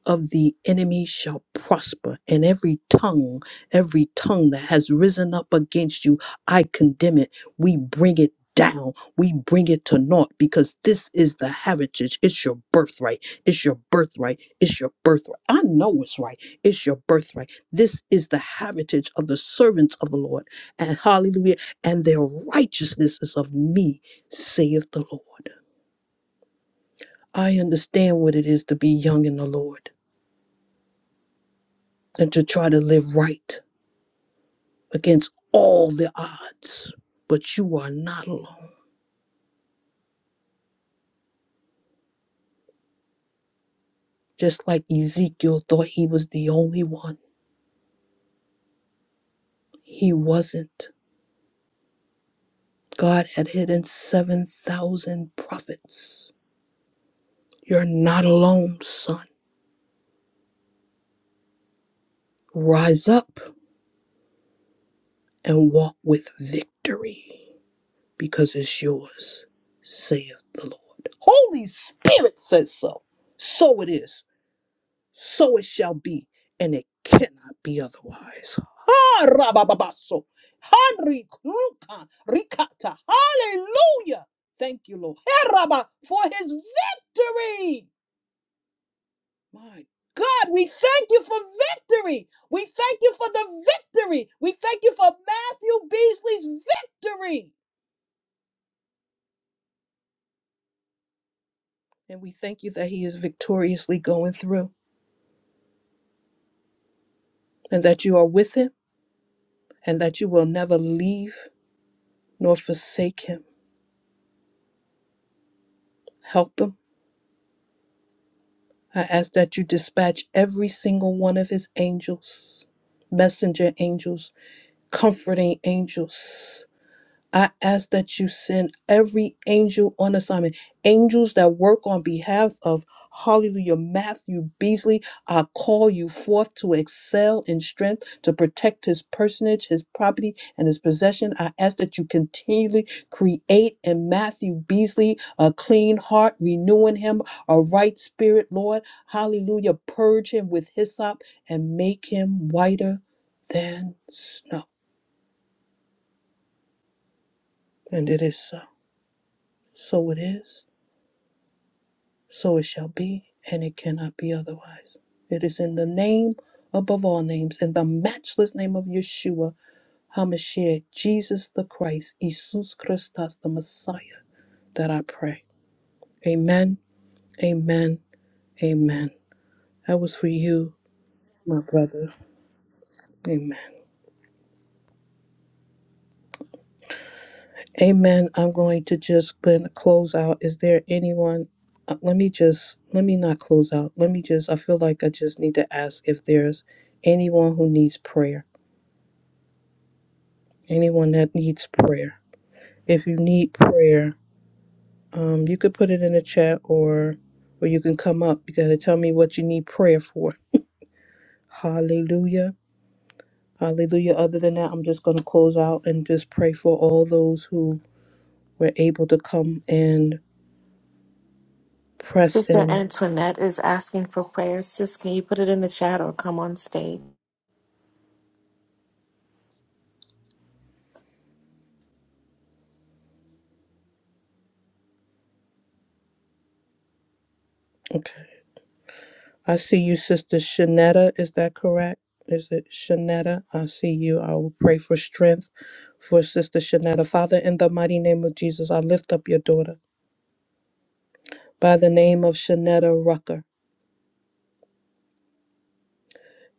Speaker 3: of the enemy shall prosper, and every tongue, every tongue that has risen up against you, I condemn it. We bring it down, we bring it to naught because this is the heritage. It's your birthright. It's your birthright. It's your birthright. I know it's right. It's your birthright. This is the heritage of the servants of the Lord. And hallelujah. And their righteousness is of me, saith the Lord. I understand what it is to be young in the Lord and to try to live right against all the odds. But you are not alone. Just like Ezekiel thought he was the only one, he wasn't. God had hidden 7,000 prophets. You're not alone, son. Rise up and walk with victory because it's yours, saith the Lord. Holy Spirit says so. So it is. so it shall be, and it cannot be otherwise. Ha rabababaso. Hanri kruka rikata. Hallelujah. Thank you, Lord. Hey, Rabba, for his victory. My God, we thank you for victory. We thank you for the victory. We thank you for Matthew Beasley's victory. And we thank you that he is victoriously going through and that you are with him and that you will never leave nor forsake him. Help him I ask that you dispatch every single one of his angels, messenger angels, comforting angels. I ask that you send every angel on assignment, angels that work on behalf of Hallelujah Matthew Beasley. I call you forth to excel in strength, to protect his personage, his property, and his possession. I ask that you continually create in Matthew Beasley a clean heart, renewing him a right spirit, Lord. Hallelujah. Purge him with hyssop and make him whiter than snow. And it is so. So it is So it shall be, and it cannot be otherwise. It is in the name above all names, in the matchless name of Yeshua HaMashiach, Jesus the Christ, Jesus Christus, the Messiah, that I pray. Amen, amen, amen. That was for you, my brother. Amen. Amen. I'm going to just gonna close out. Is there anyone? uh, Let me just, let me not close out. Let me just, I feel like I just need to ask if there's anyone who needs prayer anyone that needs prayer. If you need prayer, um, you could put it in the chat or or you can come up. You gotta tell me what you need prayer for. Hallelujah. Hallelujah. Other than that, I'm just gonna close out and just pray for all those who were able to come and press
Speaker 6: sister
Speaker 3: in.
Speaker 6: Antoinette is asking for prayers sis can you put it in the chat or come on stage
Speaker 3: Okay. I see you, Sister Shanetta. Is that correct? Is it Shanetta? I see you. I will pray for strength for Sister Shanetta. Father, in the mighty name of Jesus, I lift up your daughter. by the name of Shanetta Rucker.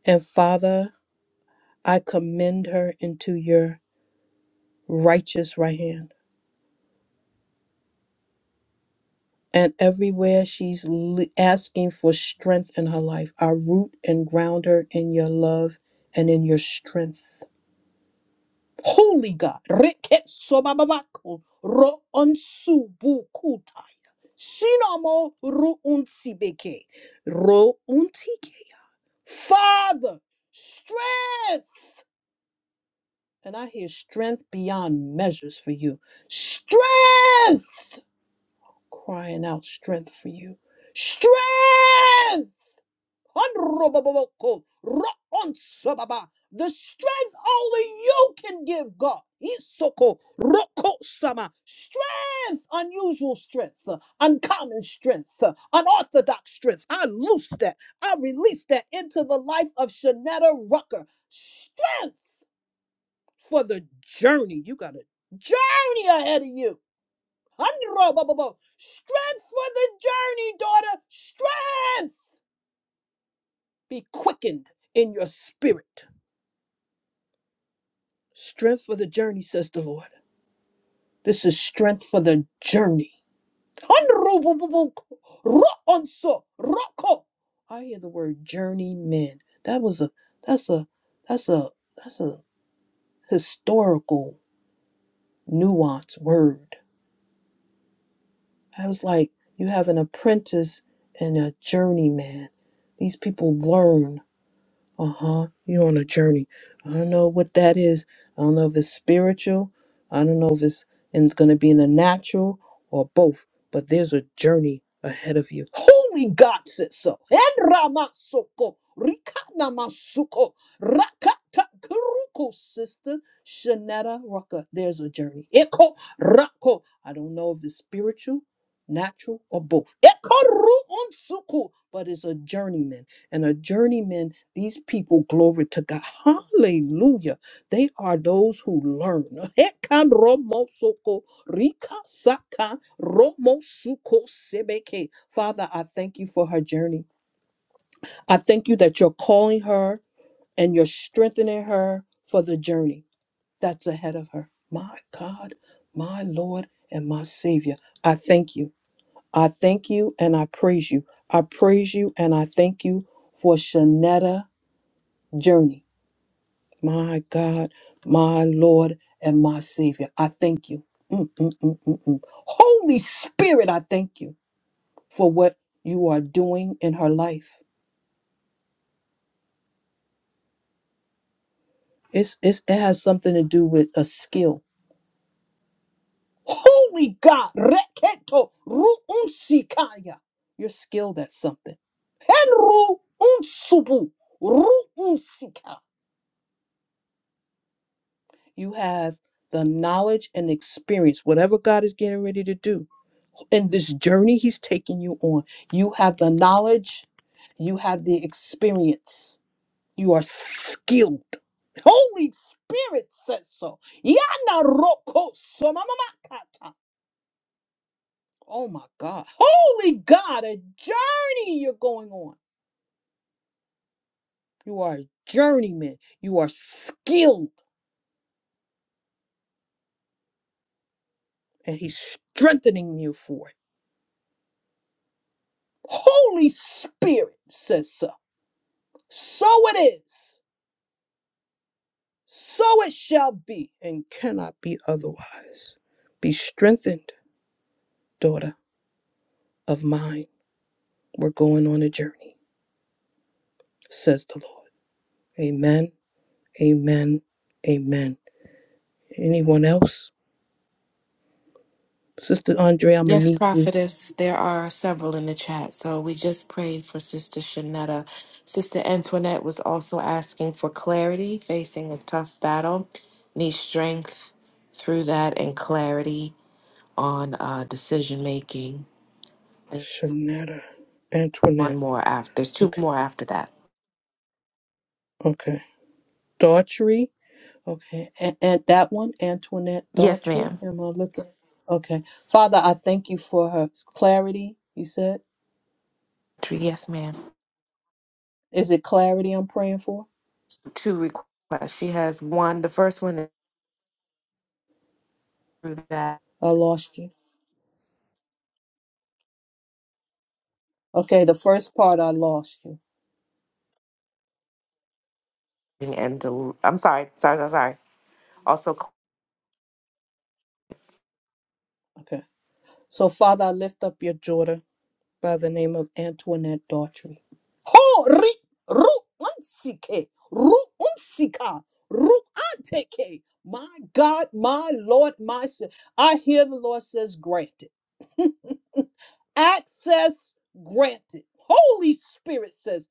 Speaker 3: And Father, I commend her into your righteous right hand. And everywhere she's le- asking for strength in her life, I root and ground her in your love and in your strength. Holy God, Rekesobababako, Roonsubukutai, Sinamo Ruunsibeke, Ro untike. Father, strength. And I hear strength beyond measures for you. Strength! Crying out strength for you. Strength! Unroboboko, ro The strength only you can give, God. Isoko, roko-sama. Strength, unusual strength, uh, uncommon strength, uh, unorthodox strength. I loose that. I release that into the life of Shanetta Rucker. Strength! for the journey. You got a journey ahead of you. Hundred, bo- bo- bo. Strength for the journey, daughter. Strength. Be quickened in your spirit. Strength for the journey, says the Lord. This is strength for the journey. Hundred, bo- bo- bo. Ro- onso, roko. I hear the word journeyman. That was a that's a that's a that's a historical nuance word. I was like, you have an apprentice and a journeyman. These people learn uh huh. You're on a journey. I don't know what that is. I don't know if it's spiritual. I don't know if it's in, gonna be in the natural or both. But there's a journey ahead of you. Holy God said so. Enramasoko, rikanamasuko, rakatakuruko, sister Shanetta Rucker. There's a journey. Eko rako. I don't know if it's spiritual, natural, or both. Eko ru unsuku, but it's a journeyman, and a journeyman these people, glory to God. Hallelujah. They are those who learn. Hekan romosoko rika saka romosuko sebeke. Father, I thank you for her journey. I thank you that you're calling her and you're strengthening her for the journey that's ahead of her. My God, my Lord, and my Savior. I thank you. I thank you and I praise you. I praise you and I thank you for Shanetta journey. my God, my Lord, and my Savior. I thank you. Mm, mm, mm, mm, mm. Holy Spirit, I thank you for what you are doing in her life. It's, it's, it has something to do with a skill. Holy God, reketo ruunsikaya. You're skilled at something. Henru unsubu ruunsika. You have the knowledge and experience, whatever God is getting ready to do in this journey he's taking you on. You have the knowledge, you have the experience, you are skilled. Holy Spirit says so. Yana roko somamamakata. Oh my God. Holy God, a journey you're going on. You are a journeyman. You are skilled, and he's strengthening you for it. Holy Spirit says so. So it is. So it shall be and cannot be otherwise. Be strengthened, daughter of mine. We're going on a journey, says the Lord. Amen, amen, amen. Anyone else? Sister Andre, I'm going to
Speaker 6: Yes,
Speaker 3: need you.
Speaker 6: prophetess, there are several in the chat. So we just prayed for Sister Shanetta. Sister Antoinette was also asking for clarity, facing a tough battle, need strength through that and clarity on uh, decision making. And
Speaker 3: Shanetta
Speaker 6: one
Speaker 3: Antoinette.
Speaker 6: more after, there's two
Speaker 3: Okay,
Speaker 6: more after that.
Speaker 3: okay. Daughtry. Okay, and, and that one, Antoinette
Speaker 6: Yes,
Speaker 3: Daughtry.
Speaker 6: ma'am.
Speaker 3: Am I looking? Okay. Father, I thank you for her clarity, you said.
Speaker 6: Three, Yes, ma'am.
Speaker 3: Is it clarity I'm praying for?
Speaker 6: Two requests. She has one. The first one is through that
Speaker 3: I lost you. Okay, the first part I lost you.
Speaker 6: and del- I'm sorry, sorry, sorry, sorry. Also,
Speaker 3: Okay. So, Father, I lift up your daughter by the name of Antoinette Daughtry. Ho ri ru unsike ru unsika ru anteke. My God, my Lord, my. Sa- I hear the Lord says, granted. access granted. Holy Spirit says,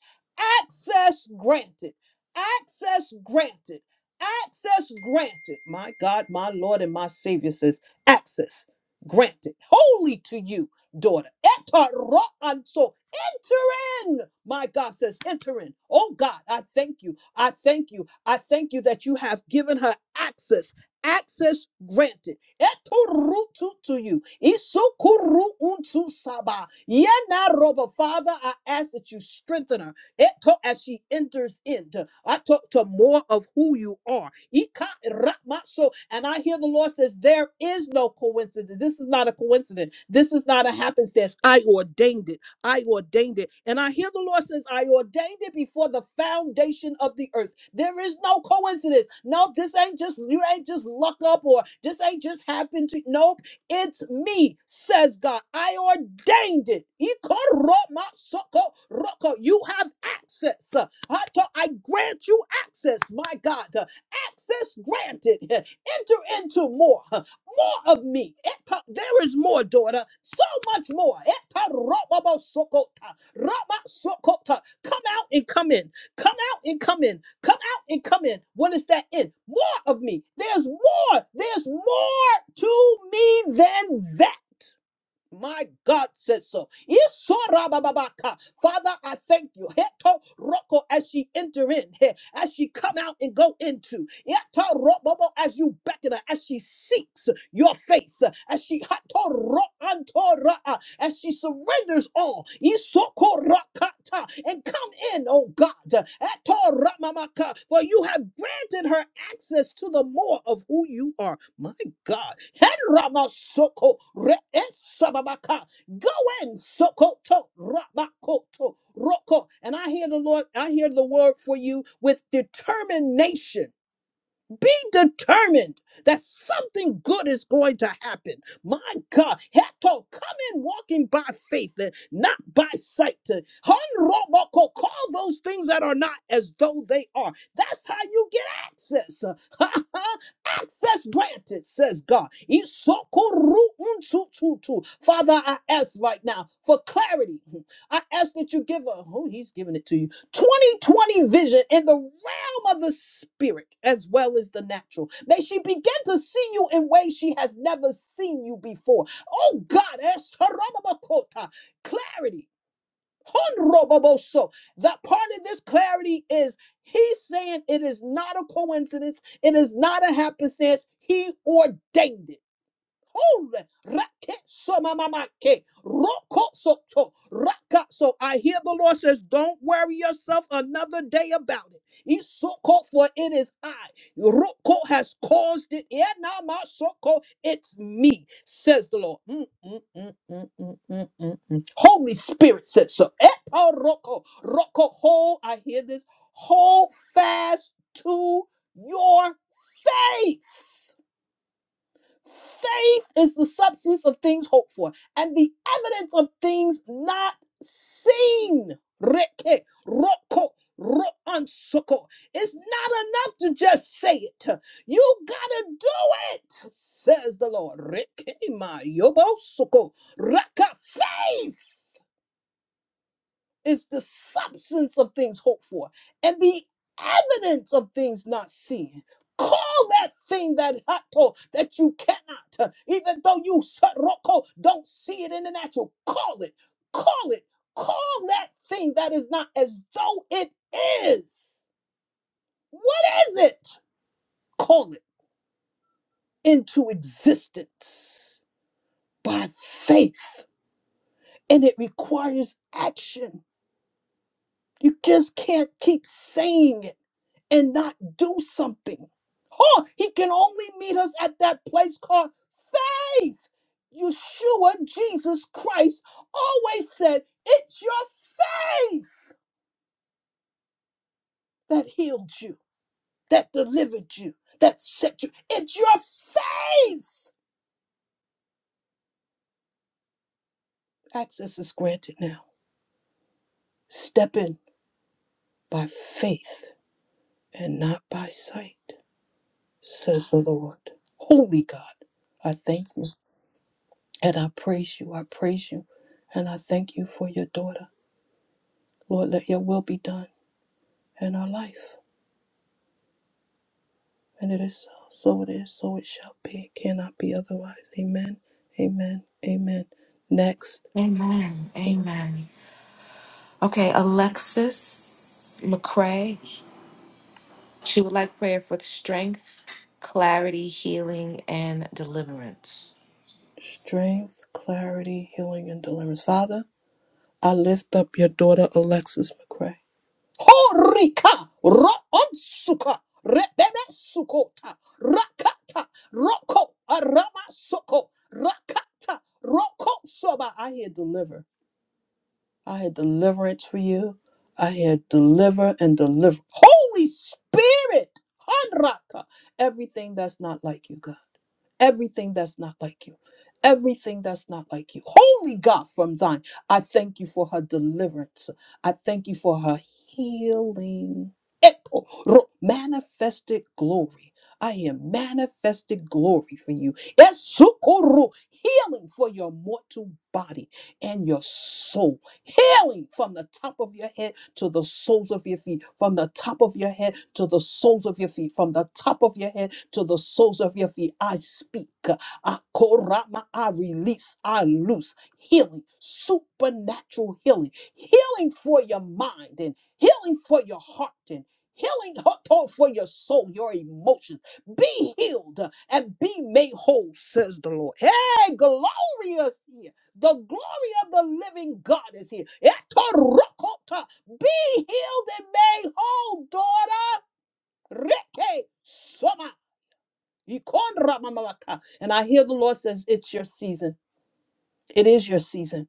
Speaker 3: access granted, access granted, access granted. My God, my Lord, and my Savior says, access granted. Holy to you, daughter. Eta ro- and So enter in. My God says, enter in. Oh God, I thank you. I thank you. I thank you that you have given her access. Access granted. Etorutu to you. Isukuru untu saba. Yena roba. Father, I ask that you strengthen her Eto as she enters into I talk to more of who you are. Ika rakma so, And I hear the Lord says, There is no coincidence. This is not a coincidence. This is not a happenstance. I ordained it. I ordained it. And I hear the Lord says, I ordained it before the foundation of the earth. There is no coincidence. No, this ain't just you ain't just luck up or this ain't just happened to nope. It's me, says God. I ordained it. Ikoromasoko roko. You have access. Uh, Hato, I grant you access, my God. Uh, Access granted. Enter into more. Uh, More of me. Eto- There is more, daughter. So much more. Eto robobosokota, ramasokota. Come out and come in. Come out and come in. Come out and come in. What is that in? More of me. There's more. There's more to me than that. My God says so. Isorabababaka. Father, I thank you. Heto roko as she enter in, he- as she come out and go into. Yeto robobo as you beckon her, as she seeks your face, as she hato as she surrenders all. Isokorakata, And come in, oh God. Atoramamaka, For you have granted her access to the more of who you are. My God. Heramasoko re'esababaka. Go in, Sokoto Ramakoto Roko. And I hear the Lord, I hear the word for you with determination determined that something good is going to happen. My God, Heto, come in walking by faith and not by sight. Honroboko, call those things that are not as though they are. That's how you get access. access granted, says God. Isokoru untututu. Father, I ask right now for clarity. I ask that you give a, oh, he's giving it to you. 2020 vision in the realm of the spirit as well as the natural. May she begin to see you in ways she has never seen you before. Oh God, Esarabakota, clarity. Honroboboso. That part of this clarity is he's saying it is not a coincidence, it is not a happenstance. He ordained it. Hore, rake so mamamake, roko so to, raka so. I hear the Lord says, don't worry yourself another day about it. He's so called for it is I. Roko has caused it. Yeah, now my so called, it's me, says the Lord. Mm, mm, mm, mm, mm, mm, mm, mm. Holy Spirit said so. Eto roko, roko hold. I hear this. Hold fast to your faith. Faith is the substance of things hoped for and the evidence of things not seen. Reke, roko, roansoko. It's not enough to just say it. You gotta do it, says the Lord. Reke ma yobo soko. Raka faith is the substance of things hoped for and the evidence of things not seen. Call that thing that hato that you cannot, uh, even though you saroko don't see it in the natural. Call it, call it, call that thing that is not as though it is. What is it? Call it into existence by faith, and it requires action. You just can't keep saying it. and not do something. Huh? He can only meet us at that place called faith. Yeshua, Jesus Christ, always said, It's your faith that healed you, that delivered you, that set you. It's your faith. Access is granted now. Step in by faith and not by sight, says the Lord. Holy God, I thank you. And I praise you, I praise you, and I thank you for your daughter. Lord, let your will be done in our life. And it is so. So it is, so it shall be. It cannot be otherwise. Amen. Amen. Amen. Next,
Speaker 6: amen,
Speaker 3: is
Speaker 6: amen. Okay, Alexis McCrae. She would like prayer for strength, clarity, healing, and deliverance.
Speaker 3: strength, clarity, healing, and deliverance. Father, I lift up your daughter, Alexis McCray. Horika ro Roonsuka Rebebe Sukota Rakata Roko Arama Soko Rakata Roko Soba. I hear deliver. I had deliverance for you. I had deliver and deliver. Holy Spirit, Hanraka, everything that's not like you, God. Everything that's not like you. Everything that's not like you. Holy God from Zion, I thank you for her deliverance. I thank you for her healing. Eto, ro- Manifested glory. I am manifested glory for you. Esukuru, Healing for your mortal body and your soul healing from the top of your head to the soles of your feet, from the top of your head to the soles of your feet, from the top of your head to the soles of your feet. I speak, I korama, I release, I loose healing, supernatural healing, healing for your mind and healing for your heart and healing ho- for your soul, your emotions. Be healed and be made whole, says the Lord. Hey, glorious! The glory of the living God is here. Etorokota. Be healed and made whole, daughter. Reke soma. Ikonramamamaka. And I hear the Lord says, It's your season. It is your season.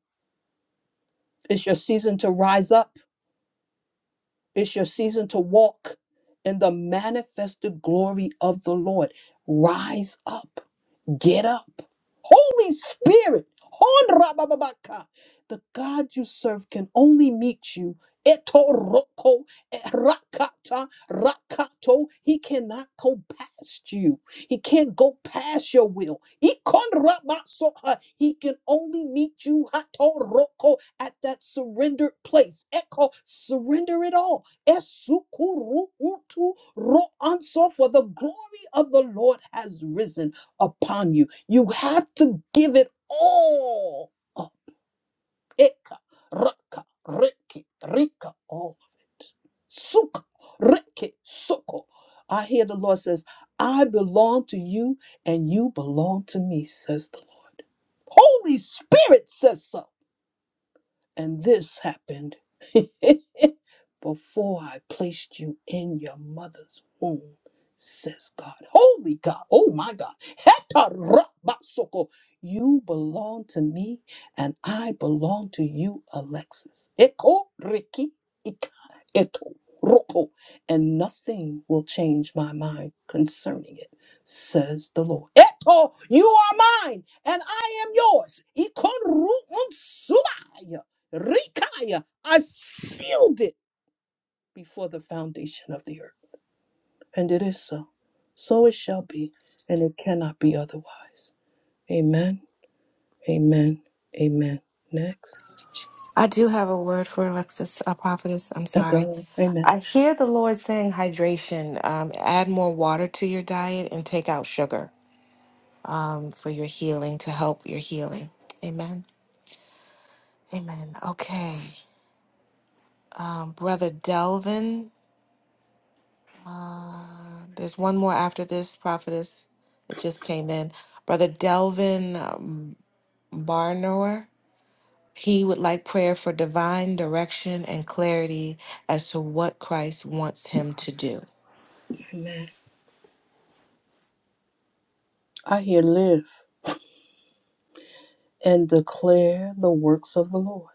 Speaker 3: It's your season to rise up. It's your season to walk in the manifested glory of the Lord. Rise up. Get up. Holy Spirit. Hon rabababaka. The God you serve can only meet you. Eto roko eh, rakata rakato. He cannot go past you. He can't go past your will. Ikon rabasoha. He can only meet you hato roko at that surrendered place. Echo surrender it all. Esukuru untu ro anso for the glory of the Lord has risen upon you. You have to give it all up. Eka, raka, reki, rika, all of it. Suka, reki, suko. I hear the Lord says, I belong to you and you belong to me, says the Lord. Holy Spirit says so. And this happened before I placed you in your mother's womb, says God. Holy God, oh my God. Hetarabasoko. You belong to me, and I belong to you, Alexis. Eko Riki Ika Eto Roko. And nothing will change my mind concerning it, says the Lord. Eto, you are mine, and I am yours. Ikoru unsubaya. Rikaya, I sealed it before the foundation of the earth. And it is so. So it shall be, and it cannot be otherwise. Amen. Amen. Amen. Next.
Speaker 6: I do have a word for Alexis, a prophetess. I'm sorry.
Speaker 3: Echo. Amen.
Speaker 6: I hear the Lord saying hydration. Um, add more water to your diet and take out sugar um, for your healing to help your healing. Amen. Amen. Okay. Um, Brother Delvin, there's one more after this prophetess. It just came in. Brother Delvin um, Barnor. He would like prayer for divine direction and clarity as to what Christ wants him to do.
Speaker 3: I here live and declare the works of the Lord.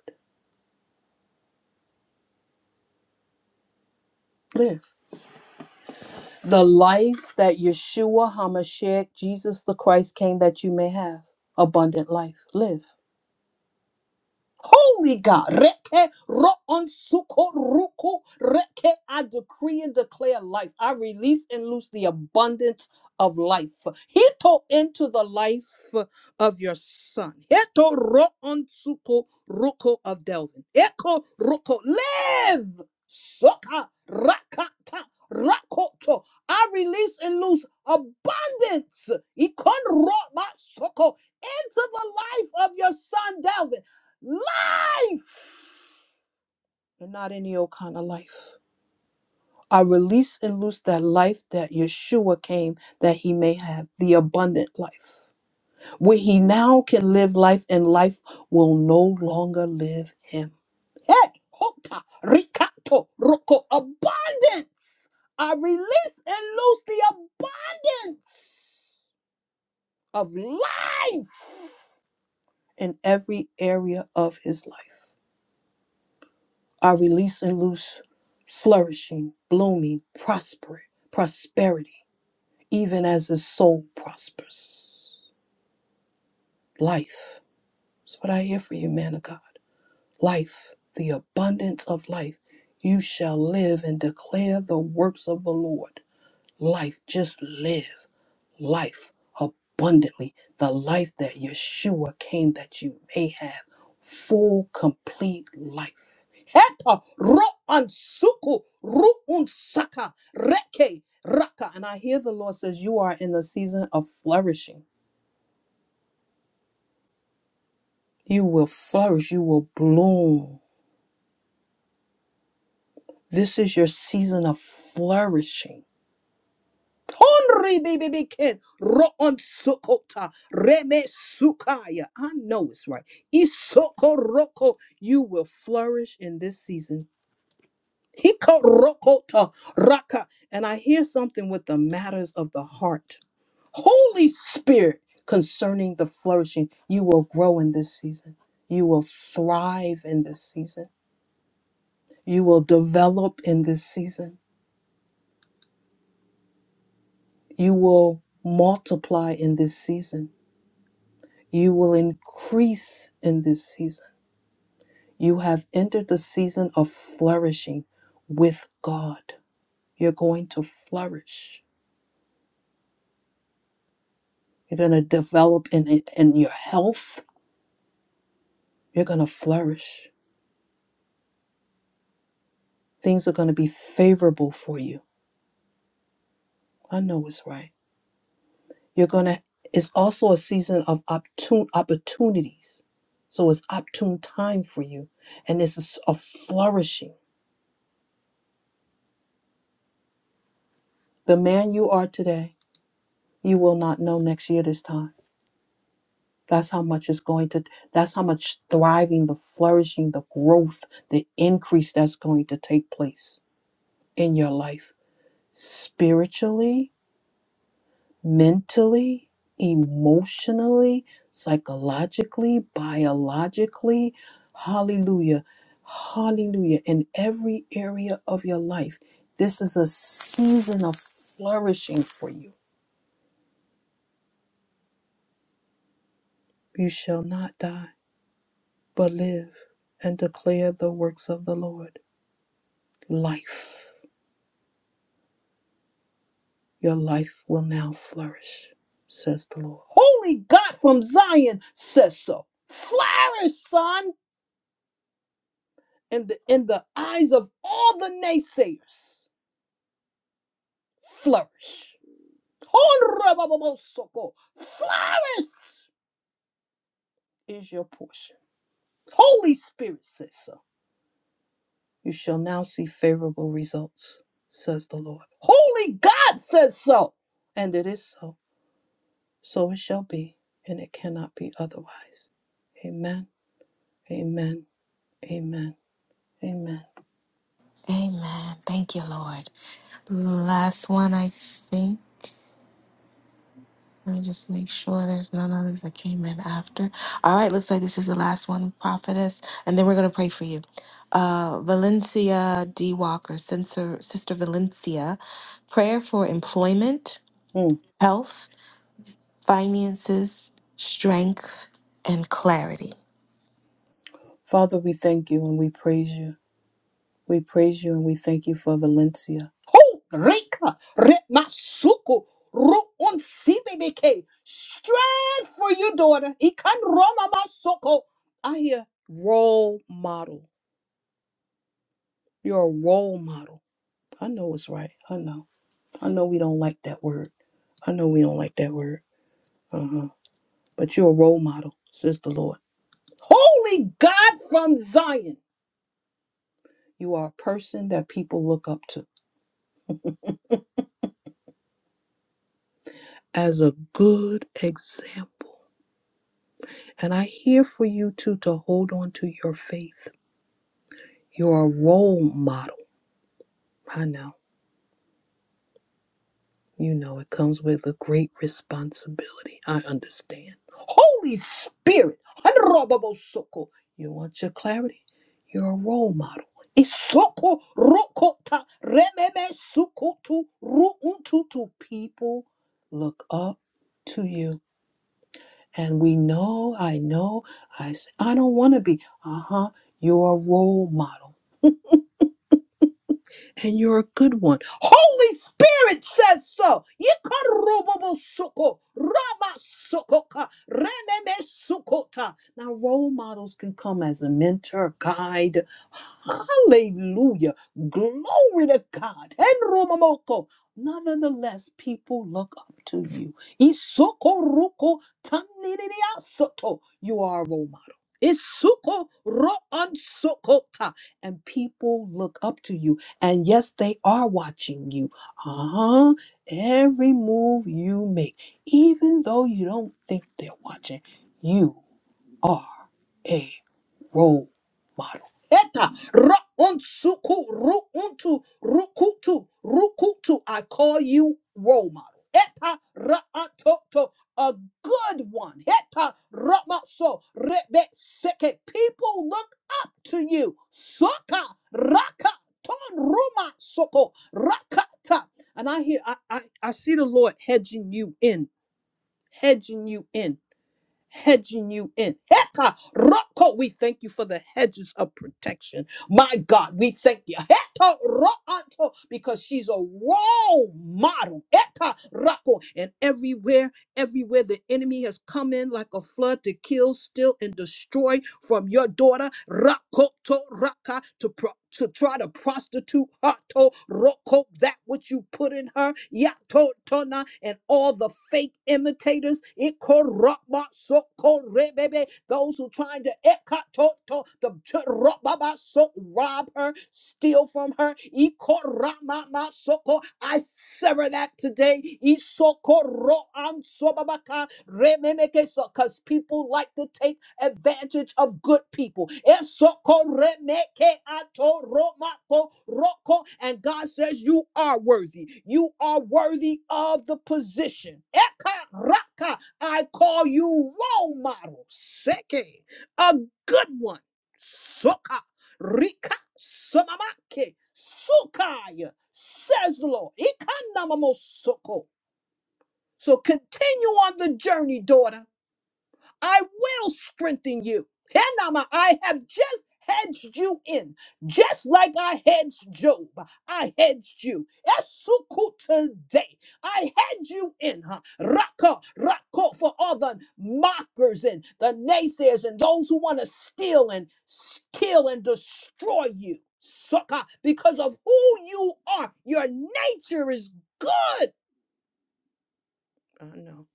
Speaker 3: Live. The life that Yeshua HaMashiach, Jesus the Christ, came that you may have. Abundant life. Live. Holy God, reke ro on suko ruku reke. I decree and declare life. I release and loose the abundance of life. Hito into the life of your son. Hito ro on suko ruko of Delvin. Eko ruko live. Soka rakata rakoto. I release and loose abundance. Ikon ro ma soko into the life of your son Delvin life and not any old kind of life. I release and loose that life that Yeshua came that he may have, the abundant life, where he now can live life and life will no longer live him. Hey, hota, ricato, roko, abundance. I release and loose the abundance of life in every area of his life. Are releasing, loose flourishing, blooming, prosper, prosperity, even as his soul prospers. Life. That's what I hear for you, man of God. Life, the abundance of life. You shall live and declare the works of the Lord. Life, just live. life abundantly, the life that Yeshua came that you may have full, complete life. Eta ro'ansuku ru'unsaka reke raka. And I hear the Lord says, You are in the season of flourishing. You will flourish, you will bloom. This is your season of flourishing Tonri baby bikin roon sukota reme sukaya. I know it's right. Isoko roko, you will flourish in this season. Hiko rokota raka. And I hear something with the matters of the heart. Holy Spirit, concerning the flourishing, you will grow in this season. You will thrive in this season. You will develop in this season. You will multiply in this season You will increase in this season. You have entered the season of flourishing with God. You're going to flourish. You're going to develop in, in in your health. You're going to flourish. Things are going to be favorable for you. I know it's right. You're going to, it's also a season of opportun, opportunities. So it's opportune time for you. And this is a flourishing. The man you are today, you will not know next year this time That's how much it's going to, that's how much thriving, the flourishing, the growth, the increase that's going to take place in your life spiritually, mentally, emotionally, psychologically, biologically. Hallelujah. Hallelujah. In every area of your life, this is a season of flourishing for you. You shall not die, but live and declare the works of the Lord. Life, your life will now flourish, says the Lord. Holy God from Zion says so. Flourish, son, in the, in the eyes of all the naysayers. Flourish. Flourish is your portion. Holy Spirit says so. You shall now see favorable results, says the Lord. Holy God says so. And it is so. So it shall be, and it cannot be otherwise. Amen, amen, amen, amen.
Speaker 6: Amen. Thank you, Lord. Last one, I think. Let me just make sure there's none others that came in after. All right, looks like this is the last one, prophetess, and then we're gonna pray for you. Uh, Valencia D. Walker, Sister, Sister Valencia, prayer for employment,
Speaker 3: Mm.
Speaker 6: health. finances, strength, and clarity.
Speaker 3: Father, we thank you and we praise you. We praise you and we thank you for Valencia. Reka, Retmasuku, Ru'un Sibibike. Strength for you, daughter. Ikan Roma Masoko. I hear role model. You're a role model. I know it's right. I know. I know we don't like that word. I know we don't like that word. Uh-huh. but you're a role model, says the Lord. Holy God from Zion! You are a person that people look up to as a good example. And I hear for you too to hold on to your faith. You're a role model. I know. You know, it comes with a great responsibility. I understand. Holy Spirit, Hanrobobosoko. you want your clarity? You're a role model. Isoko rokota rememe sukotu ruuntutu. People look up to you. And we know, I know, I, s- I don't want to be. Uh huh. You're a role model. and you're a good one. Holy Spirit says so. Yikarububusuko, ramasukoka, rememesukota. Now, role models can come as a mentor, guide. Hallelujah. Glory to God. And Romamoko, Nonetheless, people look up to you. Isoko ruko taniriasoto. You are a role model. Isuko ro ansokota. And people look up to you. And yes, they are watching you. Uh huh. Every move you make, even though you don't think they're watching, you are. a role model. Eta ra'unsuku ru'untu rukutu rukutu. I call you role model. Eta ra'atoto a good one. Eta ra'maso rebe seke. People look up to you. Soka raka ton ruma soko rakata. And I hear I, I I see the Lord hedging you in, hedging you in hedging you in. Heka roko. We thank you for the hedges of protection. My God, we thank you. Heka roato, because she's a role model. Heka roko. And everywhere, everywhere the enemy has come in like a flood to kill, steal, and destroy from your daughter, rakoto raka, to pro- to try to prostitute hato roko that which you put in her yato tona and all the fake imitators Masoko rebebe. Those who trying to ekatoto the ch- ro- baba so rob her, steal from her. Ikoramasoko. I sever that today. Isoko ro am so babaka rememeke so because people like to take advantage of good people. Esoko remeke ato romako roko. And God says, You are worthy. You are worthy of the position. Eka raka I call you role model, seke, a good one, soka, rika, samamake, sukaya, says the Lord. Ikanamamosoko. So continue on the journey, daughter. I will strengthen you. Henama, I have just hedged you in, just like I hedged Job. I hedged you. Esuku today. I hedged you in, huh? Raka, Raka, for all the mockers and the naysayers and those who want to steal and s- kill and destroy you. Sucker, because of who you are, your nature is good. I know,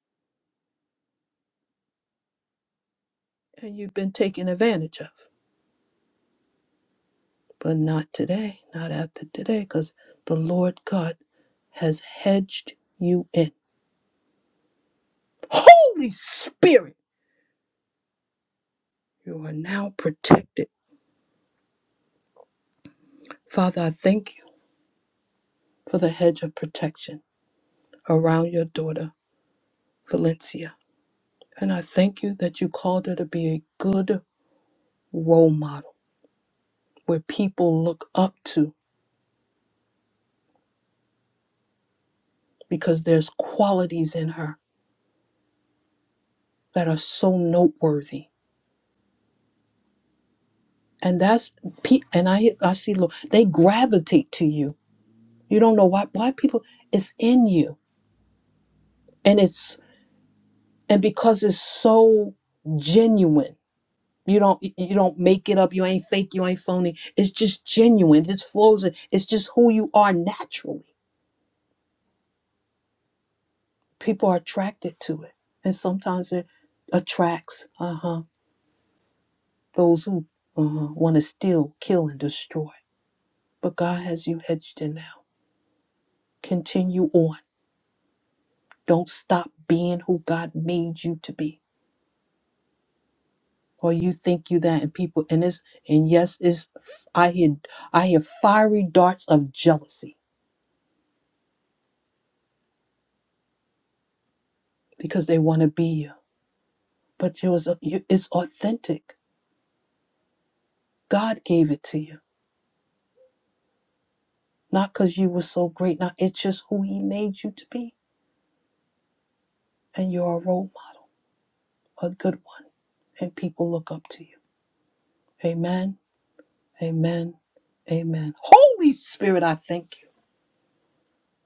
Speaker 3: and you've been taken advantage of. but not today, not after today, because the Lord God has hedged you in. Holy Spirit, you are now protected. Father, I thank you for the hedge of protection around your daughter, Valencia. And I thank you that you called her to be a good role model where people look up to because there's qualities in her that are so noteworthy. And that's, pe- and I, I see, Lord, they gravitate to you You don't know why why people it's in you. And it's and because it's so genuine. You don't you don't make it up. You ain't fake, you ain't phony. It's just genuine. It just flows. in- It's just who you are naturally. People are attracted to it. And sometimes it attracts uh-huh those who uh-huh, want to steal, kill and destroy. But God has you hedged in now. Continue on. Don't stop being who God made you to be or you think you that and people and it's and yes it's i hear i hear fiery darts of jealousy because they want to be you but it was you- it's authentic god gave it to you not because you were so great not it's just who he made you to be and you're a role model a good one and people look up to you amen amen amen holy spirit i thank you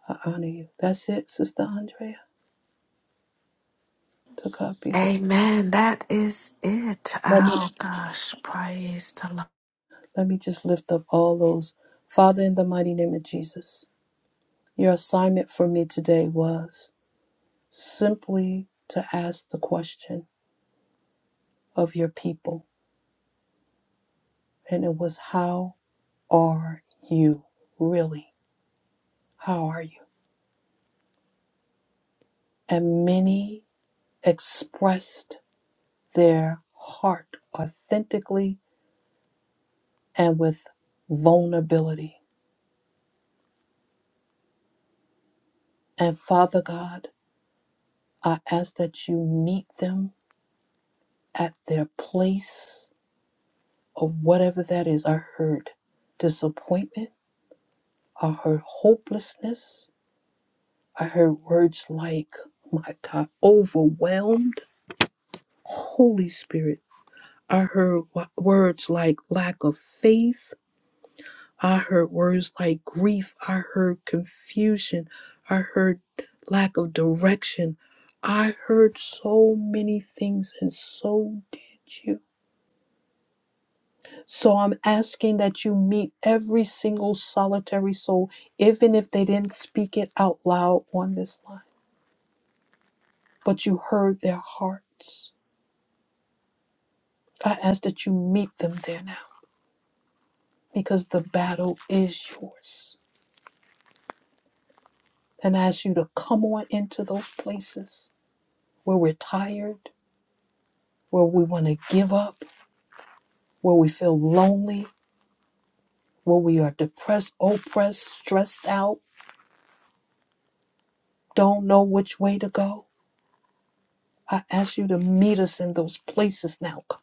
Speaker 3: i honor you that's it sister andrea to God be the glory.
Speaker 6: Amen. That is it.
Speaker 3: Let me
Speaker 6: Oh gosh, praise the Lord.
Speaker 3: Let me just lift up all those. Father, in the mighty name of Jesus, your assignment for me today was simply to ask the question of your people. And it was, How are you really? How are you? And many expressed their heart authentically and with vulnerability. And Father God, I ask that you meet them at their place of whatever that is. I heard disappointment. I heard hopelessness. I heard words like, "Oh my God, overwhelmed. Holy Spirit. I heard w- words like lack of faith. I heard words like grief. I heard confusion. I heard lack of direction. I heard so many things, and so did you. So I'm asking that you meet every single solitary soul, even if they didn't speak it out loud on this line, but you heard their hearts. I ask that you meet them there now because the battle is yours. And I ask you to come on into those places where we're tired, where we want to give up, where we feel lonely, where we are depressed, oppressed, stressed out, don't know which way to go. I ask you to meet us in those places now, God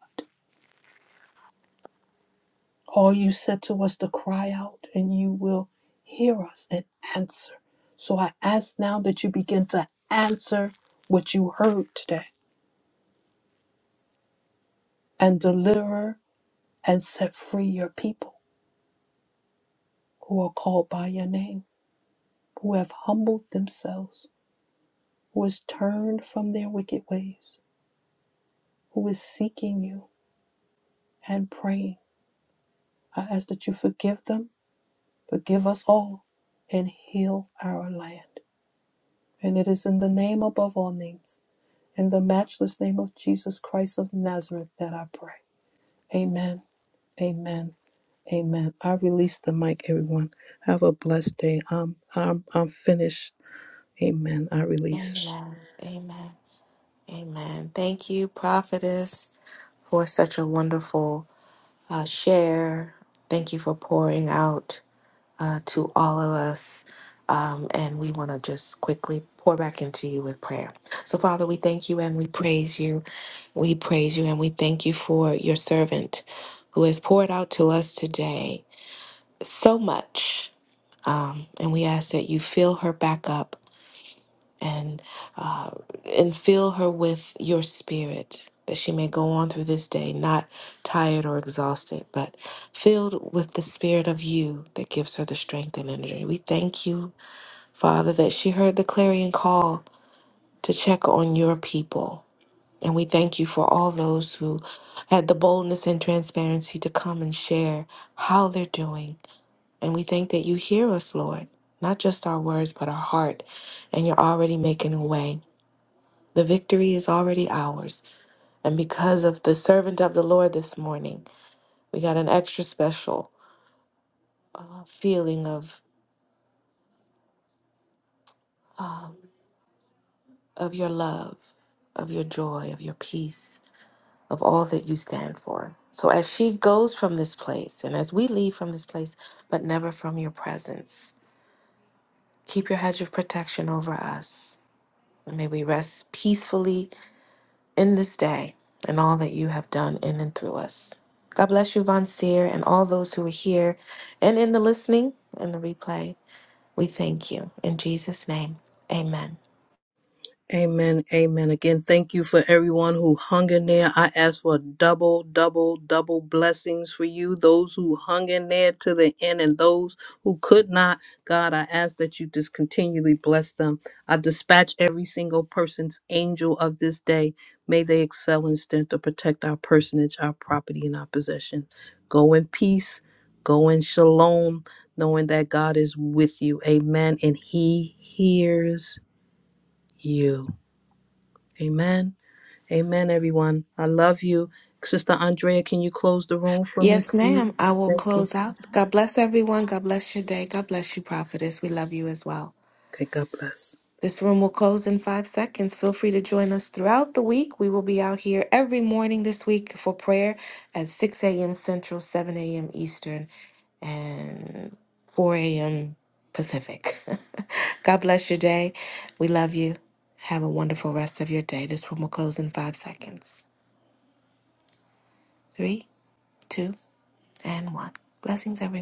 Speaker 3: All you said to us to cry out, and you will hear us and answer. So I ask now that you begin to answer what you heard today and deliver and set free your people who are called by your name, who have humbled themselves, who has turned from their wicked ways, who is seeking you and praying. I ask that you forgive them, forgive us all, and heal our land. And it is in the name above all names In the matchless name of Jesus Christ of Nazareth that I pray. Amen. Amen. Amen. I release the mic, everyone. Have a blessed day. I'm I'm I'm finished. Amen. I release.
Speaker 6: Amen. Amen. Amen. Thank you, prophetess, for such a wonderful uh, share. Thank you for pouring out uh, to all of us. Um, and we want to just quickly pour back into you with prayer. So, Father, we thank you and we praise you. We praise you and we thank you for your servant who has poured out to us today so much. Um, and we ask that you fill her back up and uh, and fill her with your spirit that she may go on through this day not tired or exhausted but filled with the spirit of you that gives her the strength and energy we thank you father that she heard the clarion call to check on your people and we thank you for all those who had the boldness and transparency to come and share how they're doing. And we thank that you hear us, Lord, not just our words, but our heart. And you're already making a way. The victory is already ours. And because of the servant of the Lord this morning, we got an extra special uh, feeling of, um, of your love, of your joy, of your peace. of all that you stand for. So as she goes from this place and as we leave from this place, but never from your presence, keep your hedge of protection over us. And may we rest peacefully in this day and all that you have done in and through us. God bless you, Von Seer, and all those who are here and in the listening and the replay. We thank you. In Jesus' name, amen.
Speaker 3: Amen. Amen. Again, thank you for everyone who hung in there. I ask for double, double, double blessings for you, those who hung in there to the end and those who could not. God, I ask that you just continually bless them. I dispatch every single person's angel of this day. May they excel in strength to protect our personage, our property, and our possession. Go in peace. Go in shalom, knowing that God is with you. Amen. And he hears you. Amen. Amen, everyone. I love you. Sister Andrea, can you close the room for me,
Speaker 6: Yes,
Speaker 3: please?
Speaker 6: ma'am. I will
Speaker 3: Thank you.
Speaker 6: close out. God bless everyone. God bless your day. God bless you, prophetess. We love you as well.
Speaker 3: Okay, God bless.
Speaker 6: This room will close in five seconds. Feel free to join us throughout the week. We will be out here every morning this week for prayer at 6 a.m. Central, 7 a.m. Eastern, and 4 a.m. Pacific. God bless your day. We love you. Have a wonderful rest of your day. This room will close in five seconds. Three, two, and one. Blessings, everyone.